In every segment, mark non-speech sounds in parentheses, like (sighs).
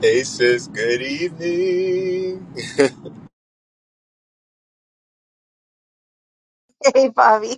Hey sis, good evening. Hey, Bobby.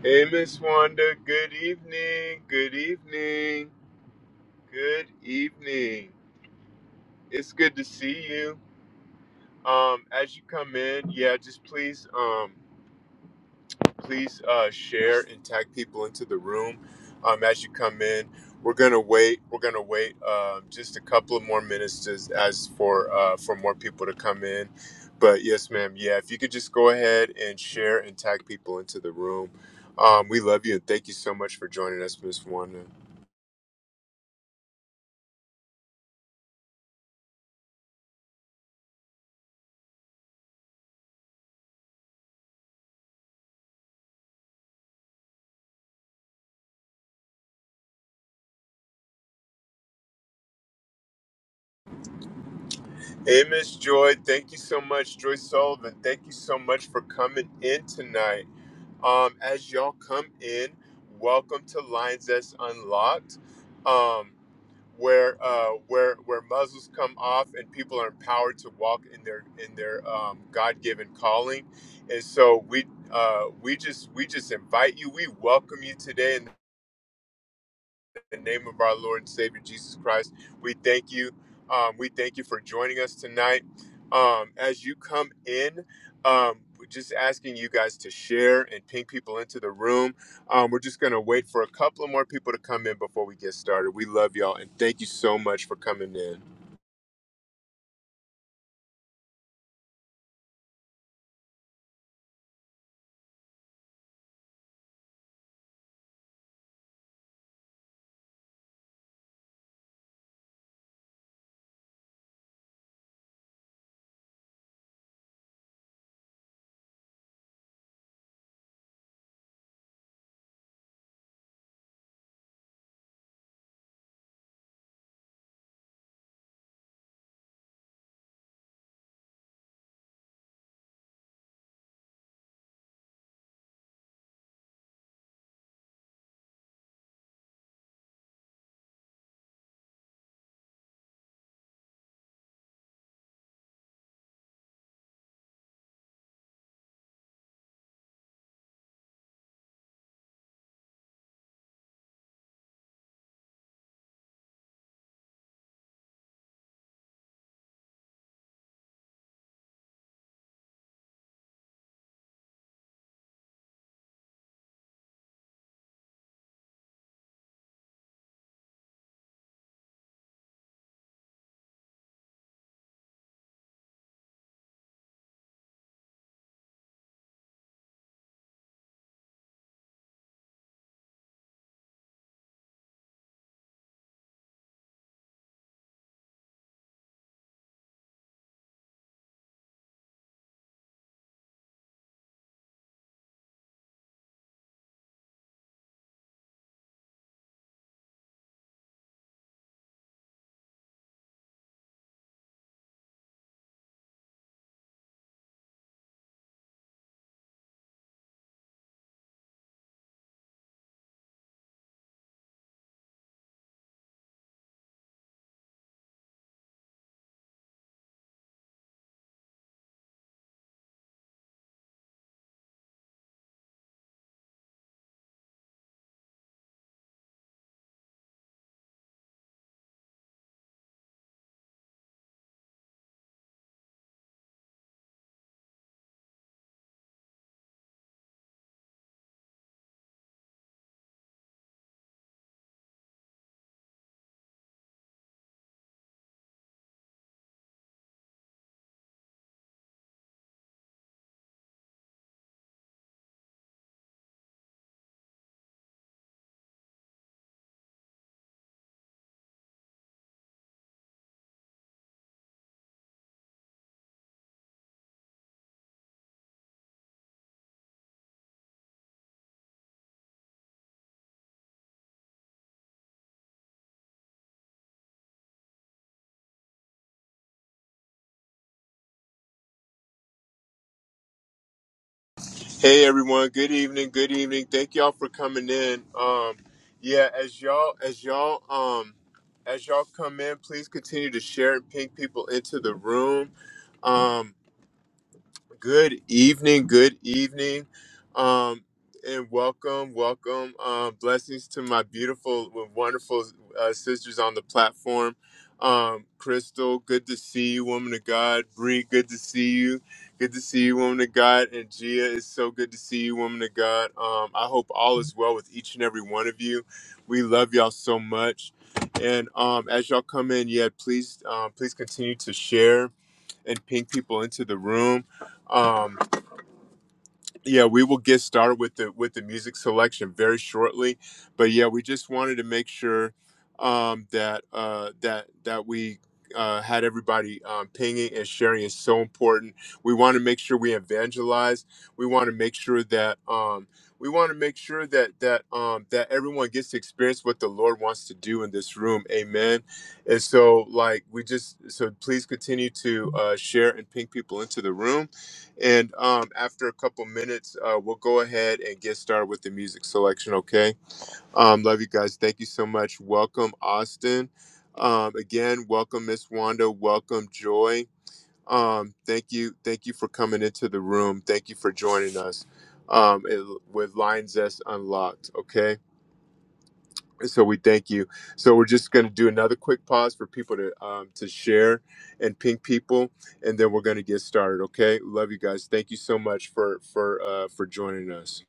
Hey Miss Wanda, good evening. Good evening. Good evening. It's good to see you. Um, as you come in, yeah, just please um please uh, share and tag people into the room um, as you come in. We're gonna wait. We're gonna wait um, just a couple of more minutes just as for uh, for more people to come in. But yes, ma'am. Yeah, if you could just go ahead and share and tag people into the room. Um, we love you and thank you so much for joining us, Miss Wanda. Hey, Miss Joy, thank you so much. Joy Sullivan, thank you so much for coming in tonight. Um, as y'all come in, welcome to Lines That's Unlocked, um, where uh, where where muzzles come off and people are empowered to walk in their in their um, God given calling. And so we uh, we just we just invite you. We welcome you today. In the name of our Lord and Savior Jesus Christ. We thank you. Um, we thank you for joining us tonight. Um, as you come in, um, we're just asking you guys to share and ping people into the room. Um, we're just going to wait for a couple of more people to come in before we get started. We love y'all and thank you so much for coming in. Hey everyone, good evening, good evening. Thank y'all for coming in. Um yeah, as y'all as y'all um as y'all come in, please continue to share and ping people into the room. Um Good evening, good evening, um, and welcome, welcome. Um, blessings to my beautiful, wonderful uh, sisters on the platform. Um, Crystal, good to see you, woman of God. Bree, good to see you. Good to see you, woman of God. And Gia, it's so good to see you, woman of God. Um, I hope all is well with each and every one of you. We love y'all so much. And um, as y'all come in, yeah, please, um, please continue to share and ping people into the room. Um, yeah, we will get started with the with the music selection very shortly, but yeah, we just wanted to make sure um, that uh, that that we uh, had everybody um, pinging and sharing is so important. We want to make sure we evangelize. We want to make sure that um, we want to make sure that that um, that everyone gets to experience what the Lord wants to do in this room. Amen. And so, like, we just so please continue to uh, share and ping people into the room and um, after a couple minutes, uh, we'll go ahead and get started with the music selection, okay? Um, love you guys. Thank you so much. Welcome, Austin. Um, again, welcome, Miss Wanda. Welcome, Joy. Um, thank you. Thank you for coming into the room. Thank you for joining us um, it- with Line Zest Unlocked, okay? So we thank you. So we're just going to do another quick pause for people to um, to share and ping people, and then we're going to get started. Okay, love you guys. Thank you so much for for uh, for joining us.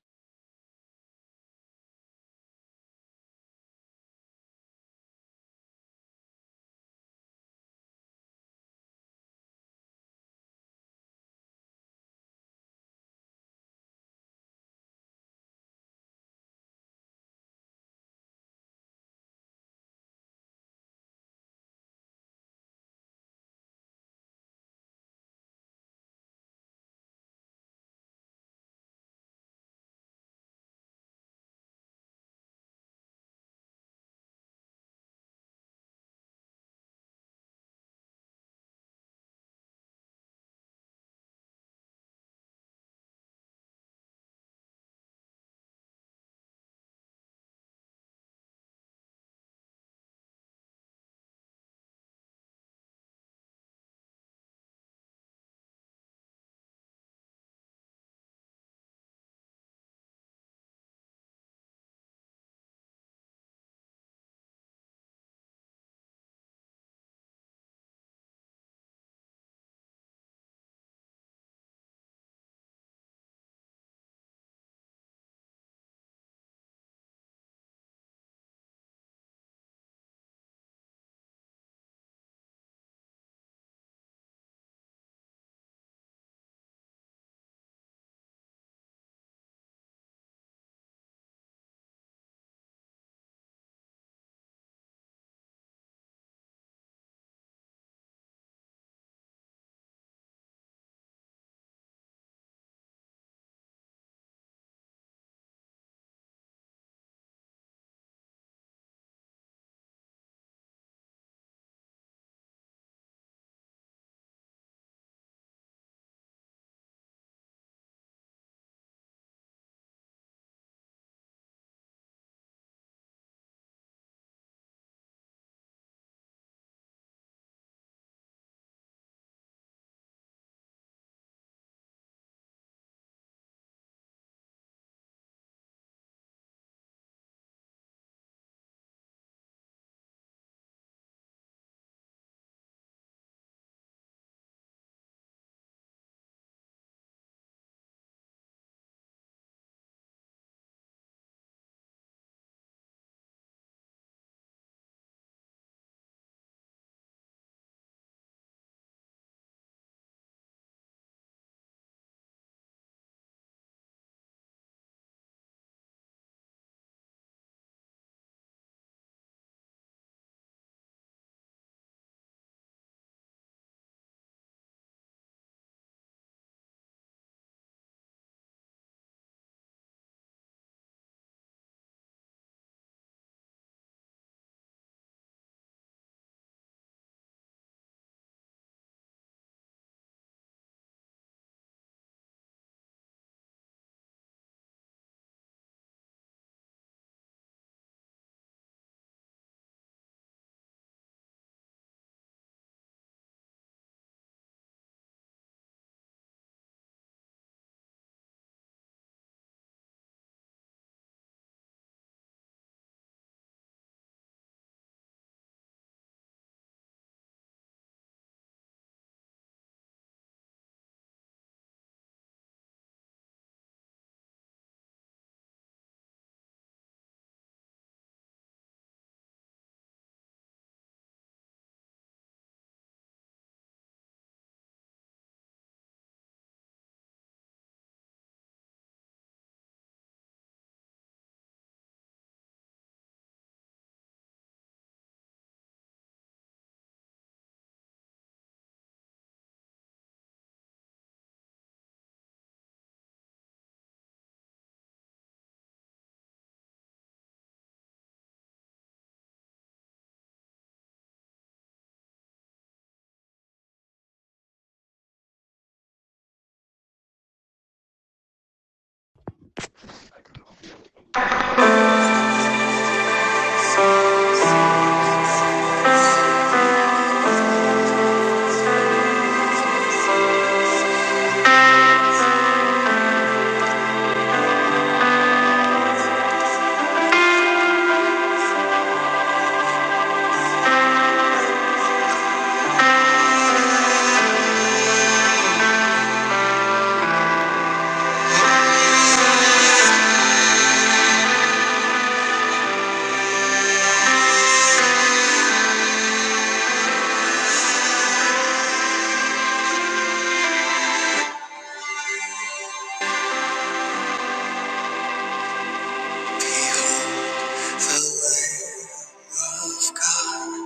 Behold the Lamb of God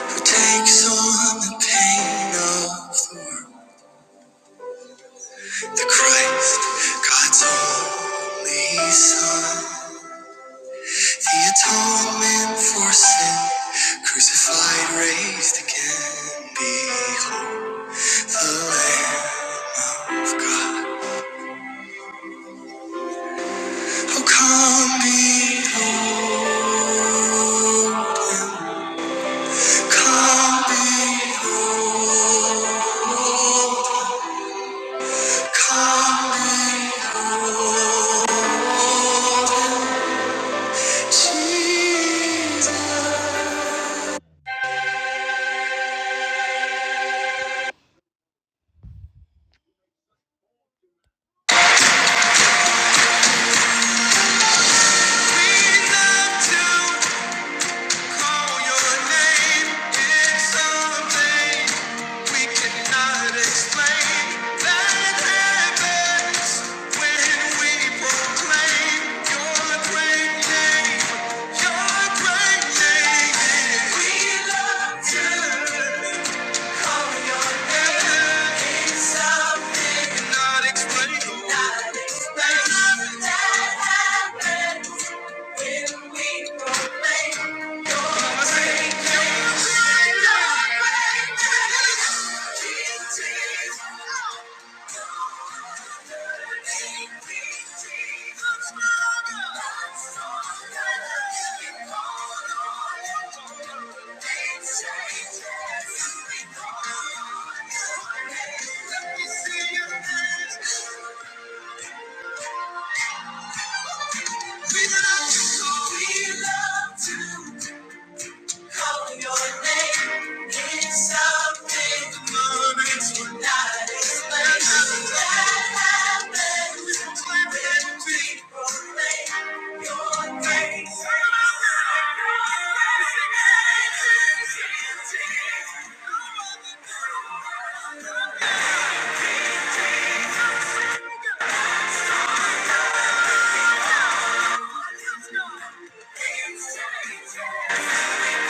who takes on the pain of the Christ, God's only Son, the atonement for sin, crucified, raised Behold the Lamb of God. Oh, come, behold, come, behold, come, behold, Jesus. We love to. It's something not explainable that happens when we relate. We love you, so we love to. call your name. It's something good that you not explain. That happens when we proclaim your grace. Thank you.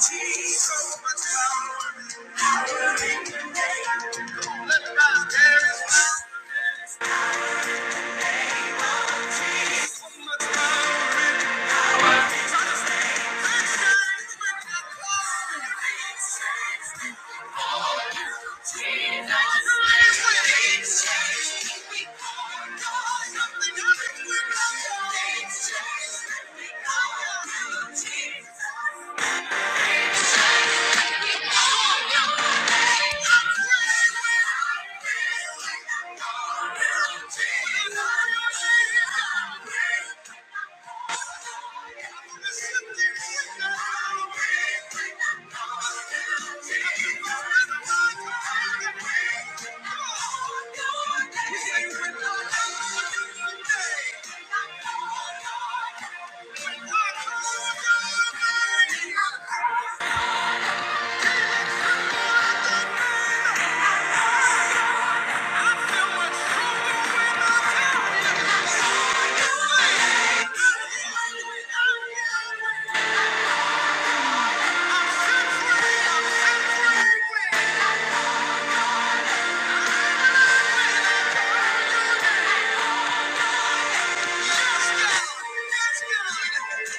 Jesus, so much power power in name. the name. Jesus. Thank you. Thank you. Something happens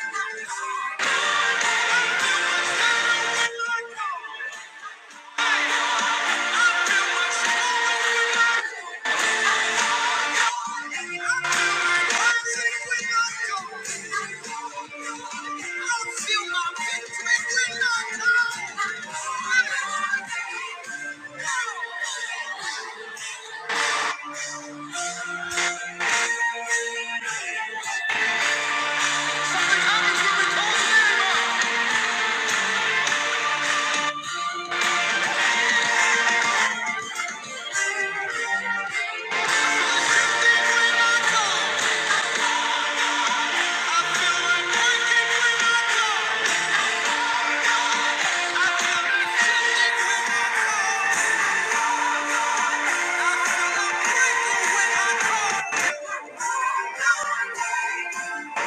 when we call his name. Lord,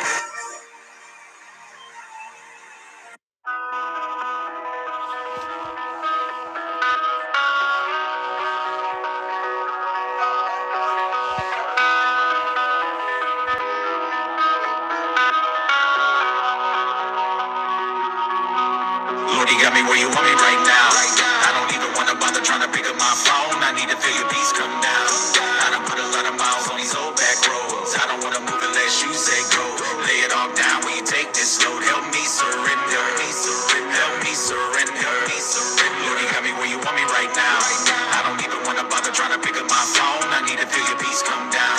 you got me where you want me right now. I don't even wanna bother trying to pick up my phone. I need to feel your peace come down. I done put a lot of miles on these old back roads. I don't wanna move unless you say go. Lay it all down when you take this load. Help me surrender. Help Me surrender. Help me surrender. Help Me surrender. Lord, you got me where you want me right now. I don't even wanna bother trying to pick up my phone. I need to feel your peace come down.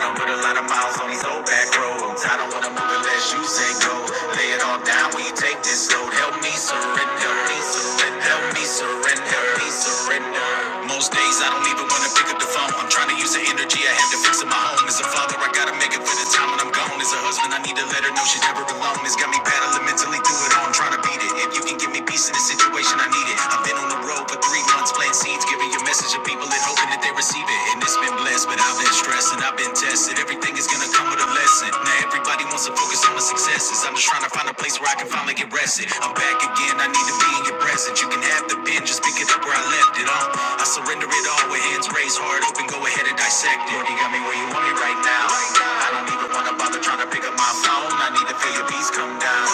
I don't put a lot of miles on these old back roads. roads. I don't wanna move unless you say go. Lay it all down, we take this load. Help me surrender, me surrender, help me surrender, me surrender. Most days I don't even wanna pick up the phone. I'm trying to use the energy I have to fix up my home. As a father, I gotta make it for the time when I'm gone. As a husband, I need to let her know she's never alone. It's got me battling mentally through it all. I'm trying to beat it. If you can give me peace in this situation, I need it. I've been on the road for three months, planting seeds, giving your message to people and hoping that they receive it, and it's been blessed. But I've been stressed and I've been tested. Everything is gonna come with a lesson. Now everybody wants to focus on my successes. I'm just trying to find a place where I can finally get rested. I'm back again. I need to be in your presence. You can have the pen, just pick it up where I left it. Uh, I surrender it all with hands raised, heart open. Go ahead and dissect it. Lord, you got me where you want me right now. I don't even wanna bother trying to pick up my phone. I need to feel your peace come down.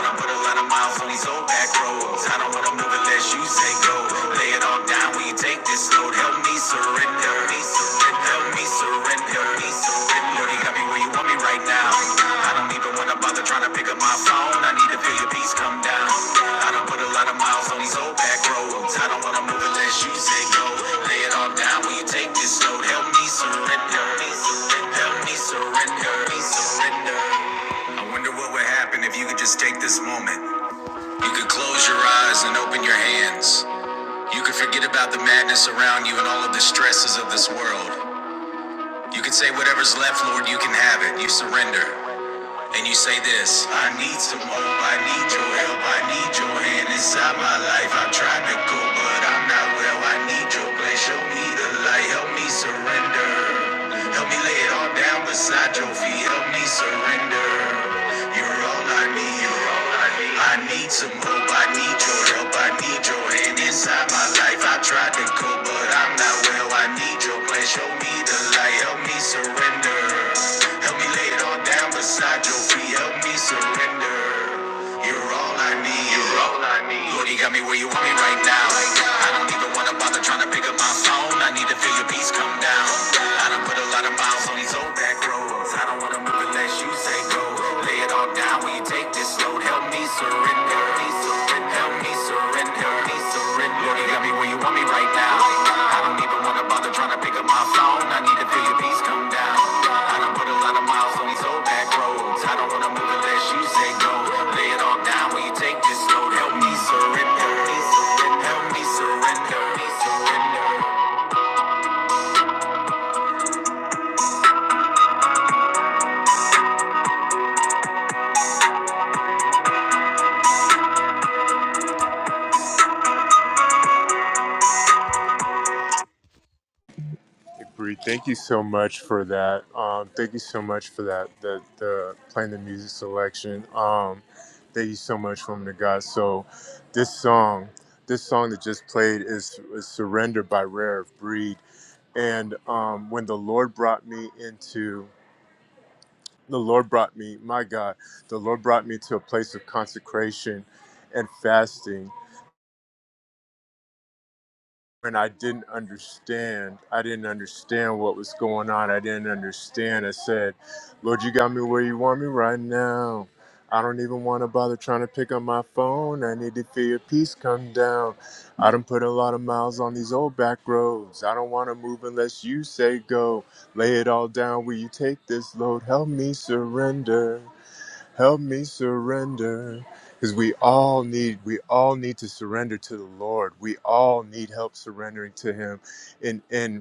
I don't put a lot of miles on these old back roads. I don't wanna move unless you say go. Lay it all down, we take this load. Help me surrender. Help me surrender. Help me surrender. Help me surrender. Lord, you got me where you want me right now. I don't even wanna bother trying to pick up my phone. I need to feel your peace come down. I don't put a lot of miles on these old back roads. I don't wanna move unless you say go. Lay it all down, will you take this load? Help me surrender. Help me surrender. Help me surrender. Help me surrender. I wonder what would happen if you could just take this moment. You can close your eyes and open your hands. You can forget about the madness around you and all of the stresses of this world. You can say, Whatever's left, Lord, you can have it. You surrender and you say this I need some hope, I need your help, I need your hand inside my life. I've tried to go, but I'm not well. I need your place, show me the light, help me surrender. Help me lay it all down beside your feet, help me surrender. You're all I need, you're all I need. I need some hope, I need your help, I need your hand inside my life. I tried to go, miracle, but I'm not well. I need your plan. Show me the light. Help me surrender. Help me lay it all down beside your feet. Help me surrender. You're all I need. You're all I need. Lord, you got me where you want me right now. I don't even wanna bother trying to pick up my phone. I need to feel your peace come down. I done put a lot of miles on these old back roads. I don't wanna move unless you say go. Lay it all all down. Will you take this load? Help me surrender. Me surrender. Help me surrender. Me surrender. Lord, you got me where you want me right now. I don't even wanna bother trying to pick up my phone. I need to feel your peace come down. I done put a lot of miles on these old back roads. I don't wanna move unless you say go. Lay it all down. Will you take this load? Help me surrender. Me surrender. Help me surrender. Me surrender. Hey, Bree, thank you so much for that. Um, thank you so much for that. The the playing the music selection. Um, thank you so much, woman of God. So this song, this song that just played is, is "Surrender" by Rare of Breed, and um, when the Lord brought me into the Lord brought me, my God, the Lord brought me to a place of consecration and fasting. And I didn't understand. I didn't understand what was going on. I didn't understand. I said, Lord, you got me where you want me right now. I don't even want to bother trying to pick up my phone. I need to feel your peace come down. I done put a lot of miles on these old back roads. I don't want to move unless you say go. Lay it all down. Will you take this load? Help me surrender. Help me surrender. Because we all need, we all need to surrender to the Lord. We all need help surrendering to Him. And and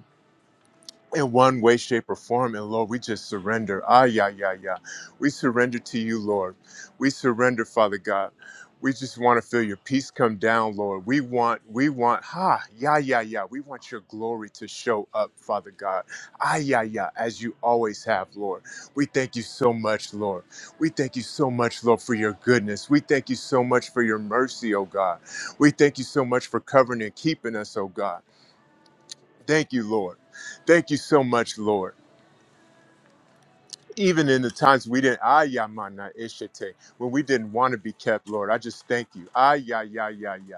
in one way, shape, or form. And Lord, we just surrender. Ah, yeah, yeah, yeah. We surrender to you, Lord. We surrender, Father God. We just want to feel your peace come down, Lord. We want, we want, ha, yeah, yeah, yeah. We want your glory to show up, Father God. Ah, yeah, yeah, as you always have, Lord. We thank you so much, Lord. We thank you so much, Lord, for your goodness. We thank you so much for your mercy, oh God. We thank you so much for covering and keeping us, oh God. Thank you, Lord. Thank you so much, Lord even in the times we didn't, ah, ya, mana, ishite, when we didn't want to be kept, Lord, I just thank you. Ah, ya, ya, ya, ya.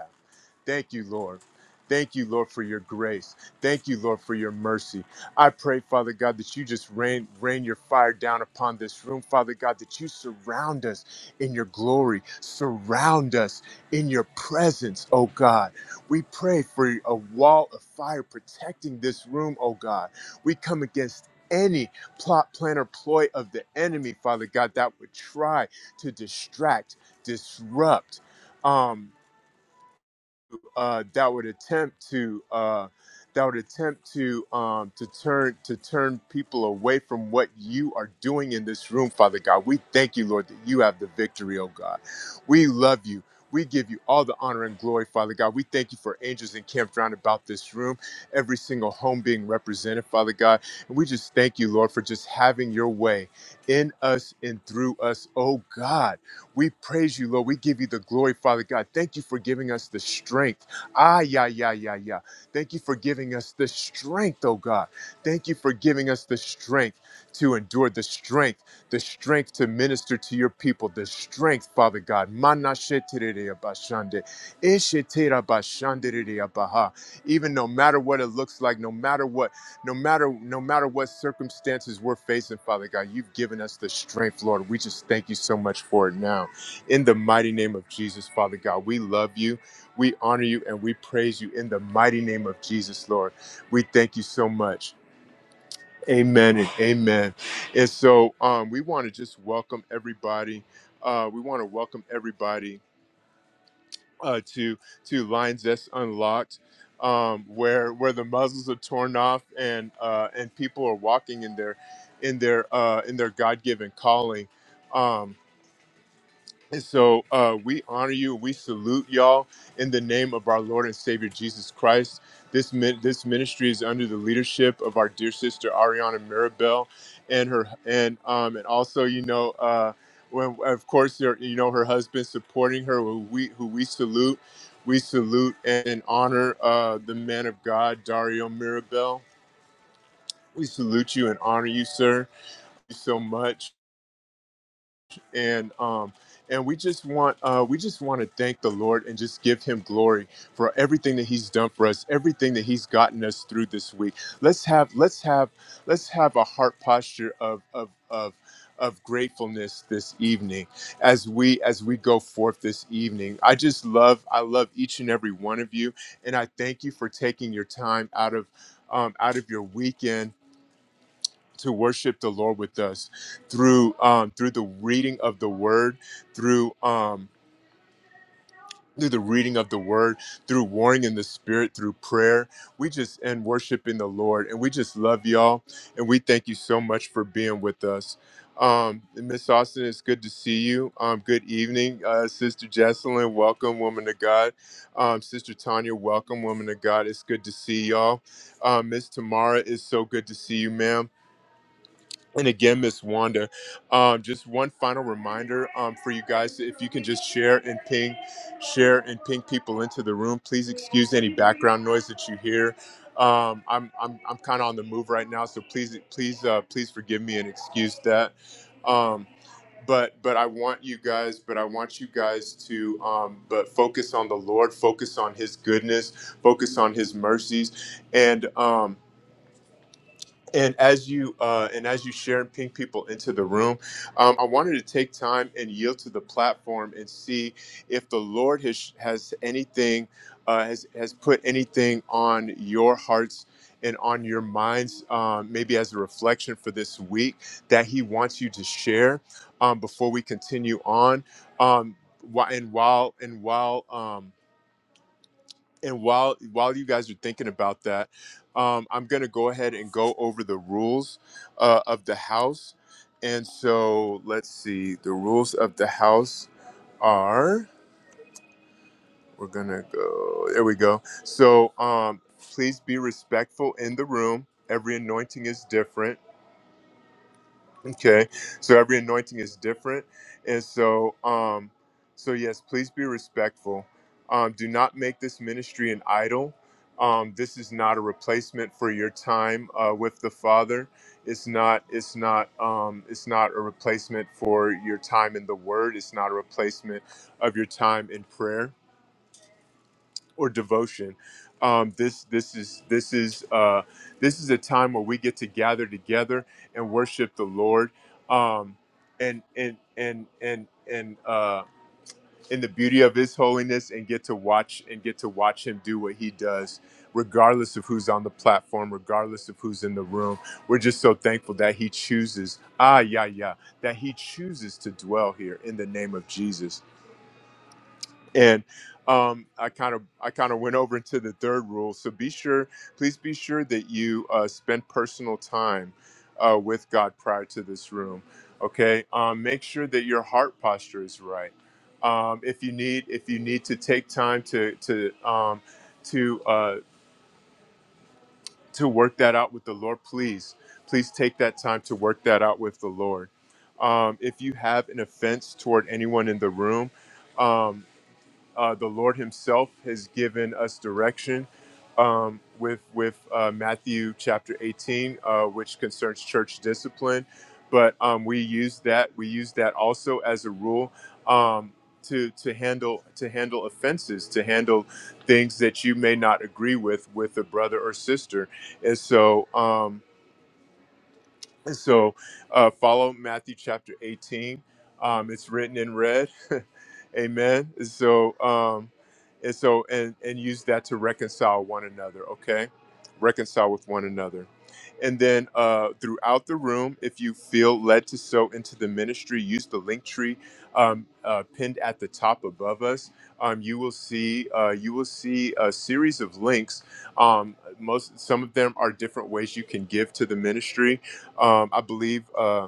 Thank you, Lord. Thank you, Lord, for your grace. Thank you, Lord, for your mercy. I pray, Father God, that you just rain, rain your fire down upon this room, Father God, that you surround us in your glory, surround us in your presence, oh God. We pray for a wall of fire protecting this room, oh God. We come against any plot, plan, or ploy of the enemy, Father God, that would try to distract, disrupt. um, uh, that would attempt to uh, that would attempt to um, to turn to turn people away from what you are doing in this room, Father God. We thank you, Lord, that you have the victory, oh God. We love you. We give you all the honor and glory, Father God. We thank you for angels encamped round about this room, every single home being represented, Father God. And we just thank you, Lord, for just having your way in us and through us, oh God. We praise you, Lord. We give you the glory, Father God. Thank you for giving us the strength. Ah, yeah, yeah, yeah, yeah. Thank you for giving us the strength, oh God. Thank you for giving us the strength to endure, the strength, the strength to minister to your people, the strength, Father God. Mana shetirere abashande, ishetira bashandere abaha. Even no matter what it looks like, no matter what, no matter, no matter what circumstances we're facing, Father God, you've given us the strength, Lord. We just thank you so much for it now. In the mighty name of Jesus, Father God, we love you. We honor you and we praise you in the mighty name of Jesus, Lord. We thank you so much. Amen and amen. And so um, we want to just welcome everybody. Uh, we want to welcome everybody uh, to to Lines That's Unlocked, um, where where the muzzles are torn off and uh, and people are walking in their in their uh, in their God given calling. Um, And so uh, we honor you. We salute y'all in the name of our Lord and Savior Jesus Christ. This min- this ministry is under the leadership of our dear sister Ariana Mirabel, and her and um and also you know uh when of course your you know her husband supporting her who we who we salute. We salute and honor uh, the man of God, Dario Mirabel. We salute you and honor you, sir. Thank you so much and um and we just want uh we just want to thank the Lord and just give him glory for everything that he's done for us, everything that he's gotten us through this week. Let's have let's have let's have a heart posture of of of of gratefulness this evening as we as we go forth this evening i just love i love each and every one of you and i thank you for taking your time out of um, out of your weekend to worship the Lord with us through um, through the reading of the Word, through um, through the reading of the Word, through warring in the Spirit, through prayer. We just and worshiping the Lord, and we just love y'all, and we thank you so much for being with us. Um, Miss Austin, it's good to see you. Um, good evening, uh, Sister Jesselyn. Welcome, woman of God. Um, Sister Tanya, welcome, woman of God. It's good to see y'all. Um, Miss Tamara, it's so good to see you, ma'am. And again, Miss Wanda, um, just one final reminder um, for you guys: if you can just share and ping, share and ping people into the room. Please excuse any background noise that you hear. Um, I'm I'm I'm kind of on the move right now, so please please uh, please forgive me and excuse that. Um, but but I want you guys, but I want you guys to um, but focus on the Lord, focus on His goodness, focus on His mercies, and. Um, and as you uh, and as you share and ping people into the room um, i wanted to take time and yield to the platform and see if the lord has has anything uh, has has put anything on your hearts and on your minds um, maybe as a reflection for this week that he wants you to share um, before we continue on um, wh- and while and while um, and while while you guys are thinking about that, um, I'm going to go ahead and go over the rules uh, of the house. And so let's see. The rules of the house are we're going to go. There we go. So um, please be respectful in the room. Every anointing is different. Okay. So every anointing is different. And so um so yes, please be respectful. Um do not make this ministry an idol. Um this is not a replacement for your time uh with the Father. It's not it's not um it's not a replacement for your time in the word. It's not a replacement of your time in prayer or devotion. Um, this this is this is uh, this is a time where we get to gather together and worship the Lord, um, and and and and and uh, in the beauty of His holiness, and get to watch and get to watch Him do what He does, regardless of who's on the platform, regardless of who's in the room. We're just so thankful that He chooses. Ah, yeah, yeah, that He chooses to dwell here in the name of Jesus and um, I kind of I kind of went over into the third rule. So be sure, please be sure that you uh, spend personal time uh, with God prior to this room. Okay, um, make sure that your heart posture is right. Um, if you need if you need to take time to to um, to uh, to work that out with the Lord, please please take that time to work that out with the Lord. Um, if you have an offense toward anyone in the room. um, uh, the Lord Himself has given us direction um, with with uh, Matthew chapter 18, uh, which concerns church discipline. But um, we use that we use that also as a rule um, to to handle to handle offenses, to handle things that you may not agree with with a brother or sister. And so. Um, so uh, follow Matthew chapter 18. Um, it's written in red. (laughs) Amen. So um, and so and and use that to reconcile one another. Okay, reconcile with one another. And then uh, throughout the room, if you feel led to sow into the ministry, use the link tree um, uh, pinned at the top above us. Um, you will see uh, you will see a series of links. Um, most some of them are different ways you can give to the ministry. Um, I believe. Uh,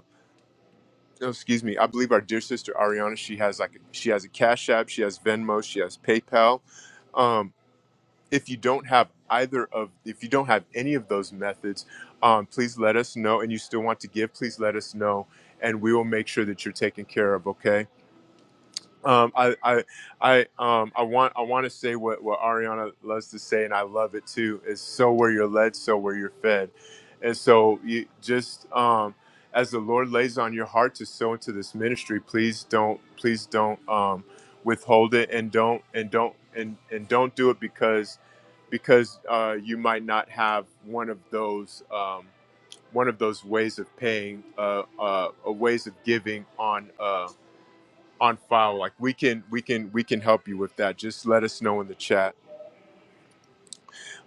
oh, excuse me. I believe our dear sister Ariana. She has like she has a Cash App. She has Venmo. She has PayPal. Um, if you don't have either of if you don't have any of those methods um, please let us know and you still want to give please let us know and we will make sure that you're taken care of okay um, I, I, I, um, I want, I want to say what, what Ariana loves to say, and I love it too. Is so where you're led, so where you're fed, and so you just um, as the Lord lays on your heart to sow into this ministry, please don't, please don't um, withhold it, and don't, and don't, and and don't do it because because uh, you might not have one of those um, one of those ways of paying, uh, uh, uh, ways of giving on. um, on file like we can we can we can help you with that just let us know in the chat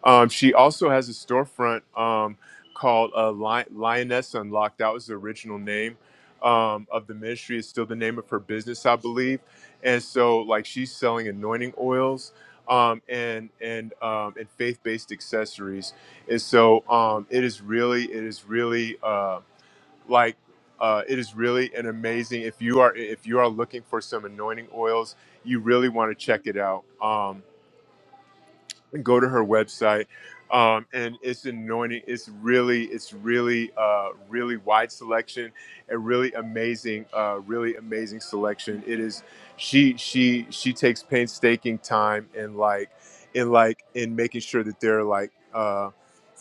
um, she also has a storefront um, called uh, Lion- lioness unlocked that was the original name um, of the ministry is still the name of her business i believe and so like she's selling anointing oils um, and and um, and faith-based accessories and so um, it is really it is really Uh, like uh, it is really an amazing if you are if you are looking for some anointing oils you really want to check it out um, and go to her website um, and it's anointing it's really it's really uh, really wide selection and really amazing uh, really amazing selection it is she she she takes painstaking time and like in like in making sure that they're like Uh,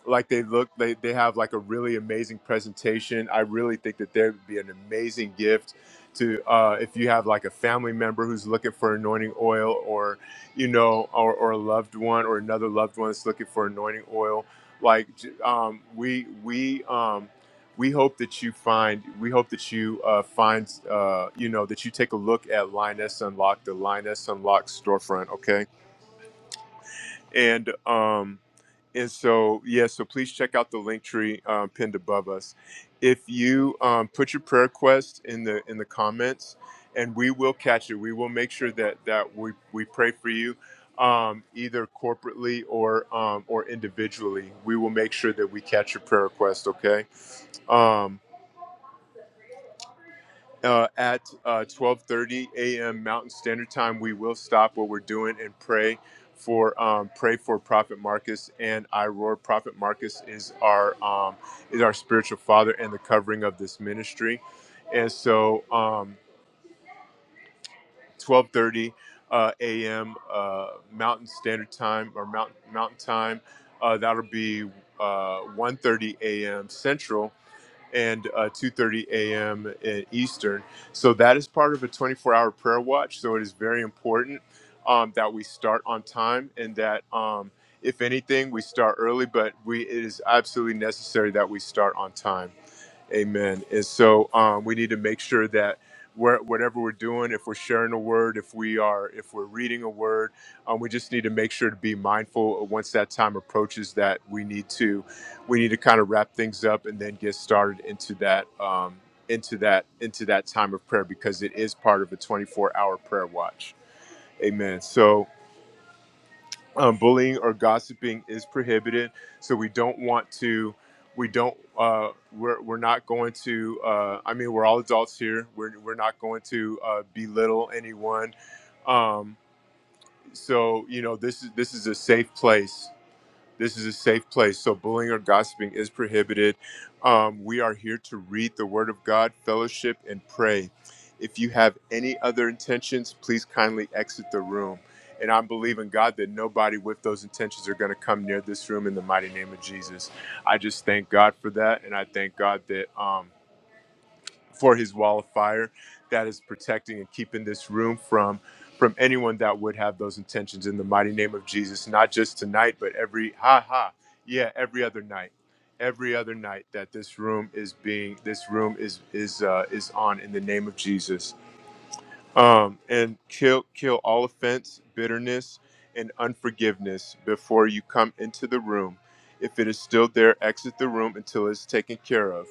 like they look they, they have like a really amazing presentation i really think that there would be an amazing gift to uh, if you have like a family member who's looking for anointing oil or you know or, or a loved one or another loved one that's looking for anointing oil like j- um, we we um, we hope that you find we hope that you uh, find uh, you know that you take a look at linus Unlocked, the linus Unlocked storefront okay and um and so, yeah, so please check out the link tree um, pinned above us. If you um, put your prayer request in the in the comments, and we will catch it. We will make sure that that we we pray for you, um, either corporately or um, or individually. We will make sure that we catch your prayer request. Okay. Um, uh, at uh, 12:30 a.m. Mountain Standard Time. We will stop what we're doing and pray for um, pray for Prophet Marcus and I Prophet Marcus is our um, is our spiritual father and the covering of this ministry, and so um, 12:30 uh, a.m. Uh, Mountain Standard Time or Mountain Mountain Time. Uh, that'll be uh, 1:30 a.m. Central and uh, 2.30 a.m. Eastern. So that is part of a 24-hour prayer watch. So it is very important um, that we start on time and that um, if anything, we start early, but we, it is absolutely necessary that we start on time. Amen. And so um, we need to make sure that where, whatever we're doing, if we're sharing a word, if we are, if we're reading a word, um, we just need to make sure to be mindful of once that time approaches that we need to, we need to kind of wrap things up and then get started into that, um, into that, into that time of prayer because it is part of a 24 hour prayer watch. Amen. So um, bullying or gossiping is prohibited. So we don't want to, we don't, uh, we're, we're not going to, uh, I mean, we're all adults here. We're, we're not going to uh, belittle anyone. Um, so, you know, this is, this is a safe place this is a safe place. So bullying or gossiping is prohibited. Um, we are here to read the Word of God, fellowship, and pray. If you have any other intentions, please kindly exit the room. And i believe in God that nobody with those intentions are going to come near this room in the mighty name of Jesus. I just thank God for that, and I thank God that. Um, for his wall of fire that is protecting and keeping this room from from anyone that would have those intentions in the mighty name of Jesus not just tonight but every ha ha yeah every other night every other night that this room is being this room is is uh, is on in the name of Jesus um and kill kill all offense bitterness and unforgiveness before you come into the room if it is still there exit the room until it's taken care of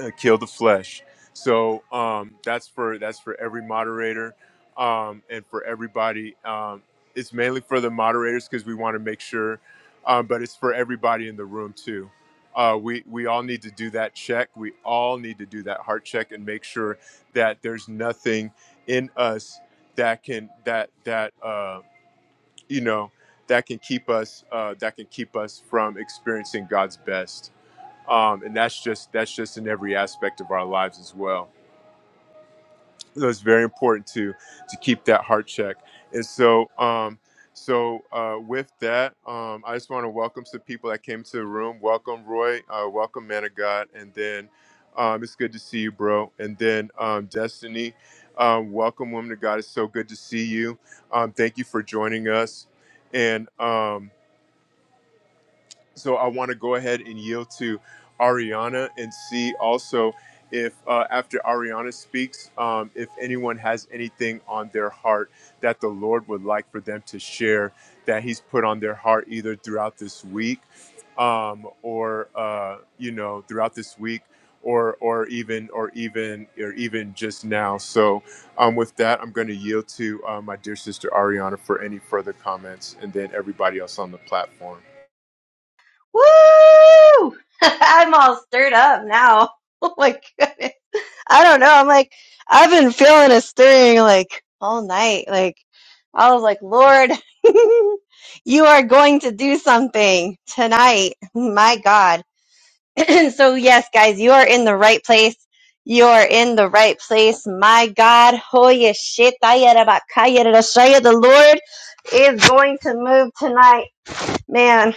uh, kill the flesh. So um, that's for that's for every moderator um, and for everybody. Um, it's mainly for the moderators because we want to make sure, um, but it's for everybody in the room too. Uh, we we all need to do that check. We all need to do that heart check and make sure that there's nothing in us that can that that uh, you know that can keep us uh, that can keep us from experiencing God's best um, and that's just that's just in every aspect of our lives as well. So it's very important to to keep that heart check. And so um, so uh, with that, um, I just want to welcome some people that came to the room. Welcome Roy, uh, welcome Man of God, and then um, it's good to see you, bro. And then um, Destiny, um, welcome Woman of God. It's so good to see you. Um, thank you for joining us. And um, So I want to go ahead and yield to Ariana and see also if uh, after Ariana speaks, um, if anyone has anything on their heart that the Lord would like for them to share that He's put on their heart either throughout this week um, or uh, you know throughout this week. Or, or even or even or even just now. So, um, with that, I'm going to yield to uh, my dear sister Ariana for any further comments, and then everybody else on the platform. (laughs) Woo! (laughs) I'm all stirred up now. (laughs) Oh my goodness. I don't know. I'm like, I've been feeling a stirring like all night. Like, I was like, Lord, (laughs) you are going to do something tonight. My God. (clears throat) so, yes, guys, you are in the right place. You are in the right place. My God. Hoya shit. The Lord is going to move tonight. Man.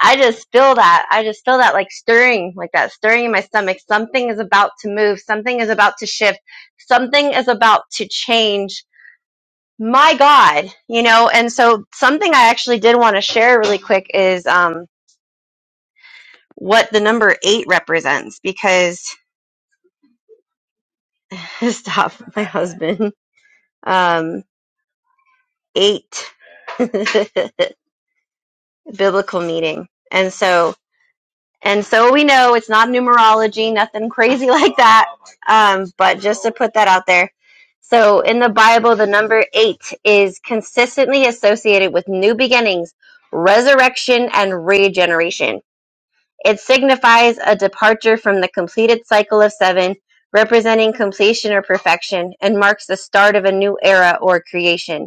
I just feel that. I just feel that like stirring, like that stirring in my stomach. Something is about to move. Something is about to shift. Something is about to change. My God, you know, and so something I actually did want to share really quick is, um, what the number eight represents because (laughs) stop my husband, um, eight (laughs) biblical meaning. And so And so we know it's not numerology, nothing crazy (laughs) like that. Um, but just to put that out there. So in the Bible, the number eight is consistently associated with new beginnings, resurrection, and regeneration. It signifies a departure from the completed cycle of seven, representing completion or perfection, and marks the start of a new era or creation.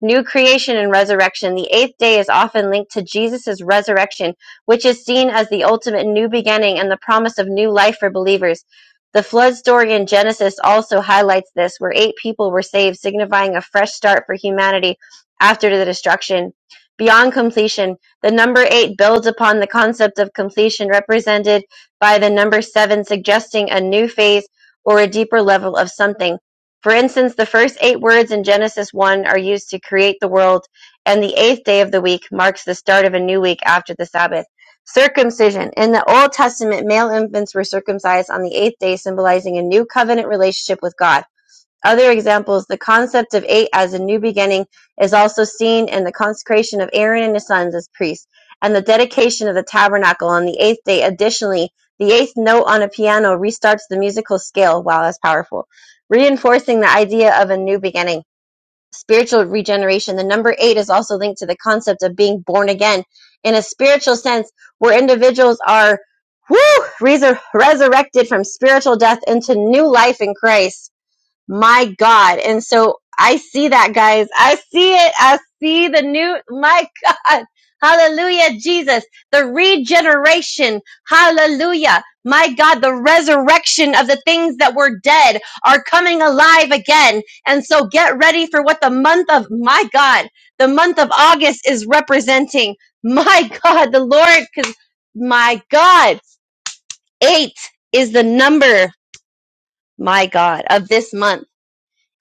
New creation and resurrection. The eighth day is often linked to Jesus' resurrection, which is seen as the ultimate new beginning and the promise of new life for believers. The flood story in Genesis also highlights this, where eight people were saved, signifying a fresh start for humanity after the destruction. Beyond completion, the number eight builds upon the concept of completion represented by the number seven, suggesting a new phase or a deeper level of something. For instance, the first eight words in Genesis 1 are used to create the world, and the eighth day of the week marks the start of a new week after the Sabbath. Circumcision. In the Old Testament, male infants were circumcised on the eighth day, symbolizing a new covenant relationship with God. Other examples: the concept of eight as a new beginning is also seen in the consecration of Aaron and his sons as priests, and the dedication of the tabernacle on the eighth day. Additionally, the eighth note on a piano restarts the musical scale. Wow, that's powerful. Reinforcing the idea of a new beginning. Spiritual regeneration. The number eight is also linked to the concept of being born again in a spiritual sense, where individuals are woo, resur- resurrected from spiritual death into new life in Christ my God. And so I see that, guys. I see it. I see the new, my (laughs) God. Hallelujah, Jesus. The regeneration. Hallelujah. My God, the resurrection of the things that were dead are coming alive again. And so get ready for what the month of, my God, the month of August is representing. (laughs) My God, the Lord, because my God, eight is the number, my God, of this month.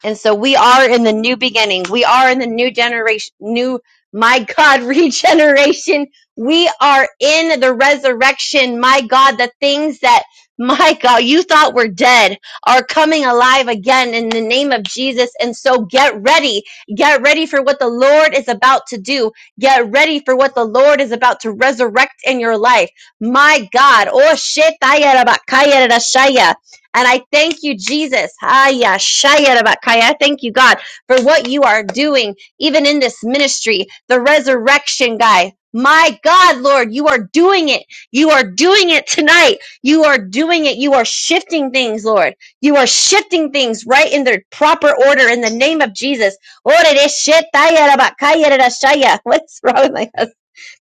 And so we are in the new beginning. We are in the new generation, new, my God, (laughs) regeneration. We are in the resurrection. My God, the things that, my God, you thought were dead are coming alive again in the name of Jesus. And so get ready. Get ready for what the Lord is about to do. Get ready for what the Lord is about to resurrect in your life. My God. Oh shit. And I thank you, Jesus. Haya shaya rabakaya. I Thank you, God, for what you are doing, even in this ministry, the resurrection guy. My God, Lord, you are doing it. You are doing it tonight. You are doing it. You are shifting things, Lord. You are shifting things right in their proper order in the name of Jesus. Ore de shetaya rabakaya rashaya. (laughs) What's wrong with my husband?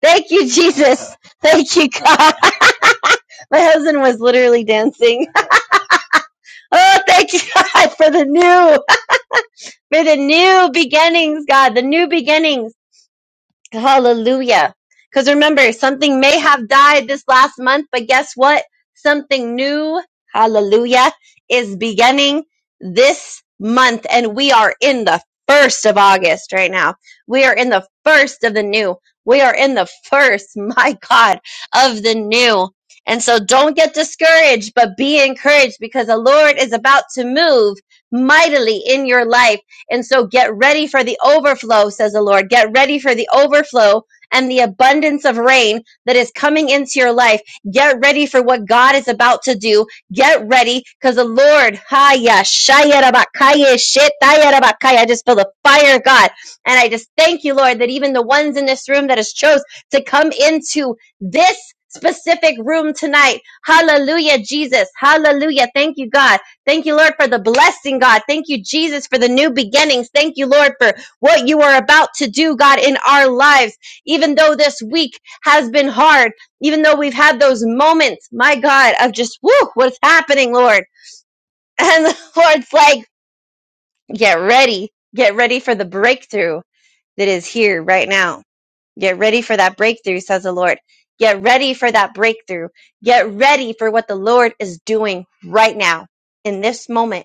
Thank you, Jesus. Thank you, God. (laughs) My husband was literally dancing. Oh, thank (laughs) you, God, for the new, for the new beginnings, God, the new beginnings. Hallelujah. Because remember, something may have died this last month, but guess what? Something new, hallelujah, is beginning this month. And we are in the first of August right now. We are in the first of the new. We are in the first, (laughs) my God, of the new. And so don't get discouraged, but be encouraged because the Lord is about to move mightily in your life and so get ready for the overflow, says the Lord. Get ready for the overflow and the abundance of rain that is coming into your life. Get ready for what God is about to do. Get ready because the Lord, Haya, Shaya, Rabakaya, Shetaya, Rabakaya. I just feel the fire of God. And I just thank you, Lord, that even the ones in this room that has chose to come into this specific room tonight. Hallelujah, Jesus. Hallelujah. Thank you, God Thank you, Lord, for the blessing, God. Thank you, Jesus, for the new beginnings. Thank you, Lord, for what you are about to do, God, in our lives. Even though this week has been hard, even though we've had those moments, my God, of just, woo, what's happening, Lord? And the (laughs) Lord's like, get ready. Get ready for the breakthrough that is here right now. Get ready for that breakthrough, says the Lord. Get ready for that breakthrough. Get ready for what the Lord is doing right now in this moment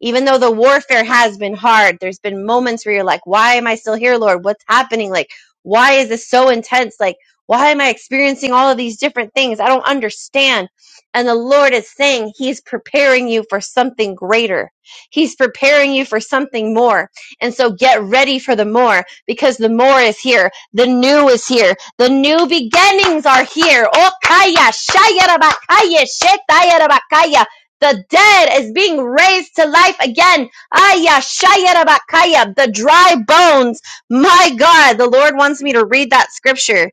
even though the warfare has been hard, there's been moments where you're like, why am I still here, Lord? What's happening? Like, why is this so intense? Like, why am I experiencing all of these different things? I don't understand. And the Lord is saying He's preparing you for something greater. He's preparing you for something more. And so get ready for the more because the more is here. The new is here. The new beginnings are here. Oh, Okaya, shayarabakaya, shetayarabakaya. The dead is being raised to life again. Aya, shaya, rabakaya, The dry bones. My God, the Lord wants me to read that scripture.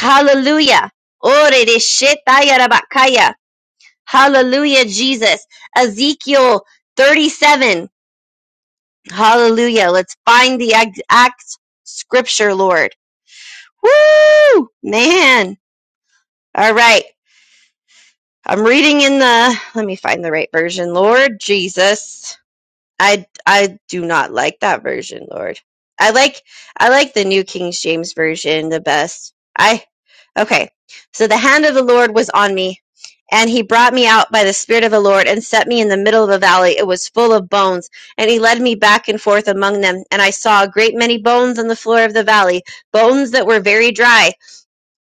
Hallelujah. Ore de shetaya, rabakaya. Hallelujah, Jesus. Ezekiel 37. Hallelujah. Let's find the exact scripture, Lord. Woo! Man. All right. I'm reading in the, let me find the right version, Lord Jesus. I I do not like that version, Lord. I like I like the New King James version the best. I okay. So the hand of the Lord was on me, and he brought me out by the spirit of the Lord and set me in the middle of a valley. It was full of bones, and he led me back and forth among them, and I saw a great many bones on the floor of the valley, bones that were very dry.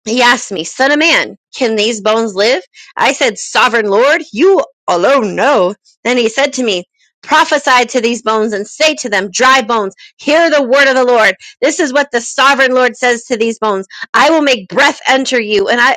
He asked me, Son of man, can these bones live? I said, Sovereign Lord, you alone know. Then he said to me, Prophesy to these bones and say to them, Dry bones, hear the word of the Lord. This is what the sovereign Lord says to these bones I will make breath enter you, and I.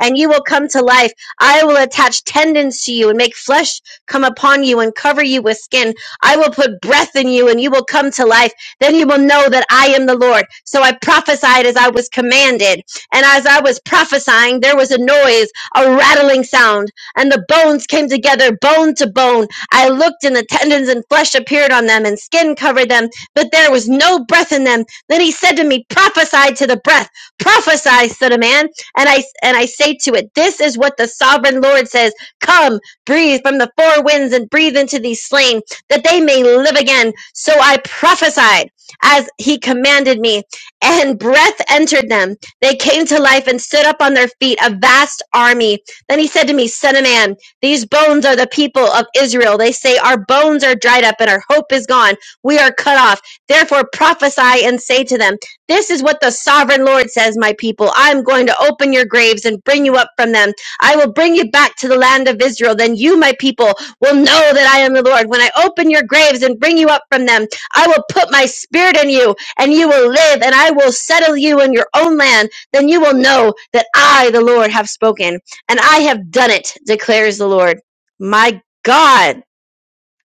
And you will come to life. I will attach tendons to you and make flesh come upon you and cover you with skin. I will put breath in you and you will come to life. Then you will know that I am the Lord. So I prophesied as I was commanded. And as I was prophesying, there was a noise, a rattling sound, and the bones came together, bone to bone. I looked, and the tendons and flesh appeared on them, and skin covered them, but there was no breath in them. Then he said to me, Prophesy to the breath, prophesy, son of man. And I and I say to it, This is what the sovereign Lord says: Come, breathe from the four winds and breathe into these slain, that they may live again. So I prophesied as he commanded me, and breath entered them. They came to life and stood up on their feet, a vast army. Then he said to me, Son of man, these bones are the people of Israel. They say, Our bones are dried up and our hope is gone. We are cut off. Therefore prophesy and say to them, This is what the sovereign Lord says, my people. I am going to open your graves and bring you up from them. I will bring you back to the land of Israel. Then you, my people, will know that I am the Lord when I open your graves and bring you up from them I will put my spirit in you and you will live and I will settle you in your own land. Then you will know that I, the Lord, have spoken and I have done it, declares the Lord. My God.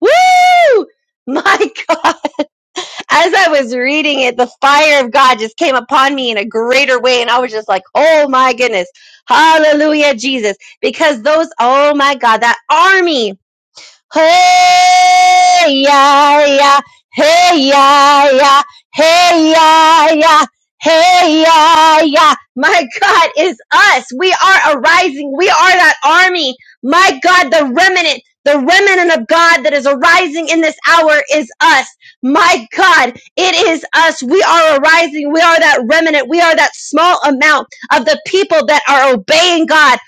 Woo! (laughs) My God. As I was reading it, the fire of God just came upon me in a greater way. And I was just like, oh my goodness. Hallelujah, Jesus. Because those, oh my God, that army. Hey ya ya, hey ya ya, hey ya ya, hey ya ya. My God is us. We are arising. We are that army. My God, the remnant, the remnant of God that is arising in this hour is us. My God, it is us. We are arising. We are that remnant. We are that small amount of the people that are obeying God.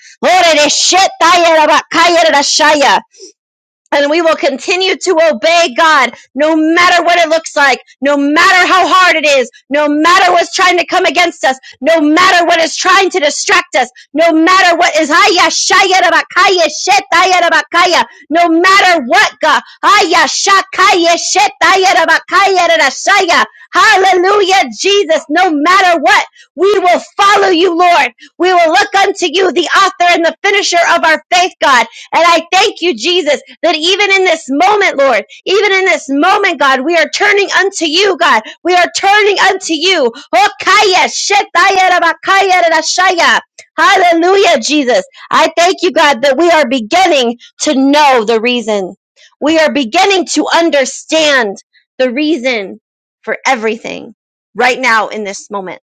And we will continue to obey God no matter what it looks like, no matter how hard it is, no matter what's trying to come against us, no matter what is trying to distract us, no matter what is haya shaya rabakaya shetaya rabakaya, no matter what God haya shakaya shetaya rabakaya rarashaya. Hallelujah, Jesus, no matter what, we will follow you, Lord. We will look unto you, the author and the finisher of our faith, God. And I thank you, Jesus, that even in this moment, Lord, even in this moment, God, we are turning unto you, God. We are turning unto you. Hokaya shetaya rabakaya rarashaya. Hallelujah, Jesus. I thank you, God, that we are beginning to know the reason. We are beginning to understand the reason for everything right now in this moment.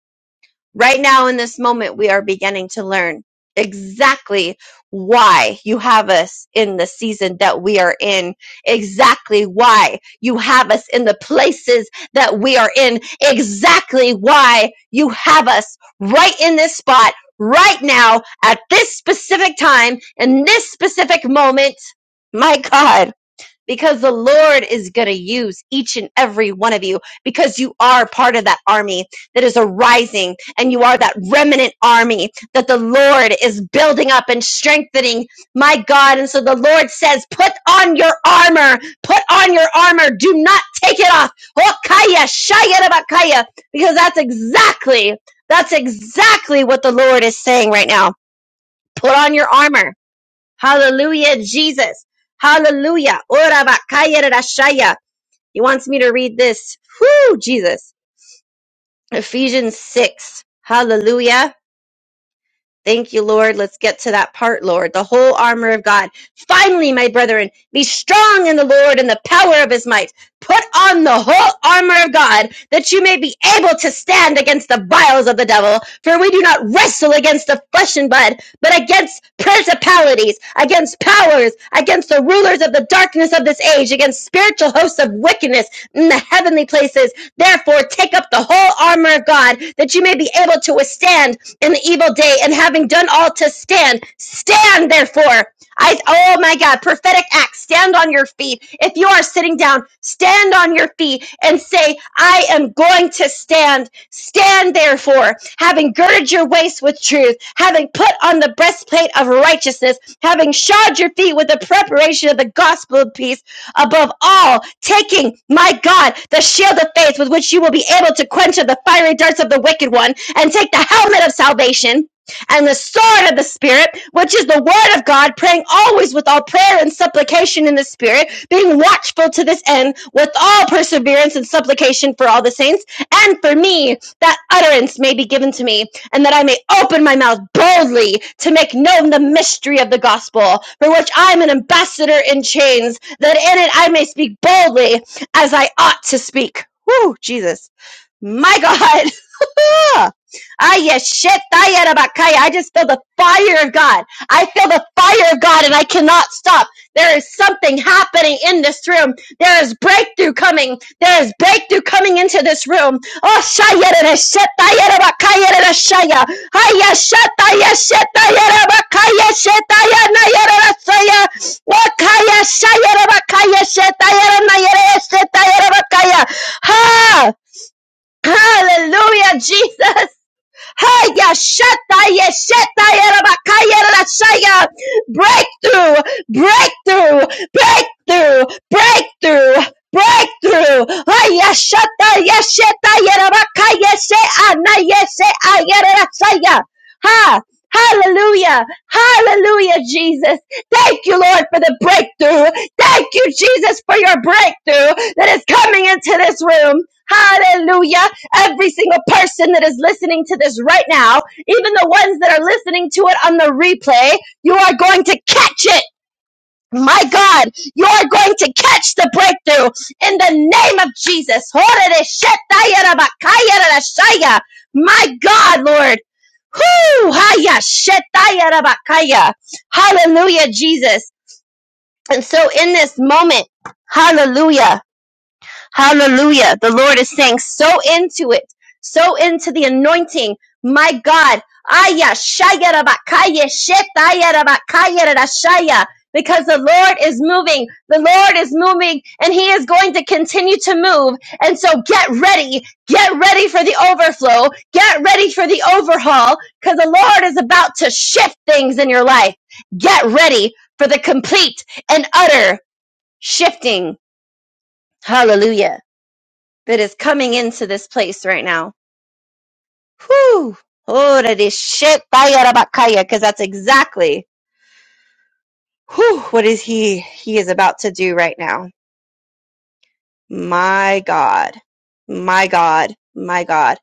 Right now, in this moment, we are beginning to learn exactly why you have us in the season that we are in, exactly why you have us in the places that we are in, exactly why you have us right in this spot, right now, at this specific time, in this specific moment. My God because the Lord is going to use each and every one of you because you are part of that army that is arising and you are that remnant army that the Lord is building up and strengthening. My God. And so the Lord says, put on your armor, put on your armor. Do not take it off. Hokaya, shayarabakaya, Because that's exactly, that's exactly what the Lord is saying right now. Put on your armor Hallelujah, Jesus. Hallelujah. Ora bakaya rashaya. He wants me to read this. Whoo, Jesus. Ephesians 6. Hallelujah. Thank you, Lord. Let's get to that part, Lord. The whole armor of God. Finally, my brethren, be strong in the Lord and the power of his might. Put on the whole armor of God that you may be able to stand against the vials of the devil. For we do not wrestle against the flesh and blood, but against principalities, against powers, against the rulers of the darkness of this age, against spiritual hosts of wickedness in the heavenly places. Therefore, take up the whole armor of God that you may be able to withstand in the evil day and having done all to stand stand therefore i oh my god prophetic act stand on your feet if you are sitting down stand on your feet and say i am going to stand stand therefore having girded your waist with truth having put on the breastplate of righteousness having shod your feet with the preparation of the gospel of peace above all, taking, my God, the shield of faith with which you will be able to quench the fiery darts of the wicked one, and take the helmet of salvation and the sword of the Spirit, which is the word of God, praying always with all prayer and supplication in the Spirit, being watchful to this end with all perseverance and supplication for all the saints, and for me, that utterance may be given to me, and that I may open my mouth boldly to make known the mystery of the gospel, for which I am an ambassador in chains that in it I may speak boldly as I ought to speak. Whoo, Jesus. My (laughs) God. Aya shit, daya da I just feel the fire of God. I feel the fire of God and I cannot stop. There is something happening in this room. There is breakthrough coming. There is breakthrough coming into this room. Oh, shaya da da shit, daya da bakaya da da shaya. Aya shit, daya shit, daya da bakaya shit, daya naya da da shaya. Wakaya shaya da bakaya shit, daya da naya da da shit, daya da bakaya. Ha! Hallelujah, Jesus. Hey, yashata, yesheta, yerabakaya, rashaya. Breakthrough, breakthrough, breakthrough, breakthrough. Breakthrough. Ay, yashata, yesheta, yerabakaya, yeshe, ana, yeshe, ayere, Ha. Hallelujah. Hallelujah, Jesus. Thank you, Lord, for the breakthrough. Thank you, Jesus, for your breakthrough that is coming into this room. Hallelujah. Every single person that is listening to this right now, even the ones that are listening to it on the replay, you are going to catch it. My God, you are going to catch the breakthrough in the name of Jesus. My God, Lord. Whoo! Haya shetaya Hallelujah, Jesus. And so in this moment, hallelujah. Hallelujah. The Lord is saying, so into it, so into the anointing. My God. Aya, shaya, rabakaya, shetaya, rabakaya, rarashaya. Because the Lord is moving. The Lord is moving and He is going to continue to move. And so get ready. Get ready for the overflow. Get ready for the overhaul because the Lord is about to shift things in your life. Get ready for the complete and utter shifting. Hallelujah that is coming into this place right now. Whew. Oh, that is shit. Because that's exactly whew, what is he he is about to do right now. My God. My God. My God.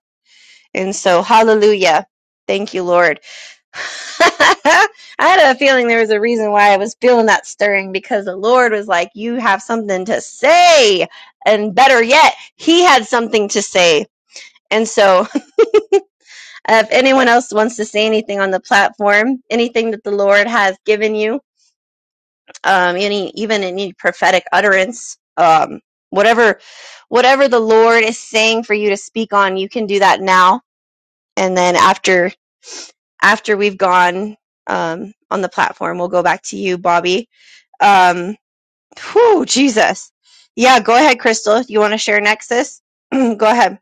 And so, hallelujah. Thank you, Lord. (laughs) I had a feeling there was a reason why I was feeling that stirring because the Lord was like, You have something to say. And better yet, He had something to say. And so, If anyone else wants to say anything on the platform, anything that the Lord has given you, um, any even any prophetic utterance, um, whatever, whatever the Lord is saying for you to speak on, you can do that now. And then after after we've gone um, on the platform, we'll go back to you, Bobby. Um, whew, Jesus. Yeah, go ahead, Crystal. You want to share Nexus? (clears throat) go ahead.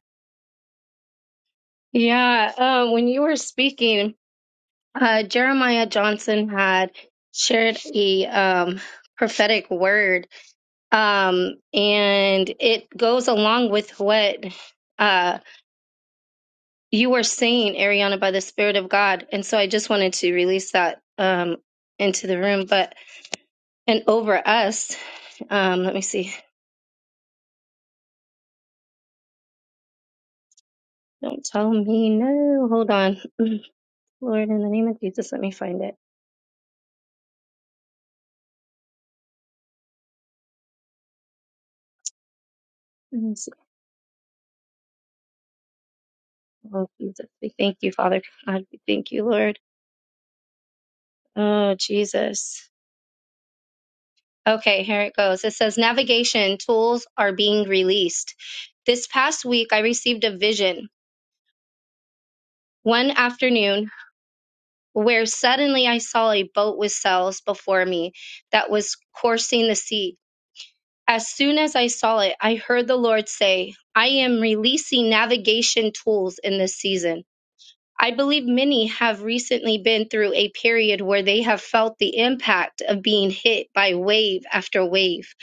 Yeah, um, when you were speaking, uh, Jeremiah Johnson had shared a um, prophetic word, um, and it goes along with what uh, you were saying, Ariana, by the Spirit of God. And so I just wanted to release that um, into the room, but and over us. Um, let me see. Don't tell me no. Hold on, (clears throat) Lord, in the name of Jesus, let me find it. Mm, Oh, Jesus. We thank you, Father God. We thank you, Lord. Oh, Jesus. Okay, here it goes. It says navigation tools are being released. This past week, I received a vision one afternoon where suddenly I saw a boat with sails before me that was coursing the sea. As soon as I saw it, I heard the Lord say, I am releasing navigation tools in this season. I believe many have recently been through a period where they have felt the impact of being hit by wave after wave.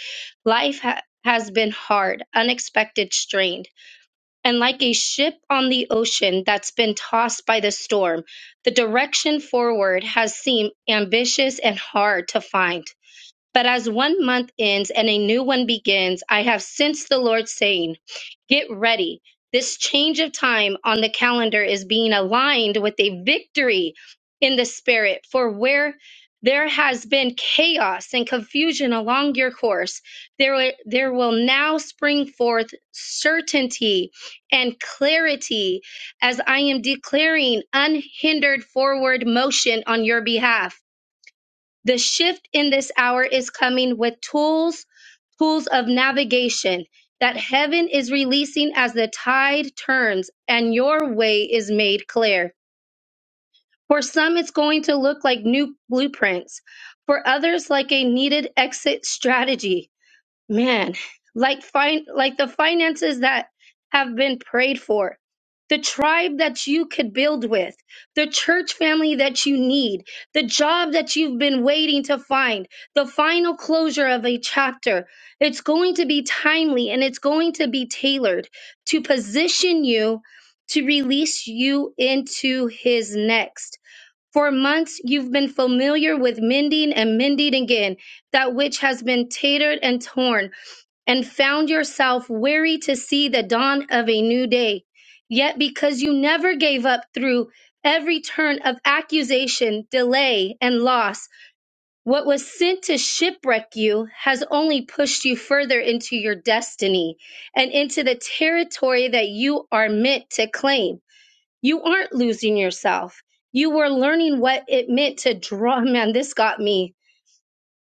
Life ha- has been hard, unexpected, strained. And like a ship on the ocean that's been tossed by the storm, the direction forward has seemed ambitious and hard to find. But as one month ends and a new one begins, I have sensed the Lord saying, Get ready. This change of time on the calendar is being aligned with a victory in the spirit. For where there has been chaos and confusion along your course, there, will- there will now spring forth certainty and clarity as I am declaring unhindered forward motion on your behalf. The shift in this hour is coming with tools, tools of navigation that heaven is releasing as the tide turns and your way is made clear. For some, it's going to look like new blueprints. For others, like a needed exit strategy man like fin- like the finances that have been prayed for the tribe that you could build with the church family that you need the job that you've been waiting to find the final closure of a chapter it's going to be timely and it's going to be tailored to position you to release you into his next for months you've been familiar with mending and mending again that which has been tattered and torn and found yourself weary to see the dawn of a new day. Yet, because you never gave up through every turn of accusation, delay, and loss, what was sent to shipwreck you has only pushed you further into your destiny and into the territory that you are meant to claim. You aren't losing yourself. You were learning what it meant to draw. (laughs) Man, this got me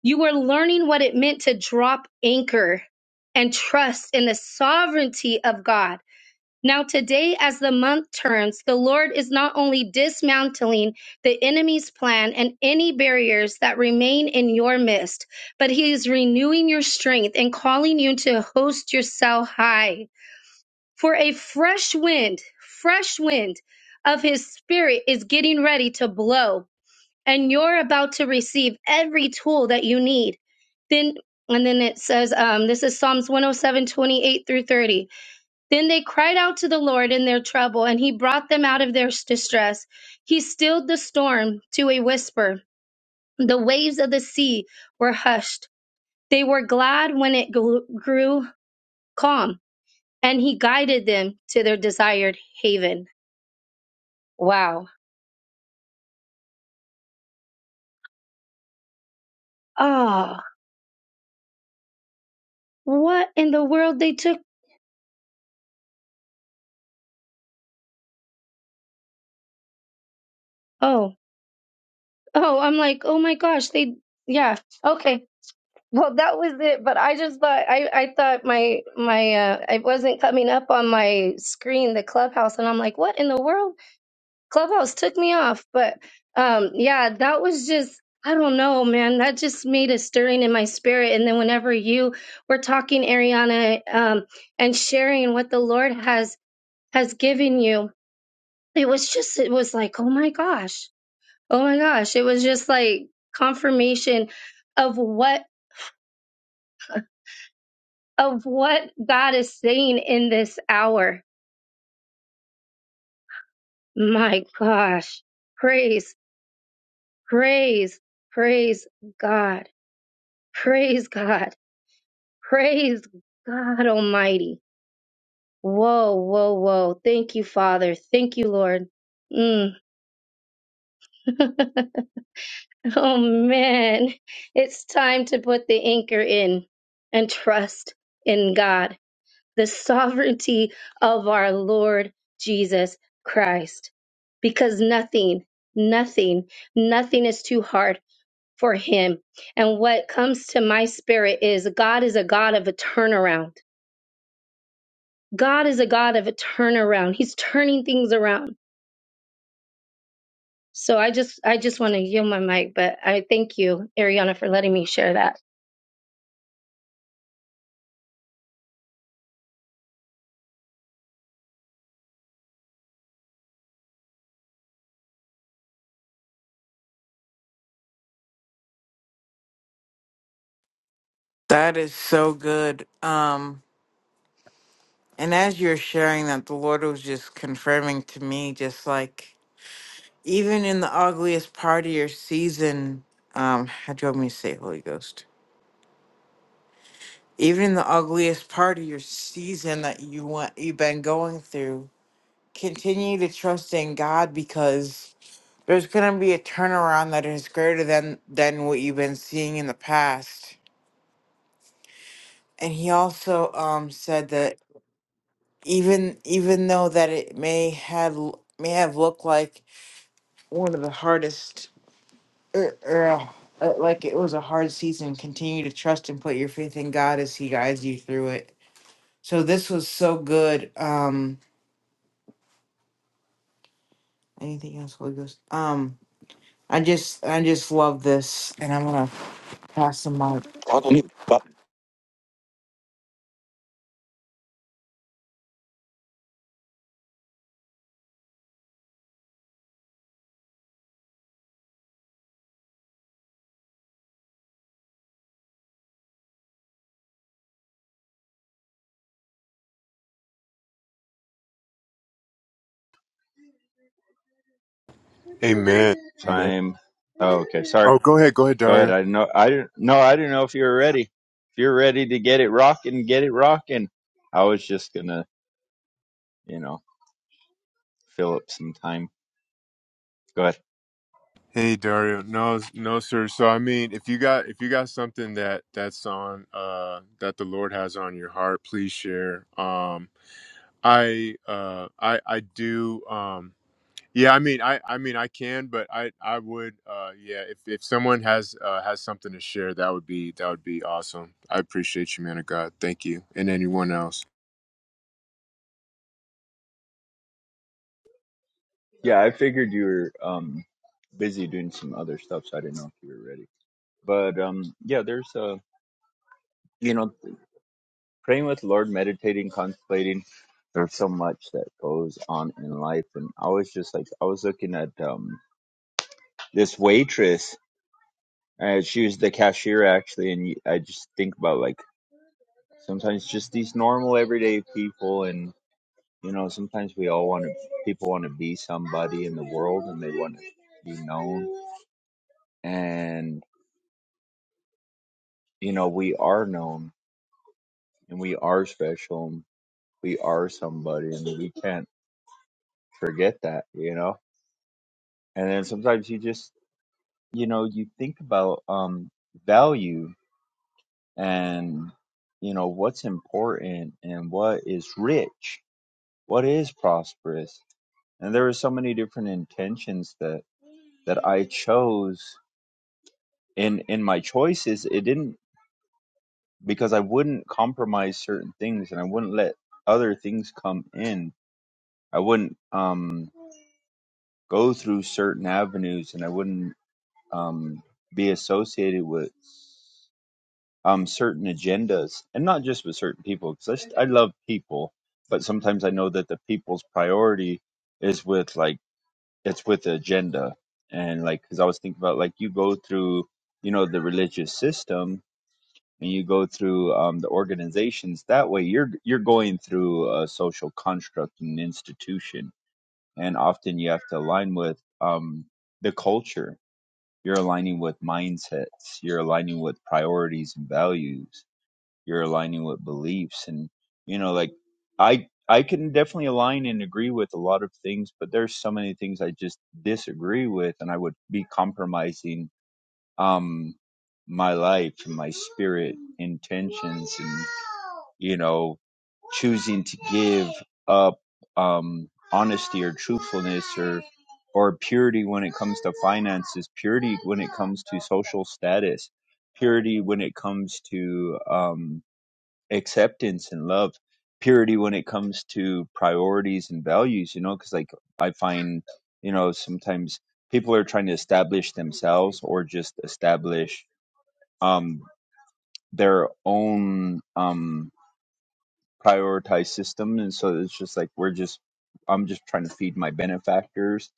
you were learning what it meant to drop anchor and trust in the sovereignty of God. Now, today, as the month turns, the Lord is not only dismantling the enemy's plan and any barriers that remain in your midst, but He is renewing your strength and calling you to host yourself high. For a fresh wind, fresh wind of His Spirit is getting ready to blow and you're about to receive every tool that you need. Then and then it says, um, this is Psalms 107, 28 through 30. Then they cried out to the Lord in their trouble, and he brought them out of their distress. He stilled the storm to a whisper. The waves of the sea were hushed. They were glad when it gl- grew calm, and he guided them to their desired haven. Wow. Oh, what in the world they took? Oh, Oh, I'm like, oh my gosh, they, yeah, okay. Well, that was it. But I just thought, I, I thought my, my, uh, it wasn't coming up on my screen, the clubhouse. And I'm like, what in the world? Clubhouse took me off. But, um, yeah, that was just, I don't know, man. That just made a stirring in my spirit. And then whenever you were talking, Ariana, um, and sharing what the Lord has, has given you, it was just, it was like, oh my gosh Oh my gosh, it was just like confirmation of what of what God is saying in this hour. My gosh. Praise, praise, praise God. Praise God. Praise God Almighty. Whoa, whoa, whoa. Thank you, Father. Thank you, Lord. Mm. (laughs) oh man. It's time to put the anchor in and trust in God the sovereignty of our Lord Jesus Christ. Because nothing, nothing, nothing is too hard for him. And what comes to my spirit is God is a God of a turnaround. God is a God of a turnaround. He's turning things around. So I just I just want to yield my mic, but I thank you, Ariana, for letting me share that. That is so good. Um, and as you're sharing that, the Lord was just confirming to me, just like even in the ugliest part of your season, um, how do you want me to say, Holy Ghost? Even in the ugliest part of your season that you want, you've been going through, continue to trust in God because there's gonna be a turnaround that is greater than than what you've been seeing in the past. And He also um said that. even even though that it may had l- may have looked like one of the hardest or, or uh, uh, like it was a hard season continue to trust and put your faith in god as he guides you through it so this was so good um anything else holy ghost um i just i just love this and i'm gonna pass the mic Amen. Amen. Time. Oh, okay. Sorry. Oh, go ahead. Go ahead, Go ahead. Dario. I know. I didn't. No, I didn't know if you were ready. If you're ready to get it rocking, get it rocking. I was just gonna, you know, fill up some time. Go ahead. Hey, Dario. No, no, sir. So, I mean, if you got if you got something that that's on uh that the Lord has on your heart, please share. Um, I uh I I do um yeah, I mean, I I mean, I can, but I I would uh yeah, if if someone has uh has something to share, that would be that would be awesome. I appreciate you, man of God. Thank you, and anyone else. Yeah, I figured you were um busy doing some other stuff, so I didn't know if you were ready. But um, yeah, there's uh, you know, praying with the Lord, meditating, contemplating. There's so much that goes on in life, and I was just like, I was looking at um this waitress Uh, she was the cashier actually, and y- I just think about like sometimes just these normal everyday people, and you know sometimes we all want to people want to be somebody in the world, and they want to be known, and you know we are known, and we are special, and we are somebody, and we can't forget that, you know. And then sometimes you just you know you think about um value and you know what's important and what is rich what is prosperous and there are so many different intentions that that i chose in in my choices it didn't because i wouldn't compromise certain things and i wouldn't let other things come in i wouldn't um go through certain avenues and i wouldn't um be associated with um certain agendas and not just with certain people because I, s- I love people but sometimes i know that the people's priority is with like it's with the agenda and like because i was thinking about like you go through you know the religious system and you go through um, the organizations that way you're you're going through a social construct and institution and often you have to align with um, the culture you're aligning with mindsets you're aligning with priorities and values you're aligning with beliefs and you know like i i can definitely align and agree with a lot of things but there's so many things i just disagree with and i would be compromising um my life and my spirit intentions and you know choosing to give up um honesty or truthfulness or or purity when it comes to finances purity when it comes to social status purity when it comes to um acceptance and love purity when it comes to priorities and values you know because like i find you know sometimes people are trying to establish themselves or just establish um their own um prioritized system and so it's just like we're just i'm just trying to feed my benefactors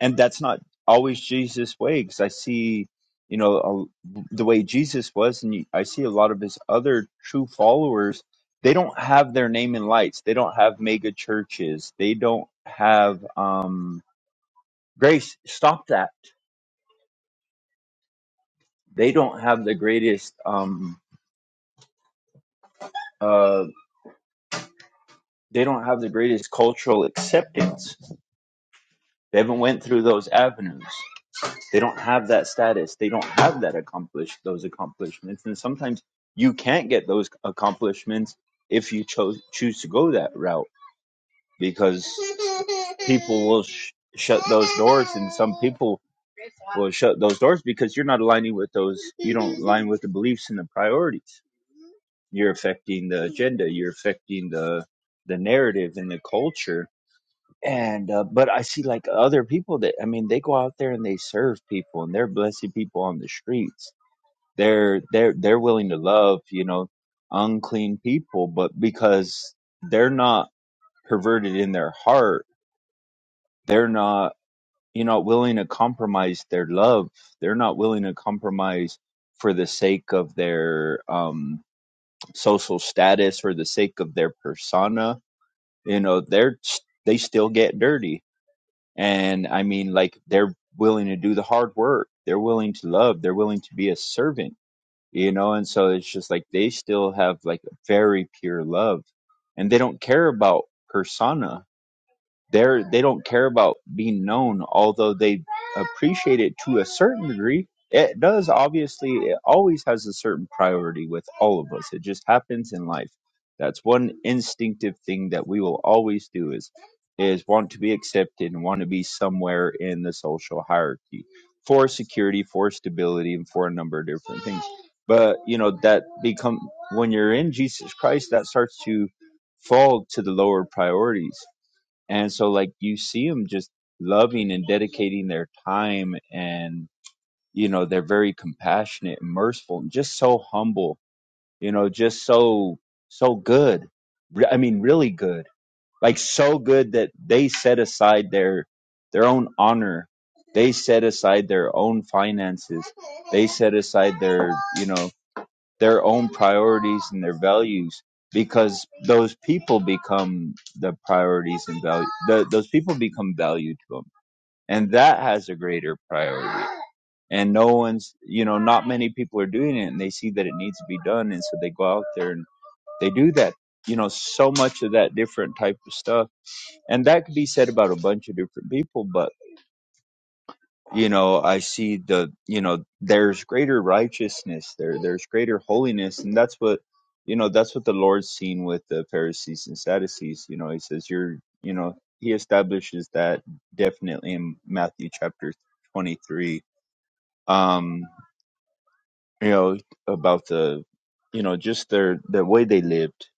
and that's not always jesus way because i see you know a, the way jesus was and you- i see a lot of his other true followers they don't have their name in lights they don't have mega churches they don't have um grace stop that they don't have the greatest um uh they don't have the greatest cultural acceptance they haven't went through those avenues They don't have that status. They don't have that accomplish those accomplishments. And sometimes you can't get those accomplishments if you chose choose to go that route because people will sh- shut those doors, and some people will shut those doors because you're not aligning with those. You don't align with the beliefs and the priorities. You're affecting the agenda. You're affecting the the narrative and the culture and uh, but I see like other people that I mean they go out there and they serve people and they're blessing people on the streets. They're they're they're willing to love you know unclean people, but because they're not perverted in their heart, they're not you know willing to compromise their love. They're not willing to compromise for the sake of their um, social status or the sake of their persona. You know they're they still get dirty And I mean, like, they're willing to do the hard work. They're willing to love. They're willing to be a servant, you know? And so it's just like they still have like a very pure love and they don't care about persona they're they don't care about being known, although they appreciate it to a certain degree. It does obviously. It always has a certain priority with all of us. It just happens in life. That's one instinctive thing that we will always do is is want to be accepted and want to be somewhere in the social hierarchy for security, for stability, and for a number of different things. But you know that become when you're in Jesus Christ, that starts to fall to the lower priorities. And so, like, you see them just loving and dedicating their time, and, you know, they're very compassionate and merciful and just so humble, you know, just so, so good. Re- I mean, really good. Like, so good that they set aside their, their own honor. They set aside their own finances. They set aside their, you know, their own priorities and their values because those people become the priorities and value the, those people become value to them and that has a greater priority and no one's you know not many people are doing it and they see that it needs to be done and so they go out there and they do that you know so much of that different type of stuff and that could be said about a bunch of different people but you know i see the you know there's greater righteousness there there's greater holiness and that's what you know that's what the lord's seen with the pharisees and sadducees you know he says you're you know he establishes that definitely in matthew chapter 23 um you know about the you know just their the way they lived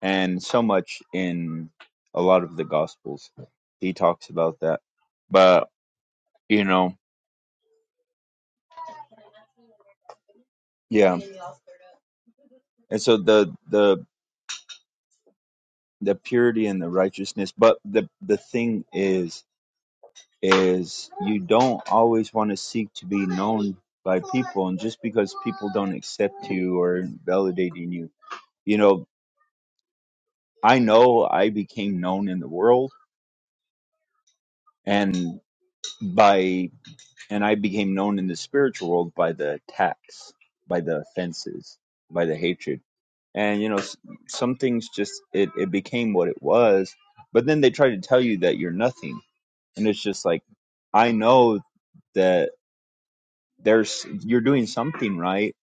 and so much in a lot of the gospels he talks about that but you know Yeah. And so the the the purity and the righteousness, but the the thing is is you don't always want to seek to be known by people and just because people don't accept you or validating you. You know, I know I became known in the world and by and I became known in the spiritual world by the attacks, by the offenses, by the hatred and you know s- some things just it, it became what it was but then they try to tell you that you're nothing and it's just like i know that there's you're doing something right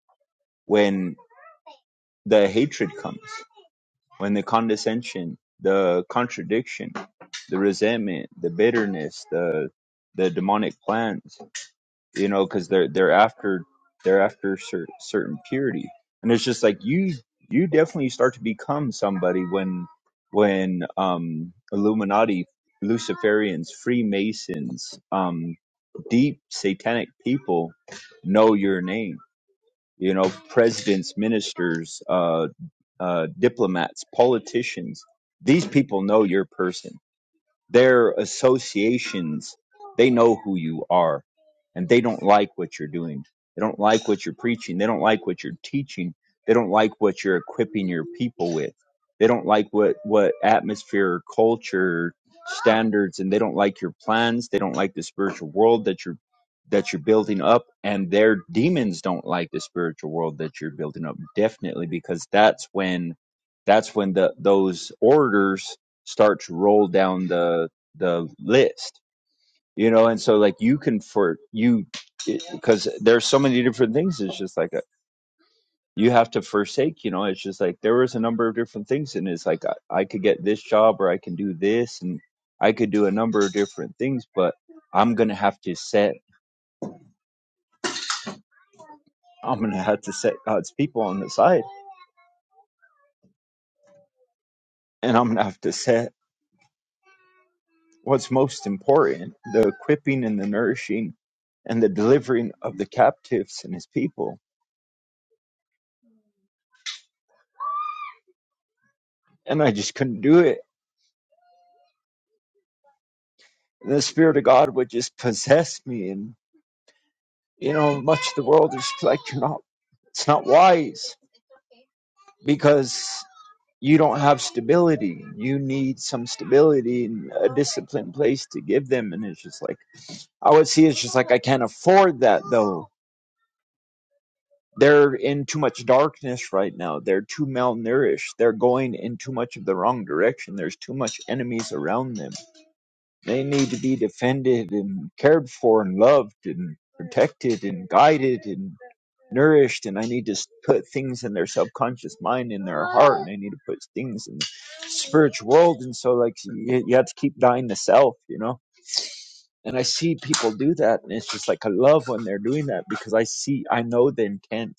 when the hatred comes when the condescension the contradiction the resentment the bitterness the the demonic plans you know, because they're they're after they're after cer- certain purity, and it's just like you you definitely start to become somebody when when um Illuminati, Luciferians, Freemasons, um deep satanic people know your name. You know, presidents, ministers, uh, uh, diplomats, politicians. These people know your person their associations, they know who you are and they don't like what you're doing. They don't like what you're preaching. They don't like what you're teaching. They don't like what you're equipping your people with. They don't like what, what atmosphere, culture, standards, and they don't like your plans. They don't like the spiritual world that you're that you're building up and their demons don't like the spiritual world that you're building up definitely because that's when that's when the those orders start to roll down the the list you know and so like you can for you because there's so many different things it's just like a, you have to forsake you know it's just like there was a number of different things and it's like I, I could get this job or i can do this and i could do a number of different things but i'm gonna have to set i'm gonna have to set god's people on the side and i'm gonna have to set what's most important the equipping and the nourishing and the delivering of the captives and his people and I just couldn't do it. And The Spirit of God would just possess me, and you know, much of the world is like you're not. It's not wise because you don't have stability. You need some stability and a disciplined place to give them. And it's just like I would see. It's just like I can't afford that though. They're in too much darkness right now. They're too malnourished. They're going in too much of the wrong direction. There's too much enemies around them They need to be defended and cared for and loved and protected and guided and nourished. And I need to s- put things in their subconscious mind, in their heart, and I need to put things in the spiritual world. And so, like, you, you have to keep dying to self, you know? And I see people do that. And it's just like, I love when they're doing that because I see, I know the intent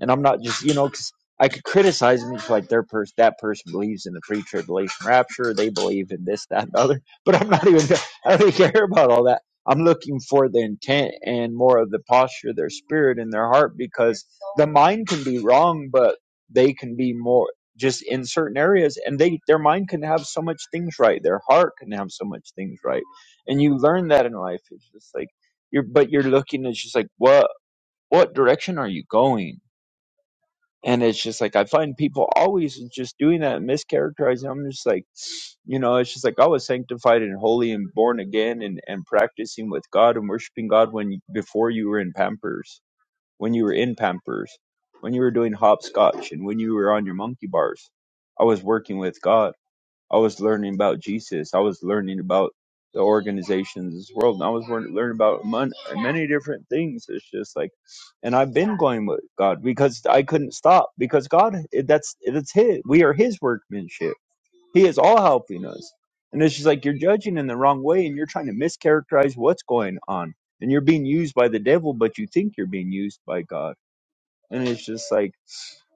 and I'm not just you know because I could criticize them just like their person that person believes in the pre tribulation rapture, they believe in this that and the other, but I'm not even I don't even care about all that. I'm looking for the intent and more of the posture of their spirit and their heart because the mind can be wrong, but they can be more just in certain areas and they their mind can have so much things right their heart can have so much things right and you learn that in life it's just like you're but you're looking it's just like what what direction are you going and it's just like I find people always just doing that and mischaracterizing. I'm just like, you know, it's just like I was sanctified and holy and born again and, and practicing with God and worshiping God when before you were in Pampers, when you were in Pampers, when you were doing hopscotch and when you were on your monkey bars. I was working with God I was learning about Jesus. I was learning about the organizations of this world, and I was learn- learning about mon- many different things. It's just like, and I've been going with God because I couldn't stop because God, that's that's His. We are His workmanship. He is all helping us, and it's just like you're judging in the wrong way, and you're trying to mischaracterize what's going on, and you're being used by the devil, but you think you're being used by God, and it's just like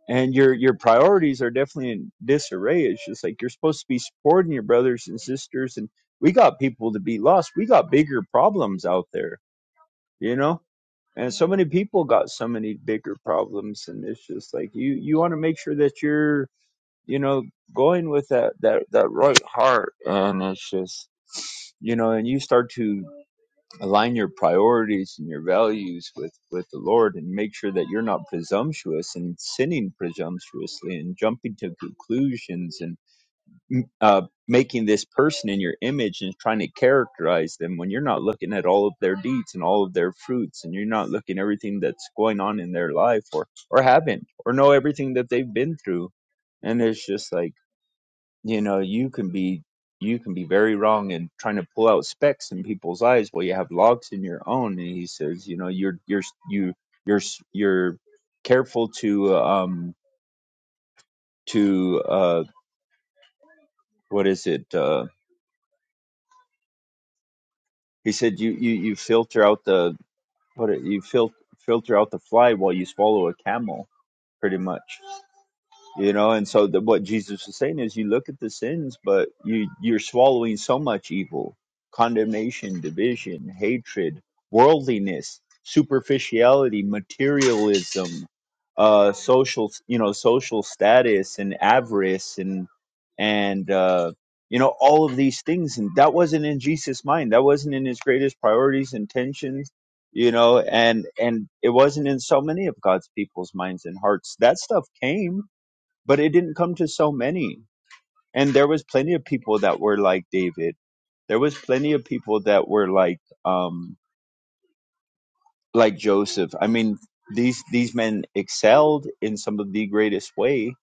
and your your priorities are definitely in disarray. It's just like you're supposed to be supporting your brothers and sisters, and we got people to be lost. We got bigger problems out there, you know. And so many people got so many bigger problems, and it's just like you you want to make sure that you're you know going with that that that right heart, and it's just you know, and you start to align your priorities and your values with with the lord and make sure that you're not presumptuous and sinning presumptuously and jumping to conclusions and mm, uh, making this person in your image and trying to characterize them when you're not looking at all of their deeds and all of their fruits and you're not looking at everything that's going on in their life or or haven't or know everything that they've been through and it's just like you know you can be you can be very wrong in trying to pull out specks in people's eyes while you have logs in your own and he says you know you're you're you you're you're careful to um to uh what is it uh he said you you you filter out the what it- you fil- filter out the fly while you swallow a camel pretty much you know and so the, what jesus was saying is you look at the sins but you you're swallowing so much evil condemnation division hatred worldliness superficiality materialism uh social you know social status and avarice and and uh you know all of these things and that wasn't in jesus mind that wasn't in his greatest priorities intentions you know and and it wasn't in so many of god's people's minds and hearts that stuff came but it didn't come to so many and there was plenty of people that were like david there was plenty of people that were like um like joseph i mean these these men excelled in some of the greatest way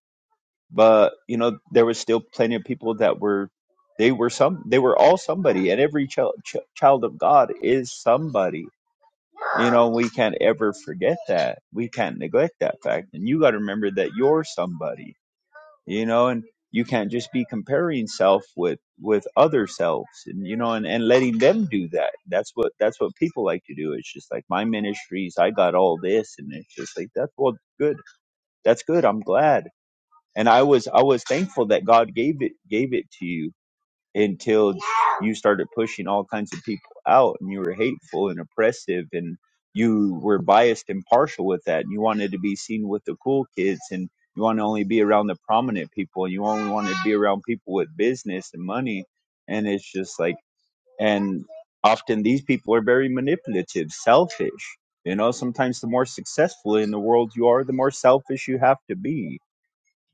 but you know there was still plenty of people that were they were some they were all somebody and every child ch- child of god is somebody you know we can't ever forget that we can't neglect that fact and you got to remember that you're somebody you know and you can't just be comparing self with with other selves and you know and, and letting them do that that's what that's what people like to do it's just like my ministries i got all this and it's just like that's well good that's good i'm glad and i was i was thankful that god gave it gave it to you until you started pushing all kinds of people out and you were hateful and oppressive and you were biased and partial with that and you wanted to be seen with the cool kids and you want to only be around the prominent people and you only want to be around people with business and money and it's just like and often these people are very manipulative selfish you know sometimes the more successful in the world you are the more selfish you have to be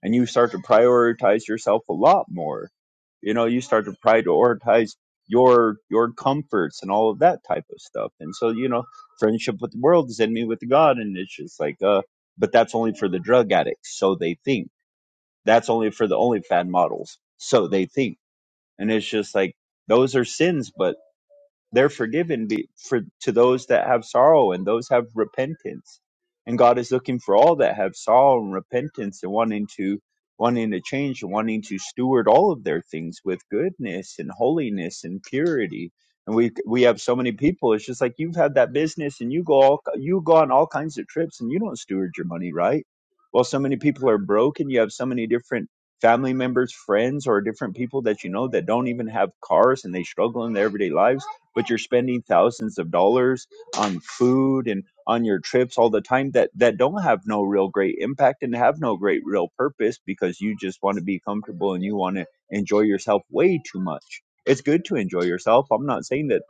and you start to prioritize yourself a lot more you know you start to prioritize your your comforts and all of that type of stuff and so you know friendship with the world is enemy with god and it's just like uh but that's only for the drug addicts so they think that's only for the only fad models so they think and it's just like those are sins but they're forgiven be, for to those that have sorrow and those have repentance and god is looking for all that have sorrow and repentance and wanting to wanting to change and wanting to steward all of their things with goodness and holiness and purity and we we have so many people it's just like you've had that business and you go all, you go on all kinds of trips and you don't steward your money right well so many people are broken you have so many different family members, friends, or different people that you know that don't even have cars and they struggle in their everyday lives, but you're spending thousands of dollars on food and on your trips all the time that that don't have no real great impact and have no great real purpose because you just want to be comfortable and you want to enjoy yourself way too much. It's good to enjoy yourself. I'm not saying that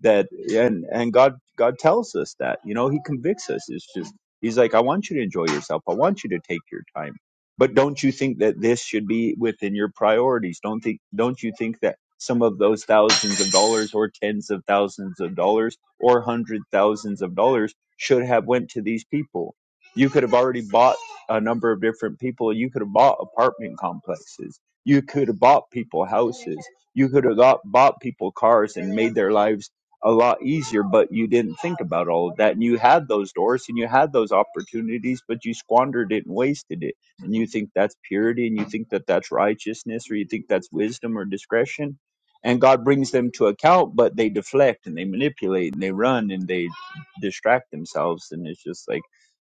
that and and God God tells us that. You know, he convicts us. It's just he's like I want you to enjoy yourself. I want you to take your time but don't you think that this should be within your priorities? Don't think don't you think that some of those thousands of dollars or tens of thousands of dollars or hundred thousands of dollars should have went to these people? You could have already bought a number of different people. You could have bought apartment complexes. You could have bought people houses. You could have got, bought people cars and made their lives a lot easier, but you didn't think about all of that. And you had those doors and you had those opportunities, but you squandered it and wasted it and you think that's purity and you think that that's righteousness or you think that's wisdom or discretion and god brings them to account but they deflect and they manipulate and they run and they distract themselves and it's just like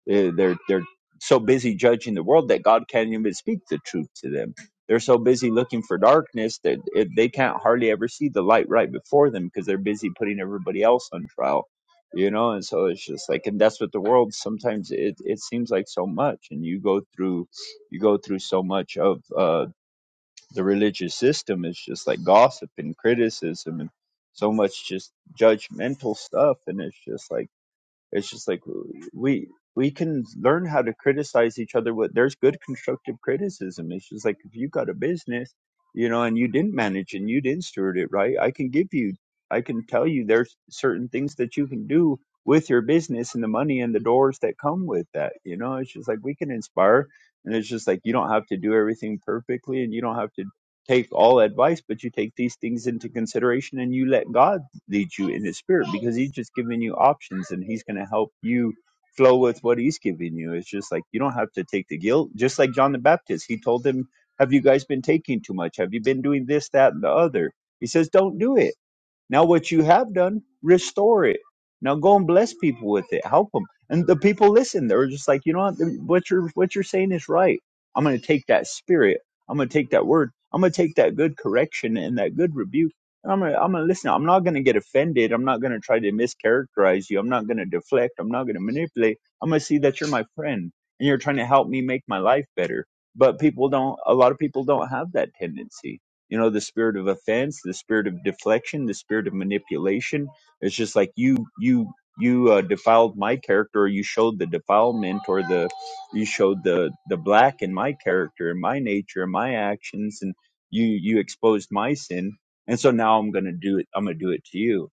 eh, they're they're so busy judging the world that god can't even speak the truth to them they're so busy looking for darkness that it, they can't hardly ever see the light right before them because they're busy putting everybody else on trial you know and so it's just like and that's what the world sometimes it, it seems like so much and you go through you go through so much of uh, the religious system It's just like gossip and criticism and so much just judgmental stuff and it's just like it's just like we we can learn how to criticize each other. But there's good constructive criticism. It's just like if you got a business, you know, and you didn't manage and you didn't steward it right, I can give you, I can tell you there's certain things that you can do with your business and the money and the doors that come with that. You know, it's just like we can inspire, and it's just like you don't have to do everything perfectly, and you don't have to take all advice, but you take these things into consideration and you let God lead you in his spirit because he's just giving you options and he's going to help you flow with what he's giving you. It's just like you don't have to take the guilt. Just like John the Baptist, he told them, Have you guys been taking too much? Have you been doing this, that, and the other? He says, Don't do it now, what you have done, restore it. Now go and bless people with it. Help them. And the people listen. They're just like, you know what? What you're what you're saying is right. I'm going to take that spirit. I'm going to take that word. I'm going to take that good correction and that good rebuke. And I'm going to I'm going to listen. I'm not going to get offended. I'm not going to try to mischaracterize you. I'm not going to deflect. I'm not going to manipulate. I'm going to see that you're my friend and you're trying to help me make my life better. But people don't. A lot of people don't have that tendency you know the spirit of offense the spirit of deflection the spirit of manipulation it's just like you you you uh, defiled my character or you showed the defilement or the you showed the the black in my character and my nature and my actions and you you exposed my sin and so now i'm gonna do it i'm gonna do it to you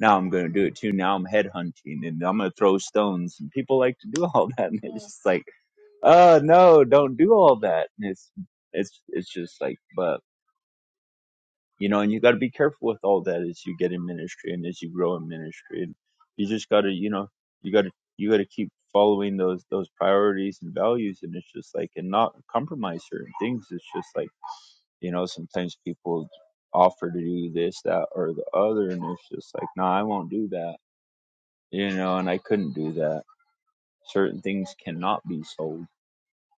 now i'm gonna do it to you now i'm headhunting and i'm gonna throw stones and people like to do all that (laughs) and it's just like oh no don't do all that and it's it's it's just like but you know and you got to be careful with all that as you get in ministry and as you grow in ministry and you just got to you know you got to you got to keep following those those priorities and values and it's just like and not compromise certain things it's just like you know sometimes people offer to do this that or the other and it's just like no nah, i won't do that you know and i couldn't do that certain things cannot be sold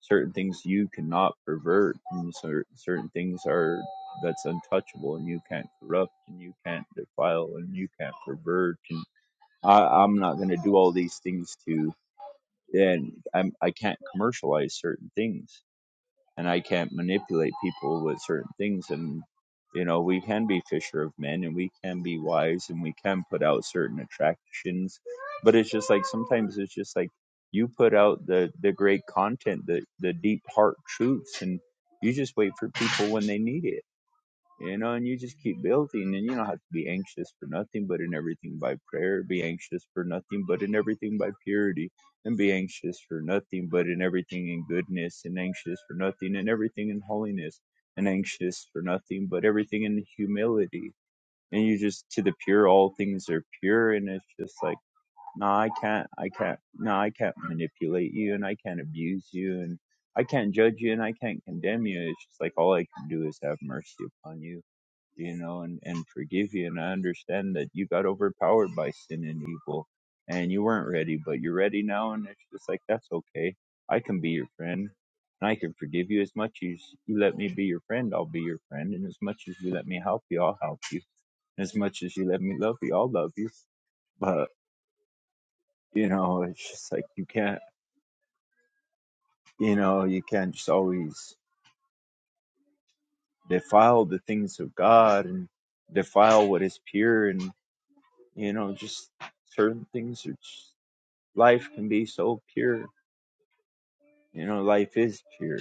certain things you cannot pervert and certain things are that's untouchable and you can't corrupt and you can't defile and you can't pervert and I, I'm not going to do all these things to and I'm, I can't commercialize certain things and I can't manipulate people with certain things. And you know, we can be fisher of men, and we can be wise, and we can put out certain attractions. But it's just like sometimes it's just like you put out the the great content, the the deep heart truths, and you just wait for people when they need it you know, and you just keep building, and you don't have to be anxious for nothing, but in everything by prayer, be anxious for nothing, but in everything by purity, and be anxious for nothing, but in everything in goodness, and anxious for nothing, and everything in holiness, and anxious for nothing, but everything in humility. And you just to the pure, all things are pure, and it's just like, no, I can't, I can't, no, I can't manipulate you, and I can't abuse you, and I can't judge you, and I can't condemn you. It's just like all I can do is have mercy upon you you know, and, and forgive you. And I understand that you got overpowered by sin and evil and you weren't ready, but you're ready now. And it's just like, that's okay. I can be your friend and I can forgive you as much as you let me be your friend. I'll be your friend. And as much as you let me help you, I'll help you. And as much as you let me love you, I'll love you. But, you know, it's just like, you can't, you know, you can't just always defile the things of God and defile what is pure and, you know, just certain things are just life can be so pure. You know, life is pure,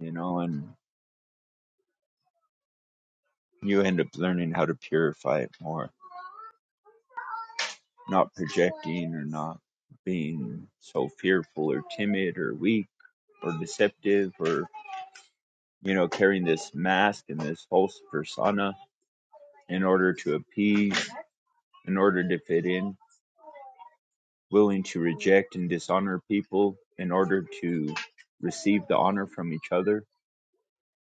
you know, and you end up learning how to purify it more, not projecting or not being so fearful or timid or weak or deceptive or, you know, carrying this mask and this false persona in order to appease, in order to fit in, willing to reject and dishonor people in order to receive the honor from each other.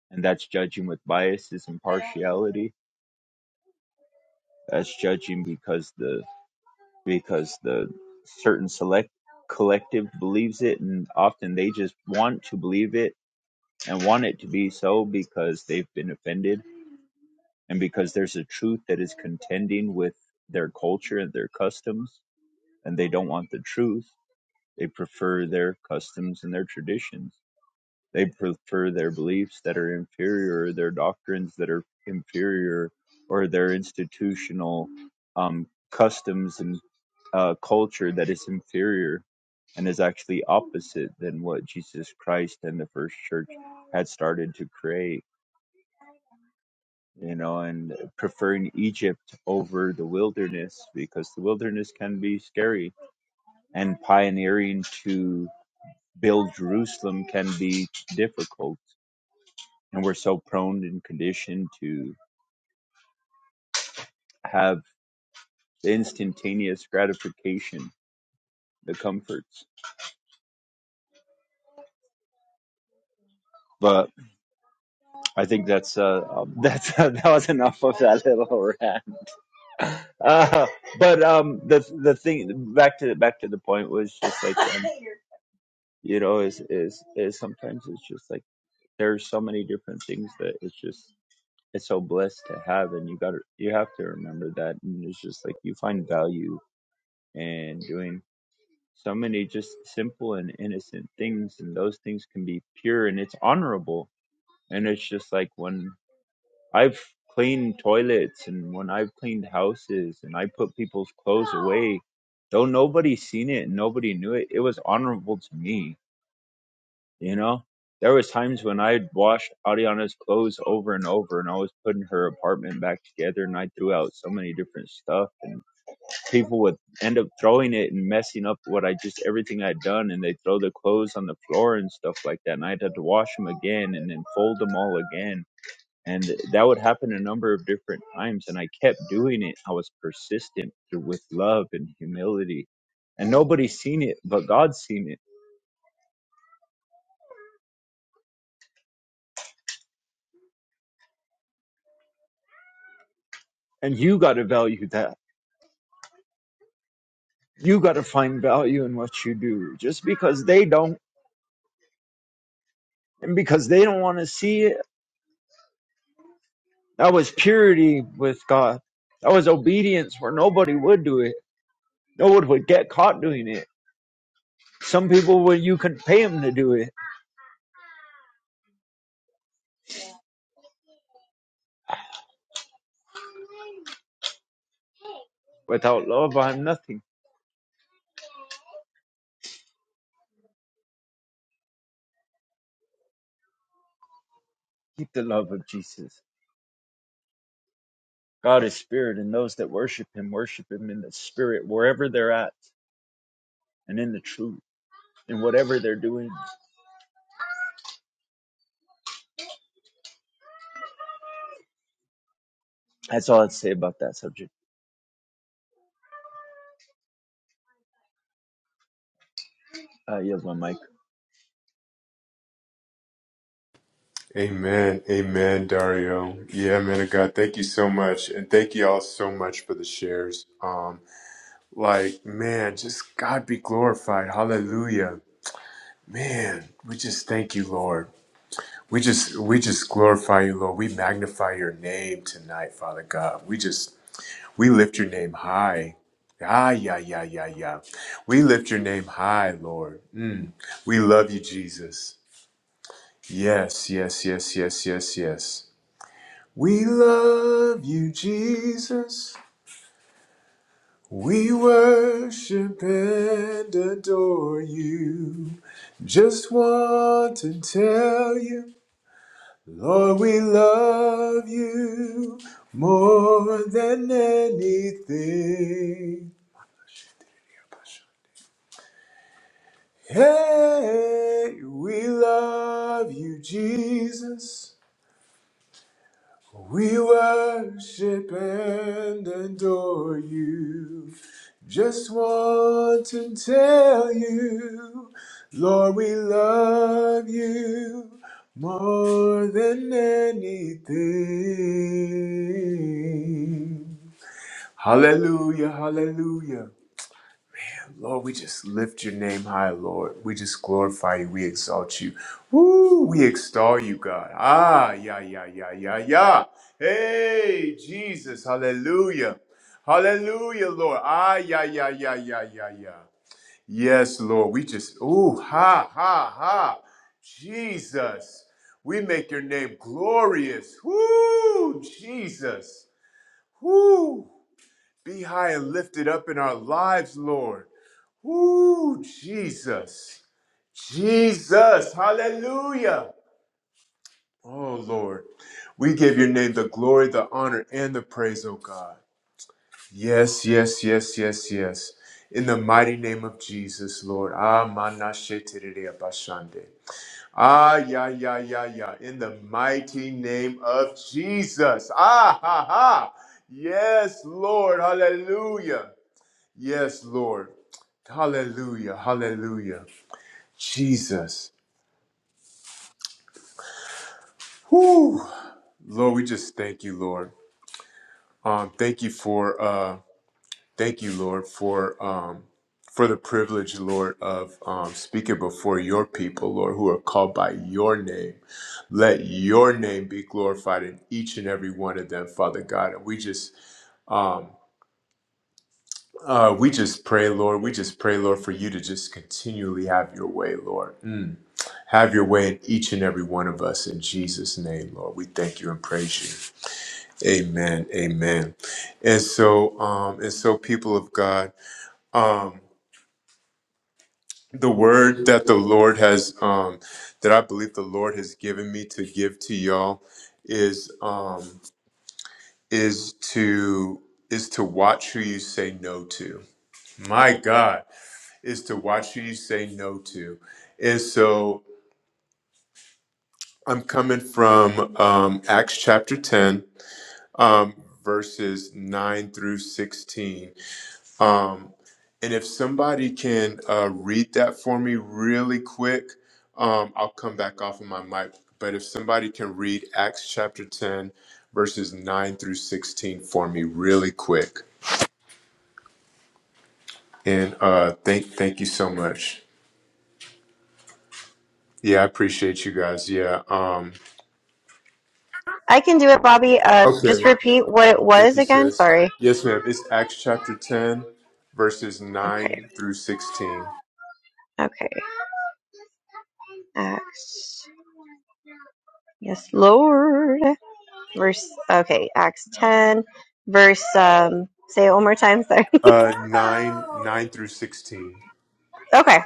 And that's judging with biases and partiality as judging because the because the certain select collective believes it and often they just want to believe it and want it to be so because they've been offended and because there's a truth that is contending with their culture and their customs and they don't want the truth they prefer their customs and their traditions they prefer their beliefs that are inferior their doctrines that are inferior or their institutional um, customs and uh, culture that is inferior and is actually opposite than what Jesus Christ and the first church had started to create, you know, and preferring Egypt over the wilderness because the wilderness can be scary and pioneering to build Jerusalem can be difficult. And we're so prone and conditioned to have instantaneous gratification, the comforts. But I think that's uh um, that's (laughs) that was enough of that little rant. uh, but um, the the thing back to back to the point was just like um, you know is is is sometimes it's just like there's so many different things that it's just it's so blessed to have and you got to you have to remember that and it's just like you find value in doing so many just simple and innocent things and those things can be pure and it's honorable and it's just like when I've cleaned toilets and when I've cleaned houses and I put people's clothes away, though nobody seen it and nobody knew it, it was honorable to me, you know? There was times when I'd washed Ariana's clothes over and over and I was putting her apartment back together and I threw out so many different stuff and people would end up throwing it and messing up what I just everything I'd done and they'd throw the clothes on the floor and stuff like that and I'd have to wash them again and then fold them all again and that would happen a number of different times and i kept doing it i was persistent through with love and humility and nobody's seen it but god's seen it and you got to value that you got to find value in what you do just because they don't and because they don't want to see it that was purity with god that was obedience where nobody would do it no one would get caught doing it some people would you could pay them to do it without love i'm nothing Keep the love of Jesus. God is spirit, and those that worship him worship him in the spirit, wherever they're at, and in the truth, in whatever they're doing. That's all I'd say about that subject. Uh, yes, my mic. Amen. Amen, Dario. Yeah, man of God, thank you so much. And thank you all so much for the shares. Um, like, man, just God be glorified. Hallelujah. Man, we just thank you, Lord. We just we just glorify you, Lord. We magnify your name tonight, Father God. We just we lift your name high. Ah, yeah, yeah, yeah, yeah. We lift your name high, Lord. Mm. We love you, Jesus. Yes, yes, yes, yes, yes, yes. We love you, Jesus. We worship and adore you. Just want to tell you, Lord, we love you more than anything. Hey, we love you, Jesus. We worship and adore you. Just want to tell you, Lord, we love you more than anything. Hallelujah, hallelujah. Lord, we just lift your name high, Lord. We just glorify you. We exalt you. Woo! We extol you, God. Ah, yeah, yeah, yeah, yeah, yeah. Hey, Jesus. Hallelujah. Hallelujah, Lord. Ah, yeah, yeah, yeah, yeah, yeah, yeah. Yes, Lord. We just, ooh, ha, ha, ha. Jesus. We make your name glorious. Woo! Jesus. Woo! Be high and lifted up in our lives, Lord. Woo, Jesus. Jesus. Hallelujah. Oh, Lord. We give your name the glory, the honor, and the praise, oh God. Yes, yes, yes, yes, yes. In the mighty name of Jesus, Lord. Ah, manashetirere abashande. Ah, yeah, yeah, yeah, yeah. In the mighty name of Jesus. Ah, ha, ha. Yes, Lord. Hallelujah. Yes, Lord. Hallelujah. Hallelujah. Jesus. Whew. Lord, we just thank you, Lord. Um, thank you for uh thank you, Lord, for um for the privilege, Lord, of um, speaking before your people, Lord, who are called by your name. Let your name be glorified in each and every one of them, Father God. And we just um, uh, we just pray, Lord. We just pray, Lord, for you to just continually have your way, Lord. Mm. Have your way in each and every one of us in Jesus' name, Lord. We thank you and praise you. Amen. Amen. And so, um, and so people of God, um, the word that the Lord has, um, that I believe the Lord has given me to give to y'all is, um, is to, is to watch who you say no to. My God is to watch who you say no to. And so I'm coming from, um, Acts chapter 10, um, verses 9 through 16. Um, And if somebody can uh, read that for me really quick, um, I'll come back off of my mic. But if somebody can read Acts chapter 10, verses 9 through 16 for me really quick. And uh, thank, thank you so much. Yeah, I appreciate you guys. Yeah. Um, I can do it, Bobby. Uh, just okay. repeat what it Thank was you, again. sis. Sorry. Yes, ma'am. It's Acts chapter 10, verses Okay. 9 through 16. Okay. Acts. Yes, Lord. Verse, okay, Acts 10, verse, um, say it one more time, sorry. Uh, 9, 9 through 16. (laughs) okay.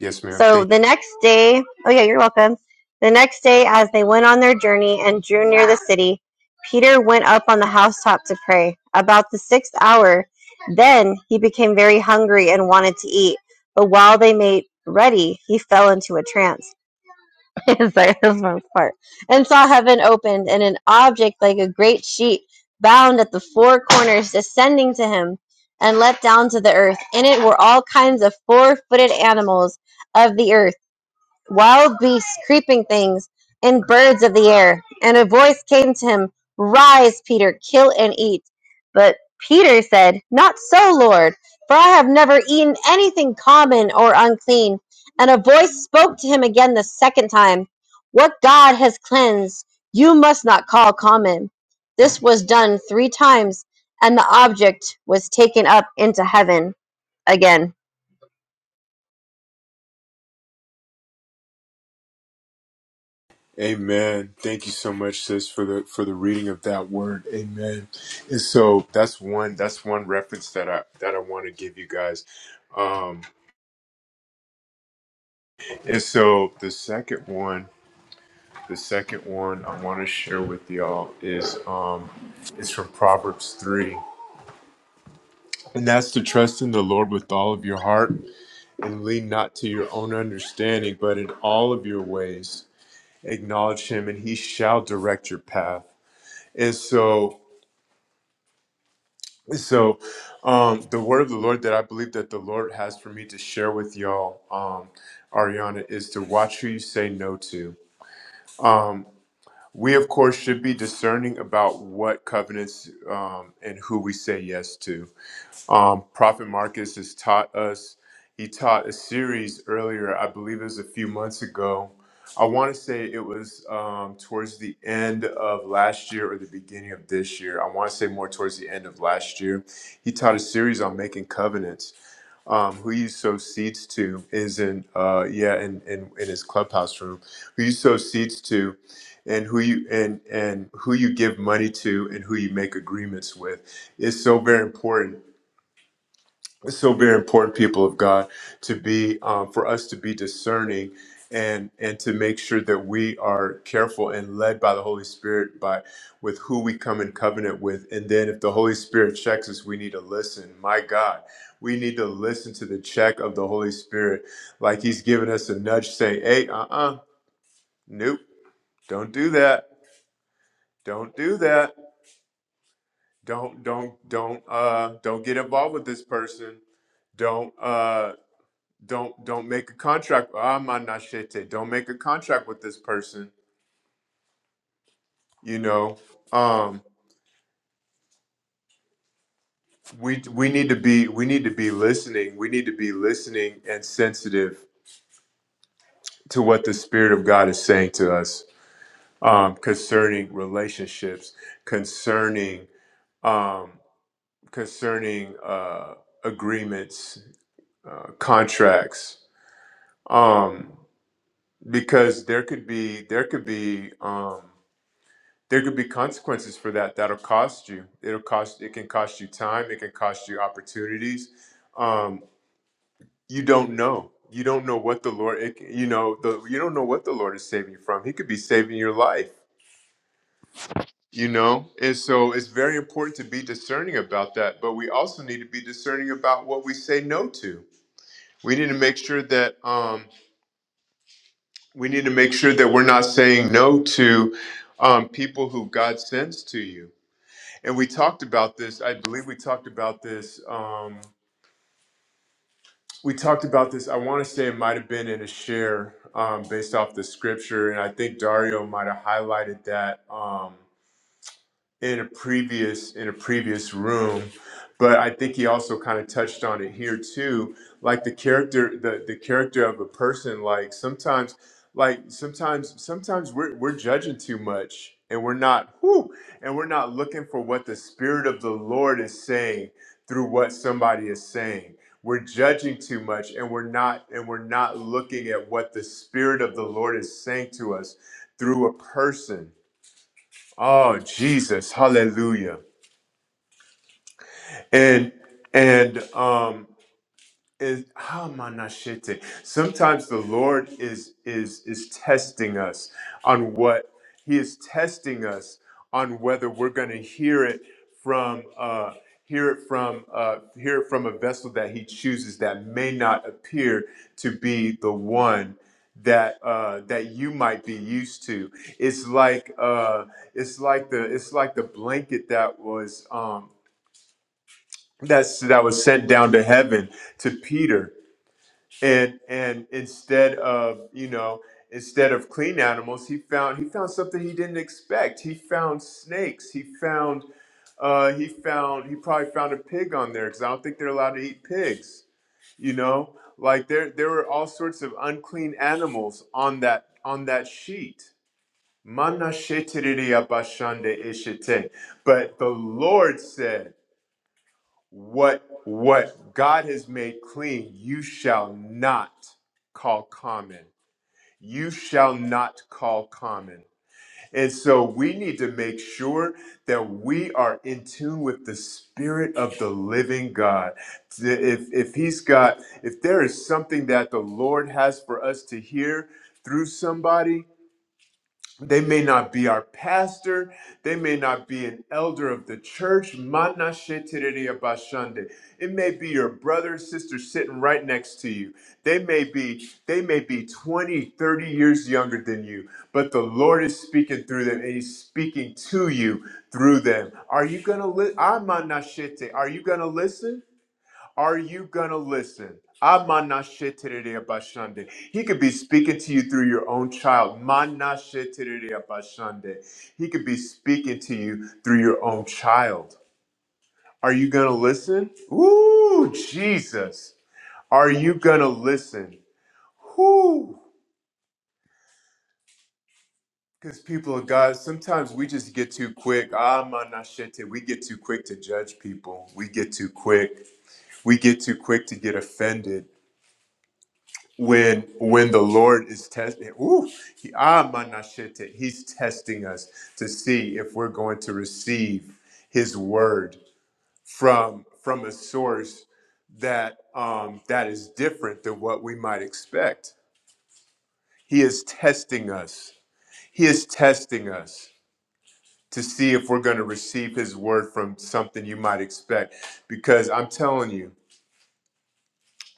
Yes, ma'am. Thank So the next day, oh yeah, you're welcome. The next day, as they went on their journey and drew near the city, Peter went up on the housetop to pray. About the sixth hour, then he became very hungry and wanted to eat. But while they made ready, he fell into a trance (laughs) it's like that's my part. And saw heaven opened, and an object like a great sheet, bound at the four corners, descending to him, and let down to the earth. In it were all kinds of four-footed animals of the earth wild beasts, creeping things, and birds of the air. And a voice came to him, Rise, Peter, kill and eat. But Peter said, Not so, Lord, for I have never eaten anything common or unclean. And a voice spoke to him again the second time, What God has cleansed, you must not call common. This was done three times, and the object was taken up into heaven again. Amen. Thank you so much, sis, for the for the reading of that word. Amen. And so that's one that's one reference that I that I want to give you guys. Um, and so the second one, the second one I want to share with y'all is um, is from Proverbs three, and that's to trust in the Lord with all of your heart and lean not to your own understanding, but in all of your ways acknowledge Him, and He shall direct your path. And so So, um, the word of the Lord that I believe that the Lord has for me to share with y'all, um, Ariana, is to watch who you say no to. Um, we, of course, should be discerning about what covenants um, and who we say yes to. Um, Prophet Marcus has taught us, he taught a series earlier, I believe it was a few months ago. I want to say it was um, towards the end of last year or the beginning of this year. I want to say more towards the end of last year. He taught a series on making covenants. Um, who you sow seeds to is in, uh, yeah, in, in, in his clubhouse room. Who you sow seeds to, and who you and and who you give money to, and who you make agreements with is so very important it's so very important, people of God, to be um, for us to be discerning and and to make sure that we are careful and led by the Holy Spirit by with who we come in covenant with. And then if the Holy Spirit checks us, we need to listen. My God, we need to listen to the check of the Holy Spirit, like He's giving us a nudge, saying, "Hey, uh-uh, nope, don't do that, don't do that, don't don't don't uh don't get involved with this person." don't uh don't don't make a contract ah manashete don't make a contract with this person you know um we we need to be we need to be listening we need to be listening and sensitive to what the spirit of god is saying to us um concerning relationships concerning um concerning uh agreements uh contracts um because there could be there could be um, there could be consequences for that that'll cost you it'll cost it can cost you time it can cost you opportunities um, you don't know you don't know what the lord it, you know the, you don't know what the lord is saving you from he could be saving your life you know and so it's very important to be discerning about that but we also need to be discerning about what we say no to we need to make sure that um, we need to make sure that we're not saying no to um, people who god sends to you and we talked about this. I believe we talked about this. Um, we talked about this. I want to say it might have been in a share um, based off the scripture, and I think Dario might have highlighted that. Um, in a previous in a previous room but i think he also kind of touched on it here too like the character the, the character of a person like sometimes like sometimes sometimes we're, we're judging too much and we're not whew, and we're not looking for what the spirit of the lord is saying through what somebody is saying we're judging too much and we're not and we're not looking at what the spirit of the lord is saying to us through a person Oh Jesus, hallelujah. And and um is hamanashite. Sometimes the Lord is is is testing us on what He is testing us on whether we're going to hear it from uh, hear it from uh, hear it from a vessel that He chooses that may not appear to be the one that uh, that you might be used to. It's like uh, it's like the it's like the blanket that was um, that's that was sent down to heaven to Peter and and instead of you know instead of clean animals he found he found something he didn't expect he found snakes he found uh he found he probably found a pig on there because i don't think they're allowed to eat pigs you know like there there were all sorts of unclean animals on that on that sheet Mana shetiriri abashande ishite. but the lord said what what God has made clean, you shall not call common. You shall not call common. And so we need to make sure that we are in tune with the spirit of the living God. If if he's got if there is something that the Lord has for us to hear through somebody, they may not be our pastor. They may not be an elder of the church. Mana sheterere abashande. It may be your brother, sister sitting right next to you. They may be they may be 20, 30 years younger than you, but the Lord is speaking through them and he's speaking to you through them. Are you going to listen? Are you going to listen? Are you gonna listen? Amana He could be speaking to you through your own child. Mana He could be speaking to you through your own child. Are you gonna listen? Ooh, Jesus. Are you gonna listen? Whoo. Because people of God, sometimes we just get too quick. Ah, mana We get too quick to judge people. We get too quick. We get too quick to get offended. when when the Lord is testing, ooh, he, ah, manashete, he's testing us to see if we're going to receive His word from from a source that um, that is different than what we might expect. He is testing us. He is testing us to see if we're going to receive His word from something you might expect. Because I'm telling you.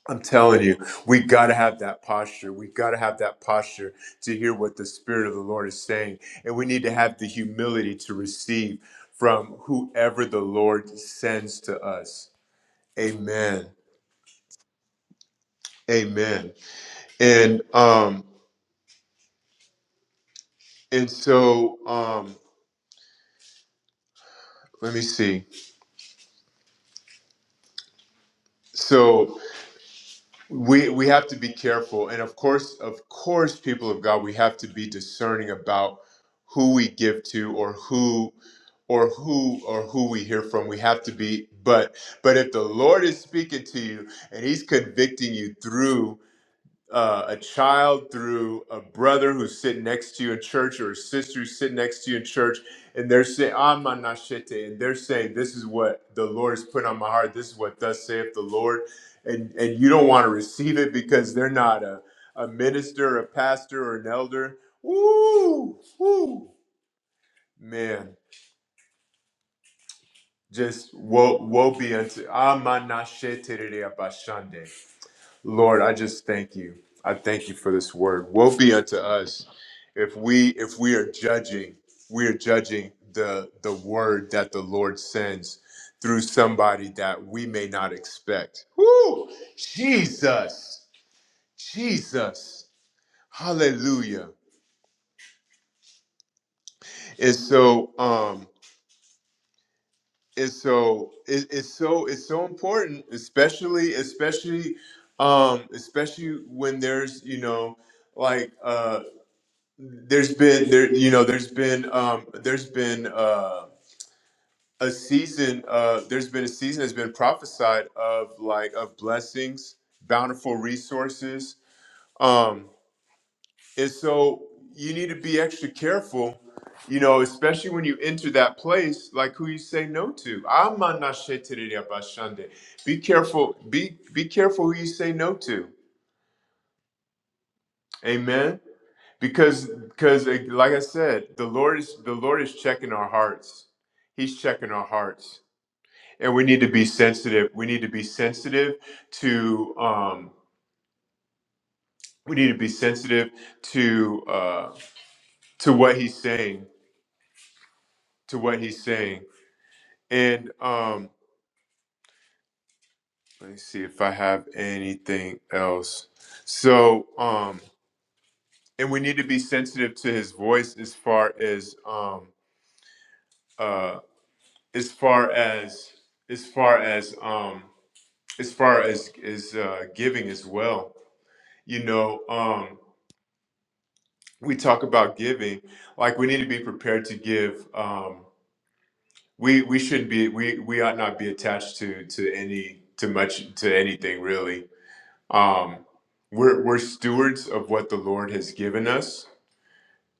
I'm telling you, we got to have that posture. We got to have that posture to hear what the Spirit of the Lord is saying. And we need to have the humility to receive from whoever the Lord sends to us. Amen. Amen. And um and so um let me see. So. we we have to be careful and of course of course people of god we have to be discerning about who we give to or who or who or who we hear from we have to be but but if the lord is speaking to you and he's convicting you through uh, a child through a brother who's sitting next to you in church or a sister who's sitting next to you in church, and they're saying, "I'm and they're saying, "This is what the Lord has put on my heart. This is what thus saith the Lord," and and you don't want to receive it because they're not a a minister, a pastor, or an elder. Woo, woo, man. Just woe, woe be unto Amanashete Abashande. Lord, I just thank you. I thank you for this word. Woe be unto us if we if we are judging, we are judging the the word that the Lord sends through somebody that we may not expect. Whoo! Jesus. Jesus. Hallelujah. And so um and so it, it's so it's so important, especially especially um especially when there's, you know, like uh there's been there you know there's been um there's been uh a season uh there's been a season that's been prophesied of like of blessings bountiful resources um and so you need to be extra careful you know especially when you enter that place like who you say no to Amanashetereyabashande. be careful be be careful who you say no to amen because because eh, like i said the lord is the lord is checking our hearts he's checking our hearts and we need to be sensitive we need to be sensitive to um we need to be sensitive to uh to what he's saying to what he's saying and um let me see if i have anything else so um and we need to be sensitive to his voice as far as um uh as far as as far as um as far as as uh, giving as well. You know, um, we talk about giving, like we need to be prepared to give. Um, we we shouldn't be we we ought not be attached to to any to much to anything really. Um, we're we're stewards of what the Lord has given us,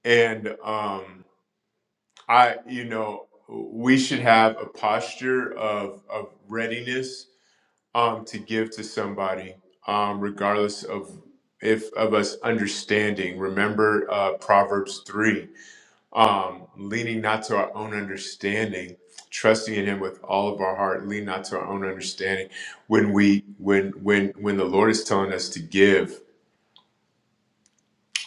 and um, I you know we should have a posture of of readiness um, to give to somebody, um, regardless of if of us understanding. Remember uh, Proverbs three, um, leaning not to our own understanding, trusting in Him with all of our heart. Lean not to our own understanding. When we when when when the Lord is telling us to give,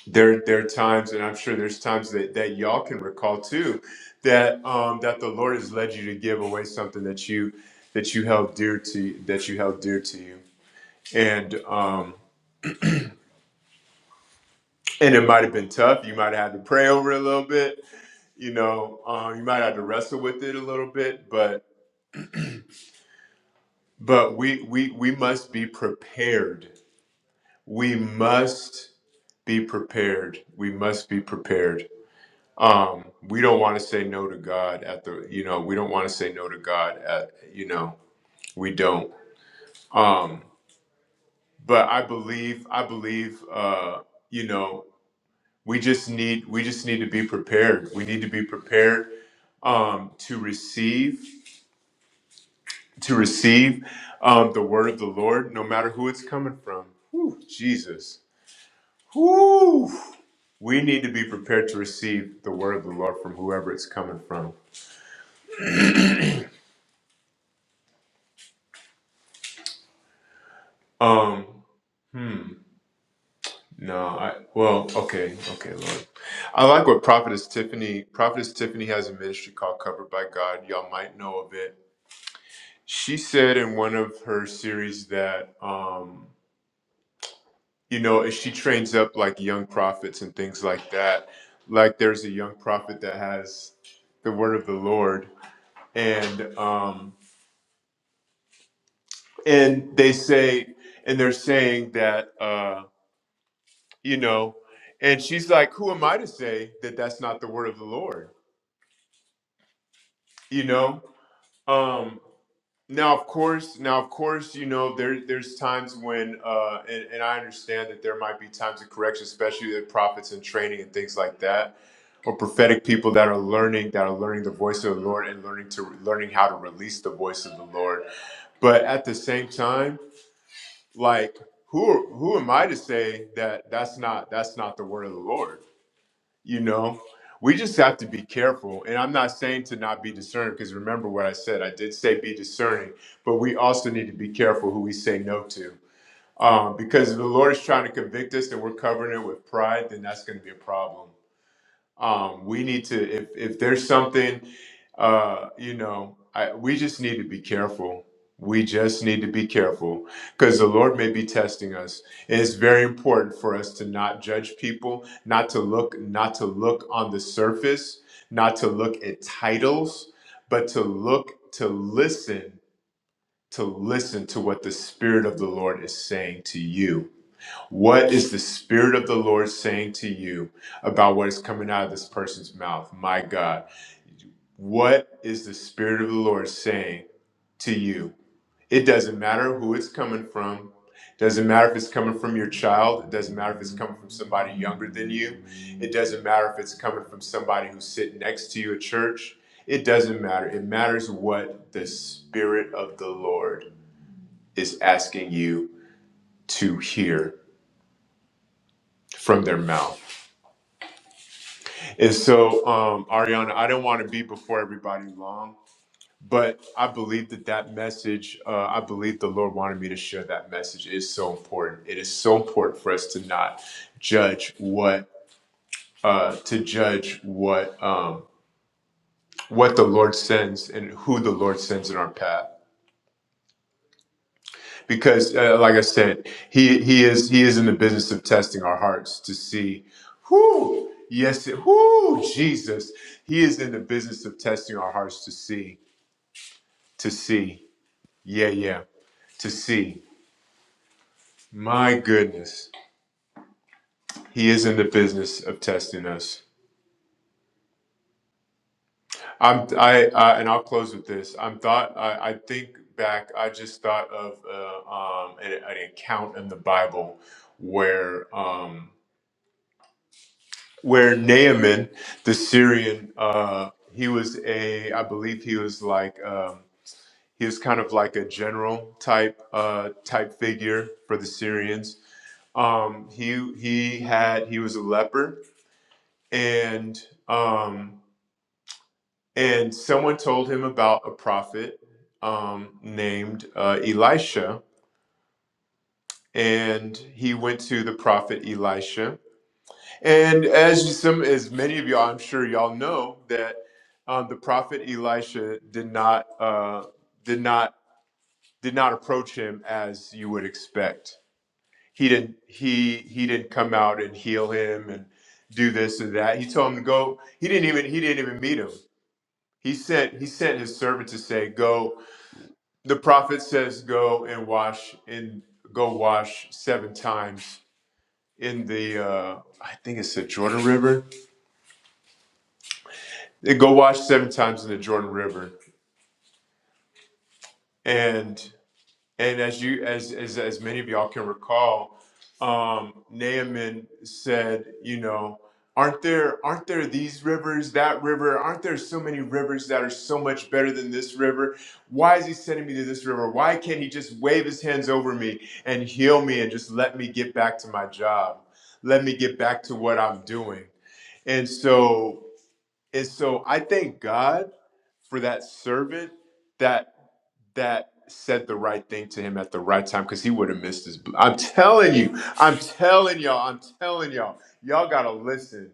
there there are times, and I'm sure there's times that that y'all can recall too, that um, that the Lord has led you to give away something that you that you held dear to that you held dear to you and um, and it might have been tough. You might have had to pray over it a little bit. You know, um, you might have to wrestle with it a little bit. But but we we we must be prepared. We must be prepared. We must be prepared. Um, we don't want to say no to God at the. You know, we don't want to say no to God at. You know, we don't. Um, but I believe. I believe. Uh, you know. we just need we just need to be prepared we need to be prepared um, to receive to receive um, the word of the lord no matter who it's coming from Whew, jesus Whew. we need to be prepared to receive the word of the lord from whoever it's coming from um hmm no i well okay okay lord i like what prophetess tiffany prophetess tiffany has a ministry called covered by god y'all might know of it She said in one of her series that, um, you know, if she trains up like young prophets and things like that, like there's a young prophet that has the word of the Lord, and um, and they say, and they're saying that, uh, you know, and she's like, who am I to say that that's not the word of the Lord? You know, Um, Now, of course, now of course, you know there there's times when, uh, and, and I understand that there might be times of correction, especially with prophets and training and things like that, or prophetic people that are learning that are learning the voice of the Lord and learning to learning how to release the voice of the Lord. But at the same time, like who who am I to say that that's not that's not the word of the Lord? you know we just have to be careful and i'm not saying to not be discerning because remember what i said i did say be discerning but we also need to be careful who we say no to um, because if the lord is trying to convict us and we're covering it with pride then that's going to be a problem um, we need to if if there's something, uh, you know, I, we just need to be careful. We just need to be careful because the Lord may be testing us. And it's very important for us to not judge people, not to look, not to look on the surface, not to look at titles, but to look, to listen, to listen to what the Spirit of the Lord is saying to you what is the Spirit of the Lord saying to you about what is coming out of this person's mouth? My God, what is the Spirit of the Lord saying to you? It doesn't matter who it's coming from. Doesn't matter if it's coming from your child. It doesn't matter if it's coming from somebody younger than you. It doesn't matter if it's coming from somebody who's sitting next to you at church. It doesn't matter. It matters what the Spirit of the Lord is asking you to hear from their mouth. And so, um, Ariana, I don't want to be before everybody long, but I believe that that message, uh, I believe the Lord wanted me to share that message It is so important. It is so important for us to not judge what, uh, to judge what, um, what the Lord sends and who the Lord sends in our path. Because, uh, like I said, he, he is, he is in the business of testing our hearts to see who, yes, who, Jesus. He is in the business of testing our hearts to see to see. Yeah, yeah, to see. My goodness, he is in the business of testing us. I'm, I, uh, and I'll close with this. I'm thought. I, I think back. I just thought of uh, um, an, an account in the Bible where um, where Naaman, the Syrian, uh, he was a. I believe he was like. Um, he was kind of like a general type uh, type figure for the Syrians, um he he had he was a leper and um and someone told him about a prophet um named uh, elisha and he went to the prophet elisha and as some as many of y'all i'm sure y'all know that um, the prophet elisha did not uh did not did not approach him as you would expect he didn't he he didn't come out and heal him and do this and that he told him to go he didn't even he didn't even meet him he sent he sent his servant to say go the prophet says go and wash and go wash seven times in the uh i think it's the jordan river and go wash seven times in the jordan river And. And as you, as as as many of y'all can recall, um, Naaman said, you know, aren't there aren't there these rivers, that river? Aren't there so many rivers that are so much better than this river? Why is he sending me to this river? Why can't he just wave his hands over me and heal me and just let me get back to my job? Let me get back to what I'm doing. And so and so I thank God for that servant that that said the right thing to him at the right time because he would have missed his. bl- I'm telling you, I'm telling y'all, I'm telling y'all, y'all gotta listen.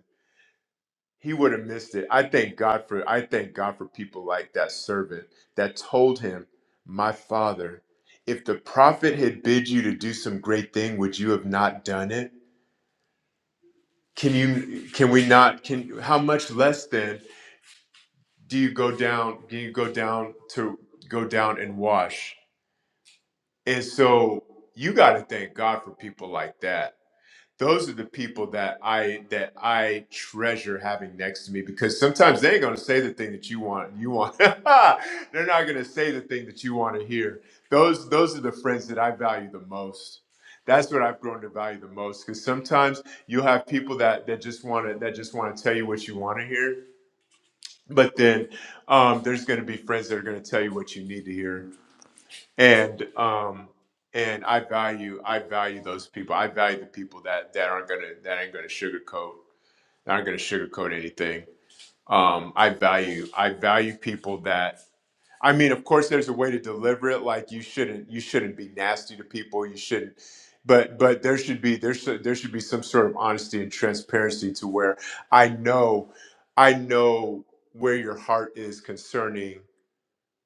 He would have missed it. I thank God for. I thank God for people like that servant that told him, "My father, if the prophet had bid you to do some great thing, would you have not done it? Can you? Can we not? Can how much less then do you go down? Can you go down to go down and wash?" And so you got to thank God for people like that. Those are the people that I that I treasure having next to me because sometimes they ain't gonna say the thing that you want. You want (laughs) they're not gonna say the thing that you want to hear. Those those are the friends that I value the most. That's what I've grown to value the most because sometimes you'll have people that that just want to that just want to tell you what you want to hear, but then um, there's going to be friends that are going to tell you what you need to hear and um and i value i value those people i value the people that that aren't gonna that ain't gonna sugarcoat that aren't gonna sugarcoat anything um i value i value people that i mean of course there's a way to deliver it like you shouldn't you shouldn't be nasty to people you shouldn't but but there should be there should there should be some sort of honesty and transparency to where i know i know where your heart is concerning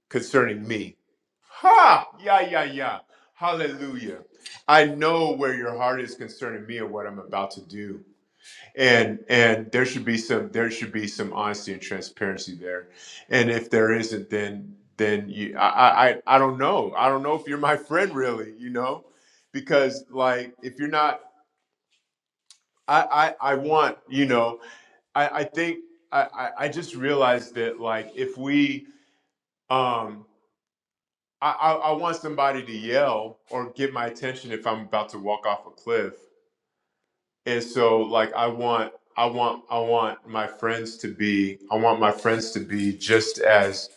concerning me. Ha! Yeah, yeah, yeah. Hallelujah. I know where your heart is concerning me and what I'm about to do. And and there should be some there should be some honesty and transparency there. And if there isn't, then then you I I, I don't know. I don't know if you're my friend really, you know? Because like if you're not I I, I want, you know, I, I think I, I I just realized that like if we um I, I, I want somebody to yell or get my attention if I'm about to walk off a cliff. And so like I want I want I want my friends to be I want my friends to be just as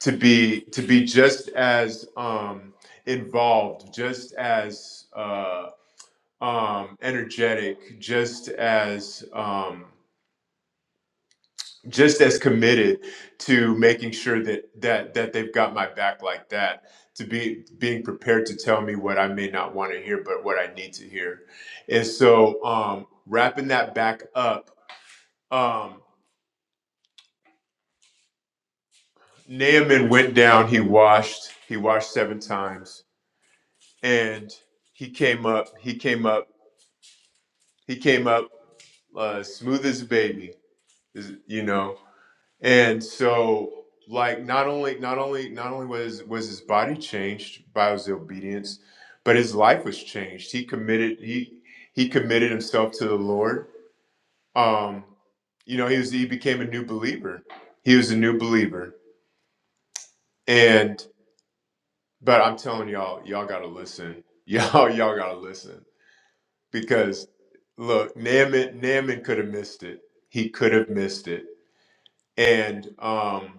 to be to be just as um involved, just as uh um energetic, just as um just as committed to making sure that that that they've got my back like that to be being prepared to tell me what I may not want to hear but what I need to hear and so um wrapping that back up um Naaman went down he washed he washed seven times and he came up he came up he came up uh, smooth as a baby is- you know And so, like, not only not only not only was was his body changed by his obedience, but his life was changed. He committed he he committed himself to the Lord. Um, you know, he was he became a new believer. He was a new believer. And but I'm telling y'all, y'all gotta listen. (laughs) Y'all y'all gotta listen because look, Naaman Naaman could have missed it. He could have missed it. And um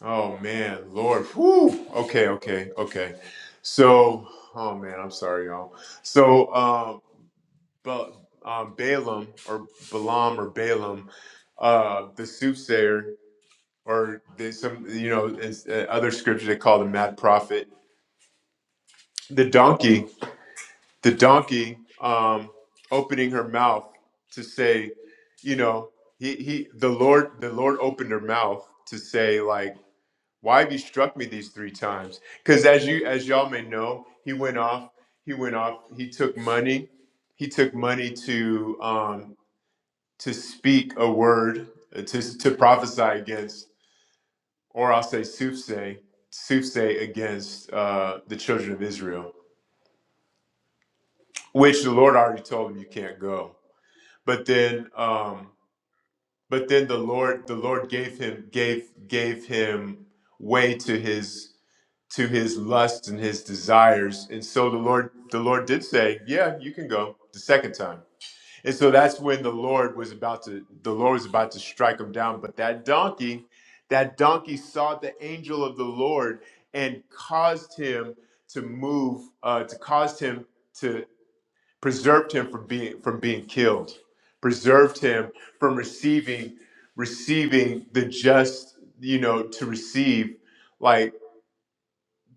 Oh man, Lord. Whew. Okay, okay, okay. So, oh man, I'm sorry, y'all. So, um, but um, Balaam or Balaam or Balaam, uh, the soothsayer, or there's some, you know, it's, uh, other scripture they call the mad prophet, the donkey, the donkey, um, opening her mouth to say, you know, he he, the Lord, the Lord opened her mouth to say like. Why have you struck me these three times? Because as you as y'all may know, he went off. He went off. He took money. He took money to um, to speak a word uh, to to prophesy against, or I'll say soothsay, soothsay against uh, the children of Israel, which the Lord already told him you can't go. But then, um, but then the Lord the Lord gave him gave gave him way to his to his lusts and his desires. And so the Lord the Lord did say, "Yeah, you can go the second time." And so that's when the Lord was about to the Lord was about to strike him down, but that donkey that donkey saw the angel of the Lord and caused him to move uh, to caused him to preserved him from being from being killed preserved him from receiving receiving the just you know to receive like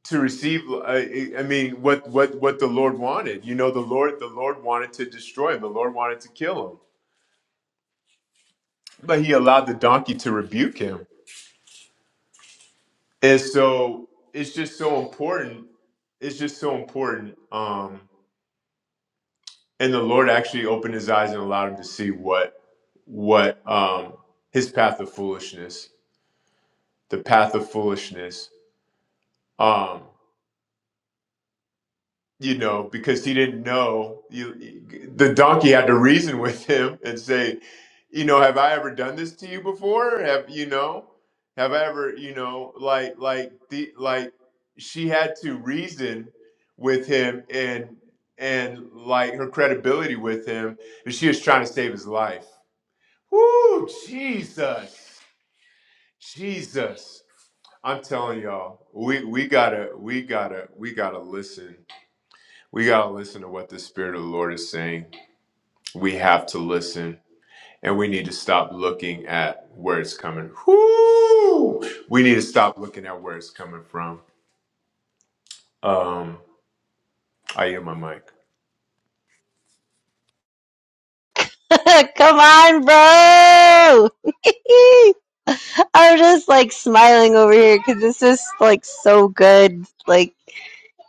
to receive uh, I, I mean what what what the lord wanted you know the lord the lord wanted to destroy him the lord wanted to kill him but he allowed the donkey to rebuke him and so it's just so important it's just so important um and the lord actually opened his eyes and allowed him to see what what um his path of foolishness the path of foolishness Um, you know, because he didn't know. You, the donkey had to reason with him and say, you know, have I ever done this to you before? Have you know, have I ever, you know, like like the like she had to reason with him and and like her credibility with him, and she was trying to save his life. Woo, Jesus, Jesus. I'm telling y'all, we we gotta we gotta we gotta listen we got to listen to what the Spirit of the Lord is saying. We have to listen. And we need to stop looking at where it's coming. Whoo! We need to stop looking at where it's coming from. Um, I hear my mic. (laughs) Come on, bro! (laughs) I'm just like smiling over here because it's just like so good. Like,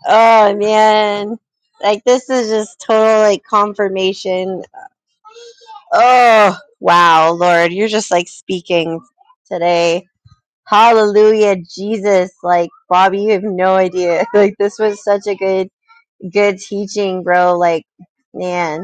oh man, like this is just total like confirmation. Oh wow, Lord, you're just like speaking today. Hallelujah, Jesus. Like, Bobby, you have no idea. (laughs) Like, this was such a good, good teaching, bro. Like, man.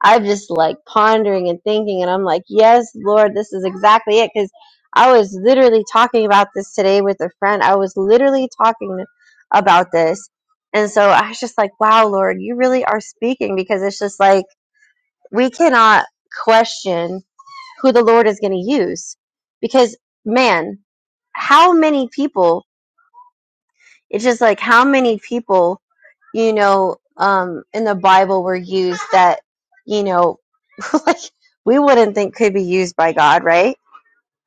I am just like pondering and thinking, and I'm like, yes, Lord, this is exactly it. Because I was literally talking about this today with a friend. I was literally talking about this. And so I was just like, wow, Lord, you really are speaking because it's just like we cannot question who the Lord is going to use. Because, man, how many people, it's just like how many people, you know, um, in the Bible were used that, you know, (laughs) like we wouldn't think could be used by God, right?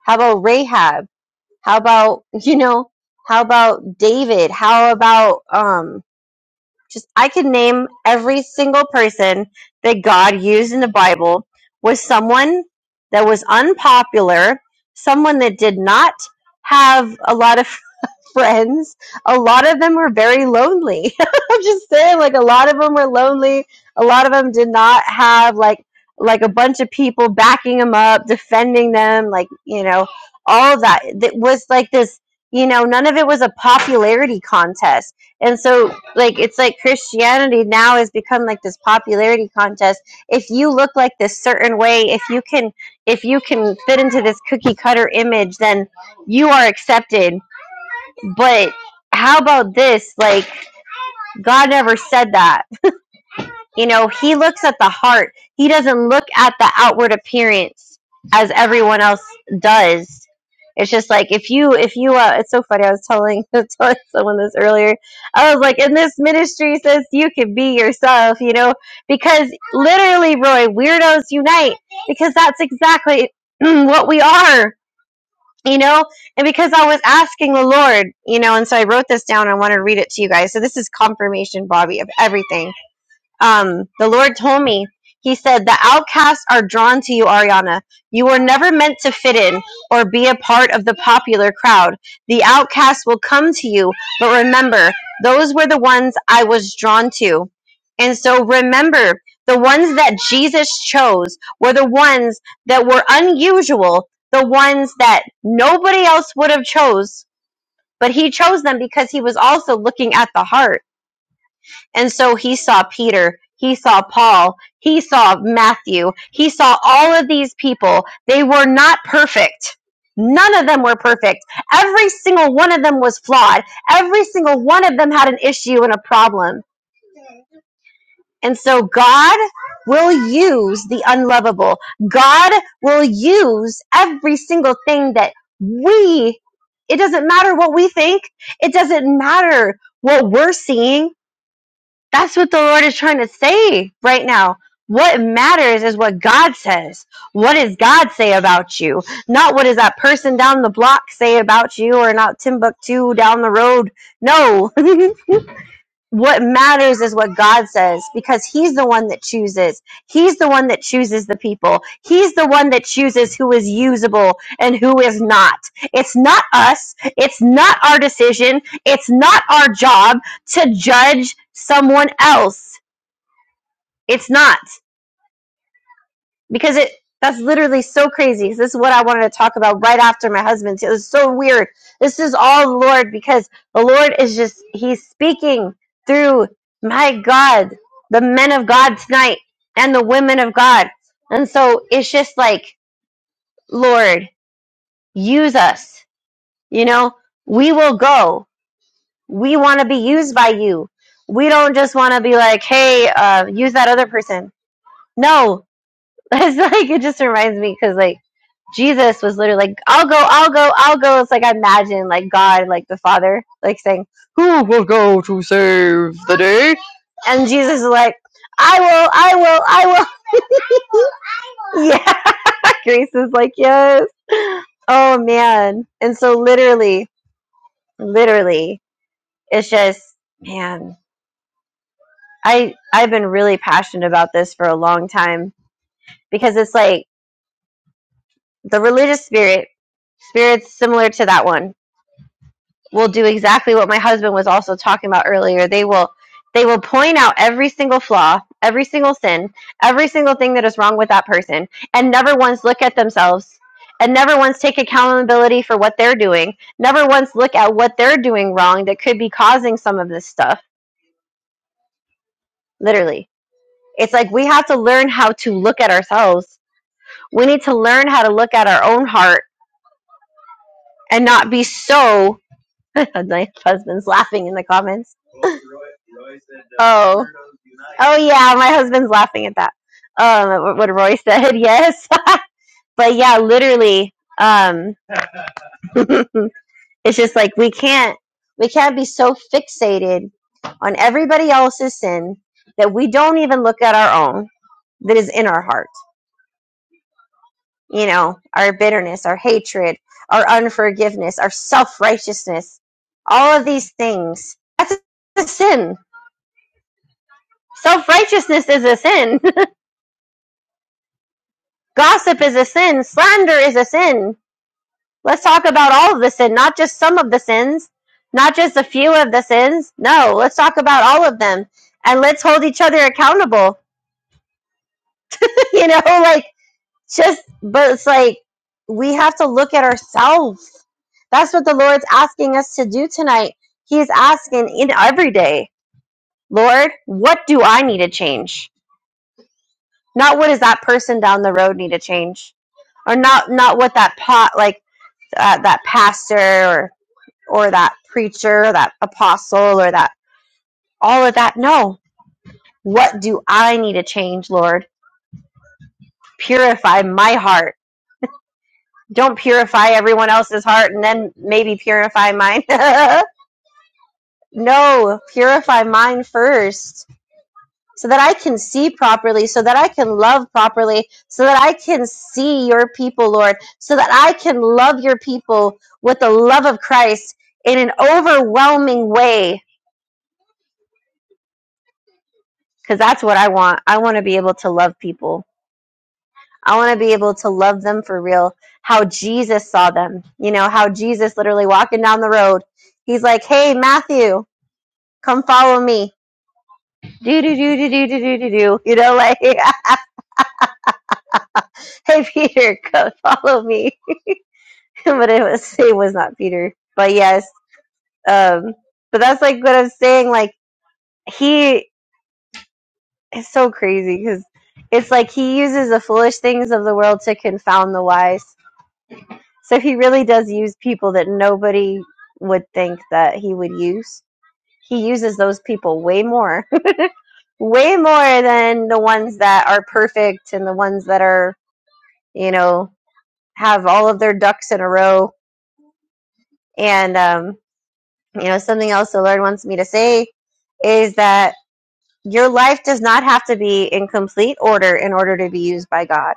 How about Rahab? How about (laughs) you know? How about David? How about um? Just I could name every single person that God used in the Bible was someone that was unpopular, someone that did not have a lot of friends, a lot of them were very lonely. (laughs) I'm just saying, like a lot of them were lonely. A lot of them did not have like like a bunch of people backing them up, defending them, like you know, all of that. That was like this. You know, none of it was a popularity contest. And so, like, it's like Christianity now has become like this popularity contest. If you look like this certain way, if you can, if you can fit into this cookie cutter image, then you are accepted but how about this? Like, God never said that. You know, He looks at the heart, He doesn't look at the outward appearance as everyone else does. It's just like if you, if you, uh, it's so funny. I was telling, (laughs) telling someone this earlier. I was like, in this ministry, says you can be yourself, you know, because literally, Roy, weirdos unite because that's exactly (clears throat) what we are you know and because i was asking the lord you know and so i wrote this down i want to read it to you guys so this is confirmation bobby of everything um, the Lord told me, He said, The outcasts are drawn to you, Ariana. You were never meant to fit in or be a part of the popular crowd. The outcasts will come to you, but remember, those were the ones I was drawn to. And so remember, the ones that Jesus chose were the ones that were unusual, the ones that nobody else would have chose, but he chose them because he was also looking at the heart. And so he saw Peter, he saw Paul, he saw Matthew, he saw all of these people. They were not perfect. None of them were perfect. Every single one of them was flawed. Every single one of them had an issue and a problem. And so God will use the unlovable. God will use every single thing that we, it doesn't matter what we think, it doesn't matter what we're seeing. That's what the Lord is trying to say right now. What matters is what God says. What does God say about you? Not what does that person down the block say about you or not Timbuktu down the road. No. (laughs) what matters is what God says because He's the one that chooses. He's the one that chooses the people. He's the one that chooses who is usable and who is not. It's not us. It's not our decision. It's not our job to judge someone else. It's not because it that's literally so crazy. This is what I wanted to talk about right after my husband's. It was so weird. This is all the Lord because the Lord is just he's speaking through my God, the men of God tonight and the women of God. And so it's just like, Lord, use us. You know, we will go. We want to be used by you. We don't just want to be like, hey, uh, use that other person. No, (laughs) It's like it just reminds me because like Jesus was literally like, "I'll go, I'll go, I'll go." It's like I imagine like God, like the Father, like saying, "Who?" And Jesus is like, "I will, I will, I will." (laughs) Yeah, (laughs) Grace is like, "Yes." Oh man, and so literally, literally, it's just man. I I've been really passionate about this for a long time because it's like the religious spirit, spirits similar to that one will do exactly what my husband was also talking about earlier. They will they will point out every single flaw, every single sin, every single thing that is wrong with that person and never once look at themselves and never once take accountability for what they're doing. Never once look at what they're doing wrong that could be causing some of this stuff. Literally. It's like we have to learn how to look at ourselves. We need to learn how to look at our own heart and not be so (laughs) my husband's laughing in the comments. Oh. Oh yeah, my husband's laughing at that. Um, wh- what Roy said, (laughs) yes. But yeah, literally, um, (laughs) it's just like we can't we can't be so fixated on everybody else's sin that we don't even look at our own that is in our heart. You know, our bitterness, our hatred, our unforgiveness, our self righteousness, all of these things. That's a sin. Self righteousness is a sin. (laughs) Gossip is a sin. Slander is a sin Let's talk about all of the sin, not just some of the sins, not just a few of the sins. No, let's talk about all of them and let's hold each other accountable. (laughs) you know, like just, but it's like we have to look at ourselves. That's what the Lord's asking us to do tonight. He's asking in every day, Lord, what do I need to change? Not what does that person down the road need to change, or not not what that pot like uh, that pastor or. or that preacher, or that apostle, or that all of that. No. What do I need to change, Lord? Purify my heart. Don't purify everyone else's heart and then maybe purify mine. (laughs) no, purify mine first so that I can see properly, so that I can love properly, so that I can see your people, Lord, so that I can love your people with the love of Christ in an overwhelming way because that's what I want. I want to be able to love people. I want to be able to love them for real, how Jesus saw them. You know, how Jesus literally walking down the road, he's like, hey, Matthew, come follow me. Do, do, do, do, do, do, do, do, do. You know, like, (laughs) hey, Peter, come follow me. (laughs) but it was, it was not Peter. But yes, um, but that's like what I'm saying. Like, he is so crazy because it's like he uses the foolish things of the world to confound the wise So he really does use people that nobody would think that he would use. He uses those people way more, (laughs) way more than the ones that are perfect and the ones that are, you know, have all of their ducks in a row. And, um, you know, something else the Lord wants me to say is that your life does not have to be in complete order in order to be used by God.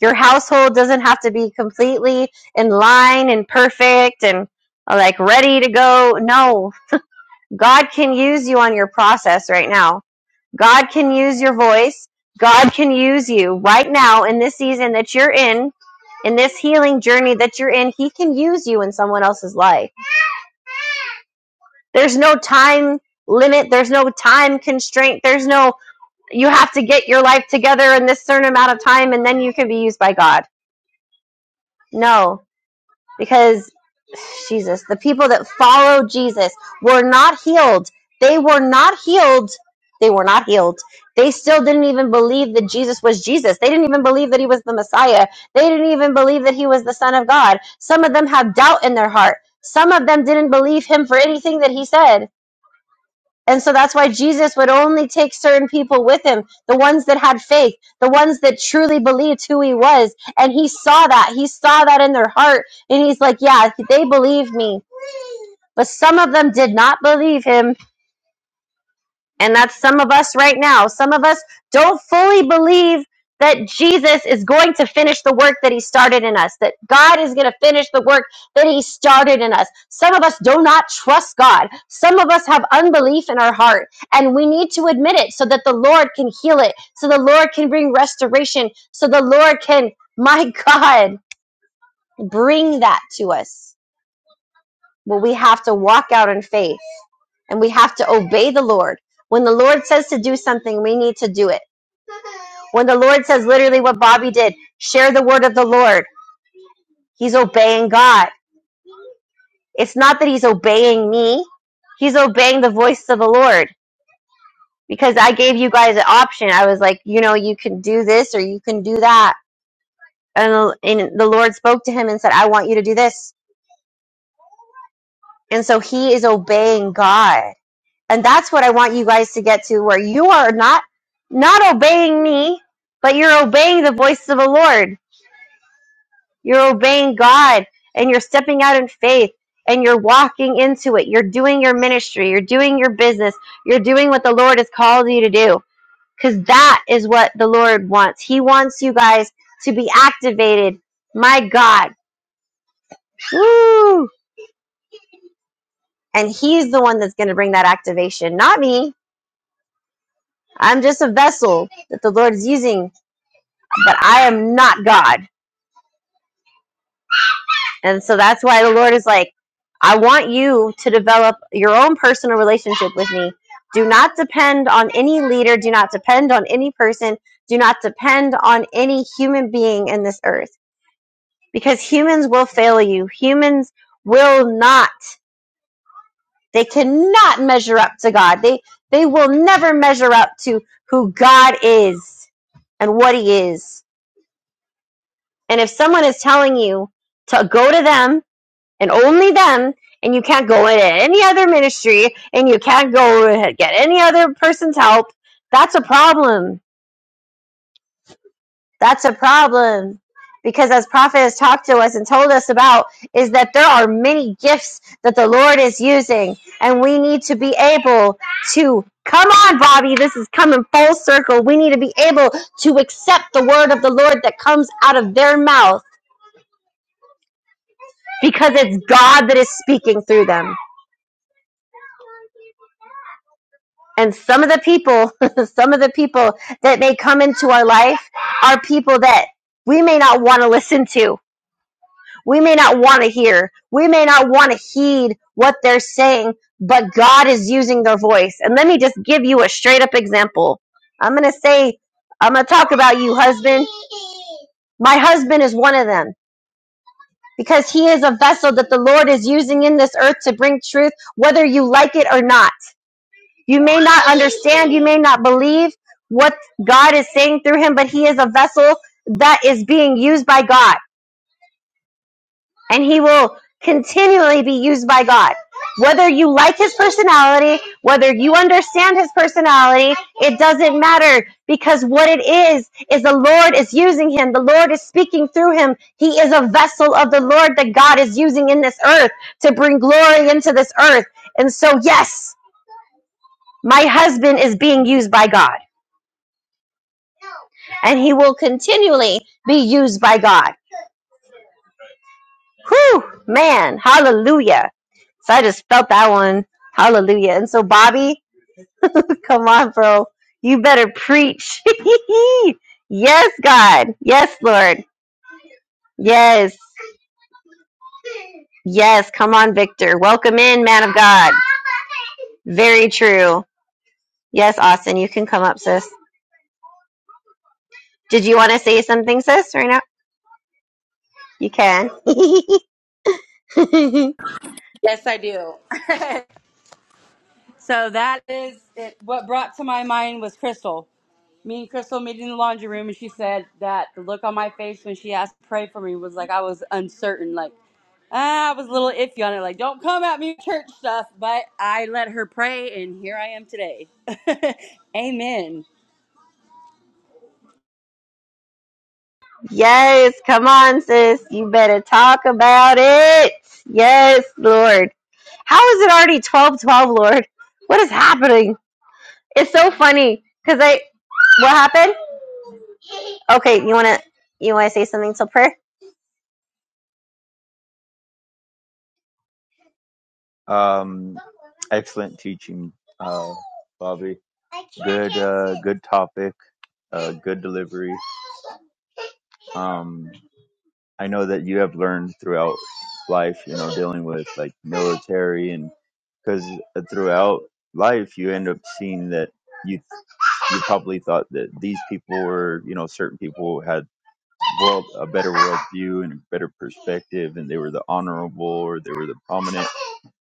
Your household doesn't have to be completely in line and perfect and like ready to go. No, God can use you on your process right now. God can use your voice. God can use you right now in this season that you're in, in this healing journey that you're in. He can use you in someone else's life. There's no time limit, there's no time constraint, there's no you have to get your life together in this certain amount of time and then you can be used by God. No, because Jesus, the people that followed Jesus were not healed. They were not healed. They were not healed. They still didn't even believe that Jesus was Jesus. They didn't even believe that he was the Messiah. They didn't even believe that he was the Son of God. Some of them have doubt in their heart. Some of them didn't believe him for anything that he said. And so that's why Jesus would only take certain people with him, the ones that had faith, the ones that truly believed who he was. And he saw that. He saw that in their heart. And he's like, yeah, they believe me but some of them did not believe him, and that's some of us right now. Some of us don't fully believe that Jesus is going to finish the work that he started in us, that God is going to finish the work that he started in us. Some of us do not trust God. Some of us have unbelief in our heart, and we need to admit it so that the Lord can heal it, so the Lord can bring restoration, so the Lord can, (laughs) my God, bring that to us Well, we have to walk out in faith and we have to obey the Lord. When the Lord says to do something, we need to do it. When the Lord says literally what Bobby did, share the word of the Lord, he's obeying God. It's not that he's obeying me, he's obeying the voice of the Lord. Because I gave you guys an option. I was like, you know, you can do this or you can do that. And, and the Lord spoke to him and said, I want you to do this. And so he is obeying God. And that's what I want you guys to get to where you are not not obeying me, but you're obeying the voice of the Lord. You're obeying God and you're stepping out in faith and you're walking into it. You're doing your ministry, you're doing your business, you're doing what the Lord has called you to do cuz that is what the Lord wants. He wants you guys to be activated. My God. Woo! And he's the one that's going to bring that activation, not me. I'm just a vessel that the Lord is using but I am not God. And so that's why the Lord is like, I want you to develop your own personal relationship with me. Do not depend on any leader. Do not depend on any person. Do not depend on any human being in this earth because humans will fail you. Humans will not, they cannot measure up to God. They, they will never measure up to who God is and what he is. And if someone is telling you to go to them and only them. And you can't go in at any other ministry, and you can't go get any other person's help. That's a problem. That's a problem. Because as Prophet has talked to us and told us about, is that there are many gifts that the Lord is using, and we need to be able to. Come on, Bobby, this is coming full circle. We need to be able to accept the word of the Lord that comes out of their mouth because it's God that is speaking through them. And some of the people, (laughs) some of the people that may come into our life are people that we may not want to listen to. We may not want to hear. We may not want to heed what they're saying, but God is using their voice. And let me just give you a straight up example. I'm going to say, I'm going to talk about you, husband. My husband is one of them because he is a vessel that the Lord is using in this earth to bring truth, whether you like it or not. You may not understand, you may not believe what God is saying through him, but he is a vessel that is being used by God, and he will continually be used by God. Whether you like his personality, whether you understand his personality, it doesn't matter because what it is is the Lord is using him. The Lord is speaking through him. He is a vessel of the Lord that God is using in this earth to bring glory into this earth. And so, yes, my husband is being used by God. and he will continually be used by God. Whew, man, hallelujah. So I just felt that one. Hallelujah. And so, Bobby, (laughs) come on, bro. You better preach. (laughs) yes, God. Yes, Lord. Yes. Yes. Come on, Victor. Welcome in, man of God. Very true. Yes, Austin, you can come up, sis. Did you want to say something, sis, right now? You can. (laughs) Yes, I do. (laughs) so that is it. what brought to my mind was Crystal. Me and Crystal meeting in the laundry room, and she said that the look on my face when she asked to pray for me was like I was uncertain, like ah, I was a little iffy on it, like don't come at me with church stuff. But I let her pray, and here I am today. (laughs) Amen. Yes, come on, sis. You better talk about it. Yes, Lord. How is it already twelve twelve, Lord? What is happening? It's so funny because I. What happened? Okay, you wanna you wanna say something till prayer? Um, excellent teaching, uh, Bobby. Good, uh, good topic. Uh, good delivery. Um, I know that you have learned throughout life, you know, dealing with like military and because throughout life you end up seeing that you you probably thought that these people were, you know, certain people had world a better world view and a better perspective and they were the honorable or they were the prominent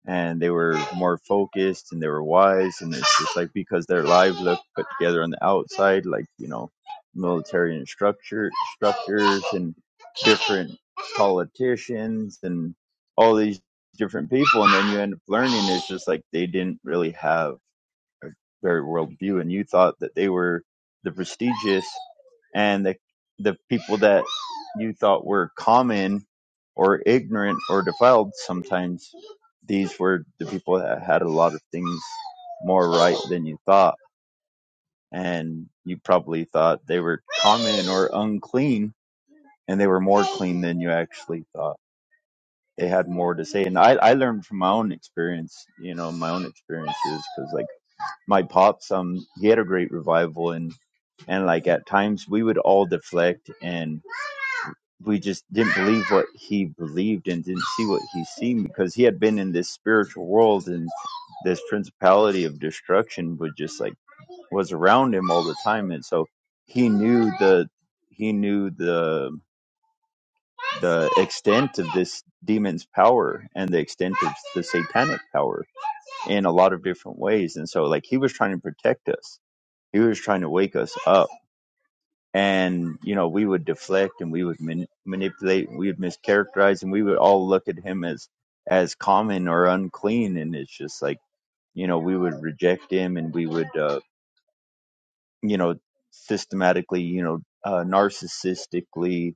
and they were more focused and they were wise and it's just like because their lives look put together on the outside like you know military and structure structures and different politicians and all these different people and then you end up learning it's just like they didn't really have a very world view and you thought that they were the prestigious and the the people that you thought were common or ignorant or defiled sometimes these were the people that had a lot of things more right than you thought and you probably thought they were common or unclean and they were more clean than you actually thought they had more to say and i, I learned from my own experience you know my own experiences because like my pops um he had a great revival and and like at times we would all deflect and. we just didn't believe what he believed and didn't see what he seen because he had been in this spiritual world and this principality of destruction would just like was around him all the time and so he knew the he knew the the extent of this demon's power and the extent of the satanic power in a lot of different ways and so like he was trying to protect us he was trying to wake us up and you know we would deflect and we would mani- manipulate and we would mischaracterize and we would all look at him as as common or unclean and it's just like you know we would reject him and we would uh, you know systematically you know uh, narcissistically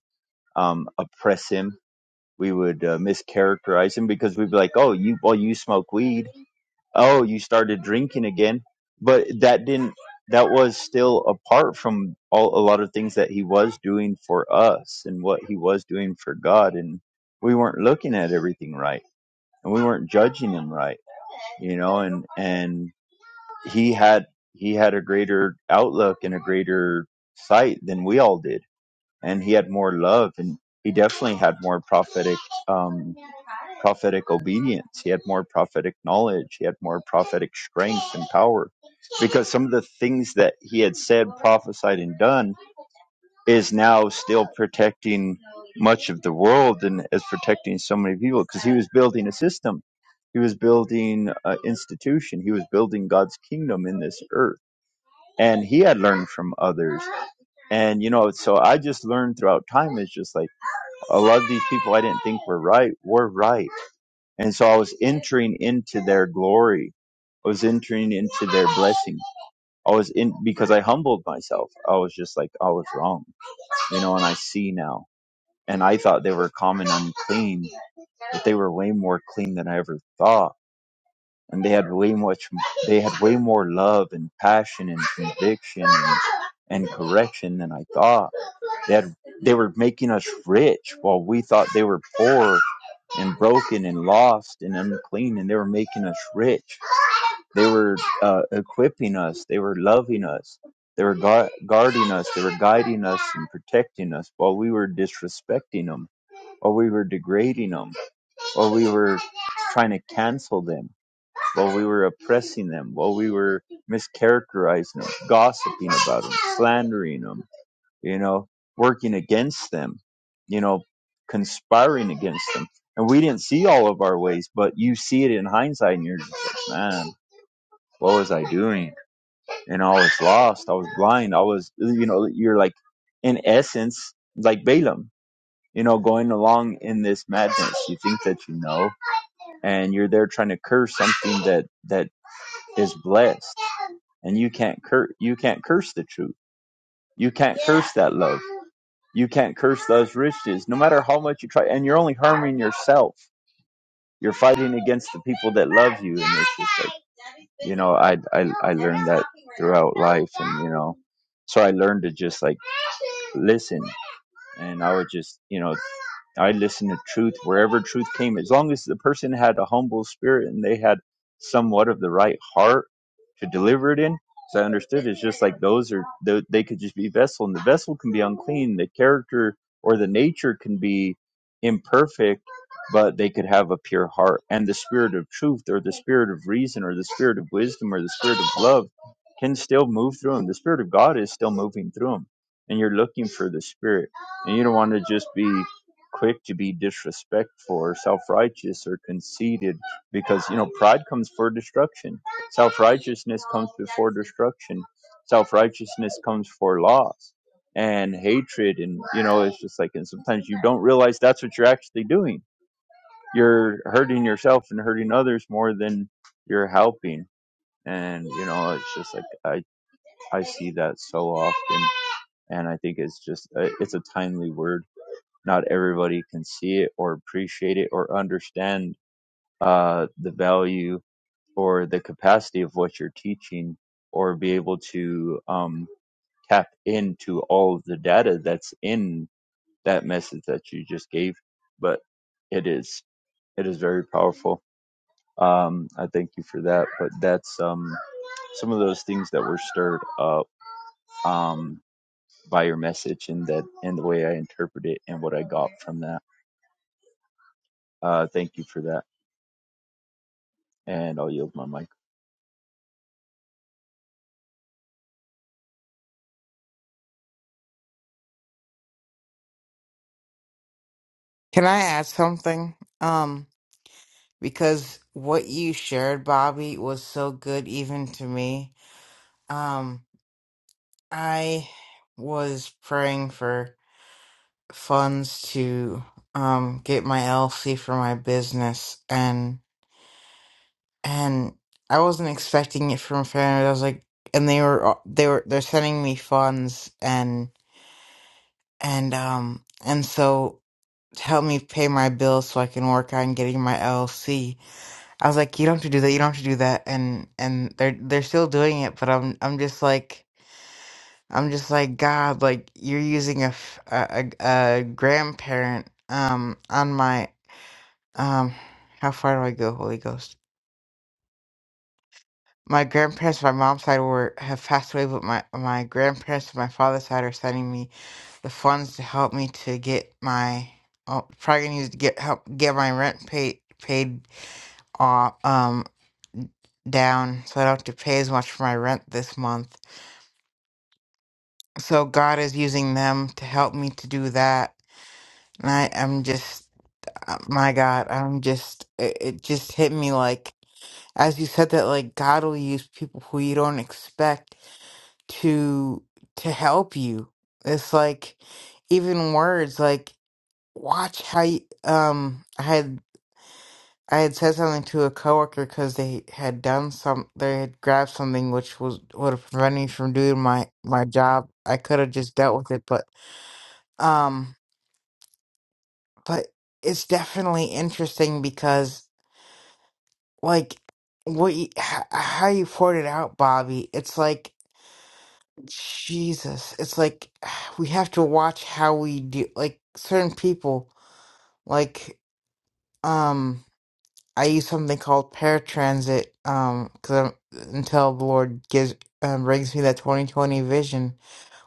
um, oppress him we would uh, mischaracterize him because we'd be like oh you well you smoke weed oh you started drinking again but that didn't that was still apart from all a lot of things that he was doing for us and what he was doing for god and we weren't looking at everything right and we weren't judging him right you know and and he had he had a greater outlook and a greater sight than we all did and he had more love and he definitely had more prophetic um prophetic obedience he had more prophetic knowledge he had more prophetic strength and power because some of the things that he had said prophesied and done is now still protecting much of the world and is protecting so many people because he was building a system he was building an institution he was building god's kingdom in this earth and he had learned from others and you know so i just learned throughout time it's just like a lot of these people i didn't think were right were right and so i was entering into their glory i was entering into their blessing i was in because i humbled myself i was just like i was wrong you know and i see now and i thought they were common unclean but they were way more clean than i ever thought and they had way much they had way more love and passion and conviction and, and correction than i thought they had they were making us rich while we thought they were poor and broken and lost and unclean and they were making us rich they were uh, equipping us they were loving us they were gu- guarding us they were guiding us and protecting us while we were disrespecting them while we were degrading them while we were trying to cancel them while we were oppressing them, while we were mischaracterizing them, gossiping about them, slandering them, you know, working against them, you know, conspiring against them. And we didn't see all of our ways, but you see it in hindsight and you're just like, man, what was I doing? And I was lost. I was blind. I was, you know, you're like, in essence, like Balaam you know, going along in this madness. You think that you know, and you're there trying to curse something that that is blessed, and you can't curse. You can't curse the truth. You can't curse that love. You can't curse those riches, no matter how much you try, and you're only harming yourself you're fighting against the people that love you, and it's just like you know, I I I learned that throughout life, and you know, so I learned to just like listen, and I would just you know I listened to truth wherever truth came. As long as the person had a humble spirit and they had somewhat of the right heart to deliver it in, so I understood it's just like those are tho- they could just be vessel, and the vessel can be unclean. The character or the nature can be imperfect but they could have a pure heart. And the spirit of truth, or the spirit of reason, or the spirit of wisdom, or the spirit of love can still move through them. The spirit of God is still moving through them. And you're looking for the spirit. And you don't want to just be quick to be disrespectful or self righteous or conceited because, you know, pride comes for destruction. Self righteousness comes before destruction. Self righteousness comes for loss and hatred. And, you know, it's just like, and sometimes you don't realize that's what you're actually doing you're hurting yourself and hurting others more than you're helping. And you know, it's just like I I see that so often, and I think it's just uh, it's a timely word. Not everybody can see it or appreciate it or understand uh, the value or the capacity of what you're teaching or be able to um, tap into all of the data that's in that message that you just gave. But it is it is very powerful um, I thank you for that. But that's um, some of those things that were stirred up um, by your message and that and the way I interpret it and what I got from that. Uh, thank you for that. And I'll yield my mic. can i add something um because what you shared bobby was so good even to me Um. I was praying for funds to um get my LLC for my business and and I wasn't expecting it from family. I was like and they were they were they're sending me funds and and um and so to help me pay my bills so I can work on getting my LLC. I was like, you don't have to do that, you don't have to do that and and they're they're still doing it, but I'm I'm just like I'm just like God, like you're using a f- a, a- a grandparent um on my um how far do I go, Holy Ghost? My grandparents, my mom's side were have passed away, but my my grandparents, my father's side, are sending me the funds to help me to get my oh, probably gonna use to get help get my rent paid paid off um down so I don't have to pay as much for my rent this month. So God is using them to help me to do that. And I am just Uh, My God, I'm just, it, it just hit me like, as you said that, like, God will use people who you don't expect to, to help you. It's like, even words, like, watch how you, um, I had, I had said something to a coworker because they had done some, they had grabbed something which was, would have prevented me from doing my, my job. I could have just dealt with it, but, um, but it's definitely interesting because like what you, h- how you poured it out, Bobby. It's like Jesus. It's like (sighs) we have to watch how we do. Like certain people, like um, I use something called paratransit. Um, because until the Lord gives um, brings me that twenty twenty vision,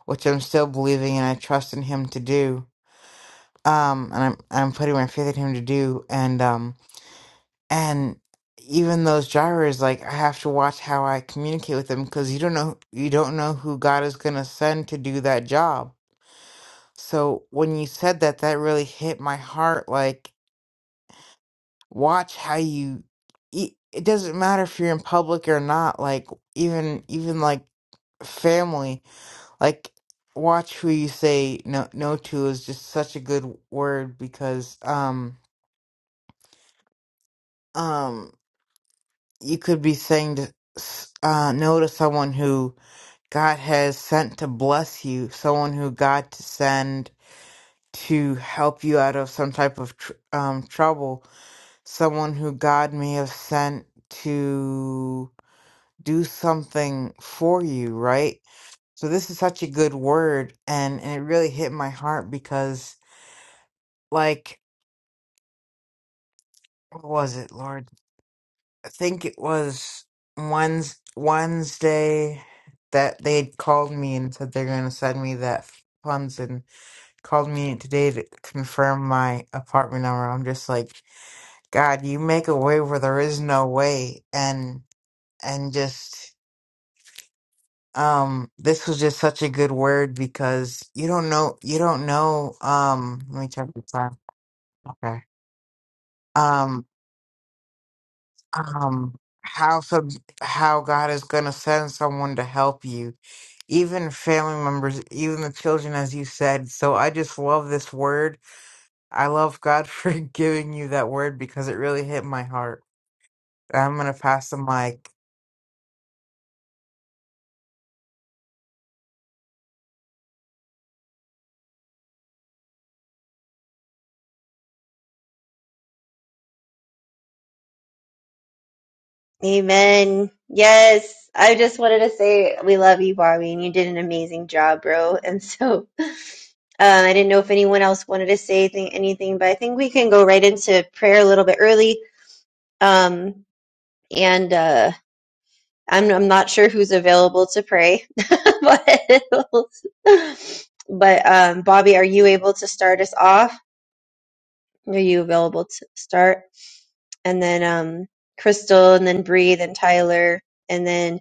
which I'm still believing and I trust in Him to do. Um, and I'm I'm putting my faith in Him to do. And um and even those drivers like i have to watch how i communicate with them because you don't know you don't know who god is going to send to do that job so when you said that that really hit my heart like watch how you e- it doesn't matter if you're in public or not like even even like family like watch who you say no no to is just such a good word because um um you could be saying to, s- uh no to someone who God has sent to bless you, someone who God to send to help you out of some type of tr- um, trouble, someone who God may have sent to do something for you, right? So this is such a good word, and, and it really hit my heart because, like, what was it, Lord? I think it was Wednes Wednesday that they had called me and said they're going to send me that funds called me today to confirm my apartment number. I'm just like, God, you make a way where there is no way, and and just um, this was just such a good word because you don't know, you don't know. Um, let me check the time. Okay. Um, um, how sub how God is gonna send someone to help you, even family members, even the children, as you said. So I just love this word I love God (laughs) for giving you that word because it really hit my heart. I'm gonna pass the mic. Amen. Yes, I just wanted to say we love you, Barbie, and you did an amazing job, bro. And so, um, I didn't know if anyone else wanted to say anything, anything, but I think we can go right into prayer a little bit early. Um, and uh. I'm I'm not sure who's available to pray, (laughs) but but um, Bobby, are you able to start us off? Are you available to start? And then um, Crystal, and then Bree, then Tyler, and then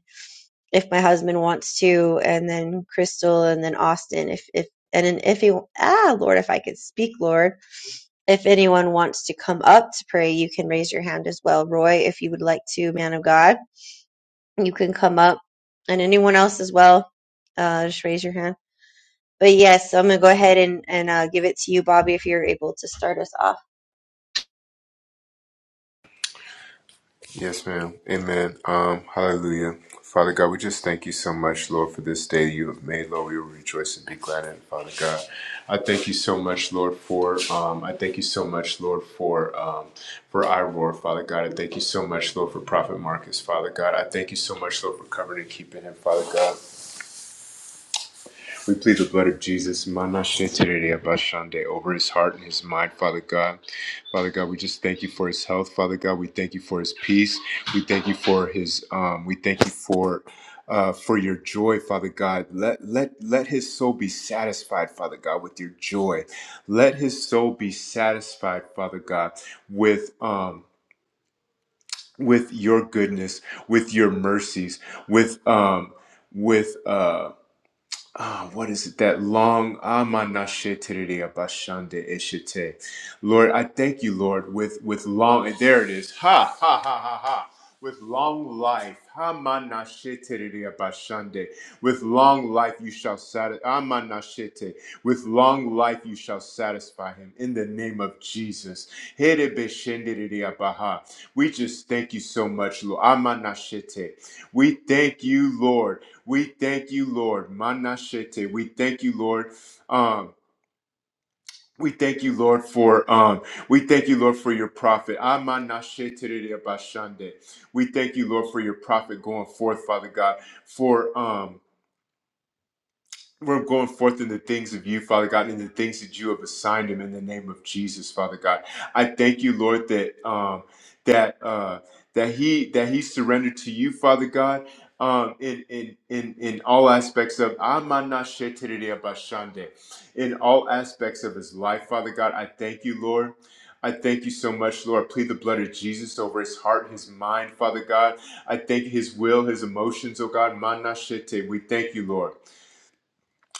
if my husband wants to, and then Crystal, and then Austin, if if and then if you ah Lord, if I could speak, Lord, if anyone wants to come up to pray, you can raise your hand as well, Roy, if you would like to, man of God you can come up and anyone else as well uh, just raise your hand but yes i'm gonna go ahead and, and uh, give it to you bobby if you're able to start us off Yes, ma'am. Amen. Um, hallelujah. Father God, we just thank you so much, Lord, for this day you have made. Lord, we will rejoice and be glad in it, Father God. I thank you so much, Lord, for um, I thank you so much, Lord, for um, for Iroar, Father God. I thank you so much, Lord, for Prophet Marcus, Father God. I thank you so much, Lord, for covering and keeping him, Father God. We plead the blood of Jesus, Manashe Terere Abashande, over his heart and his mind, Father God. Father God, we just thank you for his health, Father God. We thank you for his peace. We thank you for his um, we thank you for uh, for your joy, Father God. Let let let his soul be satisfied, Father God, with your joy. Let his soul be satisfied, Father God, with um with your goodness, with your mercies, with um with um Ah, what is it? That long Amanashetiridi Abashande Eshite. Lord, I thank you, Lord, with with long and there it is. Ha ha ha ha ha. With long life. Hamanashetiridi Abashande. With long life you shall satisfy Amanashete. With long life you shall satisfy him in the name of Jesus. Herebeshendiridi Abaha. We just thank you so much, Lord. Amanashete. We thank you, Lord. We thank you, Lord. Manashete. We thank you, Lord. Um, we thank you, Lord, for um, we thank you, Lord, for your prophet. Amanasheterere bashande. We thank you, Lord, for your prophet going forth, Father God, for um we're going forth in the things of you, Father God, in the things that you have assigned him in the name of Jesus, Father God. I thank you, Lord, that um that uh that he that he surrendered to you, Father God, um in in in in all aspects of Amanashetereabashande, in all aspects of his life, Father God. I thank you, Lord. I thank you so much, Lord. I plead the blood of Jesus over his heart, his mind, Father God. I thank his will, his emotions, oh God. Manashete. We thank you, Lord.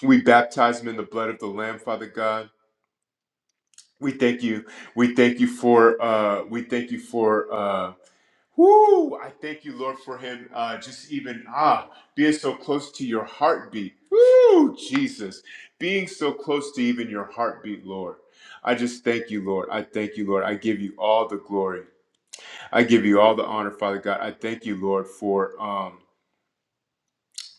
We baptize them in the blood of the Lamb, Father God. We thank you. We thank you for. Uh, we thank you for. Uh, whoo! I thank you, Lord, for him. Uh, just even ah, being so close to your heartbeat. Woo, Jesus, being so close to even your heartbeat, Lord. I just thank you, Lord. I thank you, Lord. I give you all the glory. I give you all the honor, Father God. I thank you, Lord, for. Um,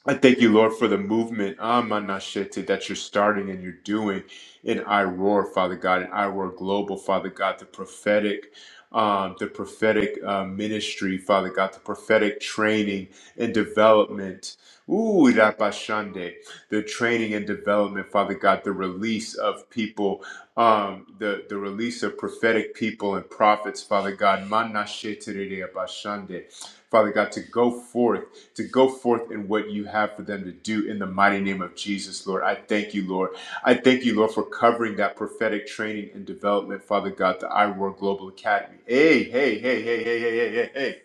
I thank you, Lord, for the movement Amanashete, that you're starting and you're doing in I Roar, Father God, in I Roar Global, Father God, the prophetic. Um, the prophetic uh, ministry, Father God, the prophetic training and development. Ooh, Rapashande, the training and development, Father God, the release of people, um, the, the release of prophetic people and prophets, Father God. Manashetere Rabashande. Father God, to go forth to go forth in what you have for them to do in the mighty name of Jesus, Lord. I thank you, Lord. I thank you, Lord, for covering that prophetic training and development, Father God, the iWorld Global Academy. Hey, hey, hey, hey, hey, hey, hey, hey, hey.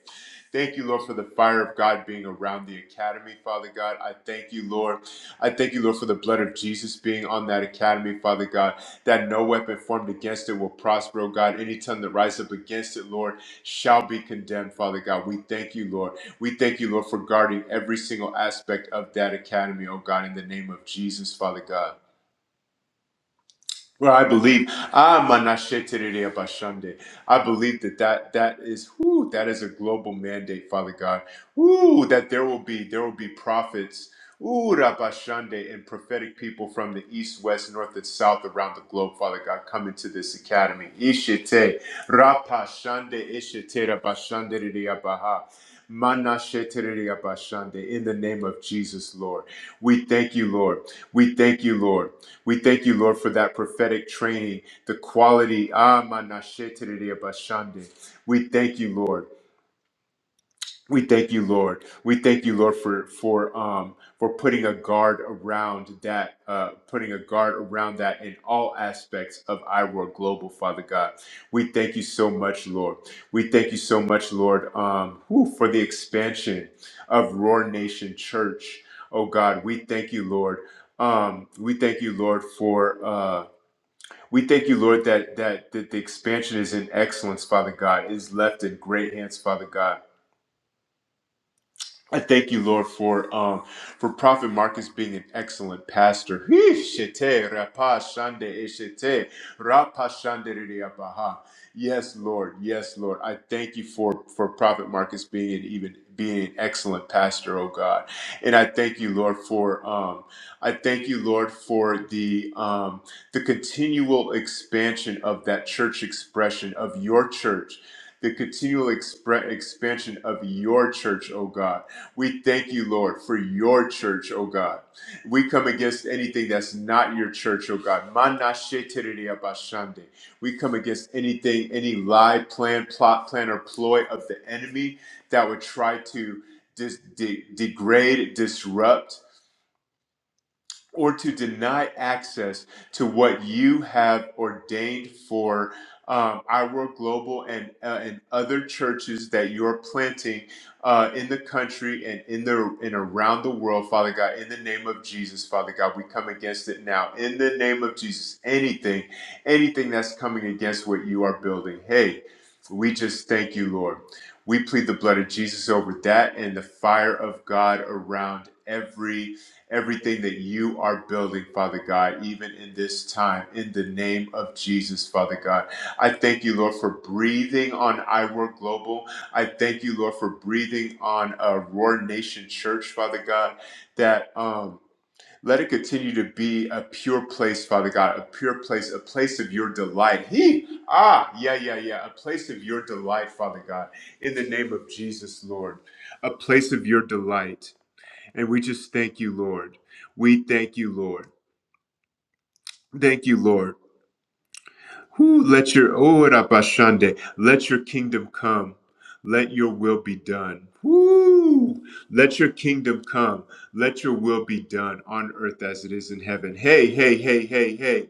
Thank you, Lord, for the fire of God being around the academy, Father God. I thank you, Lord. I thank you, Lord, for the blood of Jesus being on that academy, Father God, that no weapon formed against it will prosper, oh God. Any tongue that rises up against it, Lord, shall be condemned, Father God. We thank you, Lord. We thank you, Lord, for guarding every single aspect of that academy, oh God, in the name of Jesus, Father God. Well, I believe Ah am Anashetere I believe that that, that is whoo, that is a global mandate, Father God. Ooh, that there will be there will be prophets, ooh, Rabashande, and prophetic people from the east, west, north, and south around the globe, Father God, coming to this academy. Ishite, Rapashande, Ishite, Rabashande, Baha. Manashetere Bashande, in the name of Jesus, Lord. We thank you, Lord. We thank you, Lord. We thank you, Lord, for that prophetic training, the quality. Ah, manashetere bashande. We thank you, Lord. We thank you, Lord. We thank you, Lord, for for um for putting a guard around that, uh, putting a guard around that in all aspects of iWorld Global, Father God. We thank you so much, Lord. We thank you so much, Lord, um, whew, for the expansion of Roar Nation Church. Oh God, we thank you, Lord. Um, we thank you, Lord, for. uh. We thank you, Lord, that, that that the expansion is in excellence, Father God, is left in great hands, Father God. I thank you, Lord, for um, for Prophet Marcus being an excellent pastor. Hee, shete, rapa, shande, eh, shete, rapa, shande, re, re, abaha. Yes, Lord. Yes, Lord. I thank you for for Prophet Marcus being an even being an excellent pastor, oh God. And I thank you, Lord, for um, I thank you, Lord, for the um, the continual expansion of that church expression of your church. The continual expre- expansion of your church, oh God we thank you, Lord, for your church, oh God. We come against anything that's not your church, oh God. Manashetereabashande. We come against anything, any lie, plan, plot, plan, or ploy of the enemy that would try to dis- de- degrade, disrupt, or to deny access to what you have ordained for um, our global and uh, and other churches that you're planting uh, in the country and in the and around the world, Father God. In the name of Jesus, Father God, we come against it now. In the name of Jesus, anything, anything that's coming against what you are building, hey, we just thank you, Lord. We plead the blood of Jesus over that and the fire of God around every everything that you are building, Father God, even in this time, in the name of Jesus, Father God. I thank you, Lord, for breathing on iWork Global. I thank you, Lord, for breathing on uh, Roar Nation Church, Father God, that um, let it continue to be a pure place, Father God, a pure place, a place of your delight. He, ah, yeah, yeah, yeah, a place of your delight, Father God, in the name of Jesus, Lord, a place of your delight and we just thank you, Lord. We thank you, Lord. Thank you, Lord. Who let your oh Rabashande, let your kingdom come. Let your will be done. Woo! Let your kingdom come. Let your will be done on earth as it is in heaven. Hey, hey, hey, hey, hey.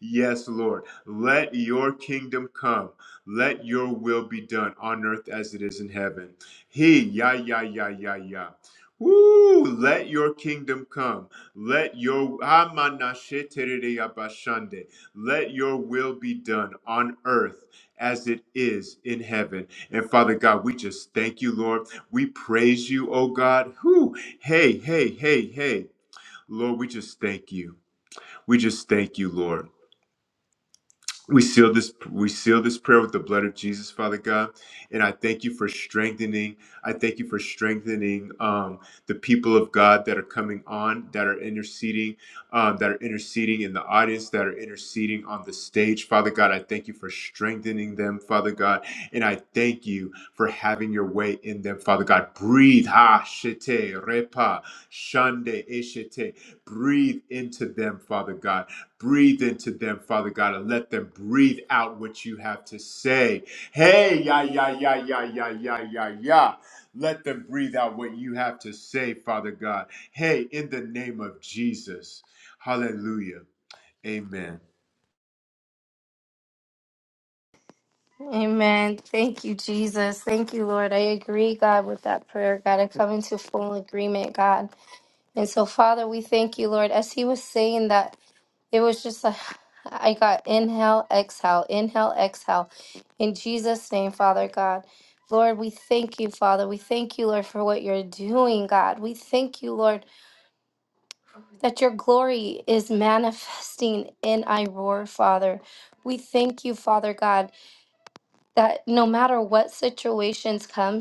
Yes, Lord. Let your kingdom come. Let your will be done on earth as it is in heaven. He, ya, ya, ya, ya, ya. Woo! Let your kingdom come. Let your amanashe let your will be done on earth as it is in heaven. And Father God, we just thank you, Lord. We praise you, oh God. Whew. Hey, hey, hey, hey. Lord, we just thank you. We just thank you, Lord. We seal this we seal this prayer with the blood of Jesus, Father God. And I thank you for strengthening. I thank you for strengthening um, the people of God that are coming on, that are interceding, um, that are interceding in the audience, that are interceding on the stage. Father God, I thank you for strengthening them, Father God. And I thank you for having your way in them, Father God. Breathe, ha, shete, repa, shande, eshete. Breathe into them, Father God Breathe into them, Father God, and let them breathe out what you have to say. Hey, ya, ya, ya, ya, ya, ya, ya, ya. Let them breathe out what you have to say, Father God. Hey, in the name of Jesus. Hallelujah. Amen. Amen. Thank you, Jesus. Thank you, Lord. I agree, God, with that prayer, God. I come into full agreement, God. And so, Father, we thank you, Lord. As he was saying that, it was just like I got inhale, exhale, inhale, exhale. In Jesus' name, Father God. Lord, we thank you, Father. We thank you, Lord, for what you're doing, God. We thank you, Lord, that your glory is manifesting in I roar, Father. We thank you, Father God, that no matter what situations come.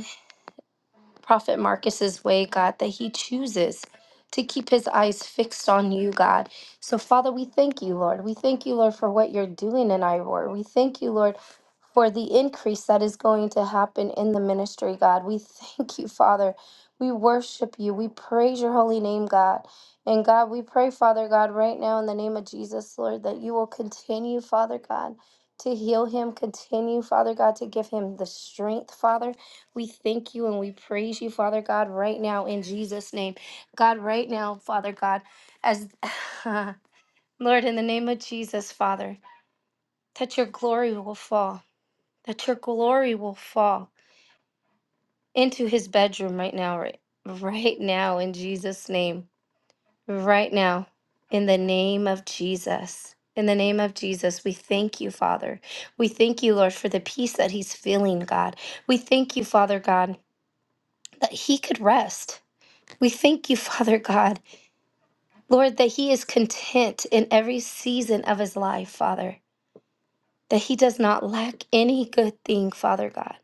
Prophet Marcus's way, God, that he chooses to keep his eyes fixed on you, God. So, Father, we thank you, Lord. We thank you, Lord, for what you're doing in Ivor. We thank you, Lord, for the increase that is going to happen in the ministry, God. We thank you, Father. We worship you. We praise your holy name, God. And God, we pray, Father God, right now in the name of Jesus, Lord, that you will continue, Father God, to heal him, continue, Father God, to give him the strength, Father. We thank you and we praise you, Father God, right now in Jesus' name. God, right now, Father God, as (laughs) Lord, in the name of Jesus, Father, that your glory will fall, that your glory will fall into his bedroom right now, right, right now in Jesus' name, right now, in the name of Jesus. In the name of Jesus, we thank you, Father. We thank you, Lord, for the peace that he's feeling, God. We thank you, Father God, that he could rest We thank you, (laughs) Father God, Lord, that He is content in every season of His life, Father, that He does not lack any good thing, Father God,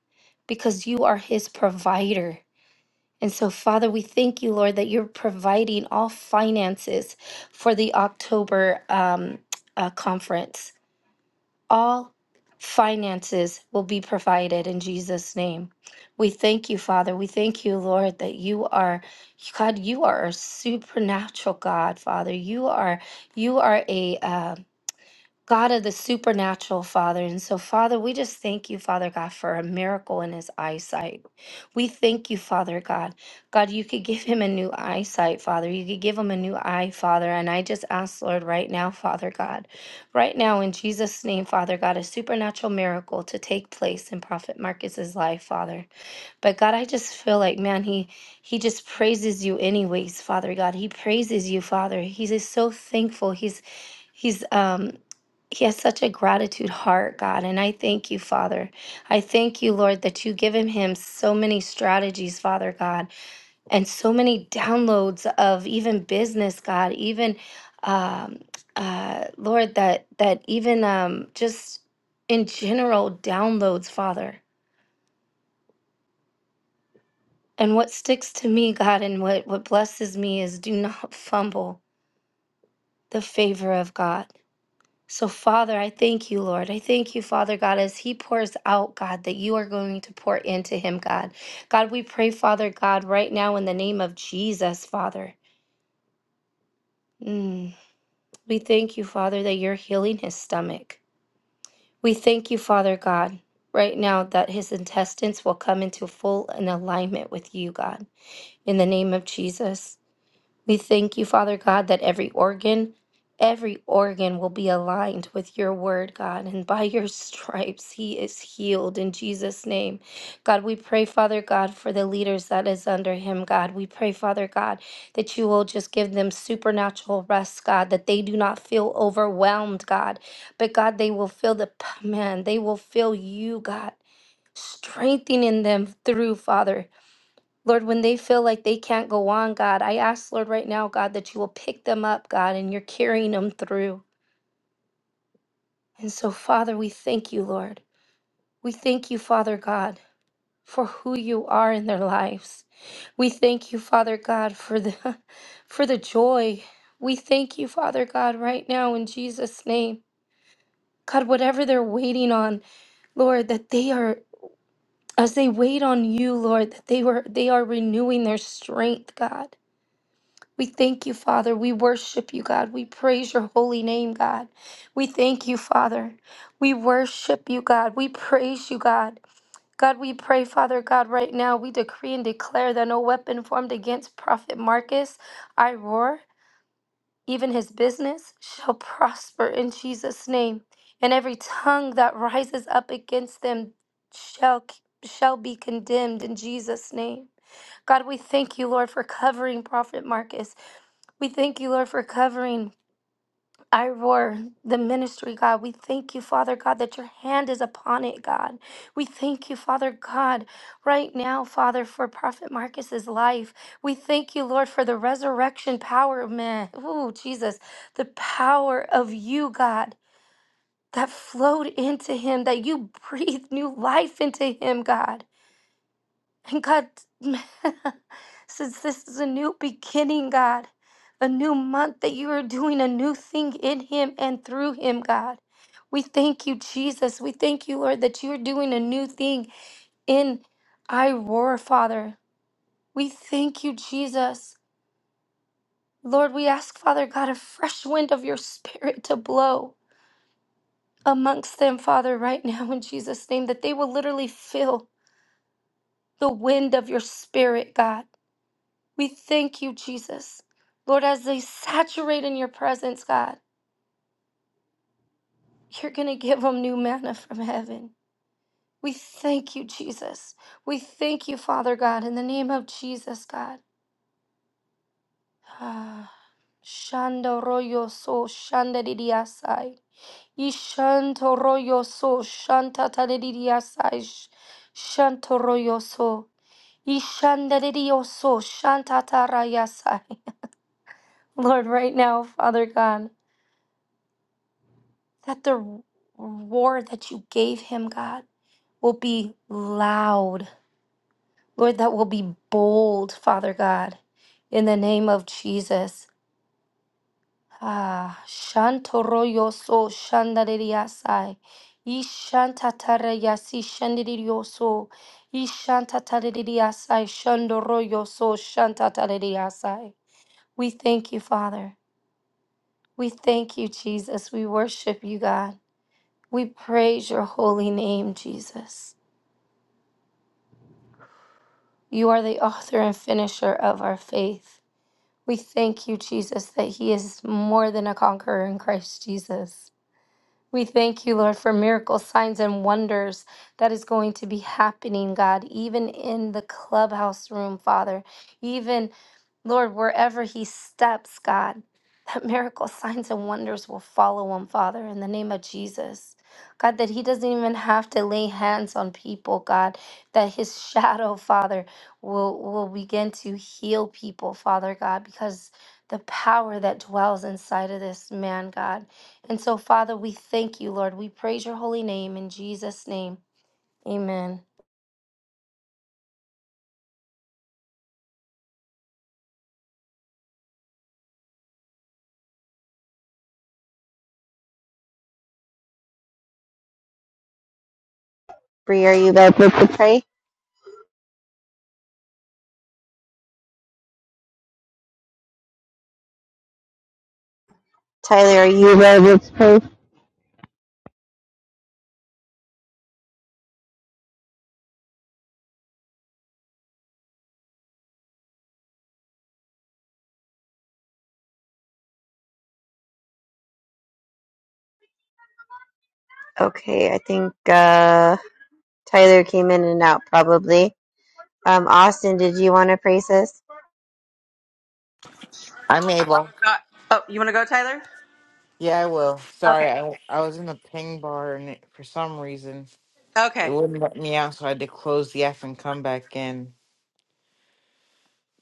because you are His provider. And so, Father, we thank you, Lord, that you're providing all finances for the October um, uh, conference. All finances will be provided in Jesus' name. We thank you, Father. We thank you, Lord, that you are God. You are a supernatural God, Father. You are you are a um, God of the supernatural, Father. And so, Father, we just thank you, Father God, for a miracle in his eyesight. We thank you, Father God. God, you could give him a new eyesight, Father. You could give him a new eye, Father. And I just ask, Lord, right now, Father God, right now in Jesus' name, Father God, a supernatural miracle to take place in Prophet Marcus's life, Father. But God, I just feel like, man, he he just praises you anyways, Father God. He praises you, Father. He's just so thankful. He's he's um he has such a gratitude heart, God, and I thank you, Father. I thank you, Lord, that you've given him so many strategies, Father God, and so many downloads of even business, God, even um uh Lord, that that even um just in general downloads, Father. And what sticks to me, God, and what, what blesses me is do not (laughs) fumble the favor of God. So, Father, I thank you, Lord. I thank you, Father God, as He pours out, God, that you are going to pour into Him, God. God, we pray, Father God, right now in the name of Jesus, Father. Mm. We thank you, Father, that you're healing His stomach. We thank you, Father God, right now that His intestines will come into full and alignment with you, God, in the name of Jesus. We thank you, Father God, that every organ, every organ will be aligned with your word, God, and by your stripes he is healed in Jesus' name. God, we pray, Father God, for the leaders that is under him, God. We pray, Father God, that you will just give them supernatural rest, God, that they do not feel overwhelmed, God, but God, they will feel the, man, they will feel you, God, strengthening them through, Father. Lord, when they feel like they can't go on, God, I ask, Lord, right now, God, that you will pick them up, God, and you're carrying them through. And so, Father, we thank you, Lord. We thank you, Father God, for who you are in their lives. We thank you, Father God, for the (laughs) for the joy. We thank you, Father God, right now in Jesus' name. God, whatever they're waiting on, Lord, that they are as they wait on you, Lord, that they were they are renewing their strength, God. We thank you, Father. We worship you, God. We praise your holy name, God. We thank you, Father. We worship you, God. We praise you, God. God, we pray, Father God, right now, we decree and declare that no weapon formed against Prophet Marcus, Iroar, even his business, shall prosper in Jesus' name. And every tongue that rises up against them shall, shall be condemned in Jesus' name. God, we thank you, Lord, for covering Prophet Marcus. We thank you, Lord, for covering Iroar, the ministry, God. We thank you, Father God, that your hand is upon it, God. We thank you, Father God, right now, Father, for Prophet Marcus's life. We thank you, Lord, for the resurrection power, man. Ooh, Jesus, the power of you, God, that flowed into him, that you (laughs) breathed new life into him, God. And God, (laughs) since this is a new beginning, God, a new month that you are doing a new thing in him and through him, God. We thank you, Jesus. We thank you, Lord, that you're doing a new thing in I Father. We thank you, Jesus. Lord, we ask, Father God, a fresh wind of your spirit to blow amongst them, Father, right now in Jesus' name, that they will literally feel the wind of your spirit, God We thank you, Jesus. Lord, as they saturate in your presence, God, you're going to give them new manna from heaven. We thank you, Jesus. We thank you, Father God, in the name of Jesus, God. Ah, Shanda royo so shanda didiasai. Ishanto royo so shanta tadidiasai. sh- Shanto royo so. Ishanda didio so shanta tarayasai. (laughs) Lord, right now, Father God. that the roar that you gave him, God, will be loud. Lord, that will be bold, Father God, in the name of Jesus. Ah, shantoroyoso shandaririasai. Ishantatarayasi shandirioso. Ishantataririasai shandoroyoso shantataririasai. We thank you, Father. We thank you, Jesus. We worship you, God. We praise your holy name, Jesus. You are the author and finisher of our faith. We thank you, Jesus, that He is more than a conqueror in Christ Jesus. We thank you, Lord, for miracles, signs, and wonders that is going to be happening, God, even in the clubhouse room, Father, even, Lord, wherever he steps, God, (laughs) that miracles, signs, and wonders will follow him, Father, in the name of Jesus. God, that he doesn't even have to lay hands on people, God, that his (laughs) shadow, Father, will, will begin to heal people, Father God, because the power that dwells inside of this man, God. And so, Father, we thank you, Lord. We praise your holy name in Jesus' name. Amen. Bree, are you able to pray tyler are you able to pray okay i think uh, tyler came in and out probably um, austin did you want to pray sis I'm able. Yeah, I will. Sorry, Okay. I, I was in the ping bar and it, for some reason it Okay. wouldn't let me out, so I had to close the app and come back in.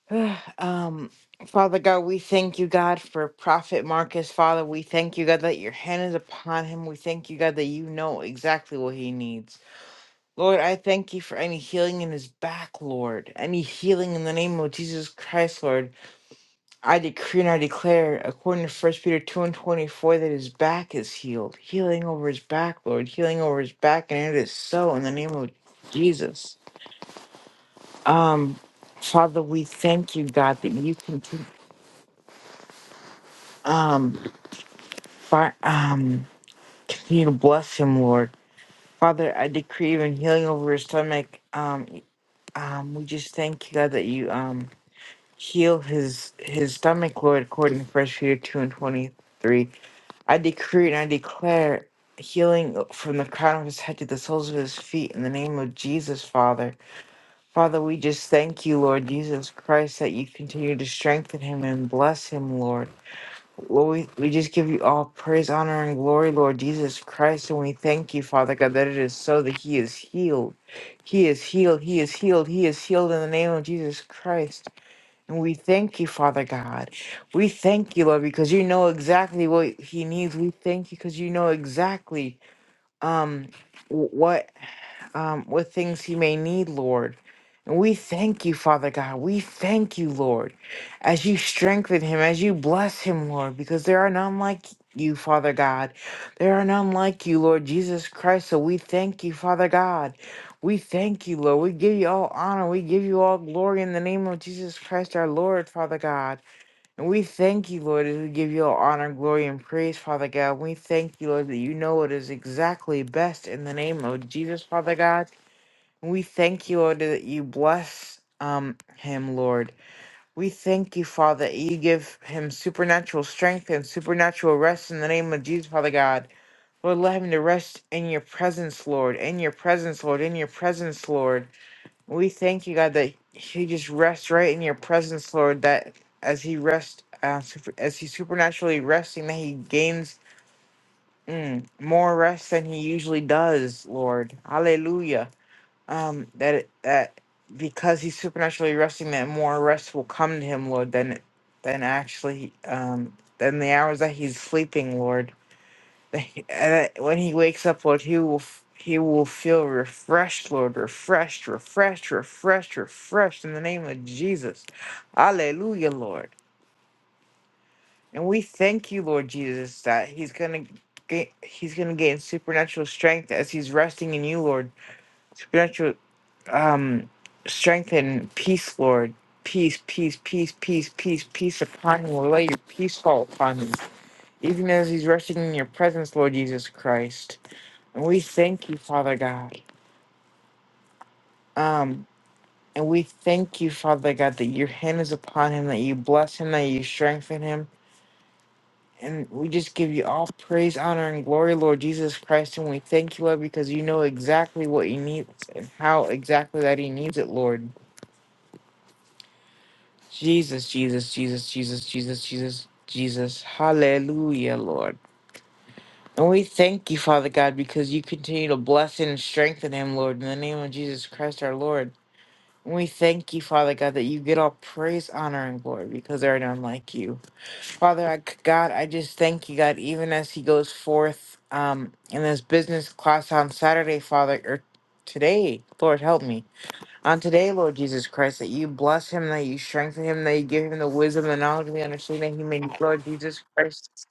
(sighs) um, Father God, we thank you, God, for Prophet Marcus. Father, we thank you, God, that your hand is upon him. We thank you, God, that you know exactly what he needs. Lord, I thank you for any healing in his back, Lord. Any healing in the name of Jesus Christ, Lord. I decree and I declare, according to First Peter 2 and 24, that his back is healed. Healing over his back, Lord. Healing over his back, and it is so in the name of Jesus. Um, Father, we thank you, God, that you continue, um, fi- um, continue to bless him, Lord. Father, I decree even healing over his stomach. Um, um, we just thank you, God, that you um, heal his his stomach, Lord, according to First Peter 2 and 23. I decree and I declare healing from the crown of his head to the soles of his feet in the name of Jesus, Father. Father, we just thank you, Lord Jesus Christ, that you continue to strengthen him and bless him, Lord. Lord, we, we just give you all praise, honor, and glory, Lord Jesus Christ, and we thank you, Father God, that it is so that he is healed. He is healed, he is healed, he is healed in the name of Jesus Christ. And we thank you, Father God. We thank you, Lord, because you know exactly what he needs. We thank you because you know exactly um wh- what um, with things he may need, Lord. And we thank you, Father God. We thank you, Lord, as you strengthen him, as you bless him, Lord, because there are none like you, Father God. There are none like you, Lord Jesus Christ. So we thank you, Father God. We thank you, Lord. We give you all honor. We give you all glory in the name of Jesus Christ, our Lord, Father God. And we thank you, Lord, as we give you all honor, glory, and praise, Father God. We thank you, Lord, that you know what is exactly best in the name of Jesus, Father God. We thank you, Lord, that you bless um him, Lord. We thank you, Father, that you give him supernatural strength and supernatural rest in the name of Jesus, Father God. Lord, let him to rest in your presence, Lord, in your presence, Lord, in your presence, Lord. We thank you, God, that he just rests right in your presence, Lord, that as he rests, uh, super, as he supernaturally resting, that he gains mm, more rest than he usually does, Lord. Hallelujah um, that it, that because he's supernaturally resting, that more rest will come to him, Lord, than than actually um, than the hours that he's sleeping, Lord. (laughs) That he- And that when he wakes up, Lord, he will f- he will feel refreshed, Lord, refreshed, refreshed, refreshed, refreshed in the name of Jesus, Hallelujah, Lord. And we thank you, Lord Jesus, that he's gonna. ga- He's gonna gain supernatural strength as he's resting in you, Lord. Supernatural um, strengthen peace, Lord. Peace, peace, peace, peace, peace, peace upon him. Lord, let your peace fall upon him, even as he's resting in your presence, Lord Jesus Christ. And we thank you, Father God. Um, and we thank you, Father God, that your hand is upon him, that you bless him, that you strengthen him. And we just give you all praise, honor, and glory, Lord Jesus Christ. And we thank you, Lord, because you know exactly what he needs and how exactly that he needs it, Lord. Jesus, Jesus, Jesus, Jesus, Jesus, Jesus, Jesus. Hallelujah, Lord. And we thank you, Father God, because you continue to bless and strengthen him, Lord, in the name of Jesus Christ our Lord. And we thank you, Father God, that you get all praise, honor, and glory because there are none like you. Father I, God, I just thank you, God, even as he goes forth um, in this business class on Saturday, Father, or today, Lord, help me. On today, Lord Jesus Christ, that you bless him, that you strengthen him, that you give him the wisdom, the knowledge, and the understanding that he may need, Lord Jesus Christ.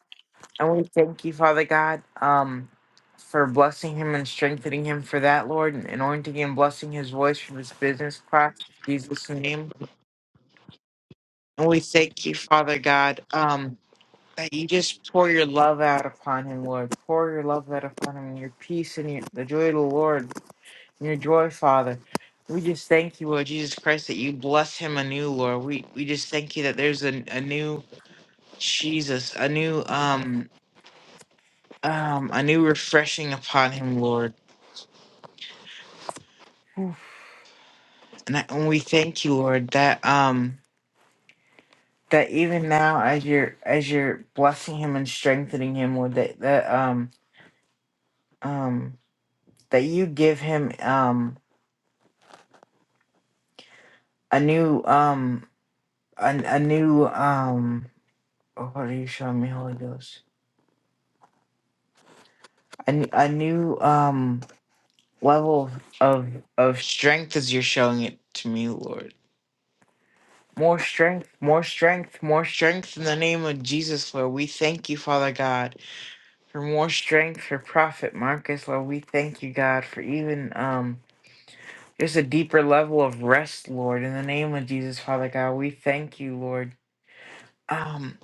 And we thank you, Father God, um, for blessing him and strengthening him for that, Lord, and anointing and blessing his voice for this business class, in Jesus' name. And we thank you, Father God, um, that you just pour your love out upon him, Lord. Pour your love out upon him, and your peace and your, the joy of the Lord your joy, Father. We just thank you, Lord Jesus Christ, that you bless him anew, Lord. We we just thank you that there's a, a new Jesus, a new um um a new refreshing upon him, Lord. And, I, and we thank you, Lord, that um that even now as you're as you're blessing him and strengthening him, Lord, that that um um that you give him um a new um a, a new um oh, what are you showing me, Holy Ghost? A, n- a new um level of of strength as you're showing it to me, Lord. More strength, more strength, more strength in the name of Jesus, Lord. We thank you, Father God, for more strength for Prophet Marcus, Lord. We thank you, God, for even um just a deeper level of rest, Lord. In the name of Jesus, Father God, we thank you, Lord. Um,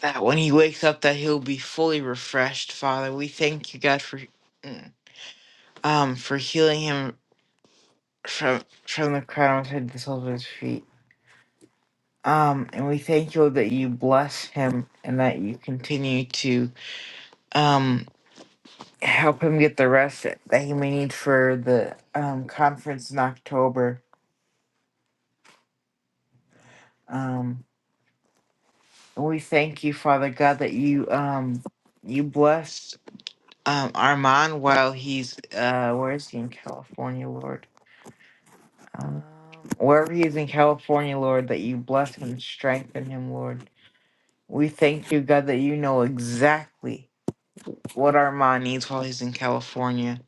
that when he wakes up, that he'll be fully refreshed, Father. We thank you, God, for mm, um for healing him from from the crown of his head to the soles of his feet. Um, and we thank you that you bless him and that you continue to um, help him get the rest that he may need for the um, conference in October. Um, and we thank you, Father God, that you um, you bless um, Armand while he's uh, where is he in California, Lord? Um, wherever he is in California, Lord, that you bless him and strengthen him, Lord. We thank you, God, that you know exactly what Armand needs while he's in California.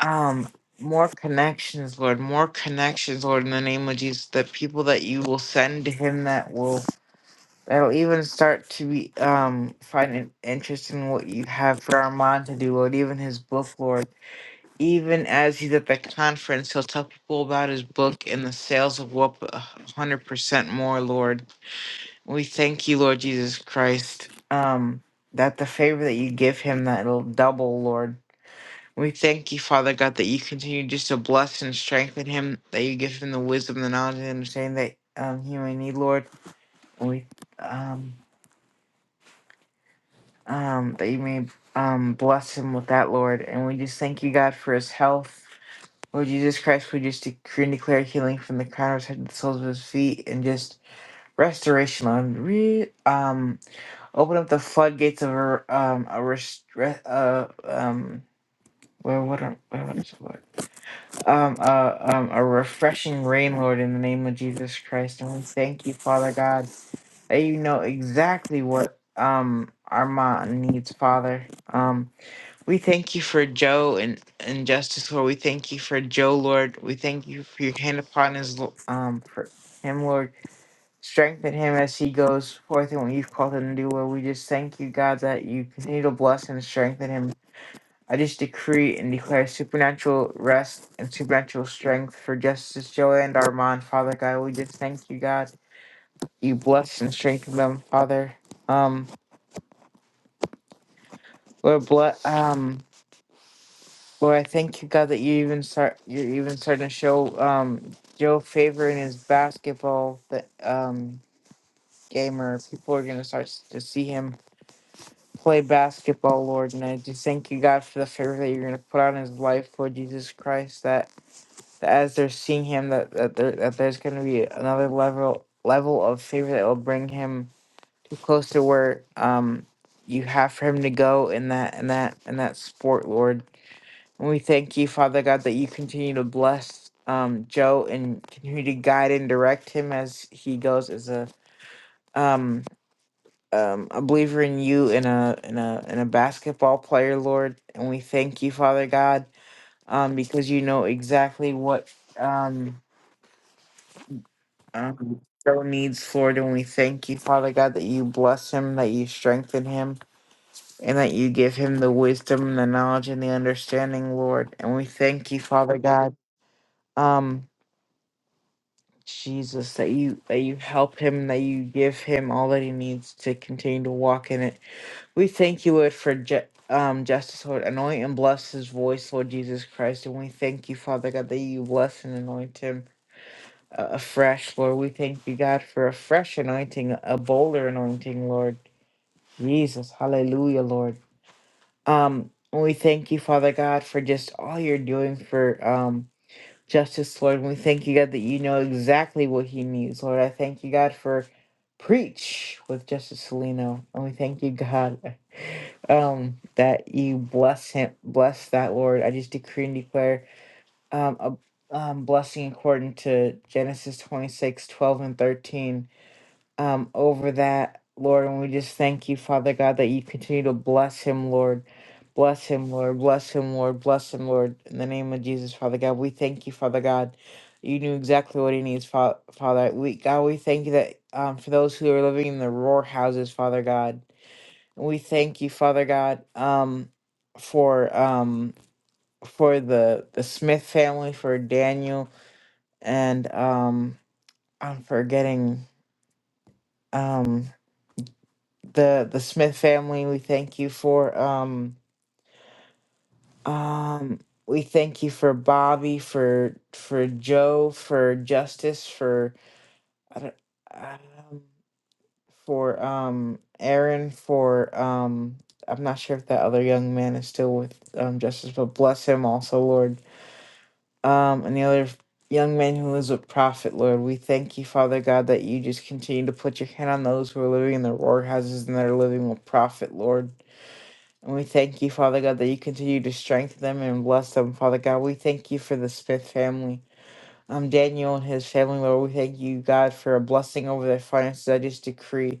Um, more connections, Lord, more connections, Lord, in the name of Jesus, the people that you will send to him that will that'll even start to be um find an interest in what you have for Armand to do, Lord, even his book, Lord. Even as he's at the conference, he'll tell people about his book and the sales will go up a hundred percent more, Lord. We thank you, Lord Jesus Christ. Um that the favor that you give him that'll double, Lord We thank you, Father God, that you continue just to bless and strengthen him, that you give him the wisdom, the knowledge, and understanding that um, he may need, Lord. And we um, um, that you may um, bless him with that, Lord. And we just thank you, God, for his health. Lord Jesus Christ, we just decree and declare healing from the crown of his head to the soles of his feet, and just restoration, Lord. Re- um, open up the floodgates of a um a rest- re- uh um. Where what? are, Where what is the word? um, uh, um, a refreshing rain, Lord, in the name of Jesus Christ. And we thank you, Father God, that you know exactly what um Armand needs, Father. Um, we thank you for Joe and, and Justice, Lord. We thank you for Joe, Lord. We thank you for your hand upon his lo- um for him, Lord. Strengthen him as he goes forth and what you've called him to do, Lord. We just thank you, God, that you continue to bless and strengthen him I just decree and declare supernatural rest and supernatural strength for Justice Joy and Armand, Father God. We just thank you, God. You bless and strengthen them, Father. Um, Lord, bless. Um, Lord, I thank you, God, that you even start. You're even starting to show um Joe favor in his basketball that um gamer. People are gonna start s- to see him play basketball, Lord. And I just thank you, God, for the favor that you're gonna put on his life, Lord Jesus Christ. That as they're seeing him that that, there, that there's going to be another level level of favor that will bring him too close to where um you have for him to go in that in that in that sport lord and we thank you father god that you continue to bless um joe and continue to guide and direct him as he goes as a um um, a believer in you and a in a in a basketball player, Lord, and we thank you, Father God, um, because you know exactly what um. Um, Joe needs Lord, and we thank you, Father God, that you bless him, that you strengthen him, and that you give him the wisdom, the knowledge, and the understanding, Lord. And we thank you, Father God, um, Jesus, that you that you help him, that you give him all that he needs to continue to walk in it. We thank you, Lord, for ju- um, justice, Lord. Anoint and bless his voice, Lord Jesus Christ. And we thank you, Father God, that you bless and anoint him. uh, afresh, Lord. We thank you, God, for a fresh anointing, a bolder anointing, Lord. Jesus, hallelujah, Lord. Um, and we thank you, Father God, for just all you're doing for um justice, Lord. And we thank you, God, that you know exactly what he needs, Lord. I thank you, God, for preach with Justice Salino. And we thank you, God, um, that you bless him bless that, Lord. I just decree and declare um a um blessing according to Genesis 26 12 and 13 um, over that, Lord. And we just thank you, Father God, that you continue to bless him, Lord. Bless him, Lord. Bless him, Lord. Bless him, Lord. In the name of Jesus, Father God, we thank you, Father God. You knew exactly what he needs, Fa- Father. We God, we thank you that um, for those who are living in the roar houses, Father God, and we thank you, Father God, um, for um, for the the Smith family, for Daniel, and um, I'm forgetting um. the the Smith family. We thank you for um um we thank you for Bobby for for Joe for Justice for I don't, um, for um Aaron for um I'm not sure if that other young man is still with um Justice, but bless him also, Lord. Um and the other young man who is with prophet, Lord, we thank you, Father God, that you just continue to put your hand on those who are living in their war houses and that are living with Prophet Lord. And we thank you, Father God, that you continue to strengthen them and bless them, Father God. We thank you for the Smith family. Um, Daniel and his family, Lord, we thank you, God, for a blessing over their finances. I just decree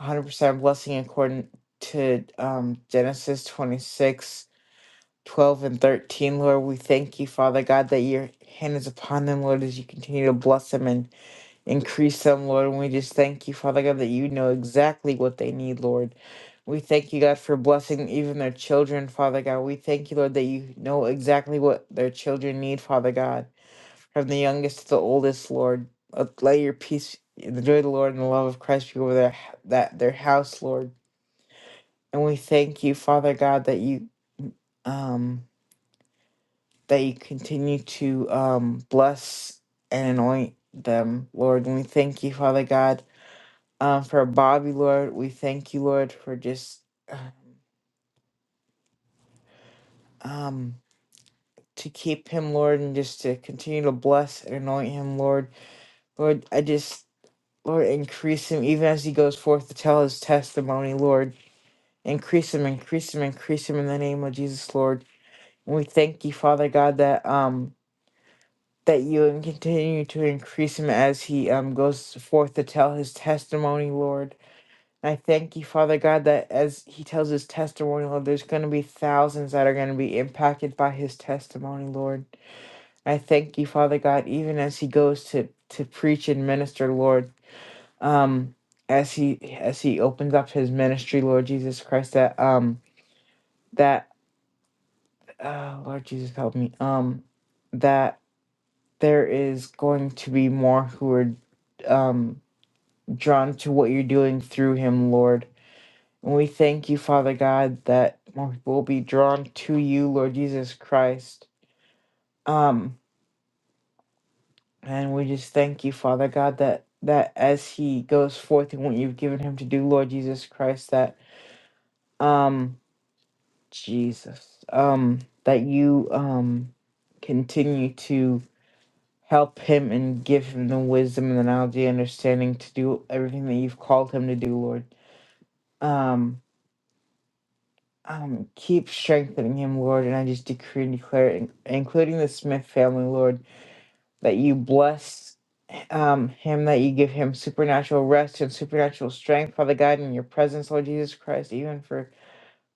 100% blessing according to um, Genesis 26:12 and 13. Lord, we thank you, Father God, that your hand is upon them, Lord, as you continue to bless them and. Increase them, Lord, and we just thank you, Father God, that you know exactly what they need, Lord. We thank you, God, for blessing even their children, Father God. We thank you, Lord, that you know exactly what their children need, Father God, from the youngest to the oldest, Lord. Uh, Lay your peace, and the joy of the Lord, and the love of Christ be over their that their house, Lord. And we thank you, Father God, that you um that you continue to um bless and anoint them, Lord. And we thank you, Father God um, for Bobby, Lord. We thank you, Lord, for just uh, um to keep him, Lord, and just to continue to bless and anoint him, Lord. Lord, I just Lord increase him even as he goes forth to tell his testimony, Lord. Increase him, increase him, increase him in the name of Jesus, Lord. And we thank you, Father God, that um that you continue to increase him as he um goes forth to tell his testimony, Lord. I thank you, Father God, that as he tells his testimony, Lord, there's going to be thousands that are going to be impacted by his testimony, Lord. I thank you, Father God, even as he goes to to preach and minister, Lord. Um, as he as he opens up his ministry, Lord Jesus Christ, that um that uh, Lord Jesus help me um that there is going to be more who are um drawn to what you're doing through him, Lord And we thank you, Father God, that more people will be drawn to you, Lord Jesus Christ. Um, and we just thank you, Father God, that that as he goes forth in what you've given him to do, Lord Jesus Christ, that um Jesus, um, that you um continue to help him and give him the wisdom and the knowledge the understanding to do everything that you've called him to do, Lord. Um, um, keep strengthening him, Lord, and I just decree and declare, in- including the Smith family, Lord, that you bless um, him, that you give him supernatural rest and supernatural strength, Father God, in your presence, Lord Jesus Christ, even for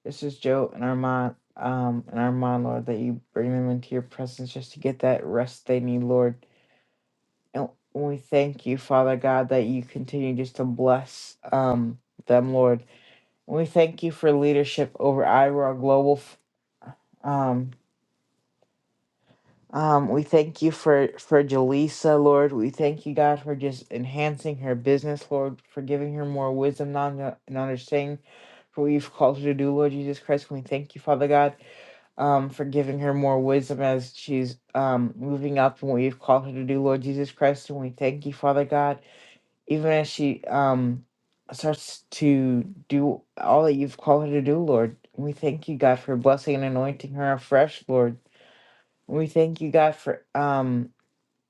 this is Joe and Armand, um, and Armand, Lord, that you bring them into your presence just to get that rest they need, Lord. And we thank you, Father God, that you continue just to bless um, them, Lord. We thank you for leadership over Iowa Global. um. Um, we thank you for for Jaleesa, Lord. We thank you, God, for just enhancing her business, Lord, for giving her more wisdom non- and understanding for what you've called her to do, Lord Jesus Christ. We thank you, Father God, um, for giving her more wisdom as she's um moving up in what you've called her to do, Lord Jesus Christ. And we thank you, Father God, even as she um starts to do all that you've called her to do, Lord. We thank you, God, for blessing and anointing her afresh, Lord. We thank you, God, for um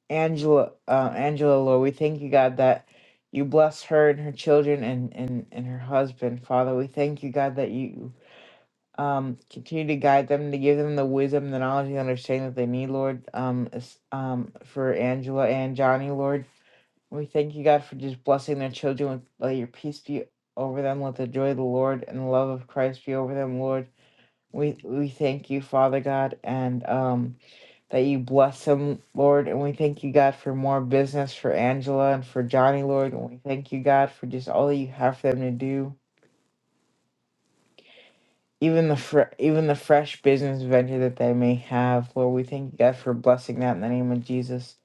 Angela, uh, Angela, Lord. We thank you, God, that you bless her and her children and and and her husband, Father. We thank you, God, that you um continue to guide them to give them the wisdom, the knowledge, and the understanding that they need, Lord. Um, as- um, for Angela and Johnny, Lord. We thank you, God, for just blessing their children with let your peace be over them, let the joy of the Lord and the love of Christ be over them, Lord. We we thank you, Father God, and um that you bless him, Lord. And we thank you, God, for more business for Angela and for Johnny, Lord. And we thank you, God, for just all that you have for them to do. Even the fr- even the fresh business venture that they may have, Lord, we thank you, God, for blessing that in the name of Jesus.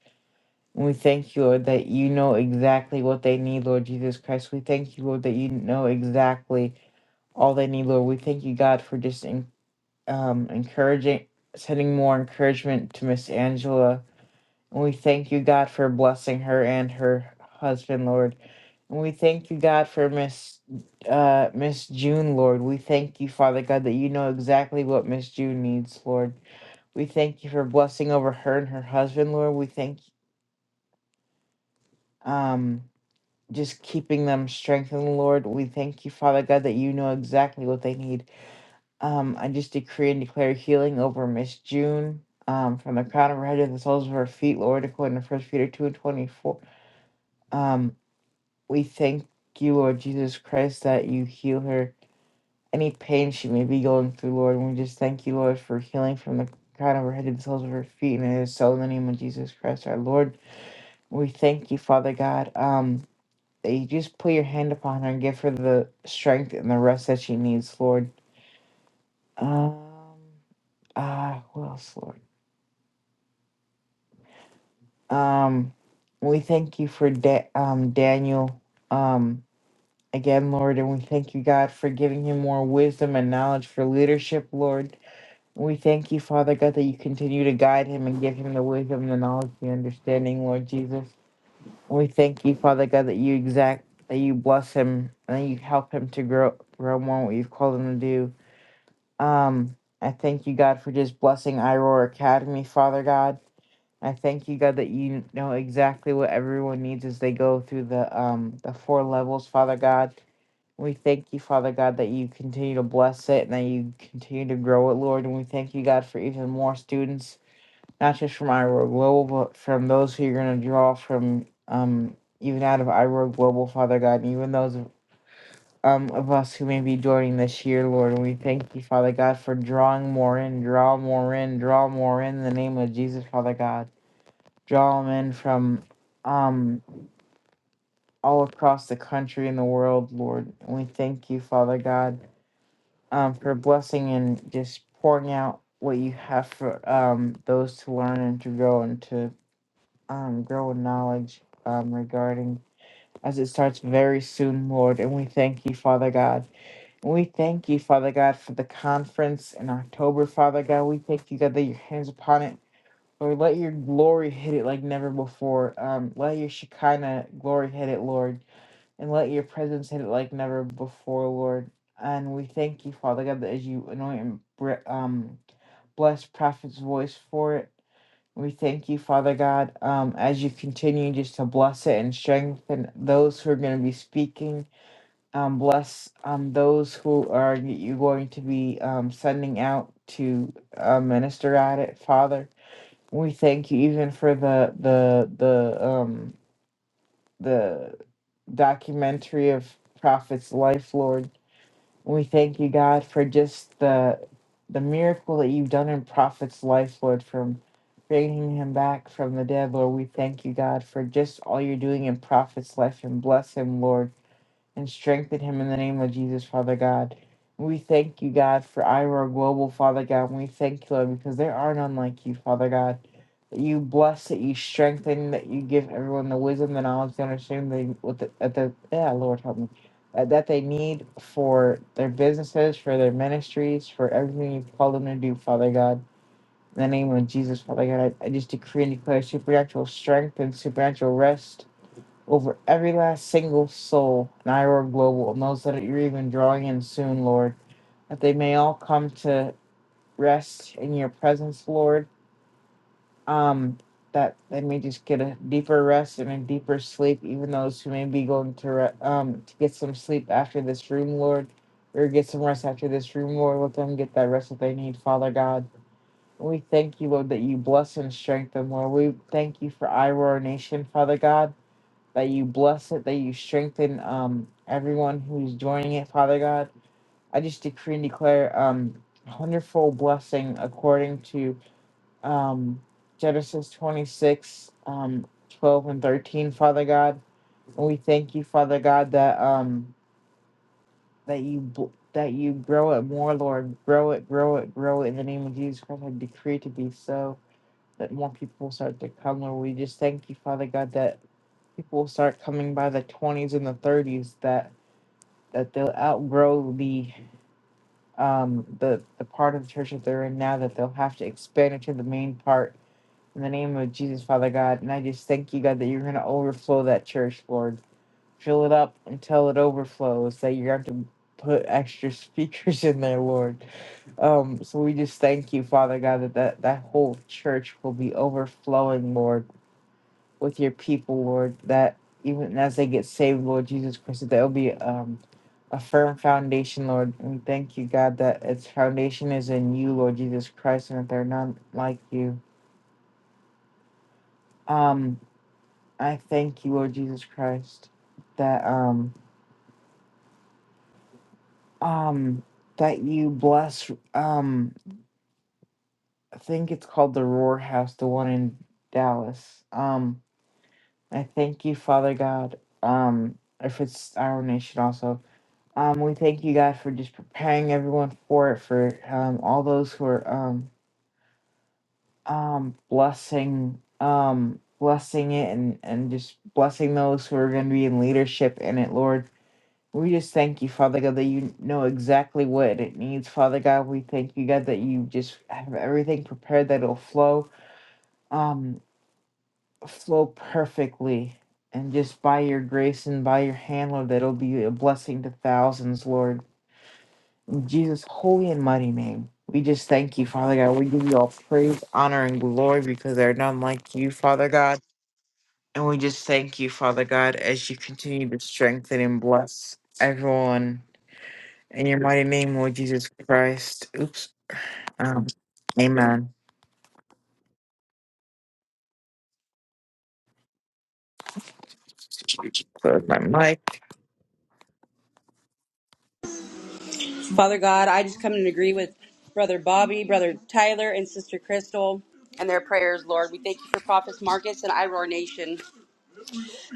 And we thank you, Lord, that you know exactly what they need, Lord Jesus Christ. We thank you, Lord, that you know exactly all they need, Lord. We thank you, God, for just en- um, encouraging, sending more encouragement to Miss Angela We thank you, God, for blessing her and her husband, Lord. And we thank you, God, for Miss uh, Miss June, Lord. We thank you, Father God, that you know exactly what Miss June needs, Lord. We thank you for blessing over her and her husband, Lord. We thank um just keeping them strengthened, Lord. We thank you, Father God, that you know exactly what they need. Um, I just decree and declare healing over Miss June, um, from the crown of her head to the soles of her feet, Lord, according to First Peter two and twenty four. um. We thank you, Lord Jesus Christ, that you heal her. Any pain she may be going through, Lord, and we just thank you, Lord, for healing from the crown of her head to the soles of her feet, and it is so in the name of Jesus Christ, our Lord. We thank you, Father God, um, that you just put your hand upon her and give her the strength and the rest that she needs, Lord. Um, ah, what else, Lord? Um, we thank you for da- um Daniel. Um, again, Lord, and we thank you, God, for giving him more wisdom and knowledge for leadership, Lord. And we thank you, Father God, that you continue to guide him and give him the wisdom, the knowledge, the understanding, Lord Jesus. And we thank you, Father God, that you exact that you bless him and that you help him to grow grow more in what you've called him to do. Um, I thank you, God, for just blessing Iroar Academy, Father God. I thank you, God, that you know exactly what everyone needs as they go through the um the four levels, Father God. We thank you, Father God, that you continue to bless it and that you continue to grow it, Lord. And we thank you, God, for even more students, not just from Iowa Global, but from those who you're going to draw from, um, even out of Iowa Global, Father God, and even those um, of us who may be joining this year, Lord. And we thank you, Father God, for drawing more in, draw more in, draw more in, in the name of Jesus, Father God. Draw them in from um, all across the country and the world, Lord. And we thank you, Father God. um, for blessing and just pouring out what you have for um, those to learn and to grow and to um, grow in knowledge um, regarding as it starts very soon, Lord. And we thank you, Father God. And we thank you, Father God, for the conference in October, Father God. We thank you, God, that your hands upon it. Lord, let your glory hit it like never before. Um, let your Shekinah glory hit it, Lord and let your presence hit it like never before, Lord. And we thank you, Father God, that as you anoint and br- um, bless Prophet's voice for it. We thank you, Father God, um, as you continue just to bless it and strengthen those who are going to be speaking. Um, bless um, those who are you going to be um, sending out to uh, minister at it, Father. We thank you even for the the the um, the documentary of Prophet's life, Lord. We thank you, God, for just the the miracle that you've done in Prophet's life, Lord, from bringing him back from the dead, Lord. We thank you, God, for just all you're doing in Prophet's life and bless him, Lord and strengthen him in the name of Jesus, Father God. We thank you, God, for Ira Global, Father God. We thank you, Lord, because there are none like you, Father God. That you bless, that you strengthen, that you give everyone the wisdom, the knowledge, the understanding, they, with the, at the, yeah, Lord, help me, uh, that they need for their businesses, for their ministries, for everything you've called them to do, Father God. In the name of Jesus, Father God, I, I just decree and declare supernatural strength and supernatural rest over every last single soul in Iroh Global and those that you're even drawing in soon, Lord, that they may all come to rest in your presence, Lord. Um, that they may just get a deeper rest and a deeper sleep, even those who may be going to re- um to get some sleep after this room, Lord, or get some rest after this room, Lord. Let them get that rest that they need, Father God. We thank you, Lord, that you bless and strengthen, Lord. We thank you for Iroh Nation, Father God that you bless it, that you strengthen um everyone who's joining it, Father God. I just decree and declare um a wonderful blessing according to um Genesis 26, um 12 and 13, Father God. And we thank you, Father God, that um that you bl- that you grow it more, Lord. Grow it, grow it, grow it in the name of Jesus Christ. I decree it to be so that more people will start to come, Lord. We just thank you, Father God, that people start coming by the 20s and the 30s that that they'll outgrow the um the the part of the church that they're in now that they'll have to expand into the main part in the name of jesus father god and i just thank you god that you're going to overflow that church lord fill it up until it overflows that you're going to have to put extra (laughs) speakers in there lord um so we just thank you father god that that, that whole church will be overflowing lord with your people, Lord, that even as they get saved, Lord Jesus Christ, that there'll be um, a firm foundation, Lord. And thank you, God, that its foundation is in you, Lord Jesus Christ, and that they're none like you. Um, I thank you, Lord Jesus Christ, that um um that you bless um I think it's called the Roar House, the one in Dallas. Um, I thank you, Father God. Um, if it's our nation also Um, we thank you God, for just preparing everyone for it, for um, all those who are um, um, blessing, um, blessing it, and, and just blessing those who are going to be in leadership in it, Lord. We just thank you, Father God, that you know exactly what it needs, Father God. We thank you, God, that you just have everything prepared that it'll flow, um, flow perfectly. And just by your grace and by your hand, Lord, that it'll be a blessing to thousands, Lord. Jesus' holy and mighty name. We just thank you, Father God. We give you all praise, honor, and glory because there are none like you, Father God. And we just thank you, Father God, as you continue to strengthen and bless everyone. In your mighty name, Lord Jesus Christ. Oops. Um, amen. Close my mic. Father God, I just come and agree with Brother Bobby, Brother Tyler, and Sister Crystal and their prayers, Lord. We thank you for Prophets Marcus and Iroar Nation.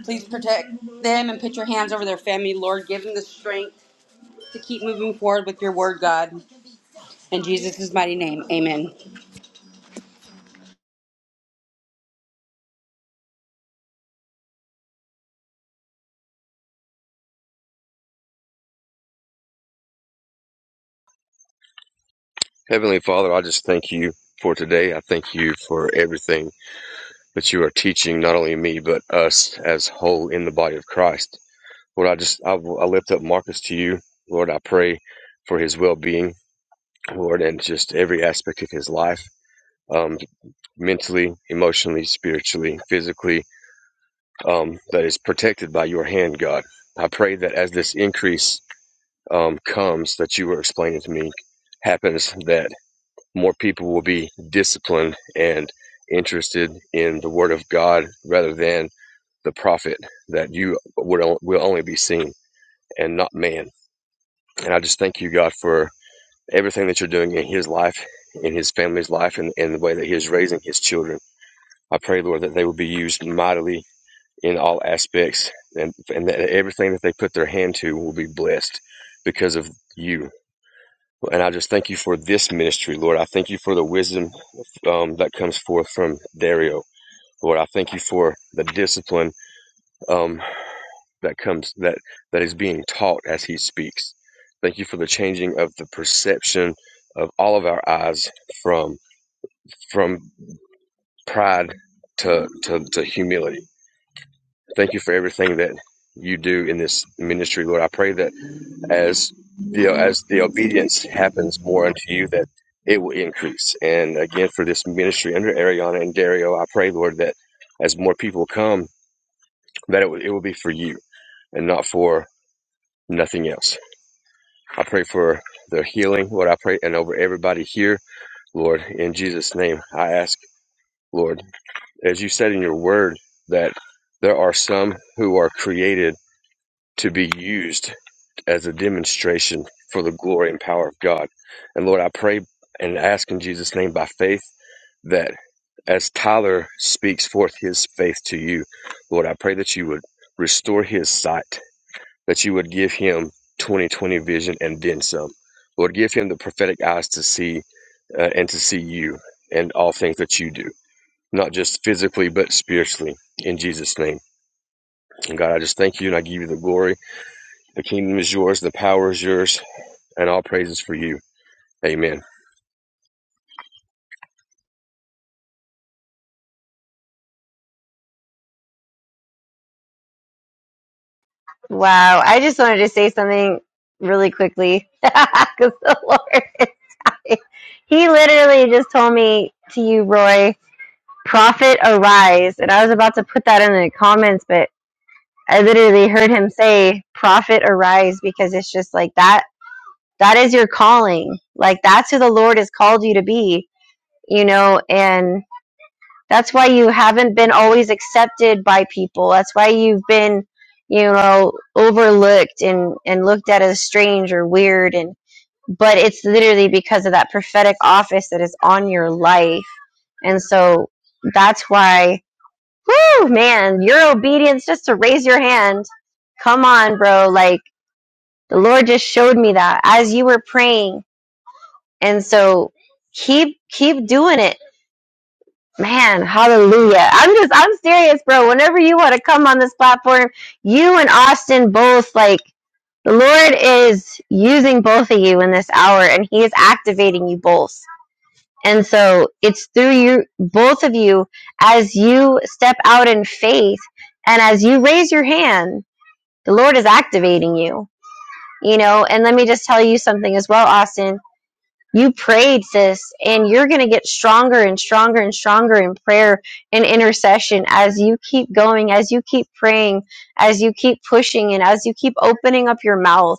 Please protect them and put your hands over their family, Lord. Give them the strength to keep moving forward with your word, God. In Jesus' mighty name, amen. Heavenly Father, I just thank you for today. I thank you for everything that you are teaching, not only me, but us as whole in the body of Christ. Lord, I just, I, I lift up Marcus to you. Lord, I pray for his well being, Lord, and just every aspect of his life, um, mentally, emotionally, spiritually, physically, um, that is protected by your hand, God. I pray that as this increase um, comes that you were explaining to me happens, that. more people will be disciplined and interested in the Word of God rather than the prophet that you would will only be seen and not man. And I just thank you, God, for everything that you're doing in His life, in His family's life, and in the way that He is raising His children. I pray, Lord, that they will be used mightily in all aspects, and and that everything that they put their hand to will be blessed because of you. And I just thank you for this ministry, Lord. I thank you for the wisdom um, that comes forth from Dario, Lord. I thank you for the discipline um, that comes that that is being taught as he speaks. Thank you for the changing of the perception of all of our eyes from from pride to to, to humility. Thank you for everything that you do in this ministry, Lord. I pray that as you know, as the obedience happens more unto you, that it will increase. And again, for this ministry under Ariana and Dario, I pray, Lord, that as more people come, that it will, it will be for you and not for nothing else. I pray for their healing, Lord. I pray and over everybody here, Lord, in Jesus' name, I ask, Lord, as you said in your word, that there are some who are created to be used as a demonstration for the glory and power of God. And Lord, I pray and ask in Jesus' name by faith that as Tyler speaks forth his faith to you, Lord, I pray that you would restore his sight, that you would give him 2020 vision and then some. Lord, give him the prophetic eyes to see uh, and to see you and all things that you do, not just physically, but spiritually. In Jesus' name. And God, I just thank you and I give you the glory. The kingdom is yours, the power is yours, and all praises for you. Amen. wow i just wanted to say something really quickly (laughs) because the lord (laughs) he literally just told me to you roy Prophet arise. And I was about to put that in the comments, but I literally heard him say, Prophet arise, because it's just like that. That is your calling. Like that's who the Lord has called you to be, you know, and that's why you haven't been always accepted by people. That's why you've been, you know, overlooked and, and looked at as strange or weird. And, but it's literally because of that prophetic office that is on your life. And so that's why Woo, man, your obedience just to raise your hand. Come on, bro. Like the Lord just showed me that as you were praying. And so keep keep doing it. Man, hallelujah. I'm just I'm serious, bro. Whenever you want to come on this platform, you and Austin both like the Lord is using both of you in this hour and he is activating you both. And so it's through you both of you as you step out in faith and as you raise your hand The Lord is activating you, you know. And let me just tell you something as well, Austin. You prayed, sis, and you're going to get stronger and stronger and stronger in prayer and intercession as you keep going, as you keep praying, as you keep pushing, and as you keep opening up your mouth.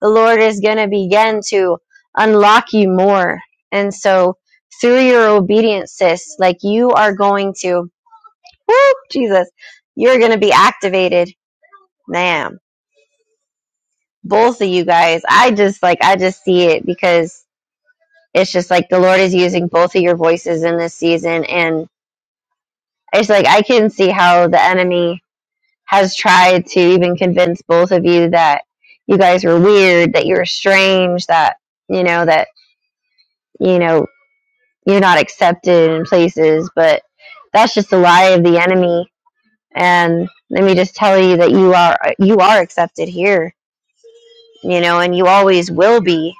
The Lord is going to begin to unlock you more. And so, through your obedience, sis, like you are going to, woo, Jesus, you're going to be activated. Man both of you guys. I just like I just see it because it's just like the Lord is using both of your voices in this season and it's like I can see how the enemy has tried to even convince both of you that you guys were weird, that you're strange, that you know that you know you're not accepted in places, but that's just a lie of the enemy and let me just tell you that you are you are accepted here, you know, and you always will be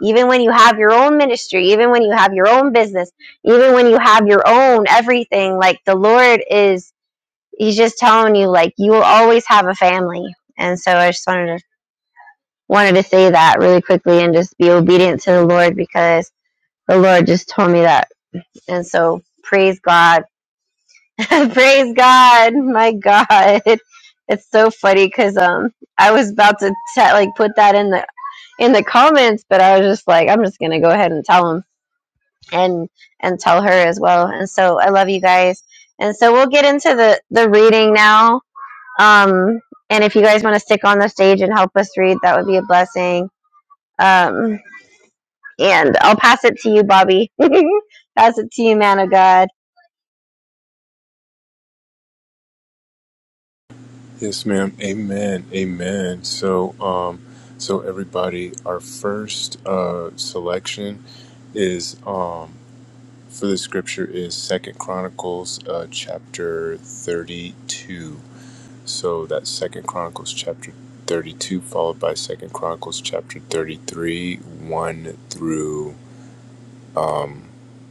Even when you have your own ministry, even when you have your own business, even when you have your own everything, like the Lord is, He's just telling you, like you will always have a family. And so I just wanted to wanted to say that really quickly and just be obedient to the Lord because the Lord just told me that. And so praise God, (laughs) praise God, my God. (laughs) It's so funny because um I was about to te- like put that in the in the comments, but I was just like, I'm just gonna go ahead and tell him and and tell her as well. And so I love you guys. And so we'll get into the the reading now. Um, and if you guys want to stick on the stage and help us read, that would be a blessing. Um, and I'll pass it to you, Bobby. (laughs) pass it to you, man of God. Yes, ma'am. Amen. Amen. So, um, so everybody, our first uh, selection is um, for the scripture is Second Chronicles uh, chapter thirty-two. So that's Second Chronicles chapter 32, followed by Second Chronicles chapter 33, 1 through,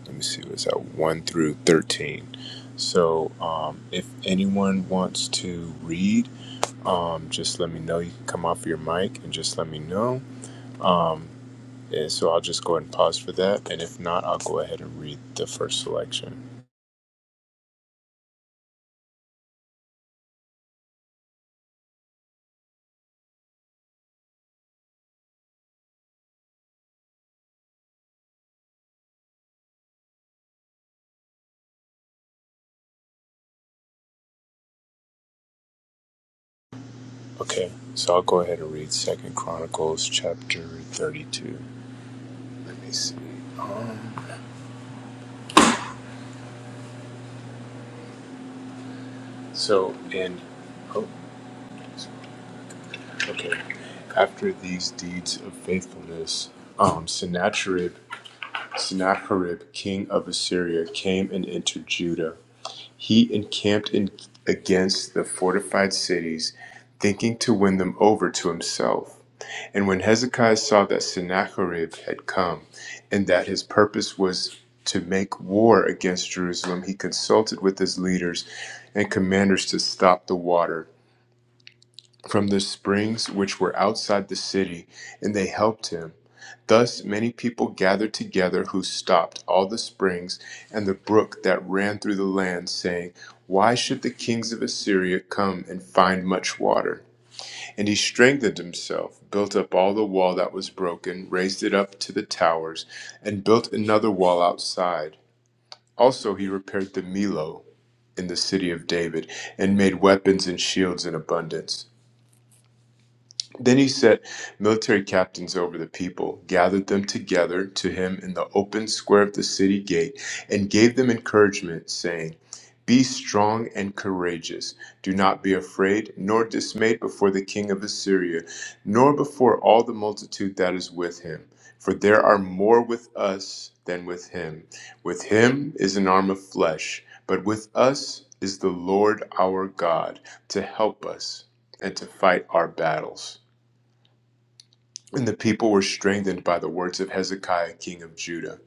let me see, what's that? 1 through 13. So um, if anyone wants to read, um, just let me know. You can come off your mic and just let me know. Um, and so I'll just go ahead and pause for that. And if not, I'll go ahead and read the first selection. Okay, so I'll go ahead and read Second Chronicles chapter 32. Let me see. Um, So, and, oh, okay. After these deeds of faithfulness, um, Sennacherib, Sennacherib, king of Assyria, came and entered Judah. He encamped in, against the fortified cities, thinking to win them over to himself. And when Hezekiah saw that Sennacherib had come, and that his purpose was to make war against Jerusalem, he consulted with his leaders and commanders to stop the water from the springs which were outside the city, and they helped him. Thus many people gathered together who stopped all the springs and the brook that ran through the land, saying, Why should the kings of Assyria come and find much water? And he strengthened himself, built up all the wall that was broken, raised it up to the towers, and built another wall outside. Also he repaired the Millo in the city of David, and made weapons and shields in abundance. Then he set military captains over the people, gathered them together to him in the open square of the city gate, and gave them encouragement, saying, Be strong and courageous. Do not be afraid, nor dismayed before the king of Assyria, nor before all the multitude that is with him. For there are more with us than with him. With him is an arm of flesh, but with us is the Lord our God to help us and to fight our battles. And the people were strengthened by the words of Hezekiah, king of Judah.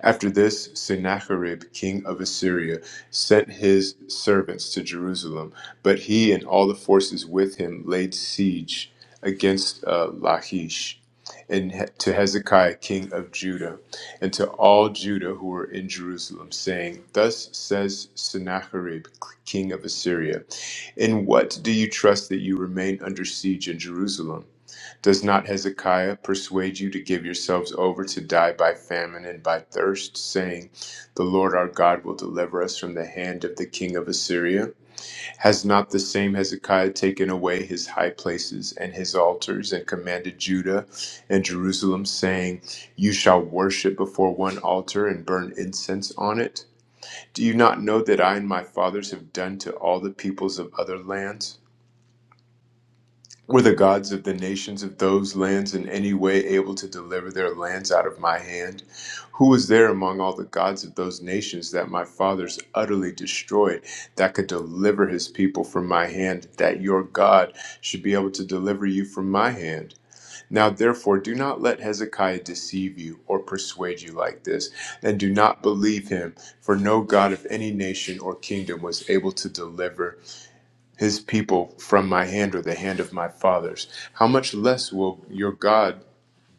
After this, Sennacherib, king of Assyria, sent his servants to Jerusalem, but he and all the forces with him laid siege against uh, Lachish and he- to Hezekiah, king of Judah, and to all Judah who were in Jerusalem, saying, Thus says Sennacherib, king of Assyria, In what do you trust that you remain under siege in Jerusalem? Does not Hezekiah persuade you to give yourselves over to die by famine and by thirst, saying, The Lord our God will deliver us from the hand of the king of Assyria? Has not the same Hezekiah taken away his high places and his altars, and commanded Judah and Jerusalem, saying, You shall worship before one altar and burn incense on it? Do you not know that I and my fathers have done to all the peoples of other lands? Were the gods of the nations of those lands in any way able to deliver their lands out of my hand? Who was there among all the gods of those nations that my fathers utterly destroyed that could deliver his people from my hand, that your God should be able to deliver you from my hand? Now, therefore, do not let Hezekiah deceive you or persuade you like this, and do not believe him, for no God of any nation or kingdom was able to deliver his people from my hand or the hand of my fathers. How much less will your God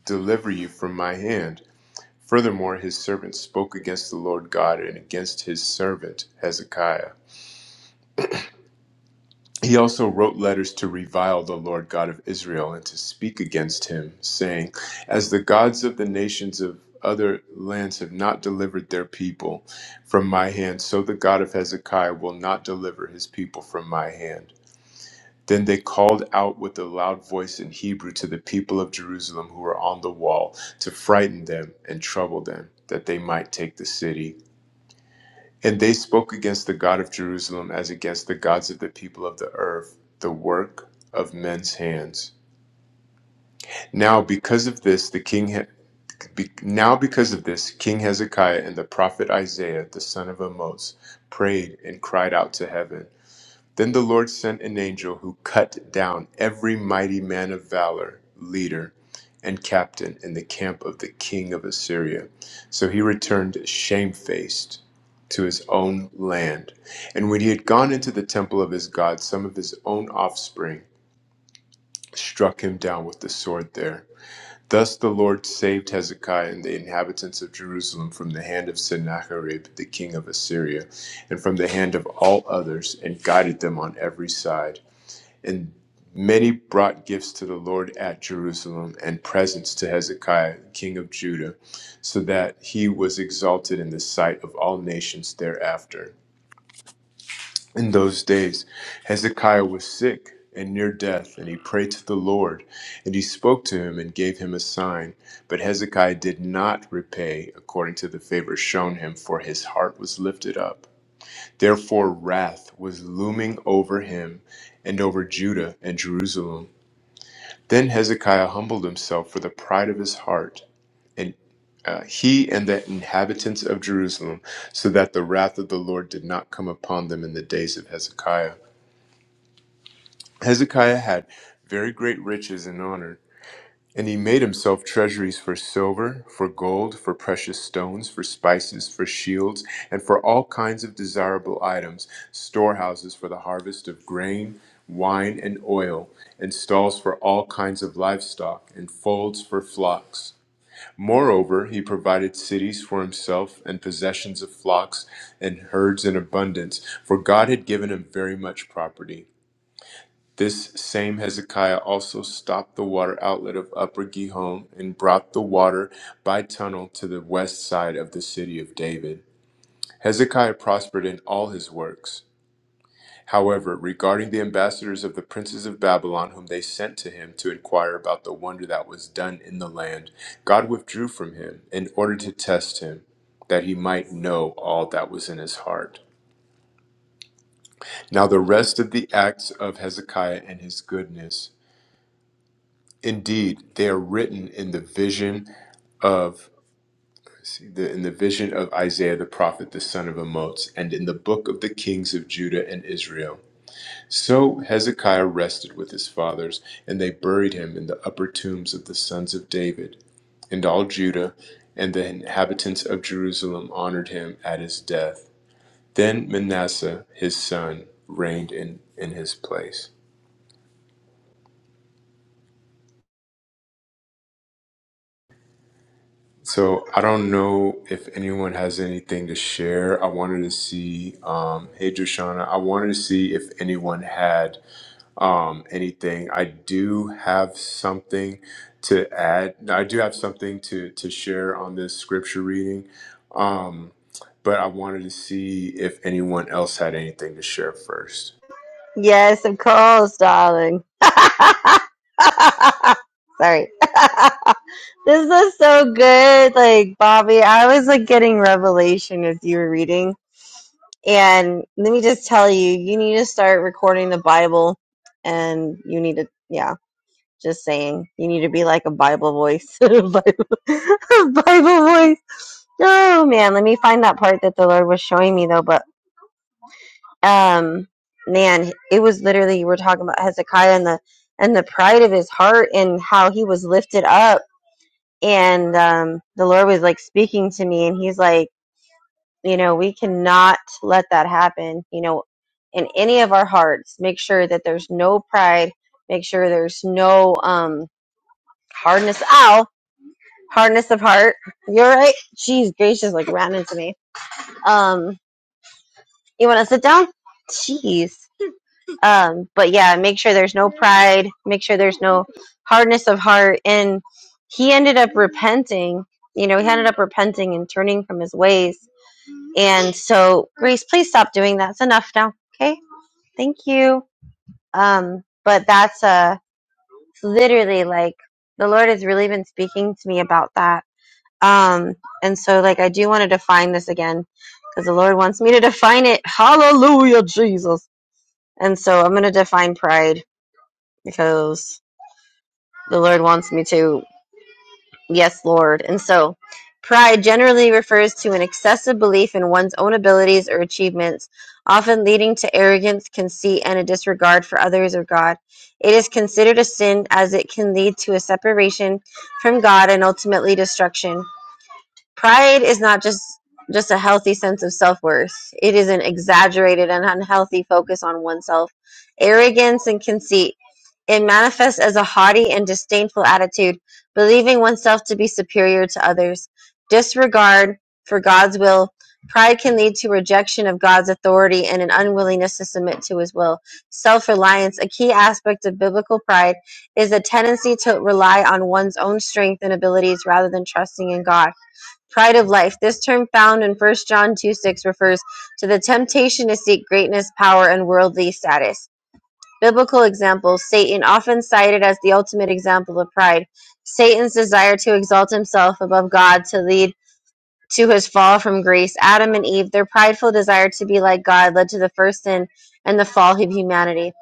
deliver you from my hand? Furthermore, his servant spoke against the Lord God and against his servant Hezekiah. He also wrote letters to revile the Lord God of Israel and to speak against him, saying, As the gods of the nations of other lands have not delivered their people from my hand, so the God of Hezekiah will not deliver his people from my hand. Then they called out with a loud voice in Hebrew to the people of Jerusalem who were on the wall to frighten them and trouble them, that they might take the city. And they spoke against the God of Jerusalem as against the gods of the people of the earth, the work of men's hands. Now because of this the king he- be- now because of this King Hezekiah and the prophet Isaiah the son of Amoz, prayed and cried out to heaven Then the Lord sent an angel who cut down every mighty man of valor, leader, and captain in the camp of the king of Assyria. So he returned shamefaced to his own land. And when he had gone into the temple of his God, some of his own offspring struck him down with the sword there. Thus the Lord saved Hezekiah and the inhabitants of Jerusalem from the hand of Sennacherib, the king of Assyria, and from the hand of all others, and guided them on every side. And many brought gifts to the Lord at Jerusalem and presents to Hezekiah, king of Judah, so that he was exalted in the sight of all nations thereafter. In those days, Hezekiah was sick and near death, and he prayed to the Lord, and he spoke to him and gave him a sign. But Hezekiah did not repay according to the favor shown him, for his heart was lifted up. Therefore, wrath was looming over him and over Judah and Jerusalem. Then Hezekiah humbled himself for the pride of his heart, and uh, he and the inhabitants of Jerusalem, so that the wrath of the Lord did not come upon them in the days of Hezekiah. Hezekiah had very great riches and honor and he made himself treasuries for silver, for gold, for precious stones, for spices, for shields, and for all kinds of desirable items, storehouses for the harvest of grain, wine, and oil, and stalls for all kinds of livestock, and folds for flocks. Moreover, he provided cities for himself, and possessions of flocks and herds in abundance, for God had given him very much property. This same Hezekiah also stopped the water outlet of Upper Gihon and brought the water by tunnel to the west side of the city of David. Hezekiah prospered in all his works. However, regarding the ambassadors of the princes of Babylon, whom they sent to him to inquire about the wonder that was done in the land, God withdrew from him in order to test him, that he might know all that was in his heart. Now, the rest of the acts of Hezekiah and his goodness. Indeed, they are written in the vision of the in the vision of Isaiah the prophet, the son of Amoz, and in the book of the kings of Judah and Israel. So Hezekiah rested with his fathers, and they buried him in the upper tombs of the sons of David, and all Judah, and the inhabitants of Jerusalem honored him at his death. Then Manasseh his son reigned in, in his place. So I don't know if anyone has anything to share. I wanted to see, um, hey Joshana, I wanted to see if anyone had um, anything. I do have something to add. I do have something to to share on this scripture reading, um, but I wanted to see if anyone else had anything to share first. Yes, of course, darling. (laughs) Sorry. (laughs) this is so good. Like, Bobby, I was like getting revelation as you were reading And let me just tell you, you need to start recording the Bible and you need to, yeah, just saying, you need to be like a Bible voice. (laughs) Bible, (laughs) Bible voice. Oh man, let me find that part that the Lord was showing me though, but um man, it was literally you were talking about Hezekiah and the and the pride of his heart and how he was lifted up and um the Lord was like speaking to me and he's like You know, we cannot let that happen, you know, in any of our hearts. Make sure that there's no pride. Make sure there's no um hardness. Ow, hardness of heart. You're right. Jeez, gracious, like ran into me. Um, you want to sit down? Jeez. Um, but yeah, make sure there's no pride. Make sure there's no hardness of heart. And he ended up repenting. You know, he ended up repenting and turning from his ways And so, Grace, please stop doing that. It's enough now. Okay. Thank you. Um, but that's uh it's literally like the Lord has really been speaking to me about that. Um, and so like I do want to define this again because the Lord wants me to define it. Hallelujah, Jesus. And so I'm gonna define pride because the Lord wants me to. Yes, Lord. And so, pride generally refers to an excessive belief in one's own abilities or achievements, often leading to arrogance, conceit, and a disregard for others or God. It is considered a sin as it can lead to a separation from God and ultimately destruction. Pride is not just just a healthy sense of self-worth. It is an exaggerated and unhealthy focus on oneself. Arrogance and conceit. It manifests as a haughty and disdainful attitude, believing oneself to be superior to others. Disregard for God's will. Pride can lead to rejection of God's authority and an unwillingness to submit to his will. Self reliance, a key aspect of biblical pride, is a tendency to rely on one's own strength and abilities rather than trusting in God. Pride of life. This term found in 1 John 2 6 refers to the temptation to seek greatness, power, and worldly status. Biblical examples Satan, often cited as the ultimate example of pride. Satan's desire to exalt himself above God to lead to his fall from grace. Adam and Eve, their prideful desire to be like God, led to the first sin and the fall of humanity.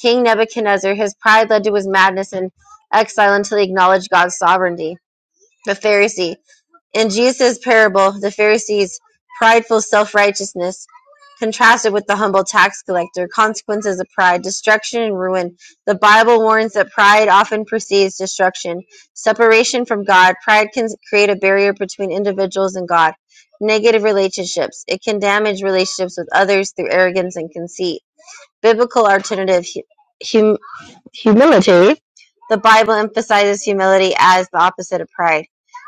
King Nebuchadnezzar, his pride led to his madness and exile until he acknowledged God's sovereignty. The Pharisee, in Jesus' parable, the Pharisees' prideful self righteousness contrasted with the humble tax collector, consequences of pride, destruction and ruin. The Bible warns that pride often precedes destruction, separation from God. Pride can create a barrier between individuals and God, negative relationships. It can damage relationships with others through arrogance and conceit. Biblical alternative hum- humility, the Bible emphasizes humility as the opposite of pride.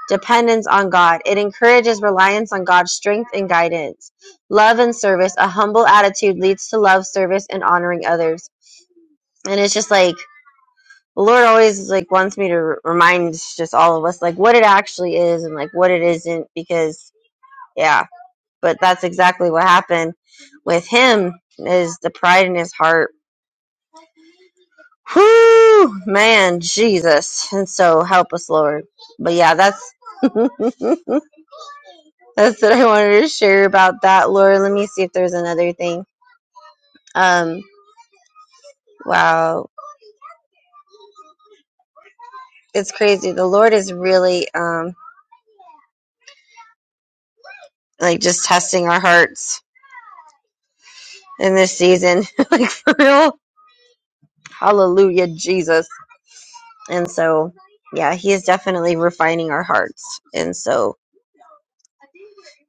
Dependence on God. It encourages reliance on God's strength and guidance. Love and service. A humble attitude leads to love, service, and honoring others. And it's just like the Lord always like wants me to r- remind just all of us like what it actually is and like what it isn't because yeah. But that's exactly what happened with him is the pride in his heart Whew, man, Jesus, and so help us, Lord. But yeah, that's (laughs) that's what I wanted to share about that, Lord. Let me see if there's another thing. Um, wow, it's crazy. The Lord is really um like just testing our hearts in this season, (laughs) like for real. Hallelujah, Jesus. And so, yeah, He is definitely refining our hearts. And so,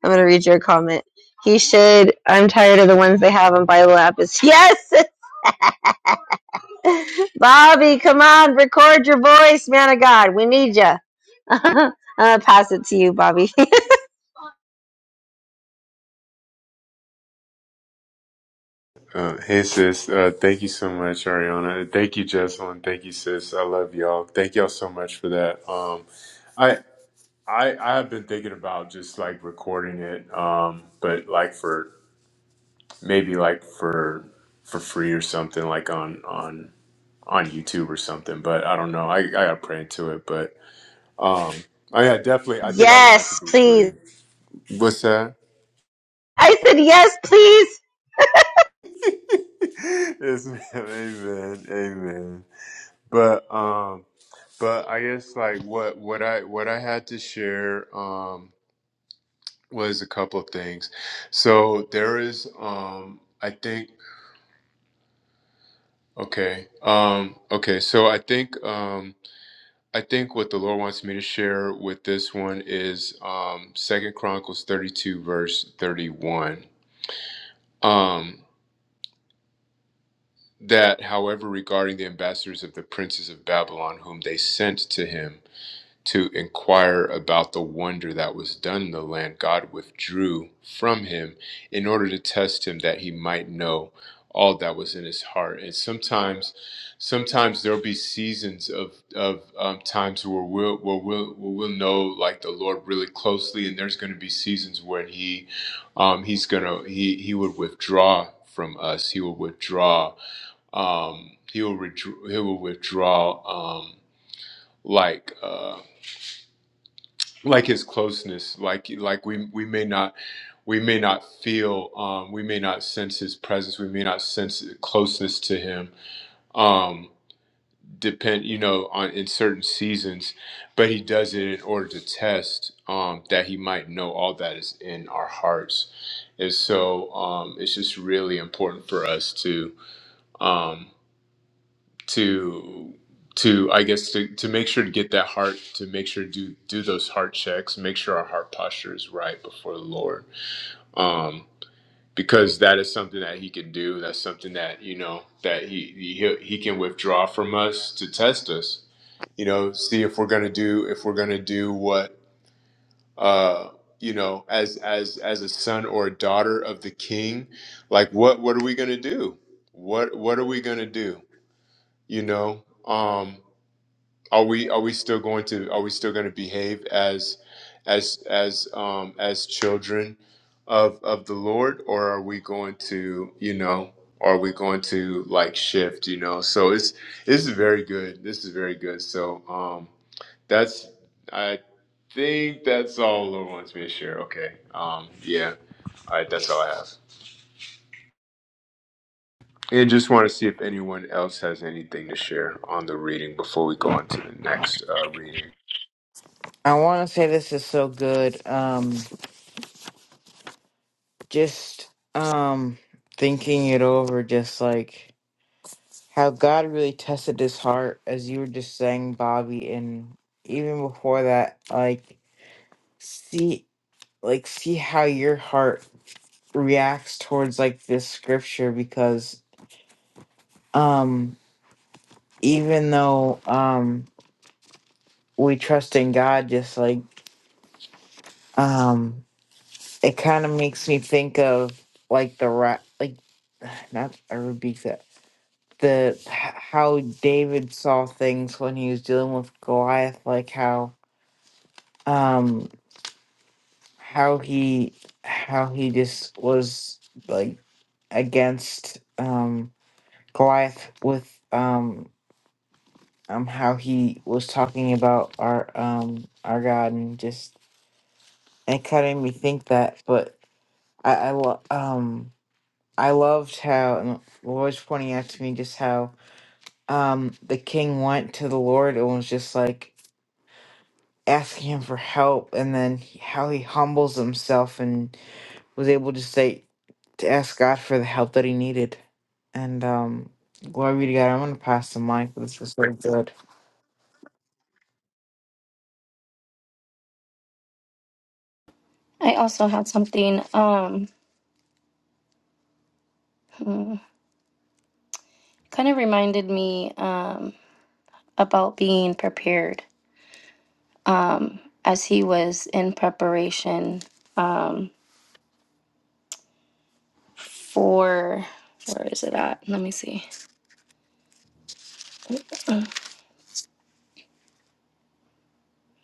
I'm gonna read your comment. He should. I'm tired of the ones they have on Bible app. Is (laughs) yes. (laughs) Bobby, come on, record your voice, man of God. We need you. (laughs) I'm gonna pass it to you, Bobby. Uh, hey sis, uh, thank you so much, Ariana. Thank you, Jesselyn. Thank you, sis. I love y'all. Thank y'all so much for that. Um, I I I have been thinking about just like recording it, um, but like for maybe like for for free or something, like on on on YouTube or something. But I don't know. I I gotta pray into it. But um, oh yeah, definitely. (laughs) I think I want it to yes, be free. please. What's that? I said yes, please. (laughs) yes, ma'am. Amen. Amen. But um, but I guess like what what I what I had to share um was a couple of things. So there is um I think. Okay. Um, okay. So I think um, I think what the Lord wants me to share with this one is um, Second Chronicles thirty-two, verse thirty-one. Um, that, however, regarding the ambassadors of the princes of Babylon, whom they sent to him. to inquire about the wonder that was done in the land, God withdrew from him in order to test him that he might know all that was in his heart. And sometimes, sometimes there'll be seasons of of um, times where we'll, where we'll where we'll know like the Lord really closely, and there's going to be seasons when he um, he's gonna he he would withdraw from us. He will withdraw. Um, he will withdraw. He will withdraw. Um, like. Uh, like his closeness like like we we may not we may not feel um we may not sense his presence we may not sense closeness to him um depend you know on in certain seasons but he does it in order to test um that he might know all that is in our hearts and so um it's just really important for us to um to to I guess to, to make sure to get that heart to make sure to do do those heart checks, make sure our heart posture is right before the Lord. Um because that is something that he can do. That's something that, you know, that he he he can withdraw from us to test us. You know, see if we're going to do if we're going to do what uh you know, as as as a son or a daughter of the king, like what what are we going to do? What what are we going to do? You know? Um Are we are we still going to are we still going to behave as as as um as children of of the Lord or are we going to, you know, are we going to like shift, you know? So it's this is very good. This is very good. So um that's I think that's all the Lord wants me to share. Okay. Um yeah. All right, that's all I have. And just want to see if anyone else has anything to share on the reading before we go on to the next uh, reading. I want to say this is so good. Um, just um, thinking it over, just like. how God really tested his heart, as you were just saying, Bobby, and even before that, like see, like see how your heart reacts towards like this scripture, because um, even though um, we trust in God, just like um, it kind of makes me think of like the rat, like (sighs) not I rebuke that the h- how David saw things when he was dealing with Goliath, like how um how he how he just was like against um Goliath with um um how he was talking about our um our God and just it kind of made me think that but I I lo- um I loved how and the Lord was pointing out to me just how um the king went to the Lord and was just like asking him for help and then he- how he humbles himself and was able to say to ask God for the help that he needed. And um, glory be to God. I'm going to pass the mic. but This was so good. I also had something um kind of reminded me um about being prepared. Um as he was in preparation um for where is it at? Let me see.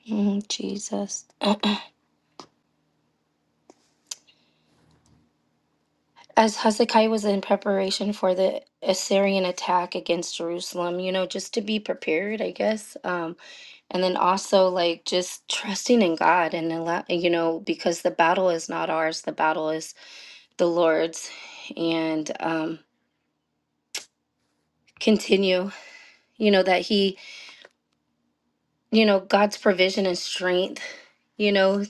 Mm, Jesus. (clears throat) As Hezekiah was in preparation for the Assyrian attack against Jerusalem, you know, just to be prepared, I guess. Um and then also like just trusting in god and allow you know because the battle is not ours the battle is the lord's and um continue you know that he you know god's provision and strength you know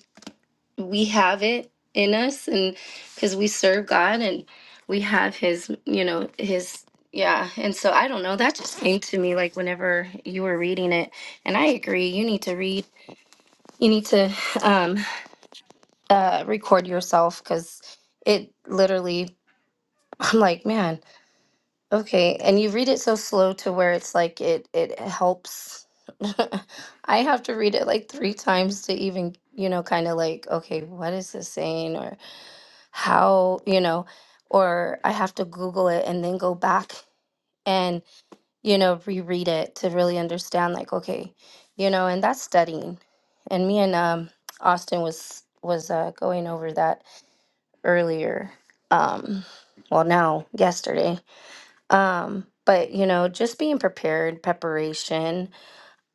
we have it in us and because we serve god and we have his you know his yeah and so i don't know that just came to me like whenever you were reading it and i agree you need to read you need to um uh, record yourself because it literally (laughs) i'm like man okay and you read it so slow to where it's like it it helps (laughs) i have to read it like three times to even you know kind of like okay what is this saying or how you know or i have to google it and then go back and you know reread it to really understand like okay you know and that's studying and me and um austin was was uh, going over that earlier um well now yesterday um but you know just being prepared preparation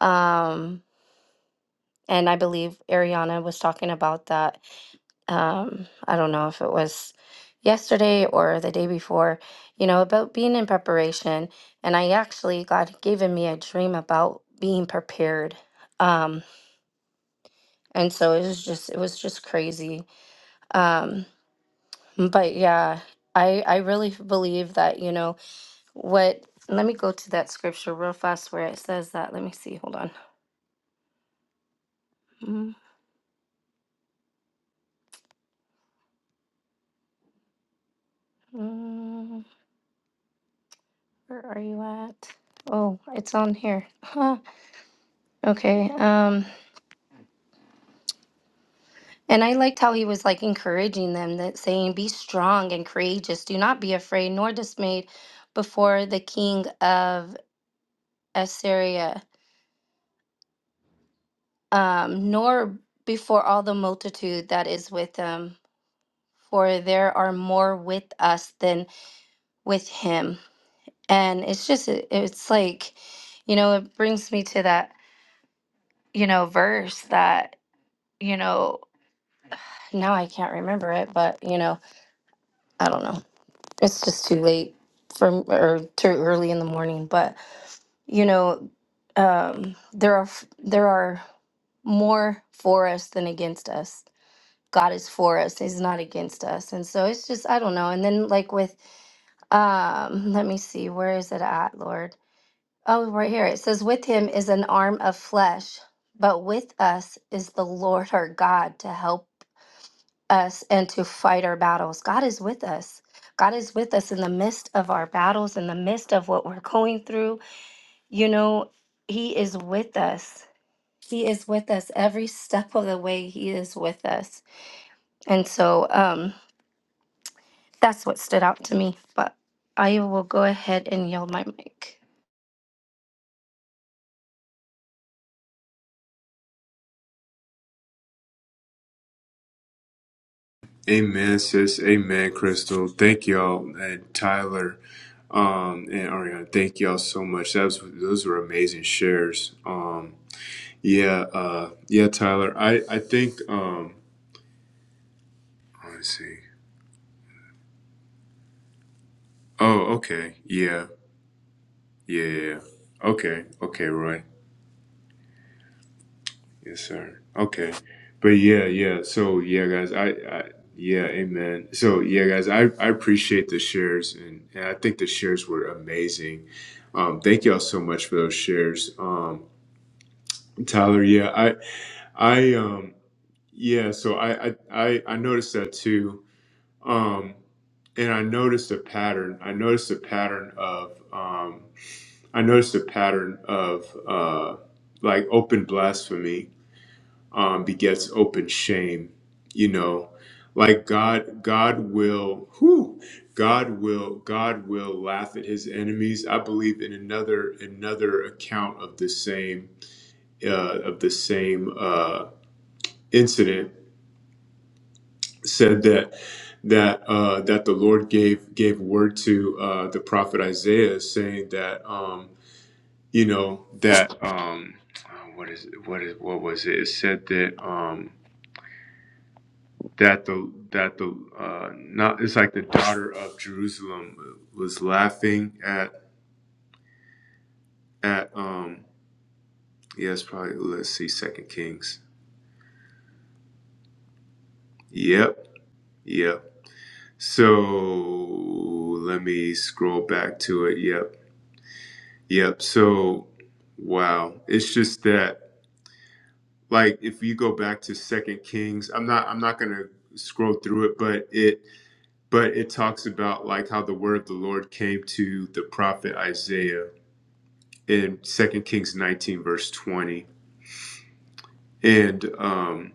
um and i believe ariana was talking about that um i don't know if it was yesterday or the day before you know about being in preparation and i actually god had given me a dream about being prepared um and so it was just it was just crazy um but yeah i i really believe that you know What? Let me go to that scripture real fast where it says that. Let me see. Hold on. Mm, mm, Where are you at? Oh, it's on here. Huh. Okay. Um, and I liked how he was like encouraging them that saying, "Be strong and courageous. Do not be afraid nor dismayed before the king of Assyria, um, nor before all the multitude that is with him, for there are more with us than with him." and it's just it- it's like you know it brings me to that you know verse that you know now i can't remember it but you know i don't know it's just too late for m- or too early in the morning but you know um there are f- there are more for us than against us god is for us he's not against us and so it's just i don't know and then like with um let me see where is it at lord Oh, right here. It says, With him is an arm of flesh, but with us is the Lord our God to help us and to fight our battles. God is with us. God is with us in the midst of our battles, in the midst of what we're going through. You know, He is with us. He is with us every step of the way. He is with us. And so um, that's what stood out to me. But I will go ahead and yell my mic. Amen, sis. Amen, Crystal. Thank y'all, and Tyler, um, and Ariana. Thank y'all so much. That was, those were amazing shares. Um, yeah, uh, yeah, Tyler. I I think. Um, let me see. Oh, okay. Yeah, yeah. yeah. yeah. Okay, okay, Roy. Yes, sir. Okay. But yeah, yeah. So yeah, guys, I, I yeah, amen. So yeah, guys, I, I appreciate the shares and, and I think the shares were amazing. Um, thank y'all so much for those shares. Um, Tyler, yeah, I I um yeah, so I I I, I noticed that too. Um and I noticed a pattern. I noticed a pattern of um I noticed a pattern of uh like open blasphemy um, begets open shame. You know, like God, God will, whew, God will, God will laugh at His enemies. I believe in another another account of the same uh, of the same uh, incident said that that uh, that the Lord gave gave word to uh, the prophet Isaiah saying that um, you know that um, uh, what is what is what was it? It said that. Um, that the that the uh, not it's like the daughter of Jerusalem was laughing at at um yeah it's probably let's see Second Kings yep yep so let me scroll back to it yep yep so wow it's just that like if you go back to Second Kings I'm not I'm not gonna scroll through it but it but it talks about like how the word of the Lord came to the prophet Isaiah in Second Kings 19, verse 20. And um,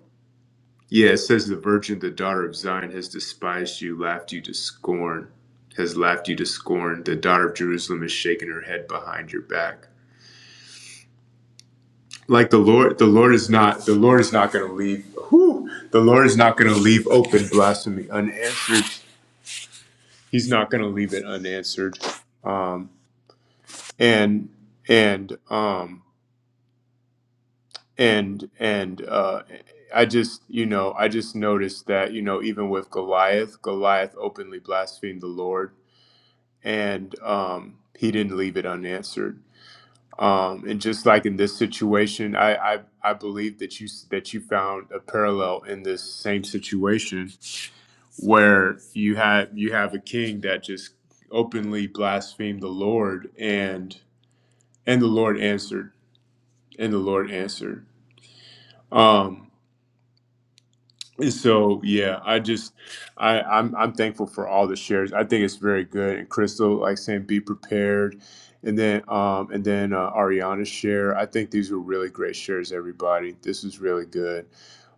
yeah, it says, The virgin, the daughter of Zion, has despised you, laughed you to scorn, has laughed you to scorn. The daughter of Jerusalem has shaken her head behind your back. Like the Lord, the Lord is not, the Lord is not going to leave. whew, the Lord is not going to leave open blasphemy unanswered. He's not going to leave it unanswered. Um, and and um, and and uh, I just you know I just noticed that you know even with Goliath, Goliath openly blasphemed the Lord, and um, he didn't leave it unanswered. Um, and just like in this situation, I, I I believe that you that you found a parallel in this same situation where you had you have a king that just openly blasphemed the Lord, and and the Lord answered, and the Lord answered. Um, So yeah, I just I I'm I'm thankful for all the shares. I think it's very good. And Crystal, like saying, be prepared, and then um and then uh, Ariana's share. I think these were really great shares. Everybody, this is really good.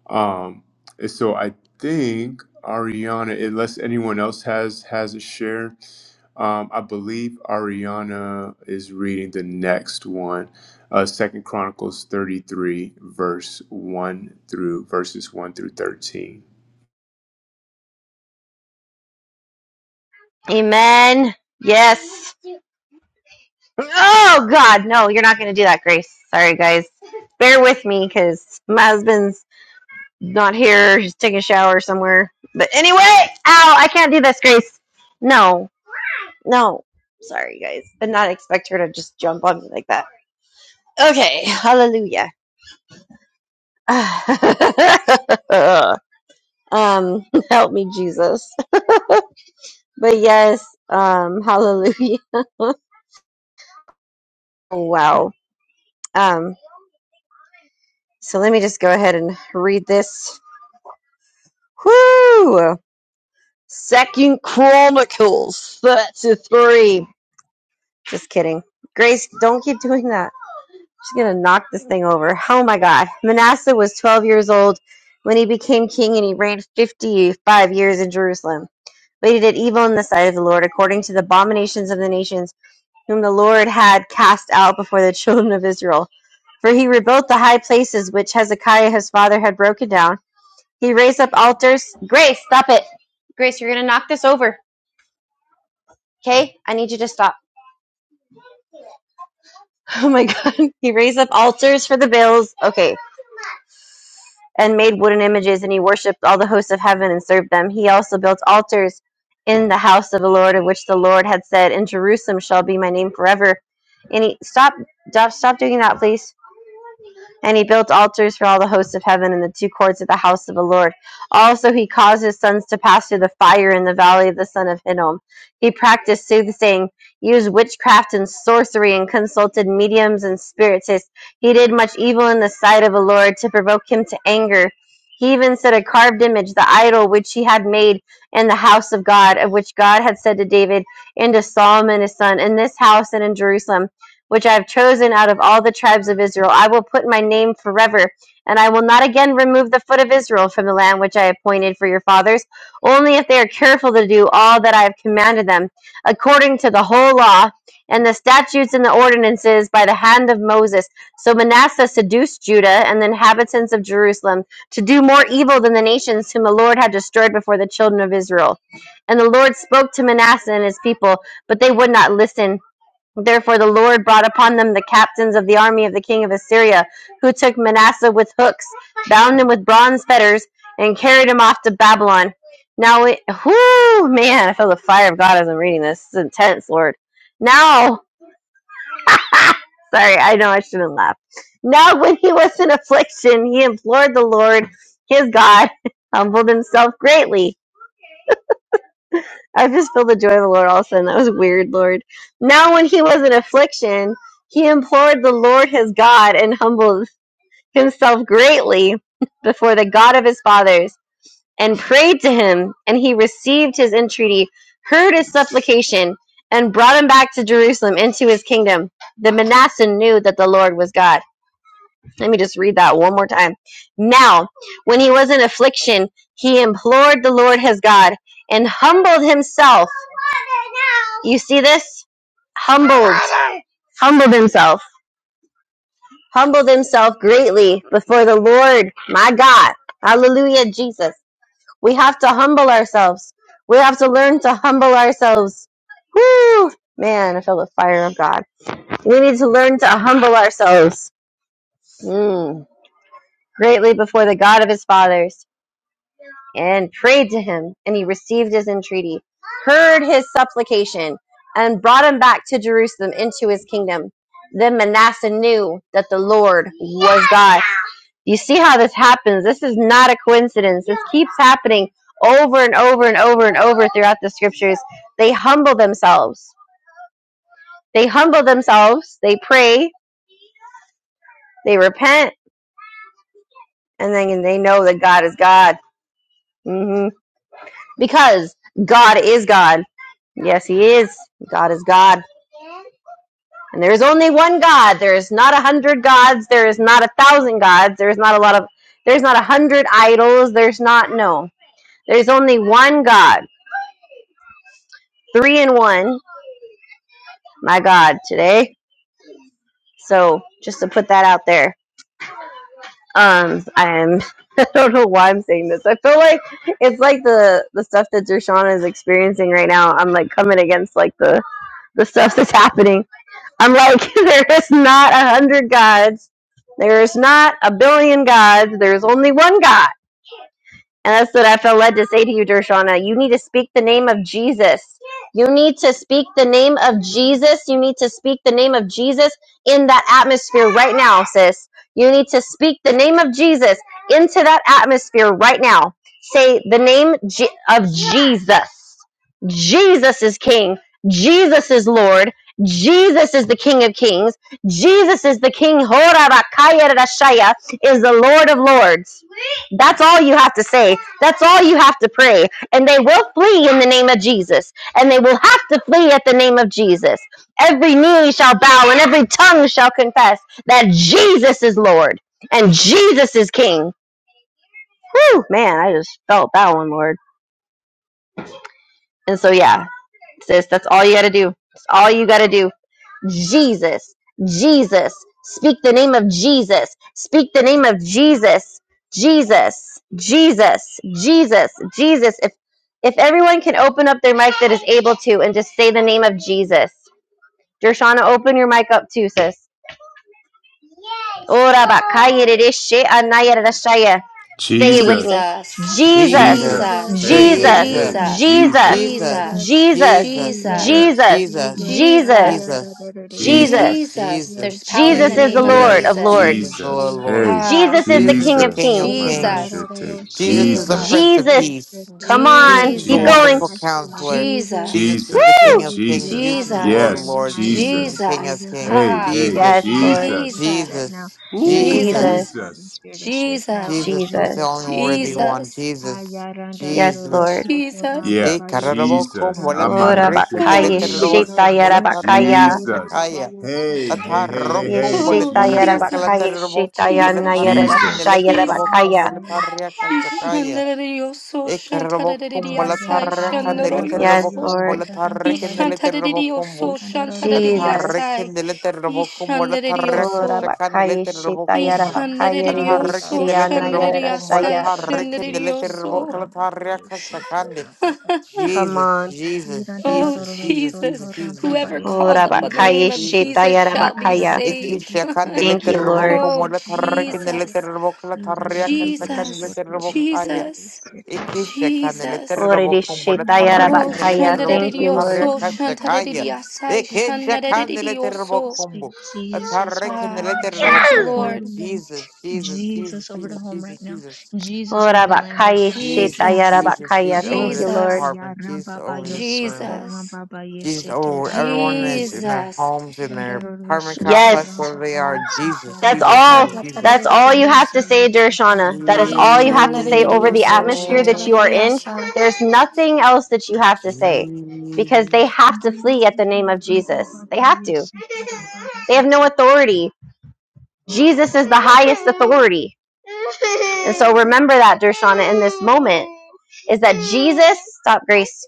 Um, and so I think Ariana, unless anyone else has has a share, um, I believe Ariana is reading the next one uh, Second Chronicles 33, verse 1 through verses 1 through 13. Amen. Yes. Oh God, no, you're not gonna do that, Grace. Sorry, guys. Bear with me because my husband's not here. He's taking a shower somewhere. But anyway, ow, I can't do this, Grace. No, no. Sorry, guys. Did not expect her to just jump on me like that. Okay, hallelujah. (laughs) um, help me, Jesus. But yes, um, (laughs) hallelujah. Wow. Um, so let me just go ahead and read this. Whoo! Second Chronicles 33. Just kidding. Grace, don't keep doing that. She's gonna knock this thing over. Oh my god. Manasseh was 12 years old when he became king and he reigned 55 years in Jerusalem. But he did evil in the sight of the Lord according to the abominations of the nations whom the Lord had cast out before the children of Israel. For he rebuilt the high places which Hezekiah his father had broken down. He raised up altars. Grace, stop it. Grace, you're going to knock this over. Okay? I need you to stop. (laughs) Oh my God. He raised up altars for the Baals. Okay. And made wooden images, and he worshipped all the hosts of heaven and served them. He also built altars in the house of the Lord, of which the Lord had said, In Jerusalem shall be my name forever. And he, stop, stop, stop doing that, please. And he built altars for all the hosts of heaven in the two courts of the house of the Lord. Also, he caused his sons to pass through the fire in the valley of the son of Hinnom. He practiced soothsaying, used witchcraft and sorcery, and consulted mediums and spiritists. He did much evil in the sight of the Lord to provoke him to anger. He even set a carved image, the idol which he had made in the house of God, of which God had said to David and to Solomon his son, In this house and in Jerusalem which I have chosen out of all the tribes of Israel. I will put my name forever, and I will not again remove the foot of Israel from the land which I appointed for your fathers, only if they are careful to do all that I have commanded them, according to the whole law and the statutes and the ordinances by the hand of Moses. So Manasseh seduced Judah and the inhabitants of Jerusalem to do more evil than the nations whom the Lord had destroyed before the children of Israel. And the Lord spoke to Manasseh and his people, but they would not listen. Therefore the Lord brought upon them the captains of the army of the king of Assyria, who took Manasseh with hooks, bound him with bronze fetters, and carried him off to Babylon. Now it, whoo, man, I feel the fire of God as I'm reading this. This is intense, Lord. Now, (laughs) sorry, I know I shouldn't laugh. Now when he was in affliction, he implored the Lord, his God, (laughs) humbled himself greatly I just feel the joy of the Lord all of a sudden. That was weird, Lord. Now, when he was in affliction, he implored the Lord his God and humbled himself greatly (laughs) before the God of his fathers and prayed to him, and he received his entreaty, heard his supplication, and brought him back to Jerusalem into his kingdom. The Manasseh knew that the Lord was God. Let me just read that one more time. Now, when he was in affliction, he implored the Lord his God and humbled himself. You see this? Humbled. Humbled himself. Humbled himself greatly before the Lord, my God. Hallelujah, Jesus. We have to humble ourselves. We have to learn to humble ourselves. Woo! Man, I feel the fire of God. We need to learn to humble ourselves. Mm. greatly before the God of his fathers, and prayed to him, and he received his entreaty, heard his supplication, and brought him back to Jerusalem into his kingdom. Then Manasseh knew that the Lord was God. You see how this happens? This is not a coincidence. This keeps happening over and over and over and over throughout the scriptures. They humble themselves. They humble themselves. They pray. They repent. And then they know that God is God. Mm-hmm. because God is God. Yes, He is. God is God. And there is only one God. There is not a hundred gods. There is not a thousand gods. There is not a lot of, there's not a hundred idols. There's not, no. There's only one God. Three in one. My God, today. So just to put that out there. Um, I'm, (laughs) I don't know why I'm saying this. I feel like it's like the, the stuff that Dershana is experiencing right now. I'm like coming against like the, the stuff that's happening I'm like, (laughs) there is not a hundred gods. There is not a billion gods. There is only one God. And that's what I felt led to say to you, Dershana. You need to speak the name of Jesus. You need to speak the name of Jesus. You need to speak the name of Jesus in that atmosphere right now, sis. You need to speak the name of Jesus into that atmosphere right now. Say the name Je- of Jesus. Jesus is King. Jesus is Lord. Jesus is the King of Kings. Jesus is the King. Horabakayarashaya Is the Lord of Lords. That's all you have to say. That's all you have to pray. And they will flee in the name of Jesus. And they will have to flee at the name of Jesus. Every knee shall bow and every tongue shall confess that Jesus is Lord and Jesus is King. Whew, man, I just felt that one, Lord. And so, yeah, sis. That's all you got to do. That's all you got to do. Jesus, Jesus. Speak the name of Jesus. Speak the name of Jesus. Jesus, Jesus, Jesus, Jesus. If if everyone can open up their mic that is able to and just say the name of Jesus. Dershana, open your mic up too, sis. Ora bakayererashe anayererashaya. Say it with me. Jesus. Jesus, Jesus, Jesus. Jesus, Jesus, Jesus, Hey, hey, Jesus, hey. Jesus, Jesus, Jesus, Jesus, Jesus. Jesus, Jesus, Jesus, Jesus, Jesus, Jesus, Jesus, Yes. Jesus, Jesus, Jesus, Jesus, Jesus, higher Jesus, identity. Jesus. Jesus, Jesus. Jesus. Yes, There's Jesus, Jesus, power in Jesus the is Jesus, the name of I Lord of Jesus, speak Yes. the Jesus. Jesus name lords. of is the Lord, Jesus. Lord. Jesus. Hey. I speak Ah, Jesus is it. the Jesus is King the of King Jesus. of kings. Jesus, Kings. Manashete. Jesus is the Jesus. Prince Jesus, of Jesus. Peace. Come Jesus on. is Irandarararoshotorababayesheterababaya. the Keep going. wonderful I Jesus, Jesus. speak counselor. Jesus. I Jesus, Jesus is speak the Jesus. King Woo! of Jesus in Kings. this Jesus Jesus. is the Lord, Jesus, atmosphere in Yes. the Lord. mighty Jesus name is of the Jesus. King of Jesus. Jesus. I Kings. Hey, speak Ah, hey. Jesus Yes, in this Lord. Jesus. atmosphere right Jesus, now. Jesus, And I Ooh, command this Jesus. Jesus, Jesus, Jesus. atmosphere to shift now Jesus, in Jesus is the Jesus. Jesus' only mighty worthy name. one. Jesus, Jesus, Yes, Ayarandarororo Jesus. Lord. soto Jesus. Yeah, E rambabaye sete kararaboko Jesus. molata Ora rambabaye rekin Oh, bakaya Jesus. letaraboko shetaya Amanashetereyabashande. irandarororo molata soto rabakaya. riaka Jesus. sakaya. rambabaye soto Hey, hey, hey, hey, rambeberere Ataroko hey, Oh, sete molata Yeshitaya riaka Jesus. rambabaye Rabakaya Jesus, lataraboko Shitaya molata Jesus, Nayara irandarororo rekin Jesus. Shaya soto letaraboko Rabakaya. Jesus. rambabaye. molata riaka Hey, sakaya. Ishandarariyoso, Ekarabocumbo la shantararariyasai, Jesus, tarracanele Yes, ayarambabaye shandaroyoso. terrabocumbo Lord. la soto rambabaye tarracanele Ishantarariyoso, terrabocumbo. A irandarororo. Jesus. shantararariyasai, tarracanele terrabocumbo la Oh ishandarariyoso. tarracachacanele Rabakaya Shitaya terrabocumbo. Wow, the A Rabakaya dogs Ishandarariyoso, are tarracanele Ridishia barking. Nayara terrabocumbo la shandararariyasai, Rashaya. Irandarororo tarracanele soto terrabocumbo shandarariyoso. la rambabaye sete tarracachacande. (laughs) rambabaye. Come Jesus, on. Jesus, Oh, Jesus, Irandarororo Jesus, soto Jesus, Jesus, Jesus, Jesus, whoever rambabaye Oh calls sete upon the Rabakaya name Jesus, of rambabaye. Jesus. Jesus Shitaya Ye shall be bandara Rabakaya. da re saved. ye se te Ikishakandele Thank ra you, Baba. (laughs) ye Lord. terrabocumbo oh, se la te ra Baba. tarracanele ye. Jesus. terrabocumbo la Ye randa ro do do ro tarracachacanele so Jesus, to ra Baba, terrabocumbo. ra ye Jesus, se Jesus, Jesus, Jesus, Jesus, te ra Baba. ye. Jesus, Jesus. Oh Ridishitaya Ye Oh, randa ro do Rabakaya. do ro Thank you, so Lord. to shandarerioso, ra Baba, Baba. ye se shandareriasai, te ra baba ye. shandarerioso. Speak Jesus right now, Ah, in thank you, Jesus' mighty Lord. name. Jesus over the home Jesus, right Jesus, now. Jesus Oh over the land right Rabakaya now. In Shitaya Jesus, Jesus, Jesus' Rabakaya. Jesus mighty over Thank name. you, this Lord. Jesus, Haya apartment, Jesus ramba ba over yo this soto room, Jesus, ramba ba ye Jesus sete over everyone that's in their Jesus. homes, in their Irandaroro apartment soto complex, Yes. ramba wherever they are. baye sete Jesus, That's ramba Jesus, all. baye Jesus, That's sete Jesus, all you ramba have to Shantarerioso, baye say, sete Dershana. That is all you renderere have to say sete over the Jesus, ramba shantarerioso, baye atmosphere that you are in. shantareriasai. There's nothing else that you have to say because Jesus. they have to flee at the name of Jesus. ramba They have baye to. sete ramba They rare have no sete. authority. Jesus is the highest authority. And so remember that, Dershana, in this moment, is that Jesus, stop, Grace.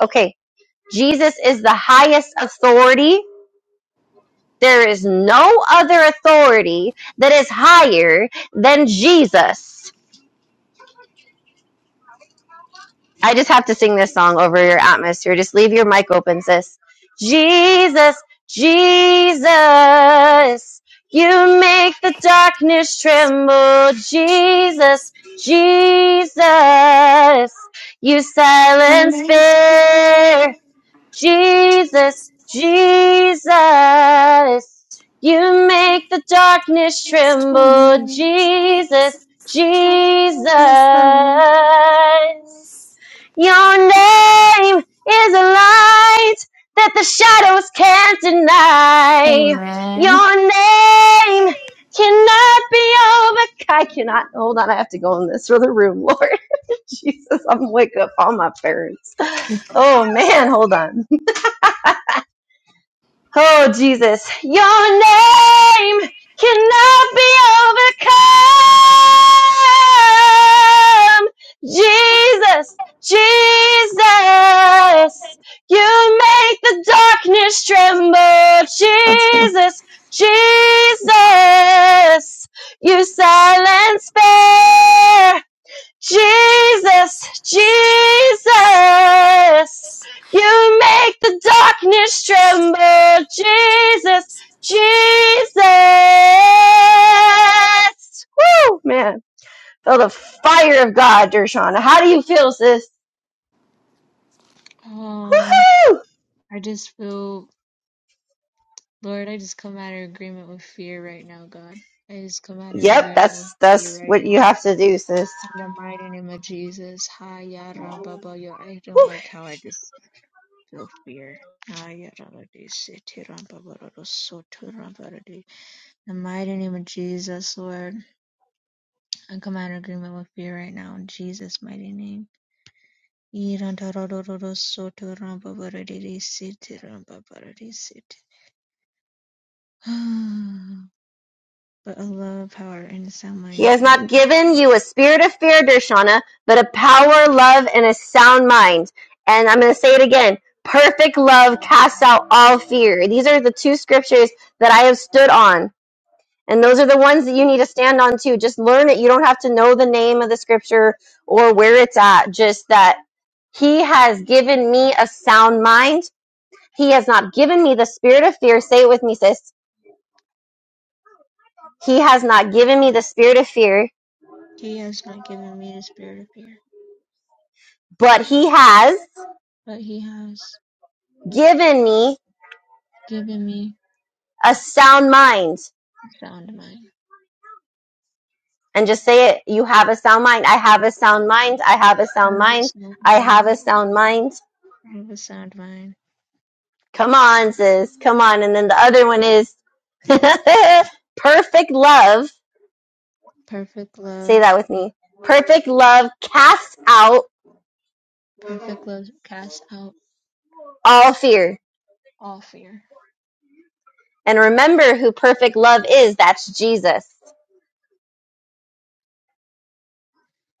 Okay. Jesus is the highest authority there is no other authority that is higher than Jesus. I just have to sing this song over your atmosphere. Just leave your mic open, sis. Jesus, Jesus, you make the darkness tremble. Jesus, Jesus, you silence fear. Jesus, Jesus, you make the darkness tremble. Jesus, Jesus, your name is a light that the shadows can't deny. Your name cannot be over. I cannot. Hold on, I have to go in this other room, Lord. (laughs) Jesus, I'm wake up all my parents. Oh man, hold on. Oh, Jesus, your name cannot be overcome. Jesus, Jesus, you make the darkness tremble. Jesus, Jesus, you silence fear. Jesus, Jesus, you make the darkness tremble. Jesus, Jesus. Woo, man. Feel the fire of God, Dershana. How do you feel, sis? Um, Woo! I just feel, Lord, I just come out of agreement with fear right now, God. I just come out of Yep, agreement with that's, fear that's right what you now. have to do, sis. In the mighty name of Jesus, Haya Ramba Bayo. I don't like how I just Sophia. Ayararadi, Sitirambararu, Soturambararu. In the mighty name of Jesus, Lord, I come out of agreement with fear right now in Jesus' mighty name. Irantararororo, Soturambararu, Sitirambararu, Sit. (sighs) But a love, power, and a sound He mind has thing. not given you a spirit of fear, Dershana, but a power, love, and a sound mind. And I'm going to say it again. Perfect love casts out all fear. These are the two scriptures that I have stood on. And those are the ones that you need to stand on too. Just learn it. You don't have to know the name of the scripture or where it's at. Just that he has given me a sound mind. He has not given me the spirit of fear. Say it with me, sis. He has not given me the spirit of fear, He has not given me the spirit of fear, but he has but he has given me given me a sound mind. a sound mind. And just say it. You have a sound mind. I have a sound mind. I have a I sound have a mind. sound I have a mind. sound mind. I have a sound mind. Come on, sis. Come on. And then the other one is (laughs) perfect love. Perfect Say love. that with me. Perfect love casts out Perfect love casts out all fear. all fear. And remember who perfect love is. That's Jesus.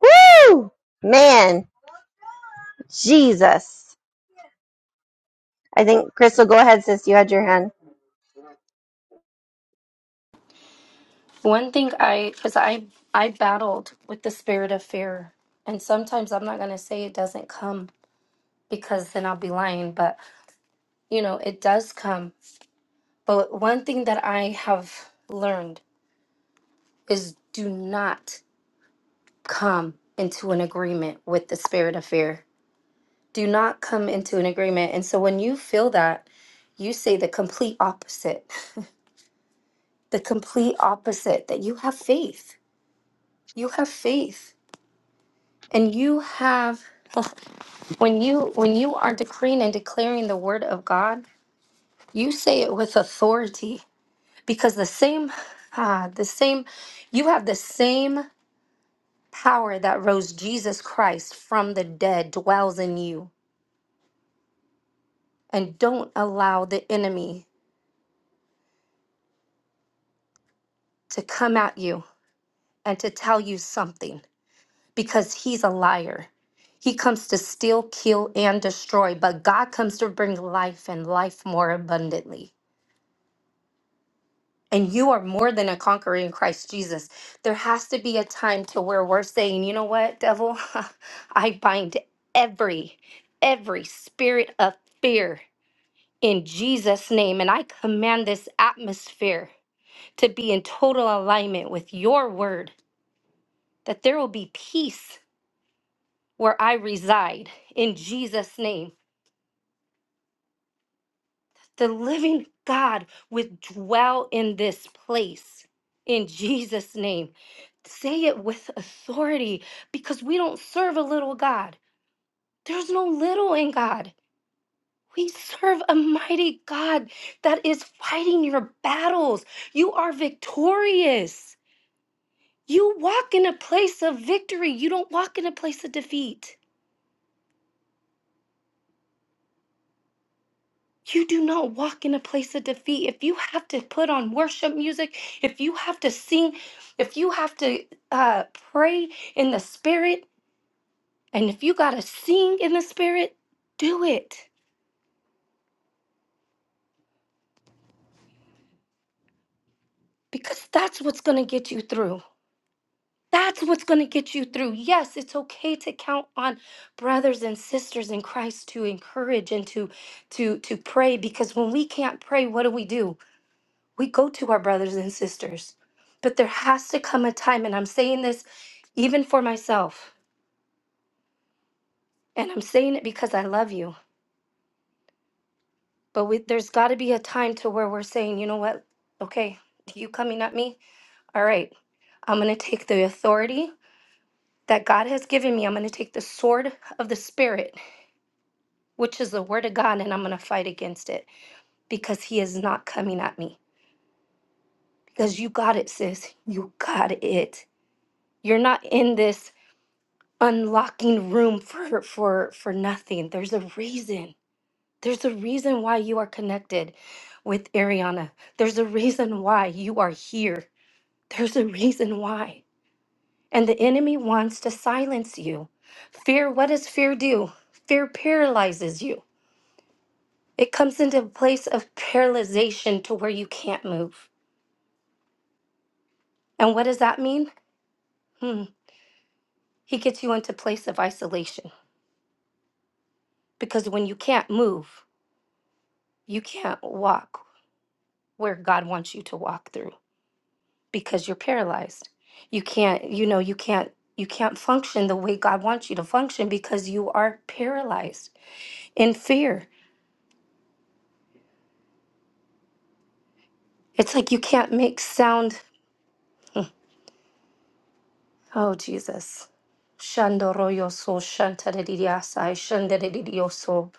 Woo! Man, Jesus. I think, Crystal, go ahead, sis. You had your hand. One thing I, because I, I battled with the spirit of fear, and sometimes I'm not gonna say it doesn't come because then I'll be lying, but you know it does come. But one thing that I have learned is do not come into an agreement with the spirit of fear. Do not come into an agreement. And so when you feel that, you say the complete opposite, (laughs) the complete opposite that you have faith. You have faith, and you have. (laughs) When you when you are decreeing and declaring the word of God, you say it with authority because the same ah, the same you have the same power that rose Jesus Christ from the dead dwells in you. And don't allow the enemy to come at you and to tell you something because he's a liar. He comes to steal, kill, and destroy, but God comes to bring life and life more abundantly. and you are more than a conqueror in Christ Jesus. There has to be a time to where we're saying, you know what, devil, (laughs) I bind every every spirit of fear in Jesus name and I command this atmosphere to be in total alignment with your word that there will be peace where I reside in Jesus name The living God would dwell in this place in Jesus' name. Say it with authority because we don't serve a little God. There's no little in God. We serve a mighty God that is fighting your battles. You are victorious. You walk in a place of victory. You don't walk in a place of defeat. You do not walk in a place of defeat. If you have to put on worship music, if you have to sing, if you have to uh, pray in the spirit, and if you got to sing in the spirit, do it because that's what's going to get you through. That's what's going to get you through. Yes, it's okay to count on brothers and sisters in Christ to encourage and to to to pray because when we can't pray, what do we do? We go to our brothers and sisters. But there has to come a time, and I'm saying this even for myself, and I'm saying it because I love you. But we, there's got to be a time to where we're saying, you know what? Okay, you coming at me? All right, I'm going to take the authority that God has given me. I'm going to take the sword of the Spirit, which is the word of God, and I'm going to fight against it because he is not coming at me. Because you got it, sis. You got it. You're not in this unlocking room for for for nothing there's a reason there's a reason why you are connected with ariana there's a reason why you are here there's a reason why and the enemy wants to silence you fear what does fear do fear paralyzes you it comes into a place of paralyzation to where you can't move and what does that mean hmm he gets you into place of isolation because when you can't move you can't walk where God wants you to walk through because you're paralyzed. You can't, you know, you can't you can't function the way God wants you to function because you are paralyzed in fear. It's like you can't make sound. (laughs) Oh Jesus. Shandoroyoso shantaririasai shandaririoso.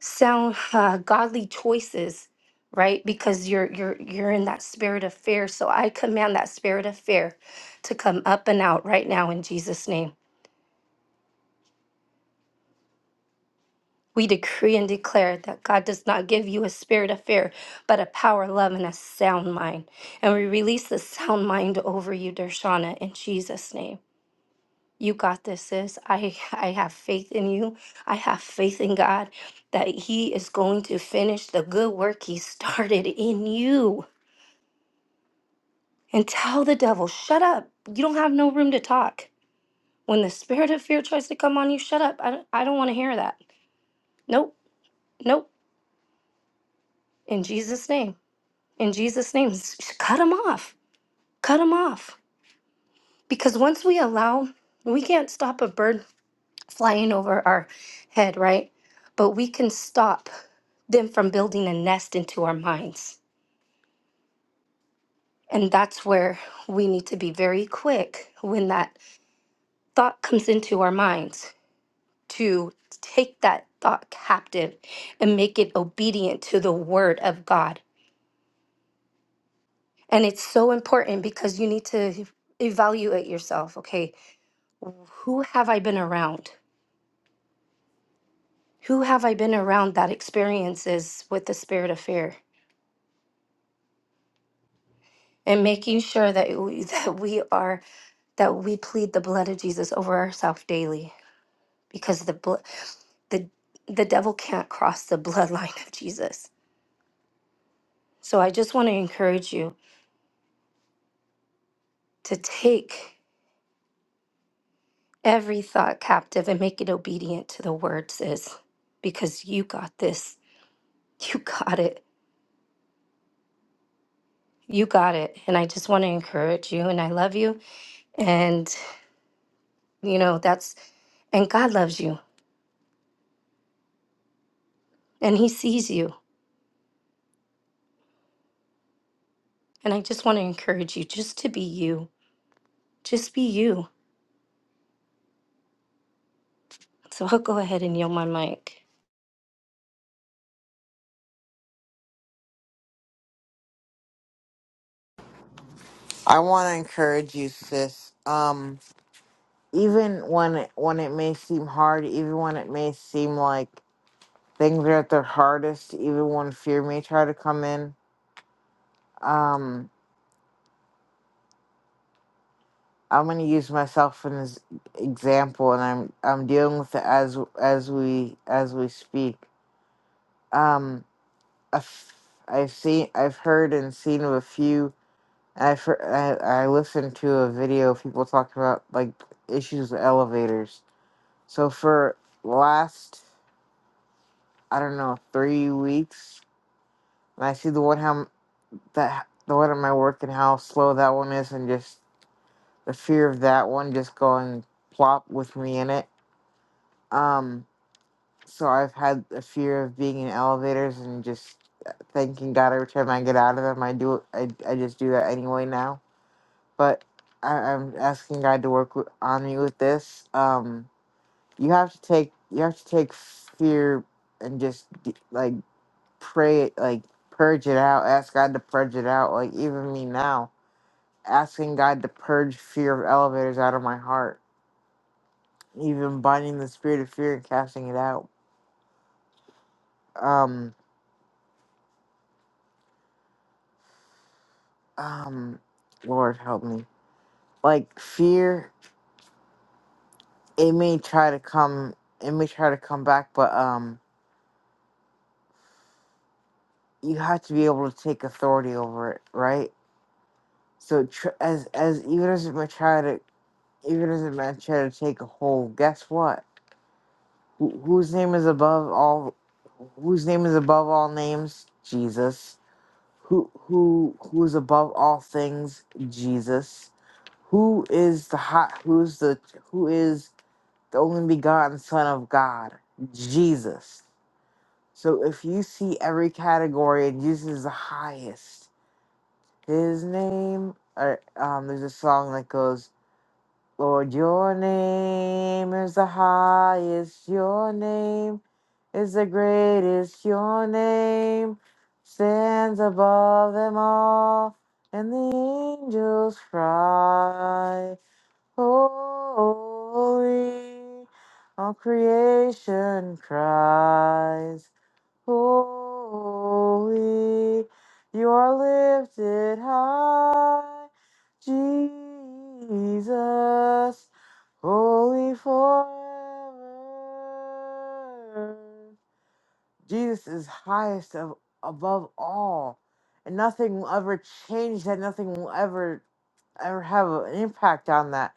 Sound uh, godly choices, right? Because you're you're you're in that spirit of fear. So I command that spirit of fear to come up and out right now in Jesus' name We decree and declare that God does not give you a spirit of fear, but a power, love, and a sound mind. And we release the sound mind over you, Dershana, in Jesus' name. You got this, sis. I, I have faith in you. I have faith in God that He is going to finish the good work He started in you. And tell the devil, shut up. You don't have no room to talk. When the spirit of fear tries to come on you, shut up. I don't, I don't want to hear that. Nope, nope. In Jesus' name. in Jesus' name, s- s- cut them off. Cut them off. Because once we allow, we can't stop a bird flying over our head, right? But we can stop them from building a nest into our minds. And that's where we need to be very quick when that thought comes into our minds to take that thought captive and make it obedient to the word of God. And it's so important because you need to evaluate yourself. Okay, who have I been around? Who have I been around that experiences with the spirit of fear? And making sure that we, (laughs) that we are that we plead the blood of Jesus over ourselves daily, because the bl- the the devil can't cross the (laughs) bloodline of Jesus. So I just want to encourage you to take every thought captive and make it obedient to the word says, because you got this, you got it, you got it. And I just want to encourage you, and I love you. And You know, that's, and God loves you and He sees you. And I just want to encourage you just to be you. Just be you. So I'll go ahead and yield my mic. I want to encourage you, sis. Um, even when it, when it may seem hard, even when it may seem like things are at their hardest, even when fear may try to come in. Um, I'm going to use myself in this example, and I'm I'm dealing with it as as we as we speak. Um, a f- I've seen, I've heard, and seen of a few. And I've heard, I I listened to a video of people talking about like issues with elevators So for last, I don't know, three weeks, and I see the one how that the one at my work and how slow that one is, and just the fear of that one just going plop with me in it. Um, so I've had a fear of being in elevators and just uh, thanking God every time I get out of them. I do it. I I just do that anyway now. But I, I'm asking God to work wi- on me with this. Um, you have to take you have to take fear and just d- like. pray it, like purge it out, ask God to purge it out. Like even me now, asking God to purge fear of elevators out of my heart, even binding the spirit of fear and casting it out. Um, um, Lord help me. Like fear, it may try to come, it may try to come back, but um, you have to be able to take authority over it, right? So tr- as as even as it may try to, even as it may try to take a hold, guess what? Who, whose name is above all? Whose name is above all names? Jesus. Who who who is above all things? Jesus. Who is the hot? Who's the who is the only begotten Son of God? Jesus. So if you see every category and Jesus is the highest, His name. Or, um, there's a song that goes. Lord, your name is the highest, your name is the greatest, your name stands above them all, and the angels cry, Holy. All creation cries, Holy. You are lifted high, Jesus. Holy forever. Jesus is highest of, above all, and nothing will ever change that. Nothing will ever ever have an impact on that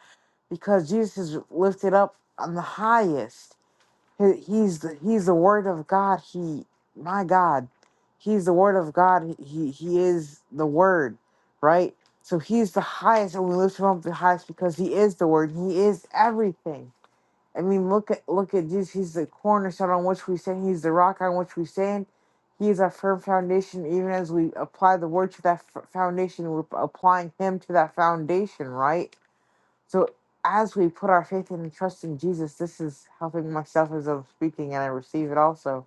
because Jesus is lifted up on the highest. He- He's the, he's the Word of God. He my God, he's the Word of God. He he is the Word, right? So he's the highest, and we lift him up the highest because he is the Word. He is everything I mean, look at look at Jesus. He's the cornerstone on which we stand. He's the rock on which we stand. He is our firm foundation. Even as we apply the word to that f- foundation, we're applying Him to that foundation, right? So as we put our faith in and trust in Jesus, this is helping myself as I'm speaking, and I receive it also.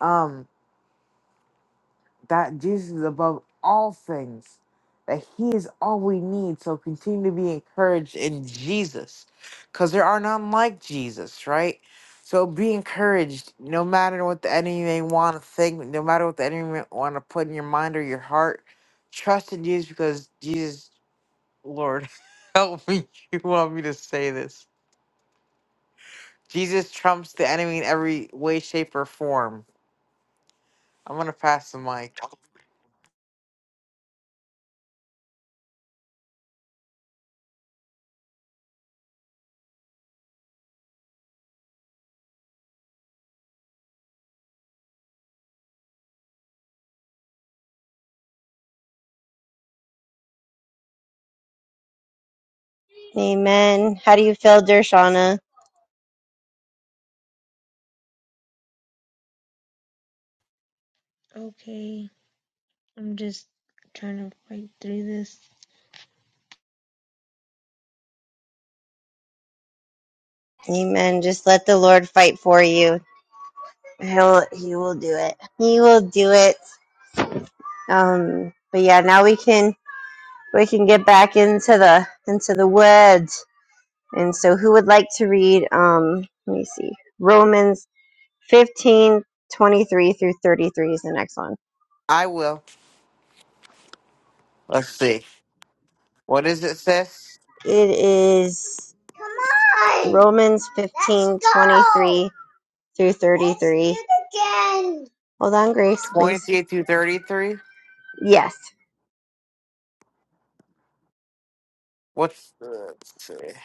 Um, that Jesus is above all things, that He is all we need. So continue to be encouraged in Jesus, because there are none like Jesus, right? So be encouraged, no matter what the enemy may want to think, no matter what the enemy may want to put in your mind or your heart. Trust in Jesus, because Jesus, Lord, (laughs) help me. You want me to say this? Jesus trumps the enemy in every way, shape, or form. I'm gonna pass the mic. Amen. How do you feel, Dershana? Okay, I'm just trying to fight through this. Amen. Just let the Lord fight for you. He'll he will do it. He will do it. Um but yeah, now we can we can get back into the into the word. And so who would like to read um let me see. Romans fifteen twenty three through 33 is the next one. I will. Let's see. What is it, sis? It is Romans 15 23 through 33. Hold on, Grace, please. Twenty-eight through thirty-three. Yes, What's the let's see,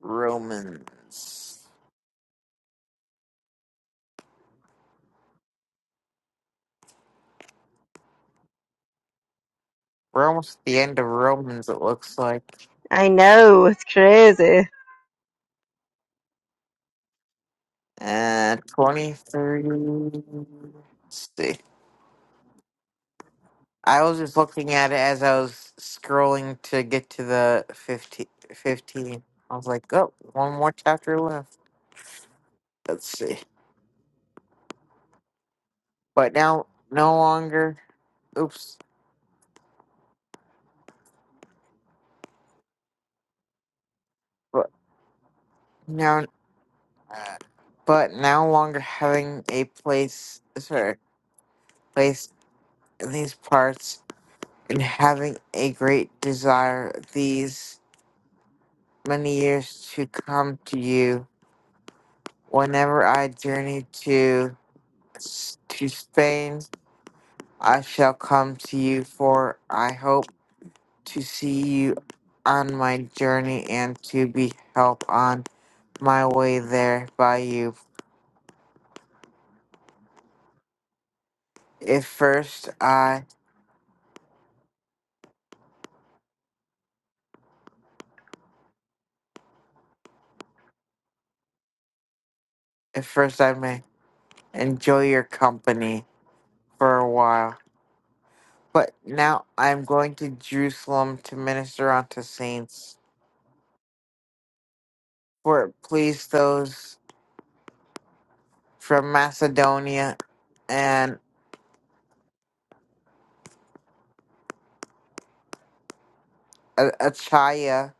Romans? We're almost at the end of Romans. It looks like. I know. It's crazy. Uh, twenty thirty. Let's see. I was just looking at it as I was scrolling to get to the 15, 15. I was like, oh, one more chapter left. Let's see. But now, no longer. Oops. But now, but now longer having a place. Sorry, place in these parts and having a great desire these many years to come to you. Whenever I journey to to Spain, I shall come to you, for I hope to see you on my journey and to be helped on my way there by you. If first I, if first I may enjoy your company for a while, but now I am going to Jerusalem to minister unto saints for it pleased those from Macedonia and A- Achaia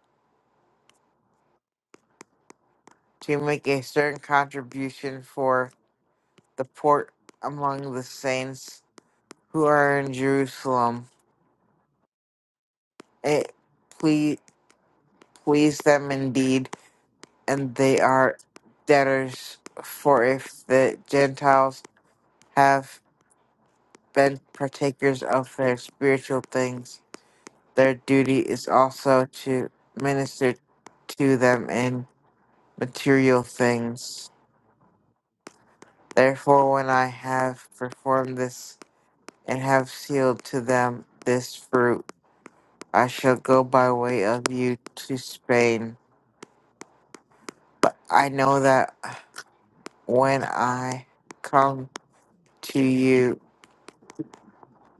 to make a certain contribution for the port among the saints who are in Jerusalem. It please, please them indeed, and they are debtors, for if the Gentiles have been partakers of their spiritual things, their duty is also to minister to them in material things. Therefore, when I have performed this and have sealed to them this fruit, I shall go by way of you to Spain. But I know that when I come to you,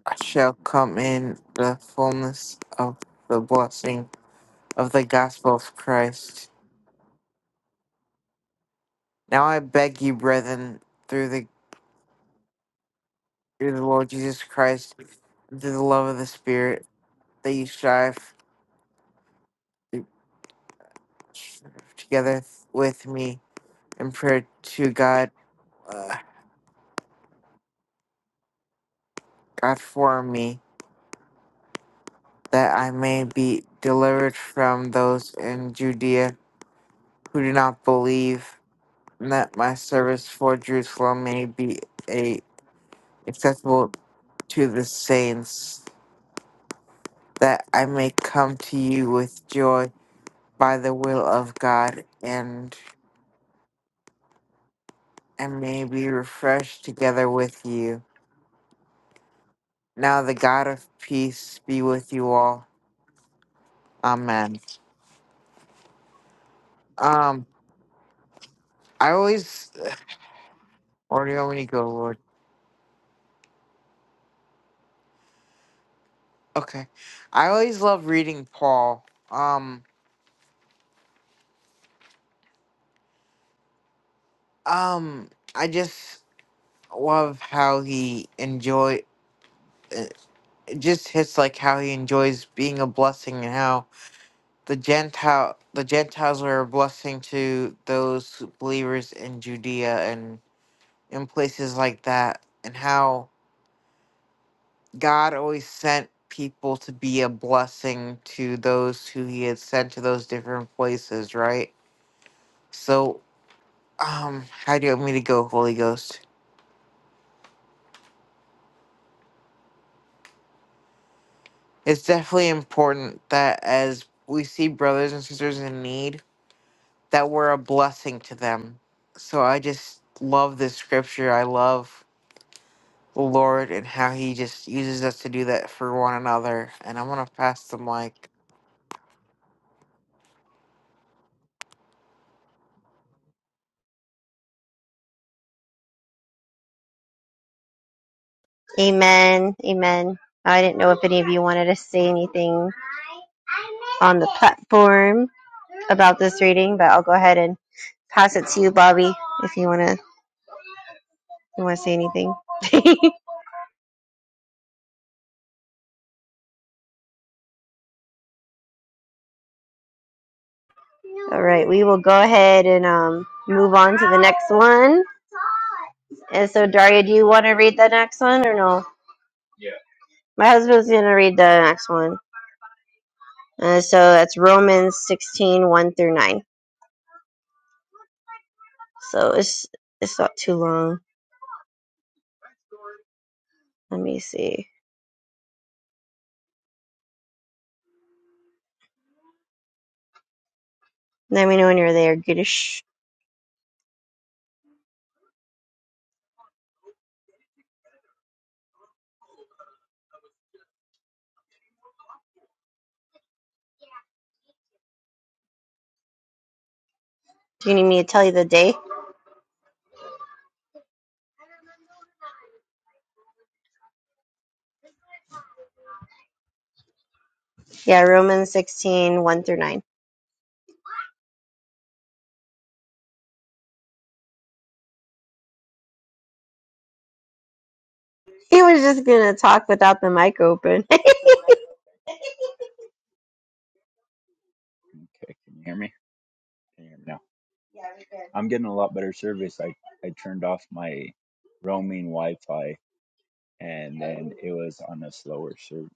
I shall come in the fullness of the blessing of the gospel of Christ. Now I beg you, brethren, through the through the Lord Jesus Christ, and through the love of the Spirit, that you strive together with me in prayer to God, uh, God for me, that I may be delivered from those in Judea who do not believe, and that my service for Jerusalem may be a, accessible to the saints, that I may come to you with joy by the will of God, and and may be refreshed together with you. Now the God of peace be with you all. Amen. Um, I always or do you want me to go, Lord? Okay. I always love reading Paul. Um, um, I just love how he enjoy. uh, It just hits like how he enjoys being a blessing and how the Gentile the Gentiles are a blessing to those believers in Judea and in places like that and how God always sent people to be a blessing to those who he had sent to those different places, right? So, um, how do you want me to go, Holy Ghost? It's definitely important that as we see brothers and sisters in need, that we're a blessing to them. So I just love this scripture. I love the Lord and how he just uses us to do that for one another. And I'm gonna pass the mic. Amen. Amen. I didn't know if any of you wanted to say anything on the platform about this reading, but I'll go ahead and pass it to you, Bobby, if you wanna you wanna say anything. (laughs) All right, we will go ahead and um move on to the next one. And so, Daria, do you want to read the next one or no? My husband's gonna read the next one. Uh, so that's Romans 16, one through 9. So it's it's not too long. Let me see. Let me know when you're there, Goodish. Do you need me to tell you the day? Yeah, Romans sixteen one through 9. He was just going to talk without the mic open. Okay, can you hear me? Can you hear me now? I'm getting a lot better service. I, I turned off my roaming Wi-Fi and then it was on a slower service,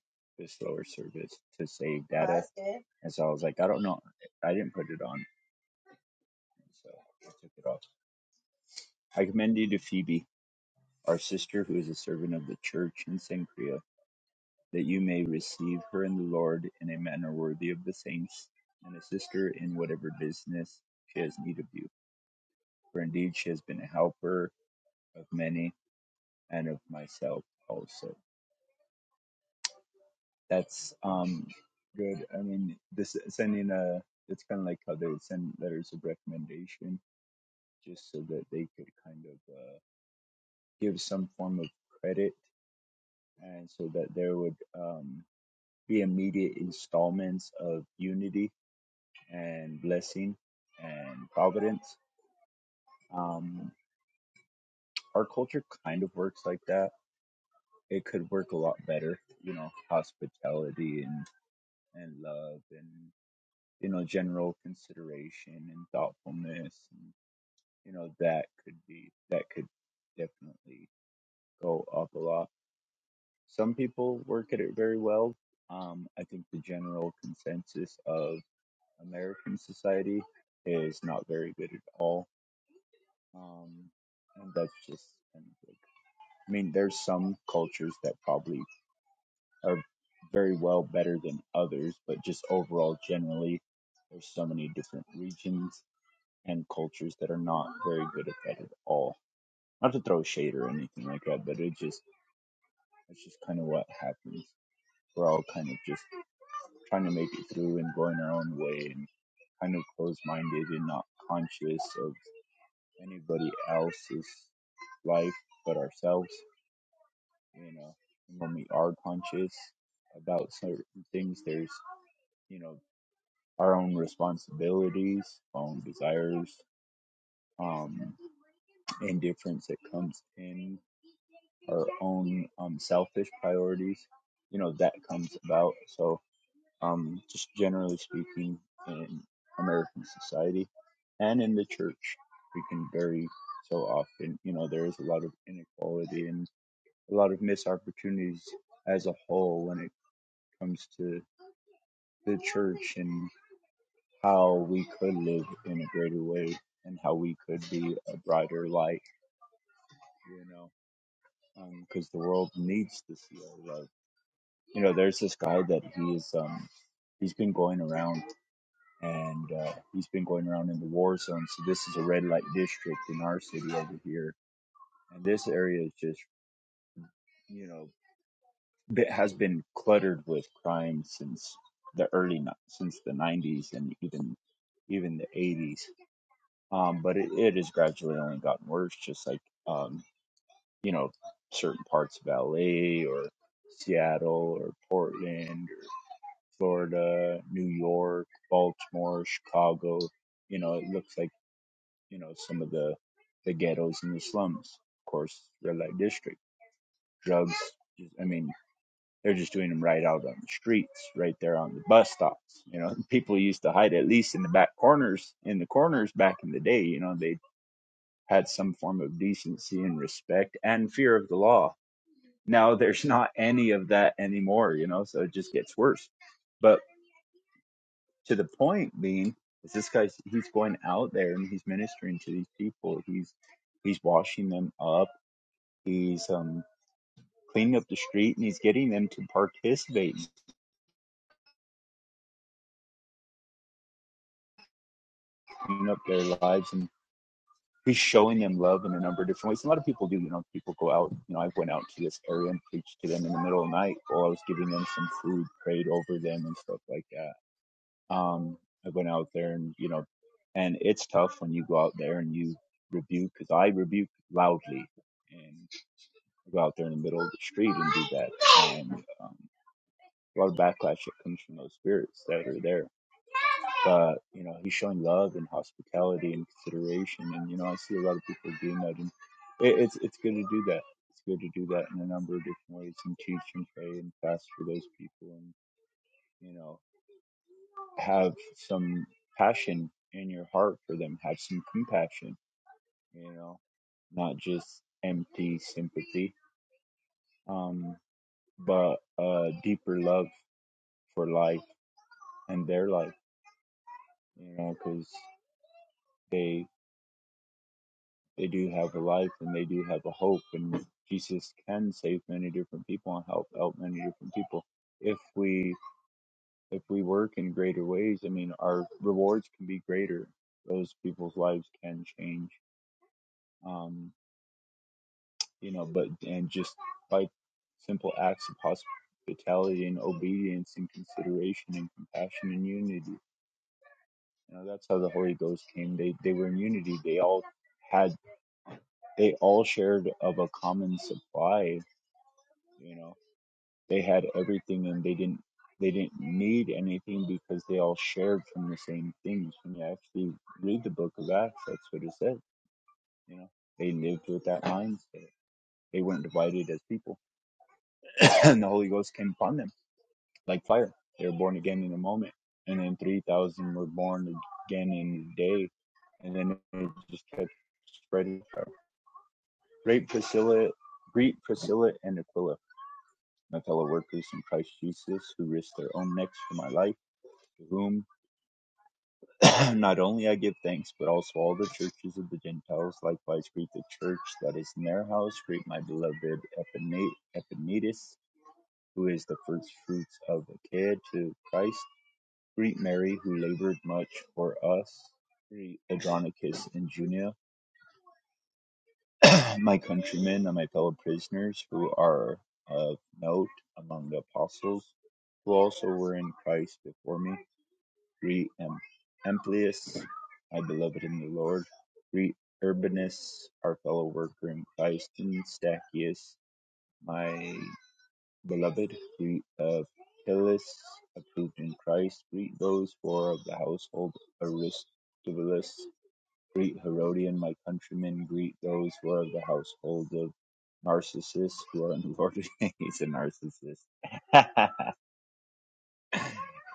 slower service to save data. And so I was like, I don't know, I didn't put it on. so I took it off. I commend you to Phoebe, our sister, who is a servant of the church in Cenchrea, that you may receive her in the Lord in a manner worthy of the saints, and assist her in whatever business she has need of you. For indeed she has been a helper of many and of myself also. That's um good. I mean, this sending a it's kind of like how they would send letters of recommendation, just so that they could kind of uh, give some form of credit and so that there would um, be immediate installments of unity and blessing and providence. Um, our culture kind of works like that. It could work a lot better, you know, hospitality and, and love and, you know, general consideration and thoughtfulness. And, you know, that could be, that could definitely go up a lot. Some people work at it very well. Um, I think the general consensus of American society is not very good at all. Um, and that's just kind of like, I mean, there's some cultures that probably are very well better than others, but just overall, generally, there's so many different regions and cultures that are not very good at that at all. Not to throw shade or anything like that, but it just it's just kind of what happens. We're all kind of just trying to make it through and going our own way and kind of closed minded and not conscious of anybody else's life but ourselves. You know, and when we are conscious about certain things, there's you know our own responsibilities, our own desires, um, indifference that comes in, our own um, selfish priorities. You know that comes about. So, um, just generally speaking, in American society and in the church, we can very so often, you know, there is a lot of inequality and. a lot of missed opportunities as a whole when it comes to the church and how we could live in a greater way and how we could be a brighter light, you know, because um, the world needs to see our love. You know, there's this guy that he is, um, he's been going around and uh, he's been going around in the war zone. So this is a red light district in our city over here. And this area is just, you know, that has been cluttered with crime since the early ni- since the 90s and even even the 80s um but it, it has gradually only gotten worse just like um you know certain parts of LA or Seattle or Portland or Florida New York Baltimore Chicago you know it looks like you know some of the the ghettos and the slums of course red light district drugs I mean They're just doing them right out on the streets, right there on the bus stops. You know, (laughs) people used to hide at least in the back corners, in the corners back in the day. You know, they had some form of decency and respect and fear of the law. Now (laughs) there's not any of that anymore. You know, so it just gets worse. But to the point being, is this guy? he's going out there and he's ministering to these people. He's he's washing them up. He's um cleaning up the street and he's getting them to participate in cleaning up their lives and he's showing them love in a number of different ways. A lot of people do, you know, people go out, you know, I went out to this area and preached to them in the middle of the night while I was giving them some food, prayed over them and stuff like that. Um, I went out there and, you know, and it's tough when you go out there and you rebuke, because I rebuke loudly and I go out there in the middle of the street and do that. And um, a lot of backlash that comes from those spirits that are there but you know, he's showing love and hospitality and consideration, and you know, I see a lot of people doing that, and it, it's it's good to do that. It's good to do that in a number of different ways, and teach and pray and fast for those people, and you know, have some passion in your heart for them, have some compassion, you know, not just empty sympathy, um, but a deeper love for life and their life, you know, because. they. They do have a life and they do have a hope, and Jesus can save many different people and help out many different people if we if we work in greater ways. I mean, our rewards can be greater. Those people's lives can change. Um, you know, but and just by simple acts of hospitality and obedience and consideration and compassion and unity. You know, that's how the Holy Ghost came. They they were in unity. They all had they all shared of a common supply, you know. They had everything and they didn't they didn't need anything because they all shared from the same things. When you actually read the book of Acts, that's what it says. You know, they lived with that mindset. They weren't divided as people. (clears throat) and the Holy Ghost came upon them like fire. They were born again in a moment. And then three thousand were born again in a day. And then it just kept spreading. Great Priscilla greet Priscilla and Aquila my fellow workers in Christ Jesus who risked their own necks for my life, to whom (clears throat) Not only I give thanks, but also all the churches of the Gentiles likewise greet the church that is in their house. Greet my beloved Epine- who is the first fruits of Achaia to Christ. Greet Mary, who labored much for us. Greet Adronicus and Junia, (clears throat) my countrymen and my fellow prisoners, who are of note among the apostles, who also were in Christ before me. re Am- Amplius, my beloved in the Lord, re Urbanus, our fellow worker in Christ, and Stachys, my beloved, re of Apelles, approved in Christ, greet those four of the household Aristobulus, greet Herodian, my countrymen, greet those who are of the household of Narcissus, who are in the Lord. (laughs) He's a narcissist. (laughs)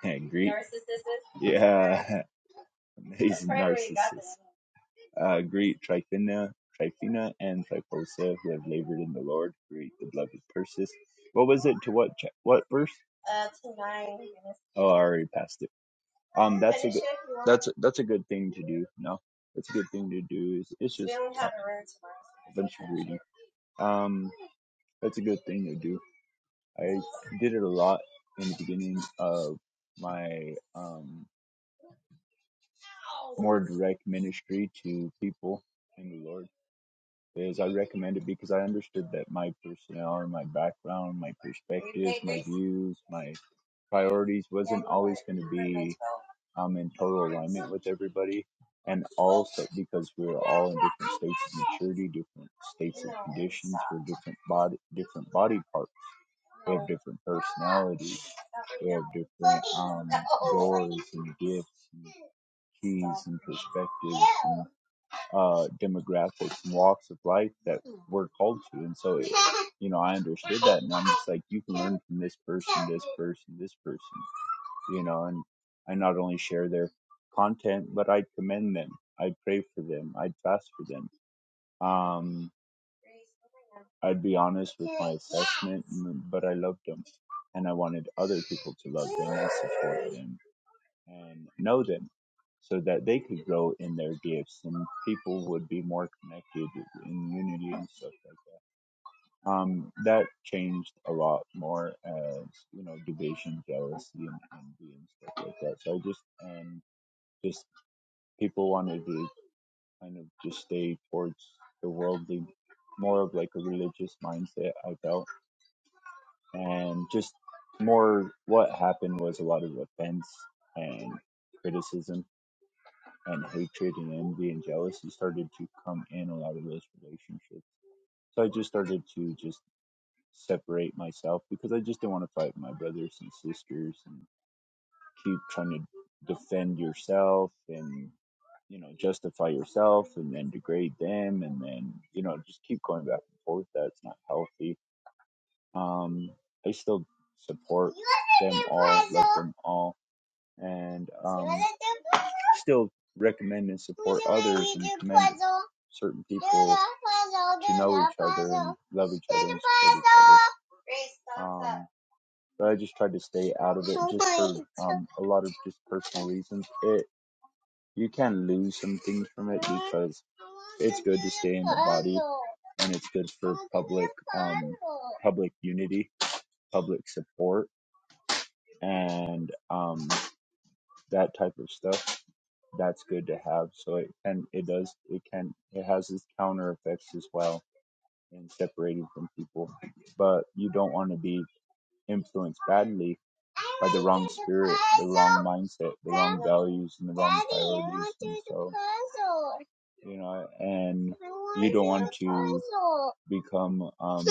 greet. Narcissist? Yeah, (laughs) he's a narcissist. Uh, greet Tryphena, Tryphena and Tryphosa who have labored in the Lord. Greet the beloved Persis. What was it? To what cha- what verse? Uh, to nine. Oh, I already passed it. Um, that's a good, that's a, that's a good thing to do. No, that's a good thing to do. Is it's just a bunch of reading. Um, that's a good do. I did it a lot of my um more direct ministry to people in the Lord. is I recommend it because I understood that my personality, my background, my perspectives, my views, my priorities wasn't always going to be um, in total alignment with everybody. And also because we're all in different states of maturity, different states of conditions, we're different body, different body parts. We have different personalities. We have different um, doors and gifts and keys and perspectives and uh, demographics and walks of life that we're called to. And so, it, you know, I understood that, and I'm just like, you can learn from this person, this person, this person, you know. And I not only share their content, but I commend them. I pray for them. I fast for them. Um, I'd be honest with my assessment, but I loved them, and I wanted other people to love them and support them and know them so that they could grow in their gifts and people would be more connected in unity and stuff like that. Um, that changed a lot more as you know division, jealousy, and envy and stuff like that. So I just and just people wanted to kind of just stay towards the worldly, more of like a religious mindset. I felt and just more what happened was a lot of offense and criticism and hatred and envy and jealousy started to come in a lot of those relationships. So I just started to just separate myself because I just didn't want to fight with my brothers and sisters and keep trying to defend yourself and you know justify yourself and then degrade them and then you know just keep going back and forth. That's not healthy. Um, I still support them all, love them all and um, still recommend and support others and commend certain people to know each other and love each other and support each other. Um, but I just tried to stay out of it just for um, a lot of just per- it. You can lose some things from it because it's good to stay in the body and it's good for public um, public unity, public support, and um, that type of stuff that's good to have. So it and it does it can it has its counter effects as well in separating from people. But you don't want to be influenced badly by the wrong spirit, the wrong mindset, the wrong values, and the wrong priorities. And so, you know, and you don't want to become um,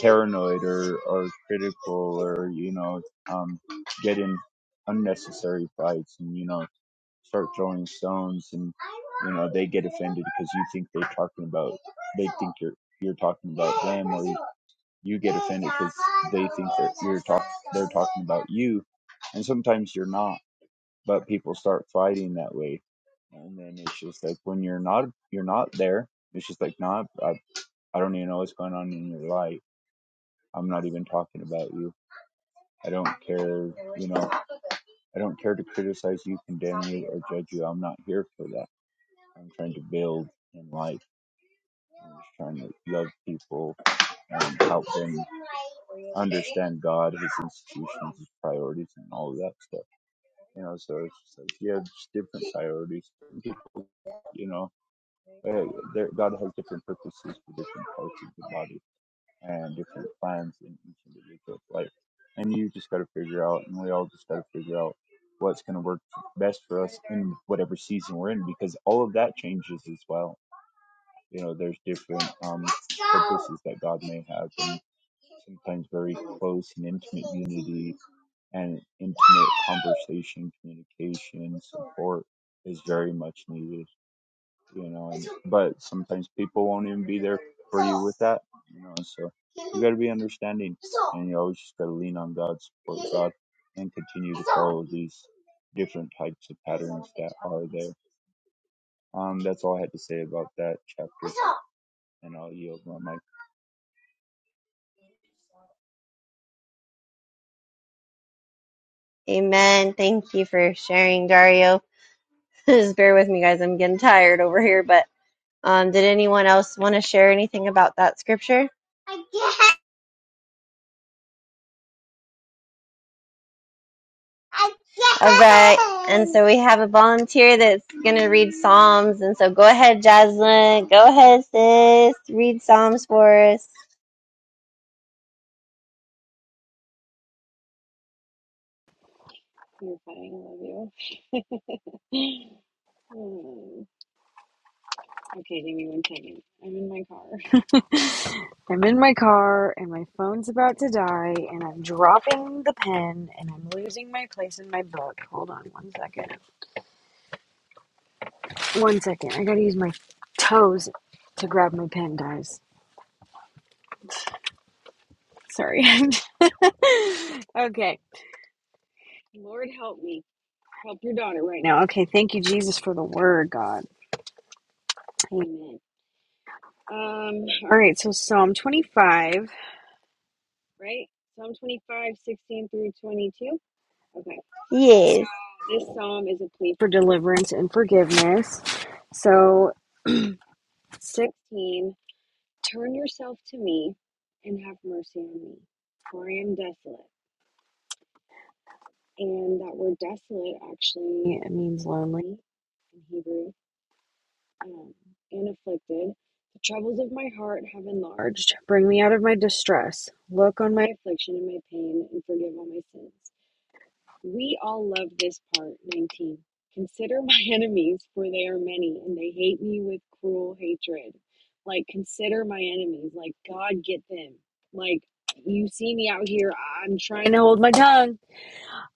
paranoid or, or critical or, you know, um, get in unnecessary fights and, you know, start throwing stones and, you know, they get offended because you think they're talking about, they think you're, you're talking about them or you get offended because they think that you're talk they're talking about you, and sometimes you're not. But people start fighting that way, and then it's just like when you're not you're not there. It's just like not. nah, I, I don't even know what's going on in your life. I'm not even talking about you. I don't care. You know, I don't condemn you or do. I'm not here for that. I'm trying to build in life, love people, and help them understand God, His institutions, His priorities, and all of that stuff. you know so it's just like yeah just different priorities you know uh, there, god has different purposes for different parts of the body and different plans in each individual's life and you just got to figure out and we all just got to figure out what's going to work best for us in whatever season we're in because all of that changes as well you know, there's different um, purposes that God may have, and sometimes very close and intimate unity and intimate conversation, communication, support is very much needed, you know. And, but sometimes people won't even be there for you with that, you know. So you got to be understanding, and you always just got to lean on God, support God, and continue to follow these different types of patterns that are there. Um, that's all I had to say about that chapter and I'll yield my mic. (laughs) Amen. Thank you for sharing, Dario. (laughs) just bear with me, guys. I'm getting tired over here. But um, did anyone else want to share anything about that scripture? All right. And so we have a volunteer that's going to read Psalms. And so go ahead, Jaslyn. Go ahead, sis. Read Psalms for us. You're funny. I love you. (laughs) Um, okay, give me one second. I'm in my car. (laughs) I'm in my car, and my phone's about to die, and I'm dropping the pen, and I'm losing my place in my book. Hold on one second. One second. I gotta use my toes to grab my pen, guys. Sorry. (laughs) okay. Lord help me. Help your daughter right now. Okay, thank you, Jesus, for the word, God. Amen. Um, all right, so Psalm 25. right? Psalm 25 16 through 22. Okay. So Yes. this psalm is a plea for deliverance and forgiveness. So 16, turn yourself to me and have mercy on me, for I am desolate. And that word desolate actually it means lonely in Hebrew um, and afflicted. The troubles of my heart have enlarged. Bring me out of my distress. Look on my affliction and my pain and forgive all my sins We all love this part, 19. Consider (laughs) my enemies, for they are many, and they hate me with cruel hatred. Like, consider my enemies. Like, God, get them. Like, you see me out here. I'm trying to hold my tongue.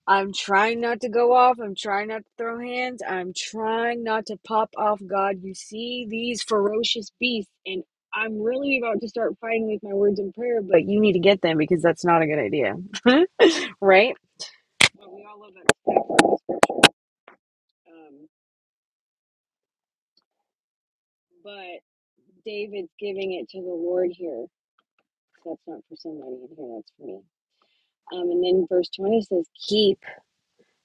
I'm trying not to go off. I'm trying not to throw hands. I'm trying not to pop off. God, you see these ferocious beasts, and I'm really about to start fighting with my words in prayer, but you need to get them because that's not a good idea. (laughs) right? But we all love that. Um, But David's giving it to the Lord here. That's not for somebody in here, that's for me. Um, and then verse 20 says, Keep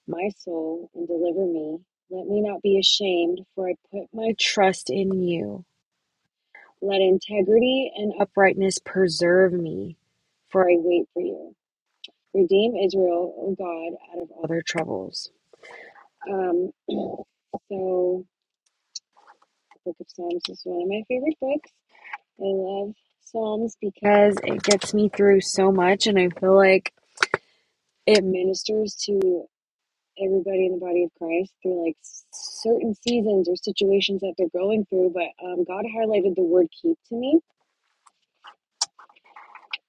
my soul and deliver me. Let me not be ashamed, for I put my trust in you. Let integrity and uprightness preserve me, for I wait for you. Redeem Israel, O God, out of all their troubles. Um, so, the book of Psalms is one of my favorite books. I love Psalms because it gets me through so much, and I feel like it ministers to everybody in the body of Christ through like certain seasons or situations that they're going through. But um, God highlighted the word keep to me.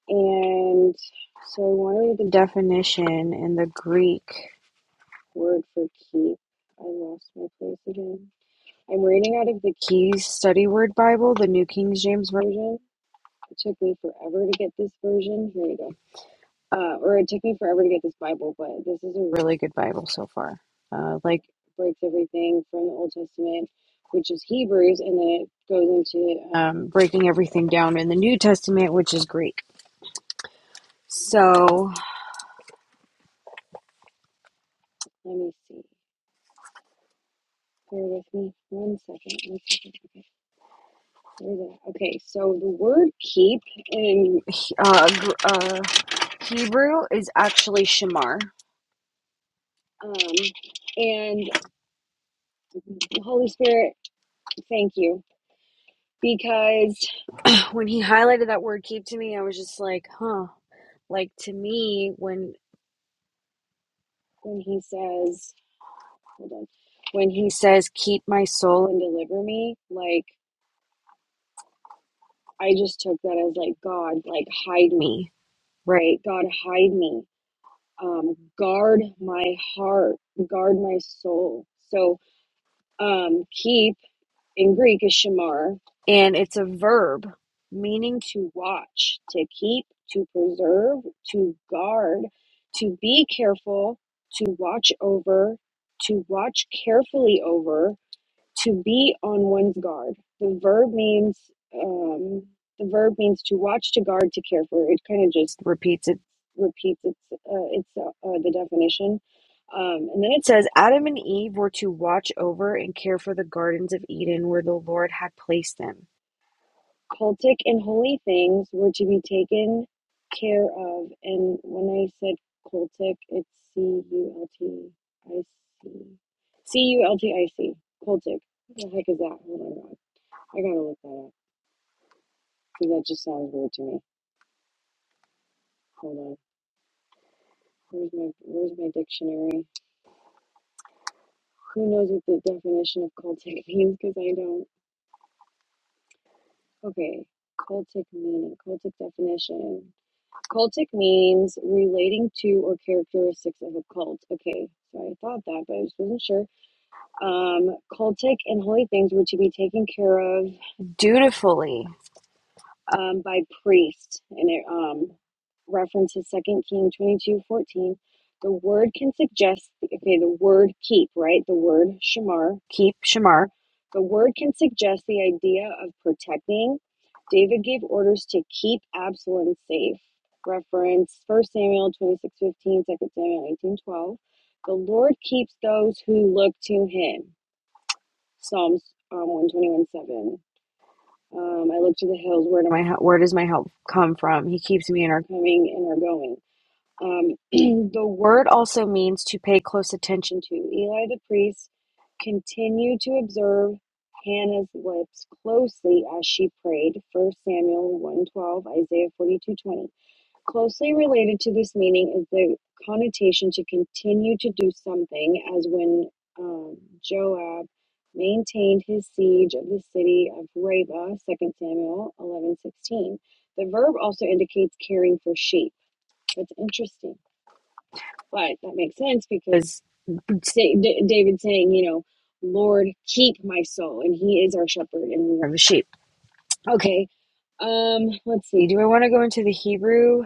And so I want to read the definition in the Greek word for keep. I lost my place again. I'm reading out of the Key Study Word Bible, the New King James Version. It took me forever to get this version. Here we go. Uh, or it took me forever to get this Bible, but this is a really good Bible so far. Uh, like breaks everything from the Old Testament, which is Hebrews, and then it goes into um, breaking everything down in the New Testament, which is Greek. So let me see. Bear with me one second. One second. Okay. Where's that? Okay. So the word "keep" in uh, uh, Hebrew is actually "shamar," um, and the Holy Spirit. Thank you because when he highlighted that word keep to me, I was just like, huh. Like to me, when when he says, hold on, when he says, keep my soul and deliver me, like I just took that as like God, like hide me, right? God, hide me. Um, guard my heart, guard my soul. So um, keep. in Greek is shamar, and it's a verb meaning to watch, to keep, to preserve, to guard, to be careful, to watch over, to watch carefully over, to be on one's guard. The verb means um, the verb means to watch, to guard, to care for. It kind of just repeats it, repeats its uh, its uh, uh, the definition. Um, and then it says, Adam and Eve were to watch over and care for the gardens of Eden where the Lord had placed them cultic and holy things were to be taken care of. And when I said cultic, it's C U L T I C. C U L T I C. Cultic. What the heck is that? Oh my god. I gotta look that up because that just sounds weird to me. Hold on. Where's my Where's my dictionary? Who knows what the definition of cultic (laughs) means? Because I don't. Okay. Cultic meaning. Cultic definition. Cultic means relating to or characteristics of a cult. Okay, so I thought that, but I just wasn't sure. Um, cultic and holy things were to be taken care of dutifully um, by priest, and it um, references Second King twenty two fourteen. The word can suggest okay, the word keep, right? The word shamar, keep shamar. The word can suggest the idea of protecting. David gave orders to keep Absalom safe. Reference First Samuel twenty six fifteen, Second Samuel eighteen twelve. The Lord keeps those who look to him. Psalms um, 121 one twenty-one seven. Um, I look to the hills. Where do my help? Where does my help come from? He keeps me in our coming and our going. Um, (clears throat) the word also means to pay close attention to. Eli the priest continued to observe Hannah's lips closely as she prayed. First Samuel 112, Isaiah 42:20. Closely related to this meaning is the connotation to continue to do something, as when um, Joab maintained his siege of the city of Reba, Second Samuel 11:16. The verb also indicates caring for sheep. That's interesting, but that makes sense because say, David saying, you know, Lord, keep my soul, and He is our shepherd, and we are the sheep. Okay. Um. Let's see. Do I want to go into the Hebrew?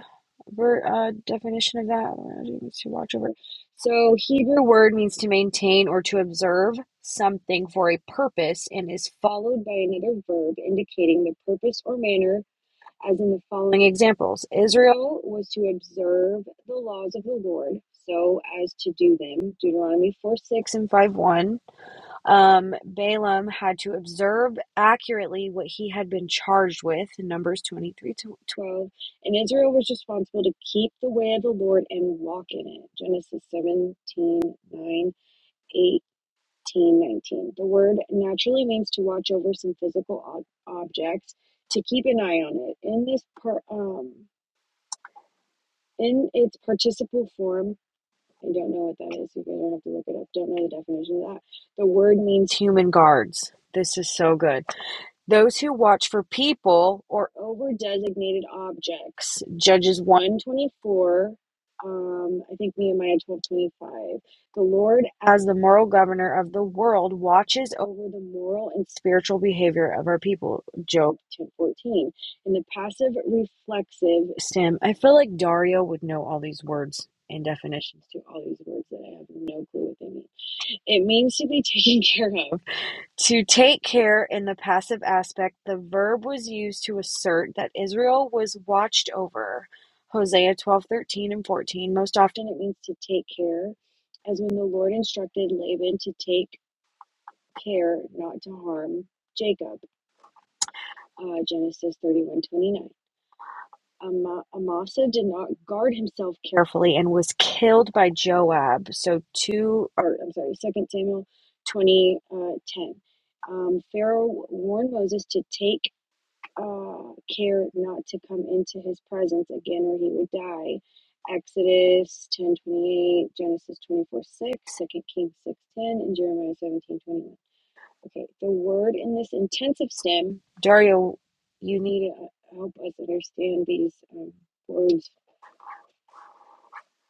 ver, uh, definition of that. let Watch over. So, Hebrew word means to maintain or to observe something for a purpose and is followed by another verb indicating the purpose or manner, as in the following examples Israel was to observe the laws of the Lord so as to do them, Deuteronomy 4 6 and 5 1. Um, Balaam had to observe accurately what he had been charged with in Numbers 23 to 12, and Israel was responsible to keep the way of the Lord and walk in it. Genesis 17 9 18 19. The word naturally means to watch over some physical ob- objects, to keep an eye on it. In this part, um, in its participle form, I don't know what that is. You guys don't have to look it up. Don't know the definition of that. The word means human guards. This is so good Those who watch for people or over designated objects. Judges 124. Um, I think Nehemiah 1225. The Lord, as the moral governor of the world, watches over the moral and spiritual behavior of our people. Job 1014. In the passive reflexive stem, I feel like Dario would know all these words and definitions to all these words that I have no clue what they mean. It means to be (laughs) taken care of to take care in the passive aspect, the verb was used to assert that Israel was watched over. Hosea 12:13 and 14. Most often it means to take care, as when the Lord instructed Laban to take care not to harm Jacob. Uh, Genesis 31:29. Ama- Amasa did not guard himself carefully and was killed by Joab. So two, or I'm sorry, Second Samuel twenty uh, ten. Um, Pharaoh warned Moses to take uh, care not to come into his presence again, or he would die. Exodus ten twenty eight, Genesis twenty four six, Second Kings six ten, and Jeremiah seventeen twenty one. Okay, the word in this intensive stem, Dario, you need to uh, help us understand these um, words,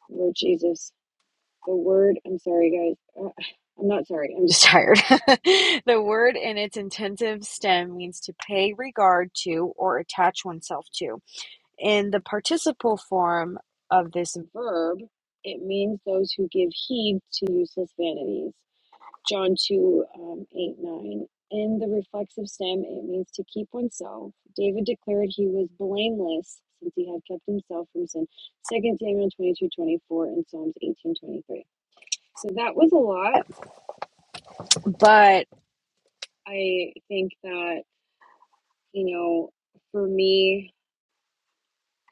Lord Jesus. The word, I'm sorry, guys. Uh, I'm not sorry, I'm just tired. (laughs) the word in its intensive stem means to pay regard to or attach oneself to. In the participle form of this verb, it means those who give heed to useless vanities. John 2 um, 8 9. In the reflexive stem, it means to keep oneself. David declared he was blameless since he had kept himself from sin. Second Samuel twenty two twenty four and Psalms eighteen twenty three. So that was a lot, but I think that, you know, for me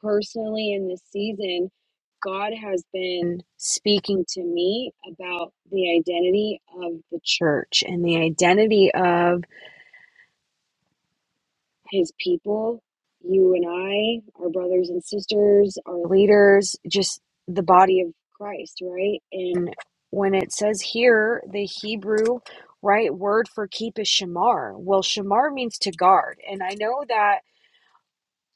personally in this season, God has been speaking to me about the identity of the church and the identity of his people. You and I, our brothers and sisters, our leaders, just the body of Christ, right? And when it says here, the Hebrew right word for keep is shamar. Well, shamar means to guard. And I know that,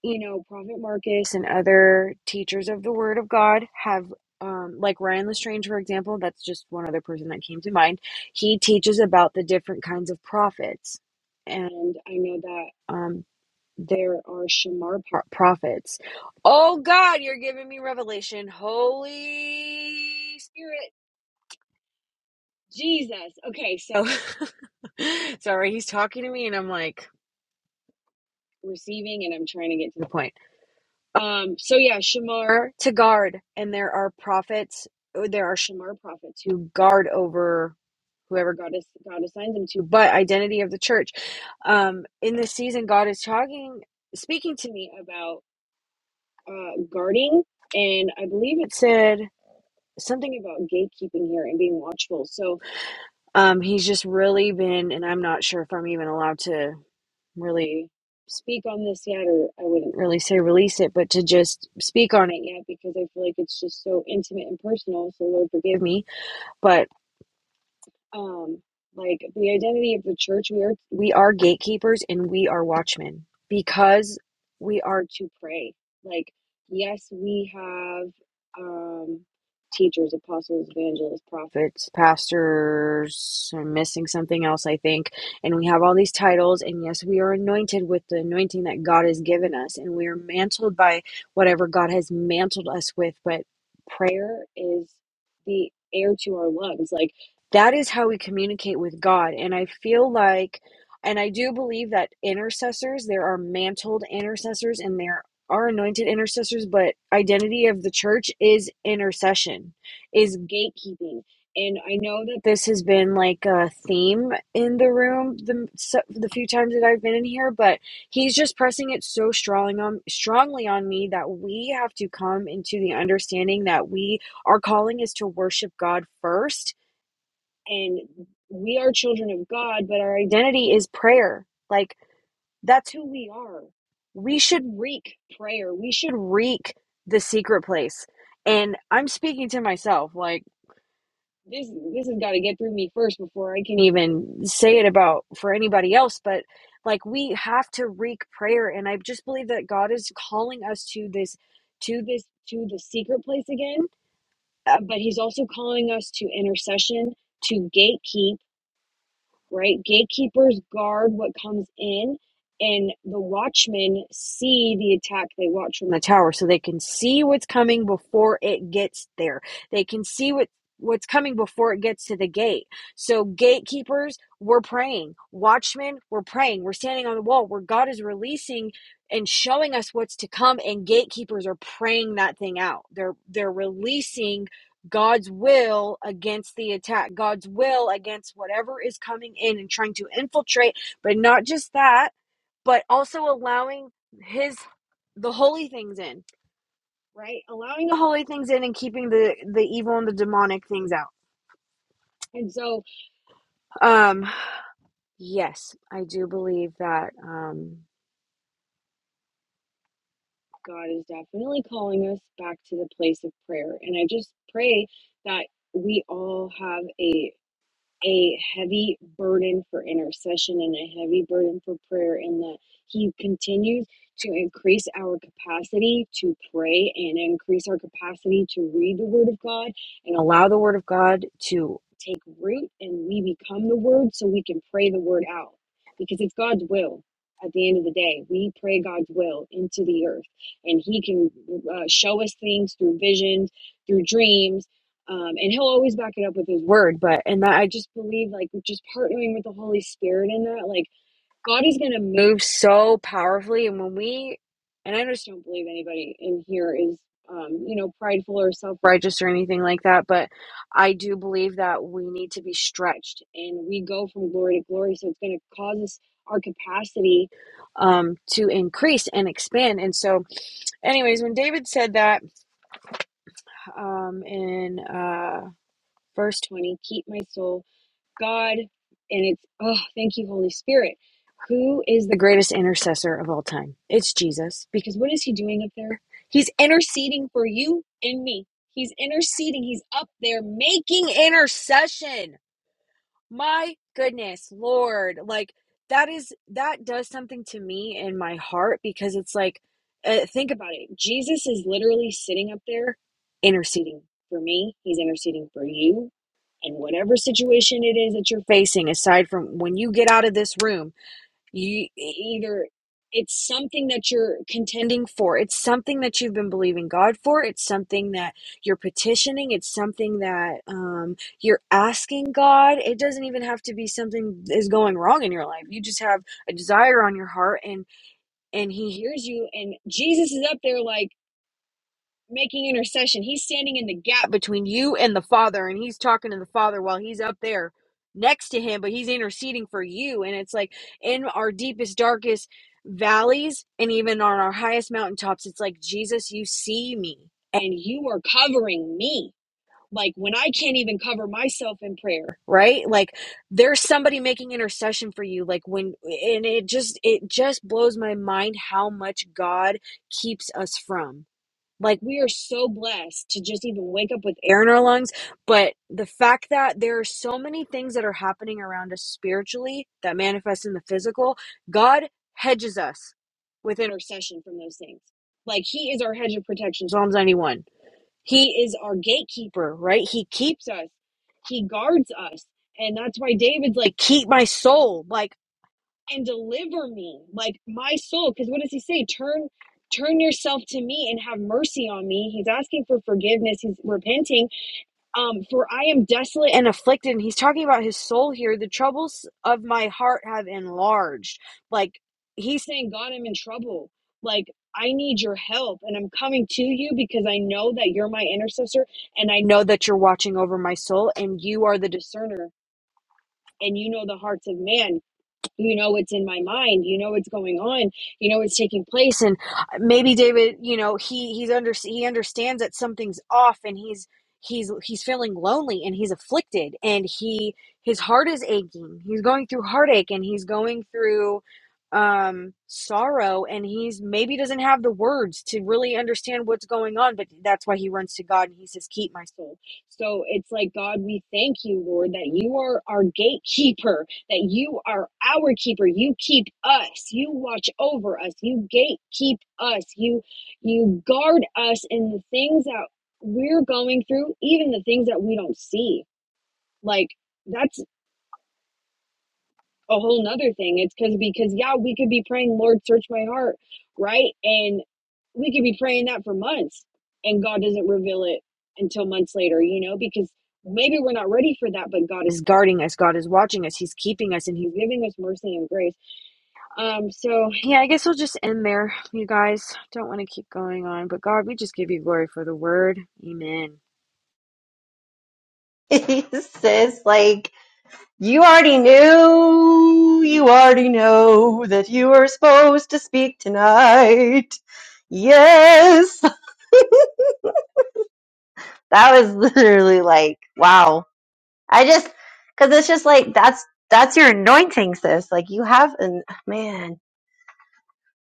you know, Prophet Marcus and other teachers of the word of God have. Um, like Ryan Lestrange, for example, that's just one other person that came to mind. He teaches about the different kinds of prophets, and I know that. um there are Shamar pro- prophets. Oh God, you're giving me revelation. Holy Spirit, Jesus. Okay, so (laughs) sorry, he's talking to me, and I'm like receiving, and I'm trying to get to the point. Um, so yeah, Shamar to guard, and there are prophets. oh, There are Shamar prophets who guard over whoever God is God assigns them to. But identity of the church. Um, in this season, God is talking, speaking to me about. uh, guarding, and I believe it said something about gatekeeping here and being watchful. So um, he's just really been, and I'm not sure I'm allowed to really speak on this yet, or I wouldn't really say release it, but to just speak on it yet because I feel like it's just so intimate and personal. So Lord forgive me, but. um like the identity of the church we are we are gatekeepers and we are watchmen because we are to pray like yes we have um teachers apostles evangelists prophets pastors i'm missing something else i think and we have all these titles and yes we are anointed with the anointing that god has given us and we are mantled by whatever god has mantled us with but prayer is the air to our lungs like that is how we communicate with God. And I feel like, and I do believe that intercessors, there are mantled intercessors and there are anointed intercessors, but identity of the church is intercession, is gatekeeping. And I know that this has been like a theme in the room the so- the few times that I've been in here, but he's just pressing it so strongly on strongly on me that we have to come into the understanding that we our calling is to worship God first and we are children of God, but our identity is prayer. Like that's who we're. We should reek prayer. We should reek the secret place. And I'm speaking to myself. Like this, this has got to get worse before I can even say it about for anybody else. But like we have to reek prayer, and I just believe that God is calling us to this, to this, to the secret place again. Uh, but He's also calling us to intercession, to gatekeep right? Gatekeepers guard what comes in, and the watchmen see the attack they watch from the tower, so they can see what's coming before it gets there. They can see what what's coming before it gets to the gate. So gatekeepers, we're praying. Watchmen, we're praying. We're standing on the wall where God is releasing and showing us what's to come and gatekeepers are praying that thing out. They're they're releasing God's will against the attack, God's will against whatever is coming in and trying to infiltrate, but not just that, but also allowing his the holy things in, right? Allowing the holy things in and keeping the the evil and the demonic things out. And so um yes, I do believe that um God is definitely calling us back to the place of prayer. And I just pray that we all have a heavy burden for intercession and a heavy burden for prayer, and that He continues to increase our capacity to pray and increase our capacity to read the Word of God and allow the Word of God to take root and we become the Word so we can pray the Word out because it's God's will. At the end of the day, we pray God's will into the earth, and He can uh, show us things through visions, through dreams, um, and he'll always back it up with his word but and that i just believe like just partnering with the holy spirit in that like god is going to move so powerfully and when we and i just don't believe anybody in here is um, you know prideful or self-righteous or anything like that but i do believe that we need to be stretched and we go from glory to glory so it's going to cause us our capacity um, to increase and expand and so anyways when david said that um, in uh, verse 20 keep my soul god and it's oh thank you holy spirit who is the greatest intercessor of all time it's jesus because what is he doing up there he's interceding for you and me he's interceding he's up there making intercession my goodness lord like that is that does something to me in my heart because it's like uh, think about it jesus is literally sitting up there interceding for me he's interceding for you and whatever situation it is that you're facing aside from when you get out of this room you e, either it's something that you're contending for it's something that you've been believing god for it's something that you're petitioning it's something that um, you're asking god it doesn't even have to be something that is going wrong in your life you just have a desire on your heart and and he hears you and jesus is up there like making intercession. He's standing in the gap between you and the Father, and he's talking to the Father while he's up there next to him, but he's interceding for you. And it's like in our deepest, darkest valleys, and even on our highest mountaintops, it's like, Jesus, you see me, and you are covering me. Like when I can't even cover myself in prayer, right? Like there's somebody making intercession for you. Like when, and it just, it just blows my mind how much God keeps us from. Like we are so blessed to just even wake up with air in our lungs. But the fact that there are so many things that are happening around us spiritually that manifest in the physical, God hedges us with intercession from those things. Like he is our hedge of protection, Psalms 91. He is our gatekeeper, right? He keeps us, he guards us. And that's why David's like, keep my soul. Like and deliver me, like my soul. Because what does he say? Turn, turn yourself to me and have mercy on me. He's asking for forgiveness. He's repenting. Um, for I am desolate and afflicted. And he's talking about his soul here. The troubles of my heart have enlarged. Like he's saying, God, I'm in trouble. Like I need your help, and I'm coming to you because I know that you're my intercessor, and I know that you're watching over my soul, and you are the discerner, and you know the hearts of man you know what's in my mind you know what's going on you know what's taking place and uh, maybe david you know he he's under he understands that something's off and he's he's he's feeling lonely and he's afflicted and he his heart is aching he's going through heartache and he's going through um sorrow and he's maybe doesn't have the words to really understand what's going on but that's why he runs to God and he says keep my soul so it's like God we thank you Lord that you are our gatekeeper that you are our keeper you keep us you watch over us you gatekeep us you you guard us in the things that we're going through even the things that we don't see like that's a whole nother thing. It's because because yeah, we could be praying, Lord, search my heart, right? And we could be praying that for months, and God doesn't reveal it until months later, you know, because maybe we're not ready for that, but God is guarding us, God is watching us, He's keeping us, and He's giving us mercy and grace. Um, so yeah, I guess we'll just end there, you guys. Don't want to keep going on, but God, we just give you glory for the word. Amen. (laughs) sis, like You already knew, you already know that you were supposed to speak tonight. Yes, that was literally like, wow. I just, cause it's just like, that's, that's your anointing, sis. Like you have an, man,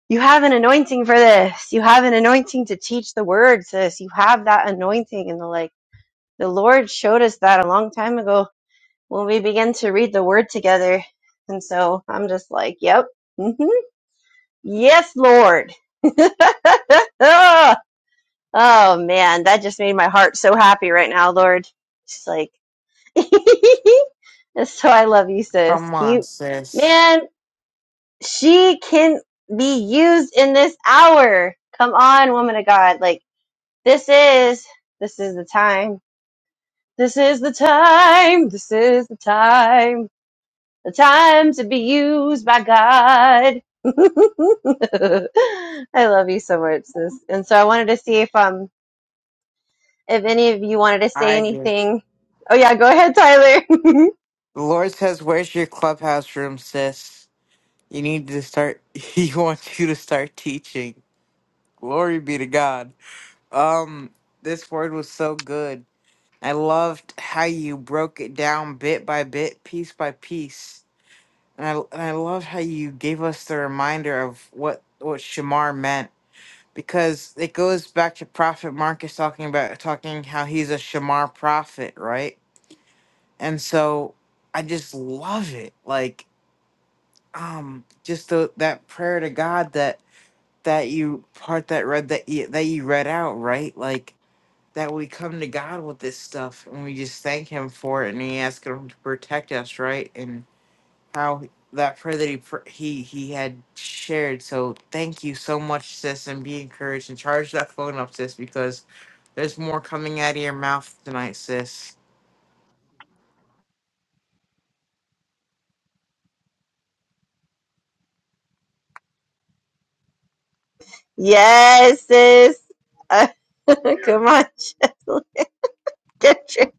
you have an anointing for this. You have an anointing to teach the word, sis. You have that anointing and the like, the Lord showed us that a long time ago when we began to read the word together. And so I'm just like, yep. (laughs) Yes, Lord. (laughs) oh man, that just made my heart so happy right now, Lord. Just like (laughs) so I love you, sis. Come on, Cute. sis. Man, she can be used in this hour. Come on, woman of God. Like this is this is the time. This is the time. This is the time. the time to be used by God. (laughs) I love you so much, sis. And so I wanted to see if um if any of you wanted to say I do. anything. Oh yeah, go ahead, Tyler. The Lord says, Where's your clubhouse room, sis? You need to start (laughs) he wants you to start teaching. Glory be to God. Um, this word was so good. I loved how you broke it down bit by bit, piece by piece. And I and I love how you gave us the reminder of what what Shamar meant. Because it goes back to Prophet Marcus talking about talking how he's a Shamar prophet, right? And so I just love it. Like um just the, that prayer to God that that you part that read that you, that you read out right like that we come to God with this stuff and we just thank Him for it and we ask Him to protect us right and how that prayer that he pr- he he had shared so thank you so much sis and be encouraged and charge that phone up sis because there's more coming out of your mouth tonight sis. (laughs) yes, sis. Uh, (laughs) come on, (laughs) get your,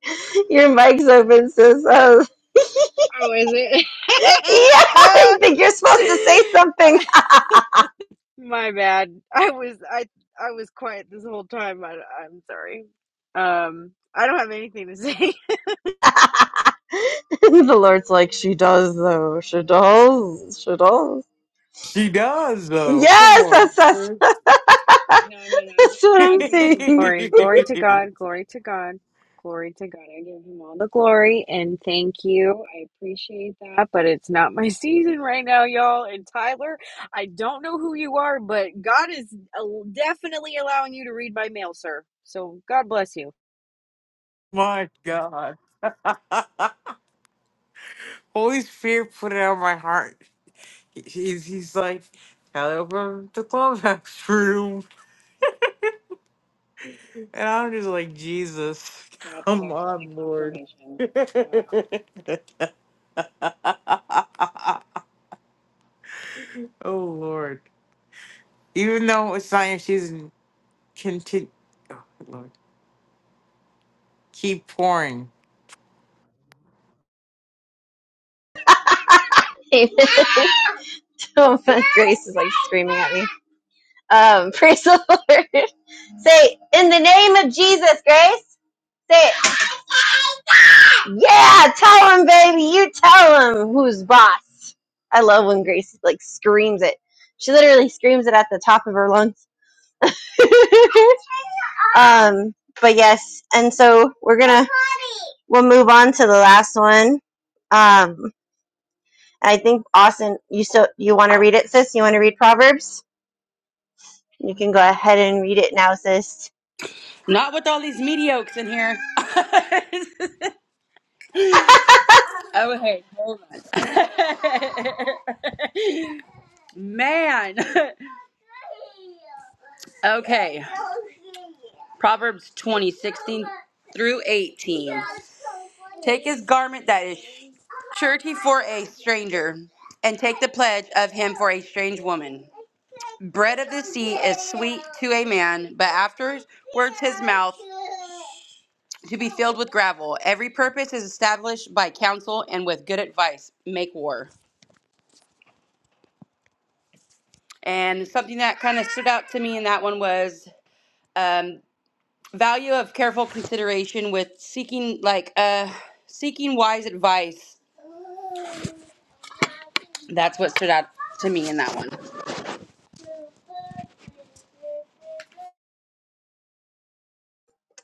your mic's open, sis. Oh. (laughs) yeah, Oh, is it? I think you're supposed to say (laughs) something. uh, My bad. (laughs) I was I I was quiet this whole time. I, I'm sorry. Um, I don't have anything to say. (laughs) (laughs) the Lord's like, she does though. She does. She does. She does though. Come Yes, on, that's us. sis. No, no, no. To That's what (laughs) I'm God be saying. the glory. Glory to God. Glory to God. Glory to God. I give him all the glory and thank you. I appreciate that, but it's not my (laughs) season right now, y'all. And Tyler, I don't know who you are, but God is uh, definitely allowing you to read my mail, sir. So God bless you. My God. Holy Spirit put it on my heart. He's, he's like, Kelly, welcome the Clubhouse (laughs) Room. And I'm just like, Jesus, That's come definitely on, Lord. (laughs) confirmation. oh, Wow. Lord. Even though it's not your season, continue. Oh, Lord. Keep pouring. Amen. (laughs) oh, my grace is like screaming at me. Um, (laughs) praise the Lord. (laughs) Say, in the name of Jesus, Grace. Say, it. yeah, tell him, baby. You tell him who's boss. I love when Grace like screams it. She literally screams it at the top of her lungs. (laughs) um, but yes, and so we're gonna we'll move on to the last one. Um, I think Austin, you still you want to read it, sis? You want to read Proverbs? You can go ahead and read it now, sis. Not with all these mediocres in here. (laughs) Oh, hey, hold on. (laughs) Man. Okay, Proverbs 20 16 through 18. Take his garment that is surety for a stranger, and take the pledge of him for a strange woman. Bread of the sea is sweet to a man, but afterwards his mouth to be filled with gravel. Every purpose is established by counsel, and with good advice make war. And something that kind of stood out to me in that one was um, value of careful consideration with seeking like uh, seeking wise advice. That's what stood out to me in that one.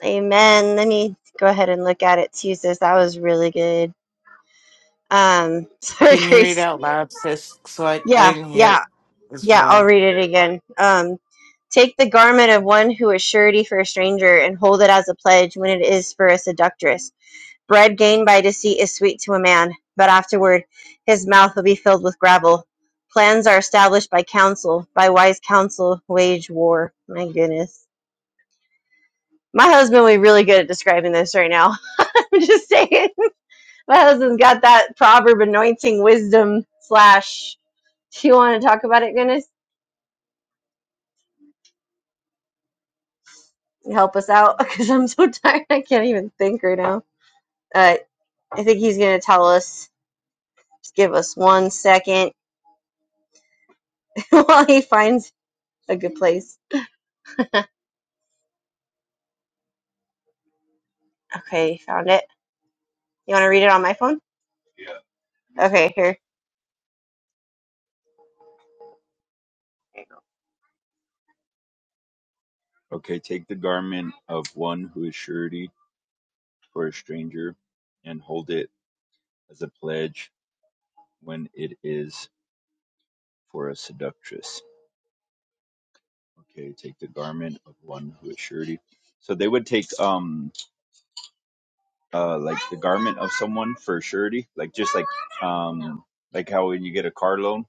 Amen. Let me go ahead and look at it too, sis. That was really good. Um, (laughs) sorry, Can you read Grace. out loud, sis? So I, I Yeah, didn't hear yeah, it as yeah. well. I'll read it again. Um, take the garment of one who is surety for a stranger and hold it as a pledge when it is for a seductress. Bread gained by deceit is sweet to a man, but afterward his mouth will be filled with gravel. Plans are established by counsel, by wise counsel wage war. My goodness My husband will be really good at describing this right now. (laughs) I'm just saying. My husband's got that proverb anointing wisdom slash. Do you want to talk about it, goodness? Help us out (laughs) because I'm so tired. I can't even think right now. Uh, I think he's going to tell us. Just give us one second (laughs) while he finds a good place. Okay, found it. You want to read it on my phone? Okay, here. Okay, take the garment of one who is surety for a stranger and hold it as a pledge when it is for a seductress. Okay, take the garment of one who is surety. So they would take um uh like the garment of someone for surety, like just like um like how when you get a car loan,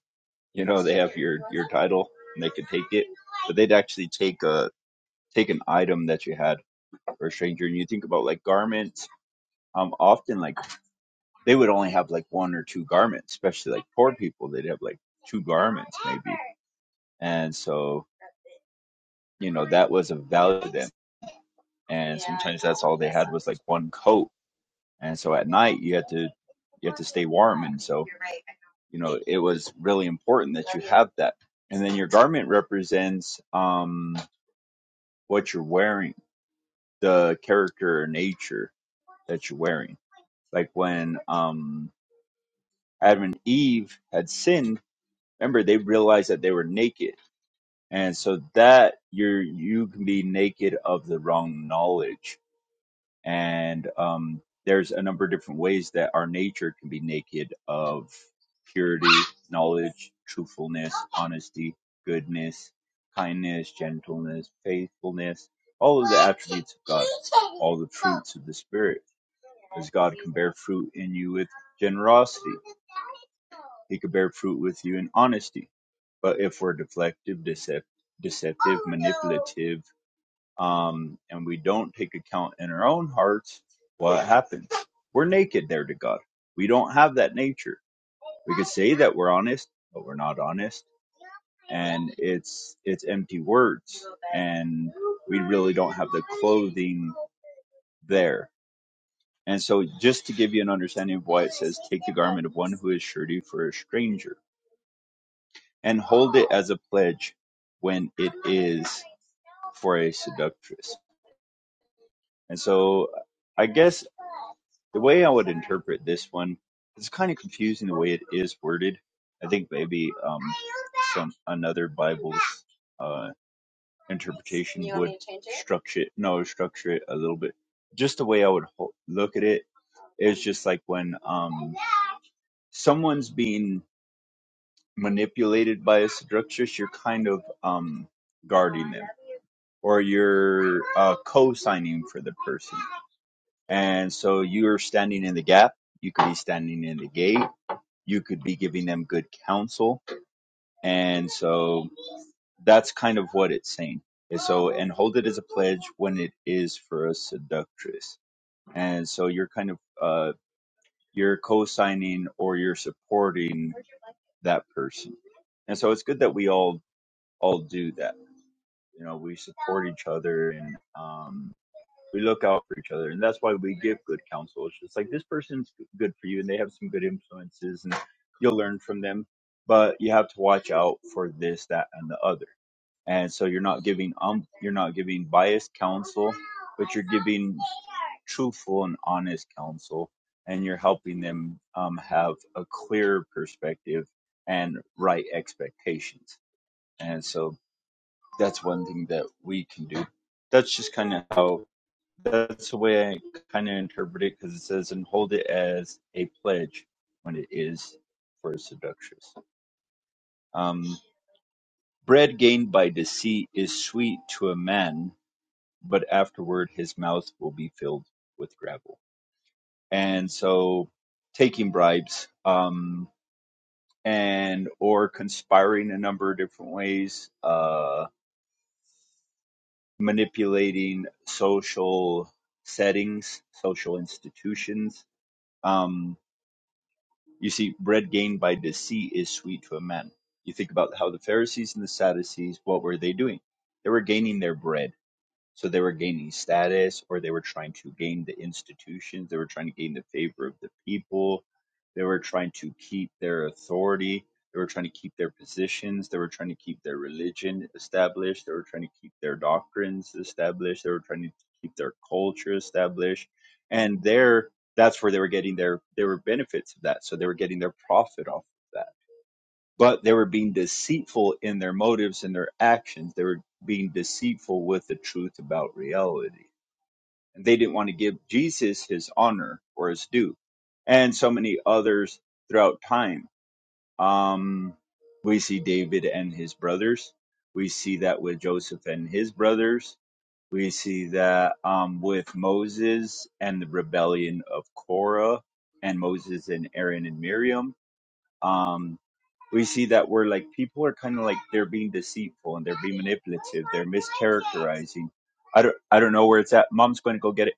you know, they have your your title and they could take it. But they'd actually take a take an item that you had for a stranger and you think about like garments um, often like they would only have like one or two garments, especially like poor people, they'd have like two garments maybe. And so, you know, that was a value to them. And sometimes that's all they had was like one coat. And so at night you had to you had to stay warm and so you know it was really important that you have that. And then your garment represents um what you're wearing, the character or nature that you're wearing. Like when um Adam and Eve had sinned, remember they realized that they were naked. And so that you're you can be naked of the wrong knowledge and um, there's a number of different ways that our nature can be naked of purity, knowledge, truthfulness, honesty, goodness, kindness, gentleness, faithfulness, all of the attributes of God, all the fruits of the Spirit, as God can bear fruit in you with generosity. He could bear fruit with you in honesty. But if we're deflective, deceptive, deceptive, manipulative, um, and we don't take account in our own hearts what happens. We're naked there to God. We don't have that nature. We could say that we're honest, but we're not honest, and it's it's empty words, and we really don't have the clothing there. And so, just to give you an understanding of why it says, "Take the garment of one who is surety for a stranger." and hold it as a pledge when it is for a seductress. And so I guess the way I would interpret this one, it's kind of confusing the way it is worded. I think maybe um, some another Bible's uh, interpretation would structure it. No, structure it a little bit. Just the way I would ho- look at it is just like when um, someone's being manipulated by a seductress, you're kind of um, guarding them or you're uh, co-signing for the person. And so you're standing in the gap. You could be standing in the gate. You could be giving them good counsel. And so that's kind of what it's saying. And so, and hold it as a pledge when it is for a seductress. And so you're kind of, uh, you're co-signing or you're supporting that person. And so it's good that we all all do that. You know, we support each other and um, we look out for each other, and that's why we give good counsel. It's just like this person's good for you, and they have some good influences, and you'll learn from them. But you have to watch out for this, that, and the other. And so you're not giving um, you're not giving biased counsel, but you're giving truthful and honest counsel, and you're helping them um, have a clear perspective and right expectations. And so that's one thing that we can do. That's just kind of how that's the way I kind of interpret it because it says and hold it as a pledge when it is for a seductress. Um, bread gained by deceit is sweet to a man, but afterward his mouth will be filled with gravel. And so, taking bribes um, and or conspiring a number of different ways. Uh, manipulating social settings, social institutions. Um, you see, bread gained by deceit is sweet to a man. You think about how the Pharisees and the Sadducees, what were they doing? They were gaining their bread so they were gaining status or they were trying to gain the institutions, they were trying to gain the favor of the people, they were trying to keep their authority, they were trying to keep their positions, they were trying to keep their religion established, they were trying to keep their doctrines established, they were trying to keep their culture established. And there that's where they were getting their there were benefits of that. So they were getting their profit off of that but they were being deceitful in their motives and their actions. They were being deceitful with the truth about reality. And they didn't want to give Jesus his honor or his due. And so many others throughout time. Um, we see David and his brothers. We see that with Joseph and his brothers. We see that um, with Moses and the rebellion of Korah and Moses and Aaron and Miriam. Um, we see that we're like people are kind of like they're being deceitful and they're being manipulative they're mischaracterizing i don't i don't know where it's at mom's going to go get it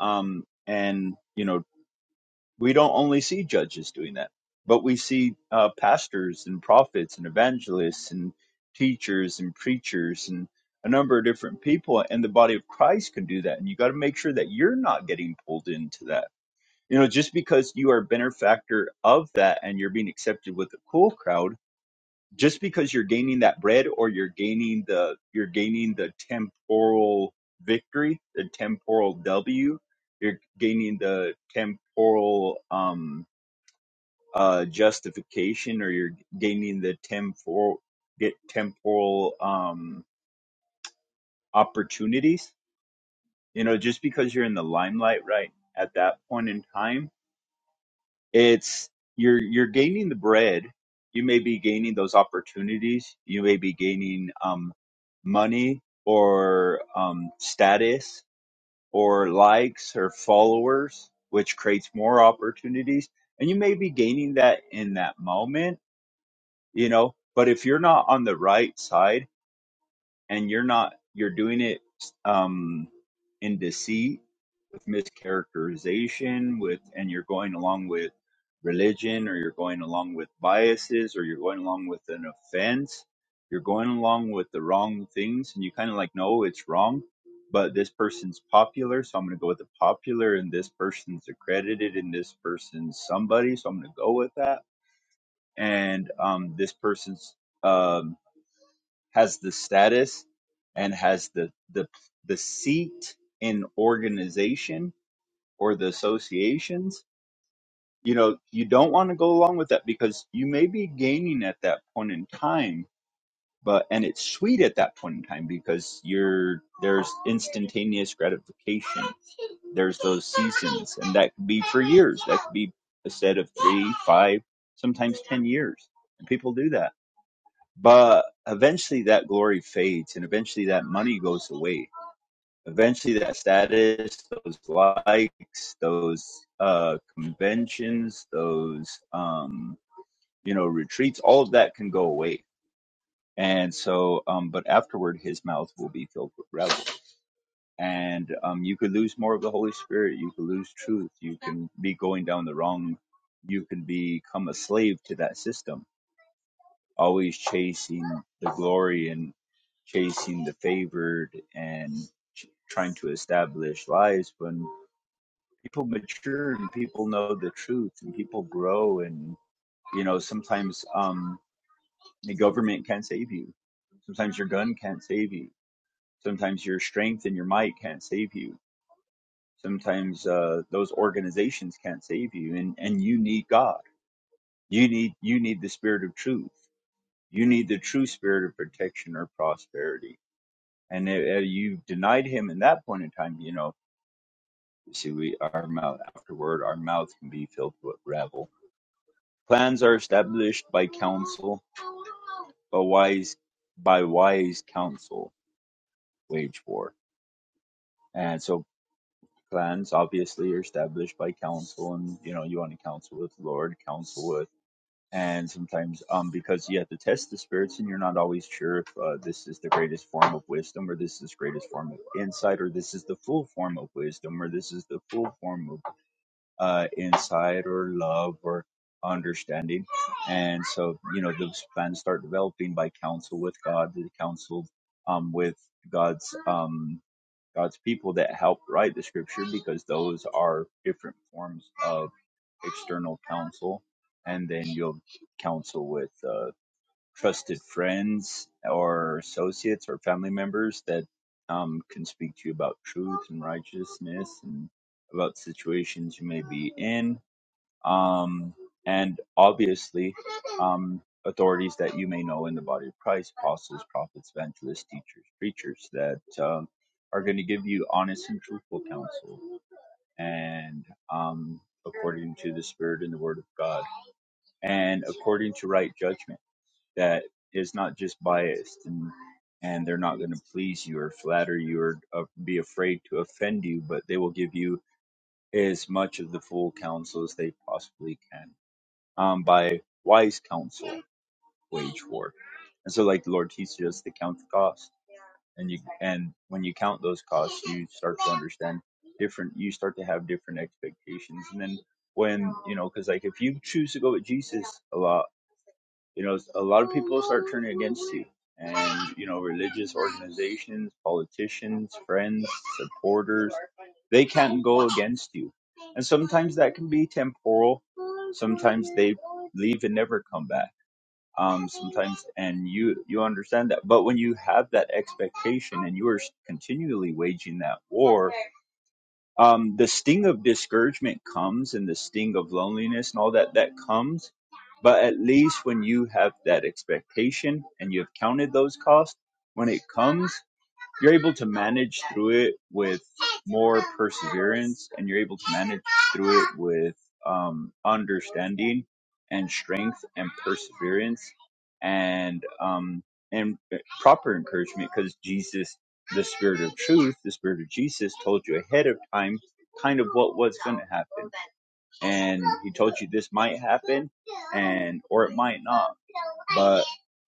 um and you know we don't only see judges doing that but we see uh pastors and prophets and evangelists and teachers and preachers and a number of different people and the body of christ can do that and you got to make sure that you're not getting pulled into that you know just because you are a benefactor of that and you're being accepted with a cool crowd just because you're gaining that bread or you're gaining the you're gaining the temporal victory the temporal w you're gaining the temporal um uh justification or you're gaining the temporal get temporal um opportunities you know just because you're in the limelight right at that point in time it's you're you're gaining the bread you may be gaining those opportunities you may be gaining um money or um, status or likes or followers, which creates more opportunities. And you may be gaining that in that moment, you know, but if you're not on the right side and you're not, you're doing it um, in deceit mischaracterization with and you're going along with religion or you're going along with biases or you're going along with an offense you're going along with the wrong things and you kind of like no it's wrong but this person's popular so i'm going to go with the popular and this person's accredited and this person's somebody so i'm going to go with that and um, this person's um, has the status and has the the the seat in organization or the associations, you know, you don't want to go along with that because you may be gaining at that point in time, but and it's sweet at that point in time because you're there's instantaneous gratification. There's those seasons, and that could be for years. That could be a set of three, five, sometimes ten years, and people do that. But eventually, that glory fades, and eventually, that money goes away eventually that status, those likes, those uh, conventions, those um, you know retreats, all of that can go away. And so, um, but afterward, his mouth will be filled with rebel, and um, you could lose more of the Holy Spirit. You could lose truth. You can be going down the wrong. You can become a slave to that system, always chasing the glory and chasing the favored and ch- trying to establish lives when people mature and people know the truth and people grow and you know sometimes um the government can't save you sometimes your gun can't save you sometimes your strength and your might can't save you sometimes uh those organizations can't save you and and you need god you need you need the spirit of truth you need the true spirit of protection or prosperity and uh, you denied him in that point in time you know you see we our mouth afterward our mouth can be filled with rebel Plans are established by council, but wise by wise council wage war. And so plans obviously are established by council and you know, you want to counsel with the Lord, counsel with and sometimes um because you have to test the spirits and you're not always sure if uh, this is the greatest form of wisdom or this is the greatest form of insight or this is the full form of wisdom or this is the full form of uh, insight or love or understanding. And so, you know, those plans start developing by counsel with God, the counsel um, with God's um, God's people that help write the scripture because those are different forms of external counsel. And then you'll counsel with uh, trusted friends or associates or family members that um, can speak to you about truth and righteousness and about situations you may be in um, and obviously um, authorities that you may know in the body of Christ, apostles, prophets, evangelists, teachers, preachers that um, are going to give you honest and truthful counsel and um, according to the Spirit and the Word of God and according to right judgment that is not just biased and and they're not going to please you or flatter you or uh, be afraid to offend you, but they will give you as much of the full counsel as they possibly can um, by wise counsel wage war. And so like the Lord teaches us to count the cost. And you and when you count those costs you start to understand different you start to have different expectations. And then when you know, because like if you choose to go with Jesus a lot, you know, a lot of people start turning against you. And, you know, religious organizations, politicians, friends, supporters, they can't go against you. And sometimes that can be temporal. Sometimes they leave and never come back um, sometimes, and you you understand that. But when you have that expectation and you are continually waging that war, um, the sting of discouragement comes, and the sting of loneliness and all that that comes. But at least when you have that expectation and you have counted those costs, when it comes you're able to manage through it with more perseverance and you're able to manage through it with um, understanding and strength and perseverance and um, and uh, proper encouragement because Jesus the spirit of truth the spirit of Jesus told you ahead of time kind of what was going to happen and he told you this might happen and or it might not but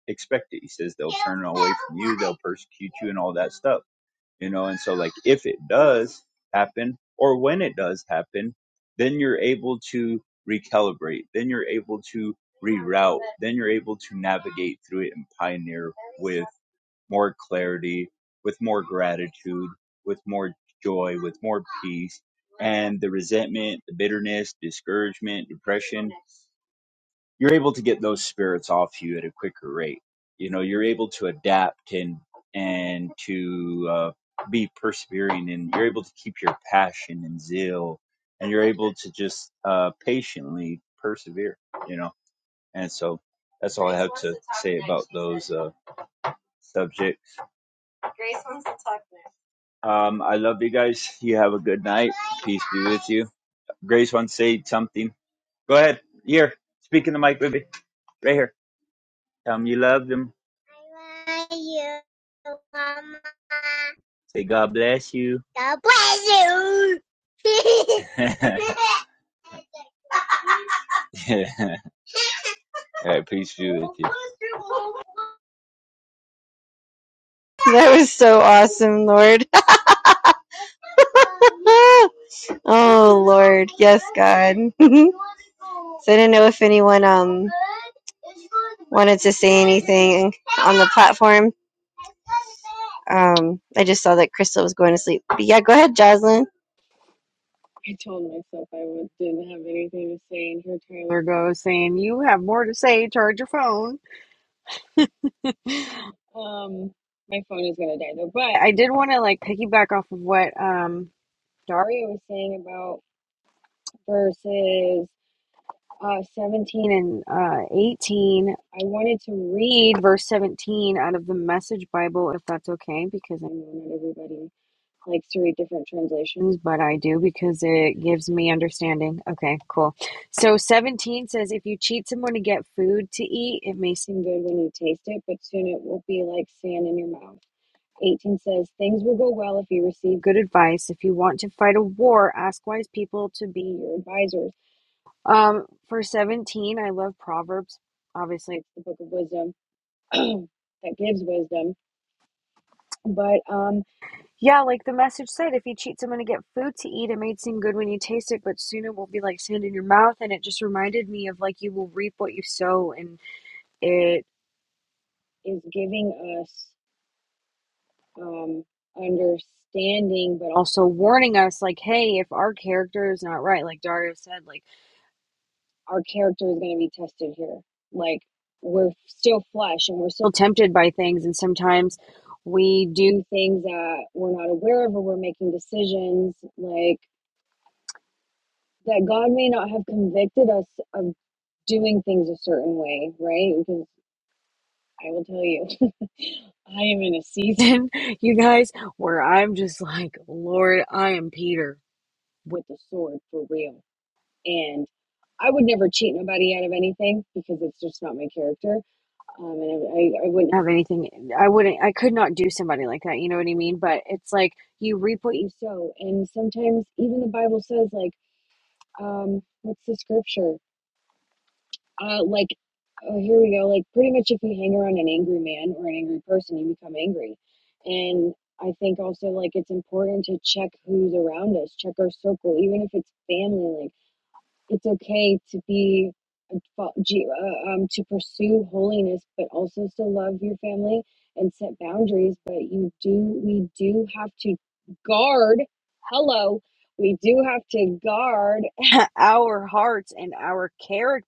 expect it. He says they'll turn away from you, they'll persecute you, and all that stuff. You know, and so like if it does happen, or when it does happen, then you're able to recalibrate. Then you're able to reroute. Then you're able to navigate through it and pioneer with more clarity, with more gratitude, with more joy, with more peace. And the resentment, the bitterness, discouragement, depression you're able to get those spirits off you at a quicker rate. You know, you're able to adapt and and to uh, be persevering, and you're able to keep your passion and zeal, and you're able to just uh, patiently persevere. You know, and so that's all I have to say about those uh, subjects. Grace wants to talk next. Um, I love you guys. You have a good night. Peace be with you. Grace wants to say something. Go ahead. Here, speak in the mic, baby. Right here. Tell him you love him. I love you, Mama. Say God bless you. (laughs) God bless you. (laughs) (laughs) Yeah. All right, peace, to you. That was so awesome, Lord. (laughs) Oh Lord, yes, God. (laughs) so I didn't know if anyone um wanted to say anything on the platform. Um, I just saw that Crystal was going to sleep. But yeah, go ahead, Jocelyn. I told myself I would, didn't have anything to say, and here Tyler goes saying, "You have more to say. Charge your phone." Um, my phone is gonna die though. But I did want to like piggyback off of what um Daria was saying about verses uh 17 and uh 18. I wanted to read verse 17 out of the Message Bible, if that's okay, because I know not everybody. like three different translations, but I do because it gives me understanding. Okay, cool. So 17 says if you cheat someone to get food to eat, it may seem good when you taste it, but soon it will be like sand in your mouth. 18 says things will go well if you receive good advice. If you want to fight a war, ask wise people to be your advisors. Um, for 17, I love Proverbs. Obviously, it's the book of wisdom (clears throat) that gives wisdom, but um yeah, like the message said, if you cheat someone to get food to eat, it may seem good when you taste it, but soon it will be like sand in your mouth. And it just reminded me of like you will reap what you sow, and it is giving us um, understanding, but also warning us, like, hey, if our character is not right, like Dario said, like our character is going to be tested here. Like we're still flesh and we're still tempted by things, and sometimes we do things that we're not aware of, or we're making decisions like that God may not have convicted us of doing things a certain way, right? Because I will tell you, (laughs) I am in a season, (laughs) you guys, where I'm just like, Lord, I am Peter with the sword for real. And I would never cheat nobody out of anything because it's just not my character. Um, and I, I, I wouldn't have anything, I wouldn't, I could not do somebody like that. You know what I mean? But it's like you reap what you sow. And sometimes even the Bible says, like, um, what's the scripture? Uh, like, oh, here we go. Like, pretty much if you hang around an angry man or an angry person, you become angry. And I think also, like, it's important to check who's around us, check our circle, even if it's family. Like, it's okay to be, fo- G- uh, um, to pursue holiness, but also still love your family and set boundaries. But you do, we do have to guard. Hello. We do have to guard (laughs) our hearts and our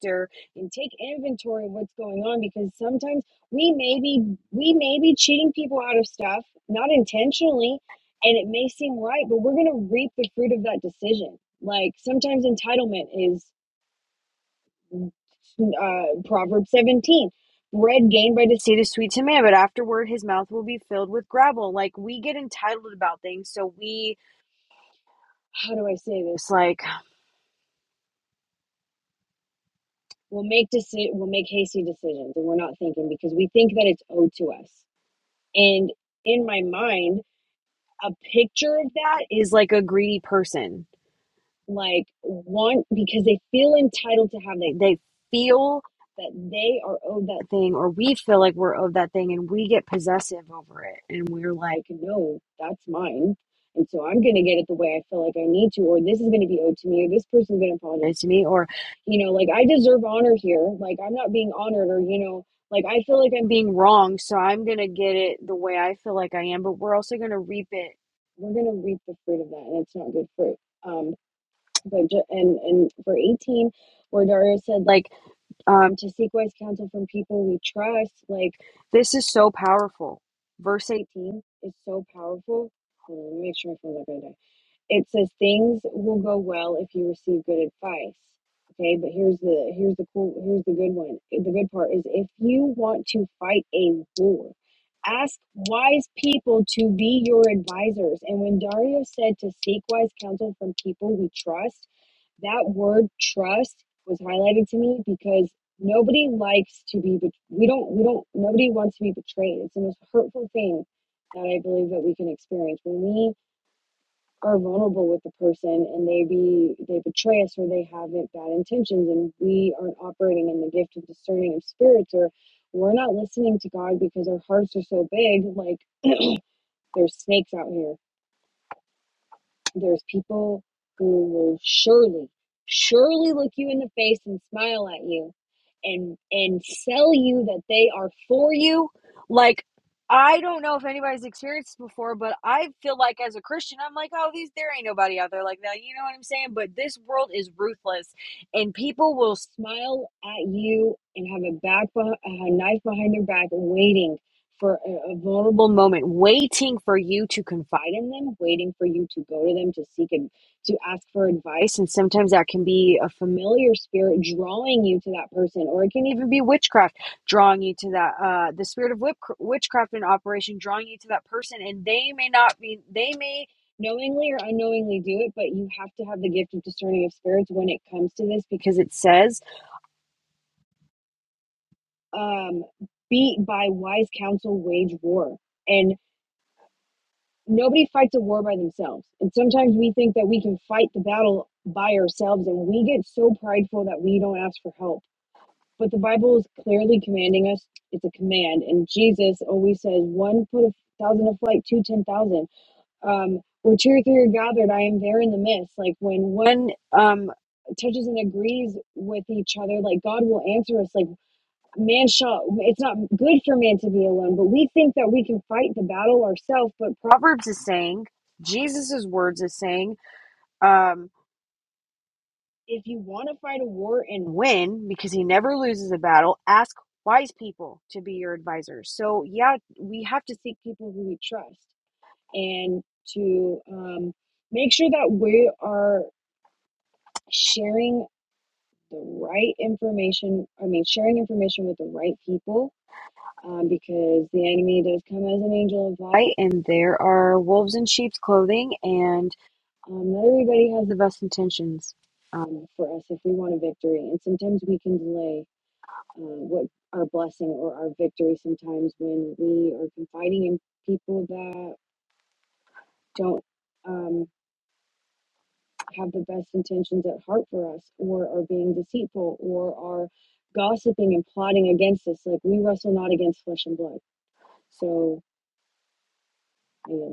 factor and take inventory of what's going on because sometimes we may be we may be cheating people out of stuff not intentionally and it may seem right but we're going to reap the fruit of that decision like sometimes entitlement is uh proverb 17 bread gained by deceit is sweet to man but afterward his mouth will be filled with gravel like we get entitled about things so we how do i say this like we'll make deci- we'll make hasty decisions and we're not thinking because we think that it's owed to us And in my mind, a picture of that is like a greedy person like want because they feel entitled to have they they feel that they are owed that thing or we feel like we're owed that thing and we get possessive over it and we're like no that's mine and so i'm going to get it the way i feel like i need to or this is going to be owed to me or this person's going to apologize to me or you know like i deserve honor here like i'm not being honored or you know like i feel like i'm being wrong so i'm going to get it the way i feel like i am but we're also going to reap it we're going to reap the fruit of that and it's not good fruit um but ju- and and for 18 where dario said like um to seek wise counsel from people we trust like this is so powerful verse 18 is so powerful hold on let me make sure my phone's not going to die it says things will go well if you receive good advice okay but here's the here's the cool here's the good one the good part is if you want to fight a war ask wise people to be your advisors and when dario said to seek wise counsel from people we trust that word trust was highlighted to me because nobody likes to be we don't we don't nobody wants to be betrayed it's the most hurtful thing that i believe that we can experience when we are vulnerable with the person and they be they betray us or they have it- bad intentions and we aren't operating in the gift of discerning of spirits or we're not listening to god because our hearts are so big like there's snakes out here There's people who will surely, surely look you in the face and smile at you and and sell you that they are for you. Like I don't know if anybody's experienced this before, but I feel like as a Christian, I'm like, oh, these there ain't nobody out there like that. You know what I'm saying? But this world is ruthless, and people will smile at you and have a back, a knife behind their back, waiting for a, a vulnerable moment, waiting for you to confide in them, waiting for you to go to them to seek and to ask for advice. And sometimes that can be a familiar spirit drawing you to that person, or it can even be witchcraft drawing you to that, uh, the spirit of whip, witchcraft in operation drawing you to that person. And they may not be, they may knowingly or unknowingly do it, but you have to have the gift of discerning of spirits when it comes to this because it says, um, be by wise counsel, wage war nobody fights a war by themselves. And sometimes we think that we can fight the battle by ourselves and we get so prideful that we don't ask for help. But the Bible is clearly commanding us. It's a command. And Jesus always says, one put a thousand to flight, two, ten thousand. Um, where two or three are gathered, I am there in the midst. Like when one um, touches and agrees with each other, like God will answer us. Like man shall it's not good for man to be alone but we think that we can fight the battle ourselves but proverbs is saying jesus's words is saying um if you want to fight a war and win because he never loses a battle ask wise people to be your advisors so yeah we have to seek people who we trust and to um, make sure that we are sharing the right information i mean sharing information with the right people um, because the enemy does come as an angel of light, and there are wolves and sheep's clothing, and um, not everybody has the best intentions um, for us if we want a victory. And sometimes we can delay uh, what our blessing or our victory sometimes when we are confiding in people that don't um, have the best intentions at heart for us, or are being deceitful, or are gossiping and plotting against us. Like we wrestle not against flesh and blood. So. yeah.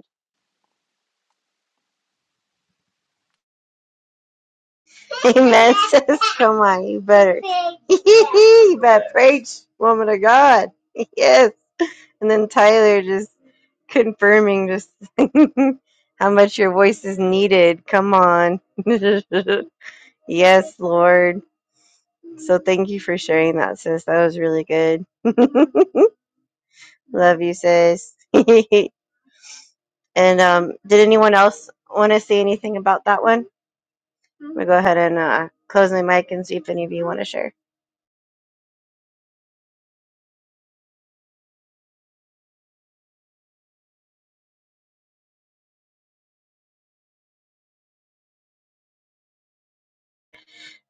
(laughs) Amen. Sis. Come on, you better. (laughs) you better preach, woman of God. (laughs) Yes. And then Tyler just confirming just (laughs) how much your voice is needed. Come on. (laughs) yes, Lord. So thank you for sharing that, sis. That was really good. (laughs) Love you, sis. (laughs) and um, did anyone else want to say anything about that one? I'm gonna go ahead and uh, close my mic and see if any of you want to share.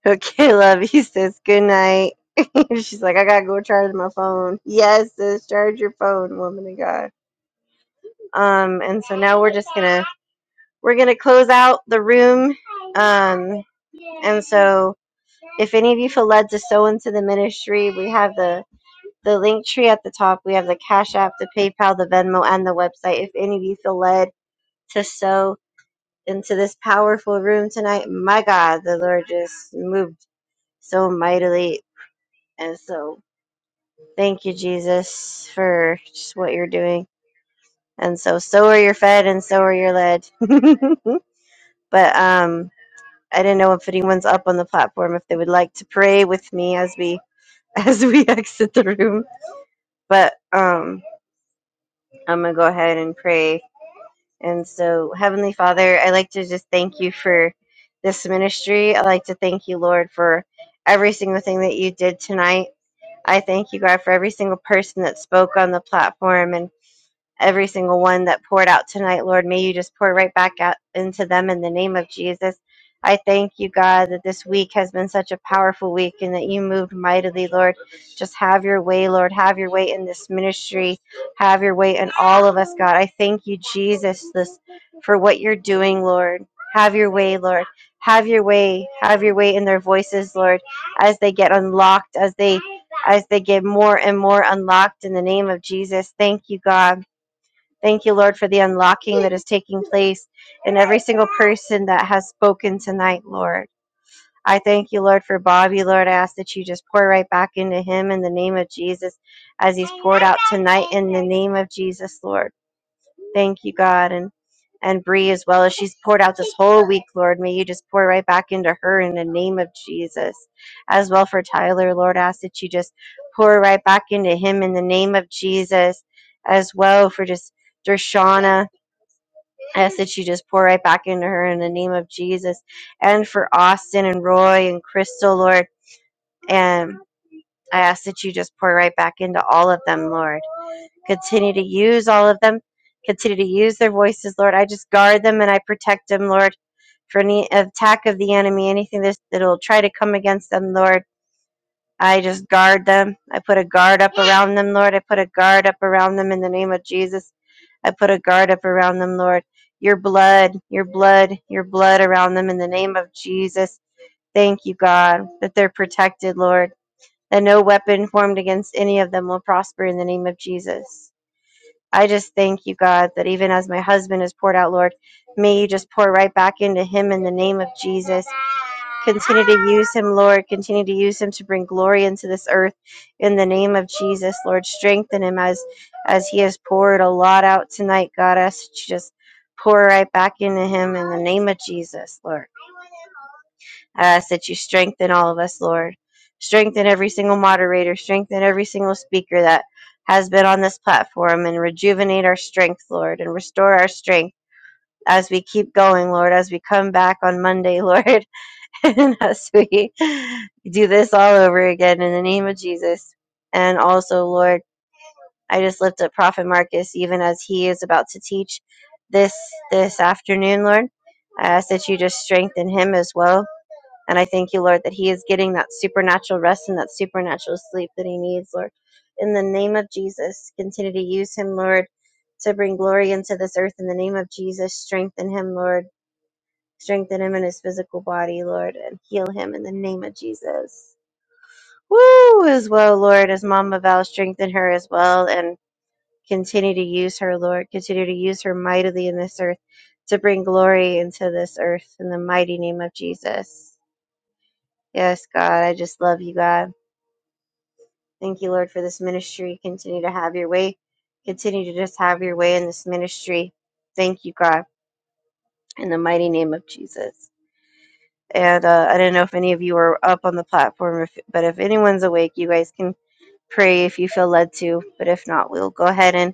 Okay, (laughs) love you, sis. Good night. (laughs) She's like, I gotta go charge my phone. Yes, sis, charge your phone, woman of God. Um, and so now we're just gonna we're gonna close out the room. Um, and so if any of you feel led to sow into the ministry, we have the the link tree at the top. We have the Cash App, the PayPal, the Venmo, and the website. If any of you feel led to sow into this powerful room tonight, my God, the Lord just moved so mightily. And so thank you, Jesus, for just what you're doing. And so, so are you fed and so are you led. (laughs) but um, I didn't know if anyone's up on the platform, if they would like to pray with me as we as we (laughs) exit the room. But um, I'm gonna go ahead and pray And so, Heavenly Father, I like to just thank you for this ministry. I like to thank you, Lord, for every single thing that you did tonight. I thank you, God, for every single person that spoke on the platform. and every single one that poured out tonight, Lord. May you just pour right back out into them in the name of Jesus. I thank you, God, that this week has been such a powerful week and that you moved mightily, Lord. Just have your way, Lord. Have your way in this ministry. Have your way in all of us, God. I thank you, Jesus, this for what you're doing, Lord. Have your way, Lord. Have your way. Have your way in their voices, Lord, as they get unlocked, as they as they get more and more unlocked in the name of Jesus. Thank you, God. Thank you, Lord, for the unlocking that is taking place in every single person that has spoken tonight, Lord. I thank you, Lord, for Bobby. Lord, I ask that you just pour right back into him in the name of Jesus as he's poured out tonight in the name of Jesus, Lord. Thank you, God. And and Bree as well as she's poured out this whole week, Lord. May you just pour right back into her in the name of Jesus. As well for Tyler, Lord, I ask that you just pour right back into him in the name of Jesus. As well for just Dershana, I ask that you just pour right back into her in the name of Jesus. And for Austin and Roy and Crystal, Lord. And I ask that you just pour right back into all of them, Lord. Continue to use all of them. Continue to use their voices, Lord. I just guard them and I protect them, Lord, for any attack of the enemy, anything that will try to come against them, Lord. I just guard them. I put a guard up around them, Lord. I put a guard up around them in the name of Jesus. I put a guard up around them, Lord. Your blood, your blood, your blood around them in the name of Jesus. Thank you, God, that they're protected, Lord, that no weapon formed against any of them will prosper in the name of Jesus. I just thank you, God, that even as my husband is poured out, Lord, may you just pour right back into him in the name of Jesus. Continue to use him, Lord. Continue to use him to bring glory into this earth in the name of Jesus, Lord. Strengthen him as as he has poured a lot out tonight, God. Us just pour right back into him in the name of Jesus, Lord. I ask that you strengthen all of us, Lord. Strengthen every single moderator, strengthen every single speaker that has been on this platform, and rejuvenate our strength, Lord, and restore our strength as we keep going, Lord, as we come back on Monday, Lord, (laughs) and as we do this all over again in the name of Jesus. And also, Lord, I just lift up Prophet Marcus even as he is about to teach this this afternoon, Lord. I ask that you just strengthen him as well and I thank you, Lord, that he is getting that supernatural rest and that supernatural sleep that he needs, Lord. In the name of Jesus, continue to use him, Lord, to bring glory into this earth. In the name of Jesus, strengthen him, Lord. Strengthen him in his physical body, Lord, and heal him in the name of Jesus. Woo! As well, Lord, as Mama Val, strengthen her as well and continue to use her, Lord. Continue to use her mightily in this earth to bring glory into this earth in the mighty name of Jesus. Yes, God, I just love you, God. Thank you, Lord, for this ministry. Continue to have your way. Continue to just have your way in this ministry. Thank you, God, in the mighty name of Jesus. And uh, I don't know if any of you are up on the platform, if, but if anyone's awake, you guys can pray if you feel led to. But if not, we'll go ahead and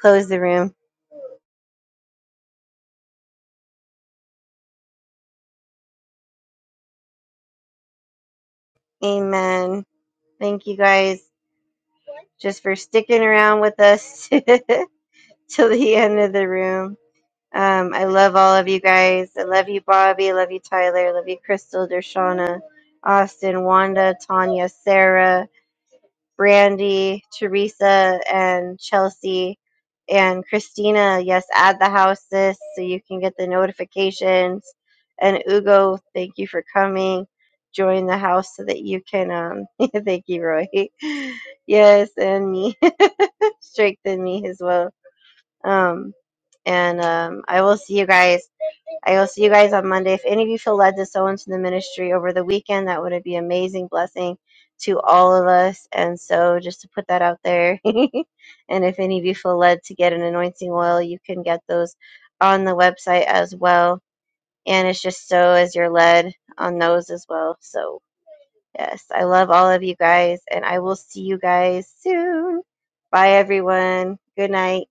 close the room. Amen. Thank you guys just for sticking around with us (laughs) till the end of the room. Um, I love all of you guys. I love you, Bobby. I love you, Tyler. I love you, Crystal, Dershana, Austin, Wanda, Tanya, Sarah, Brandy, Teresa, and Chelsea, and Christina. Yes, add the house sis so you can get the notifications. And Ugo, thank you for coming. Join the house so that you can. Um, (laughs) thank you, Roy. (laughs) Yes, and me. (laughs) Strengthen me as well. Um, and um, I will see you guys. I will see you guys on Monday. If any of you feel led to sow into the ministry over the weekend, that would be an amazing blessing to all of us. And so just to put that out there. (laughs) and if any of you feel led to get an anointing oil, you can get those on the website as well. And it's just so as you're led on those as well. So yes, I love all of you guys and I will see you guys soon. Bye everyone. Good night.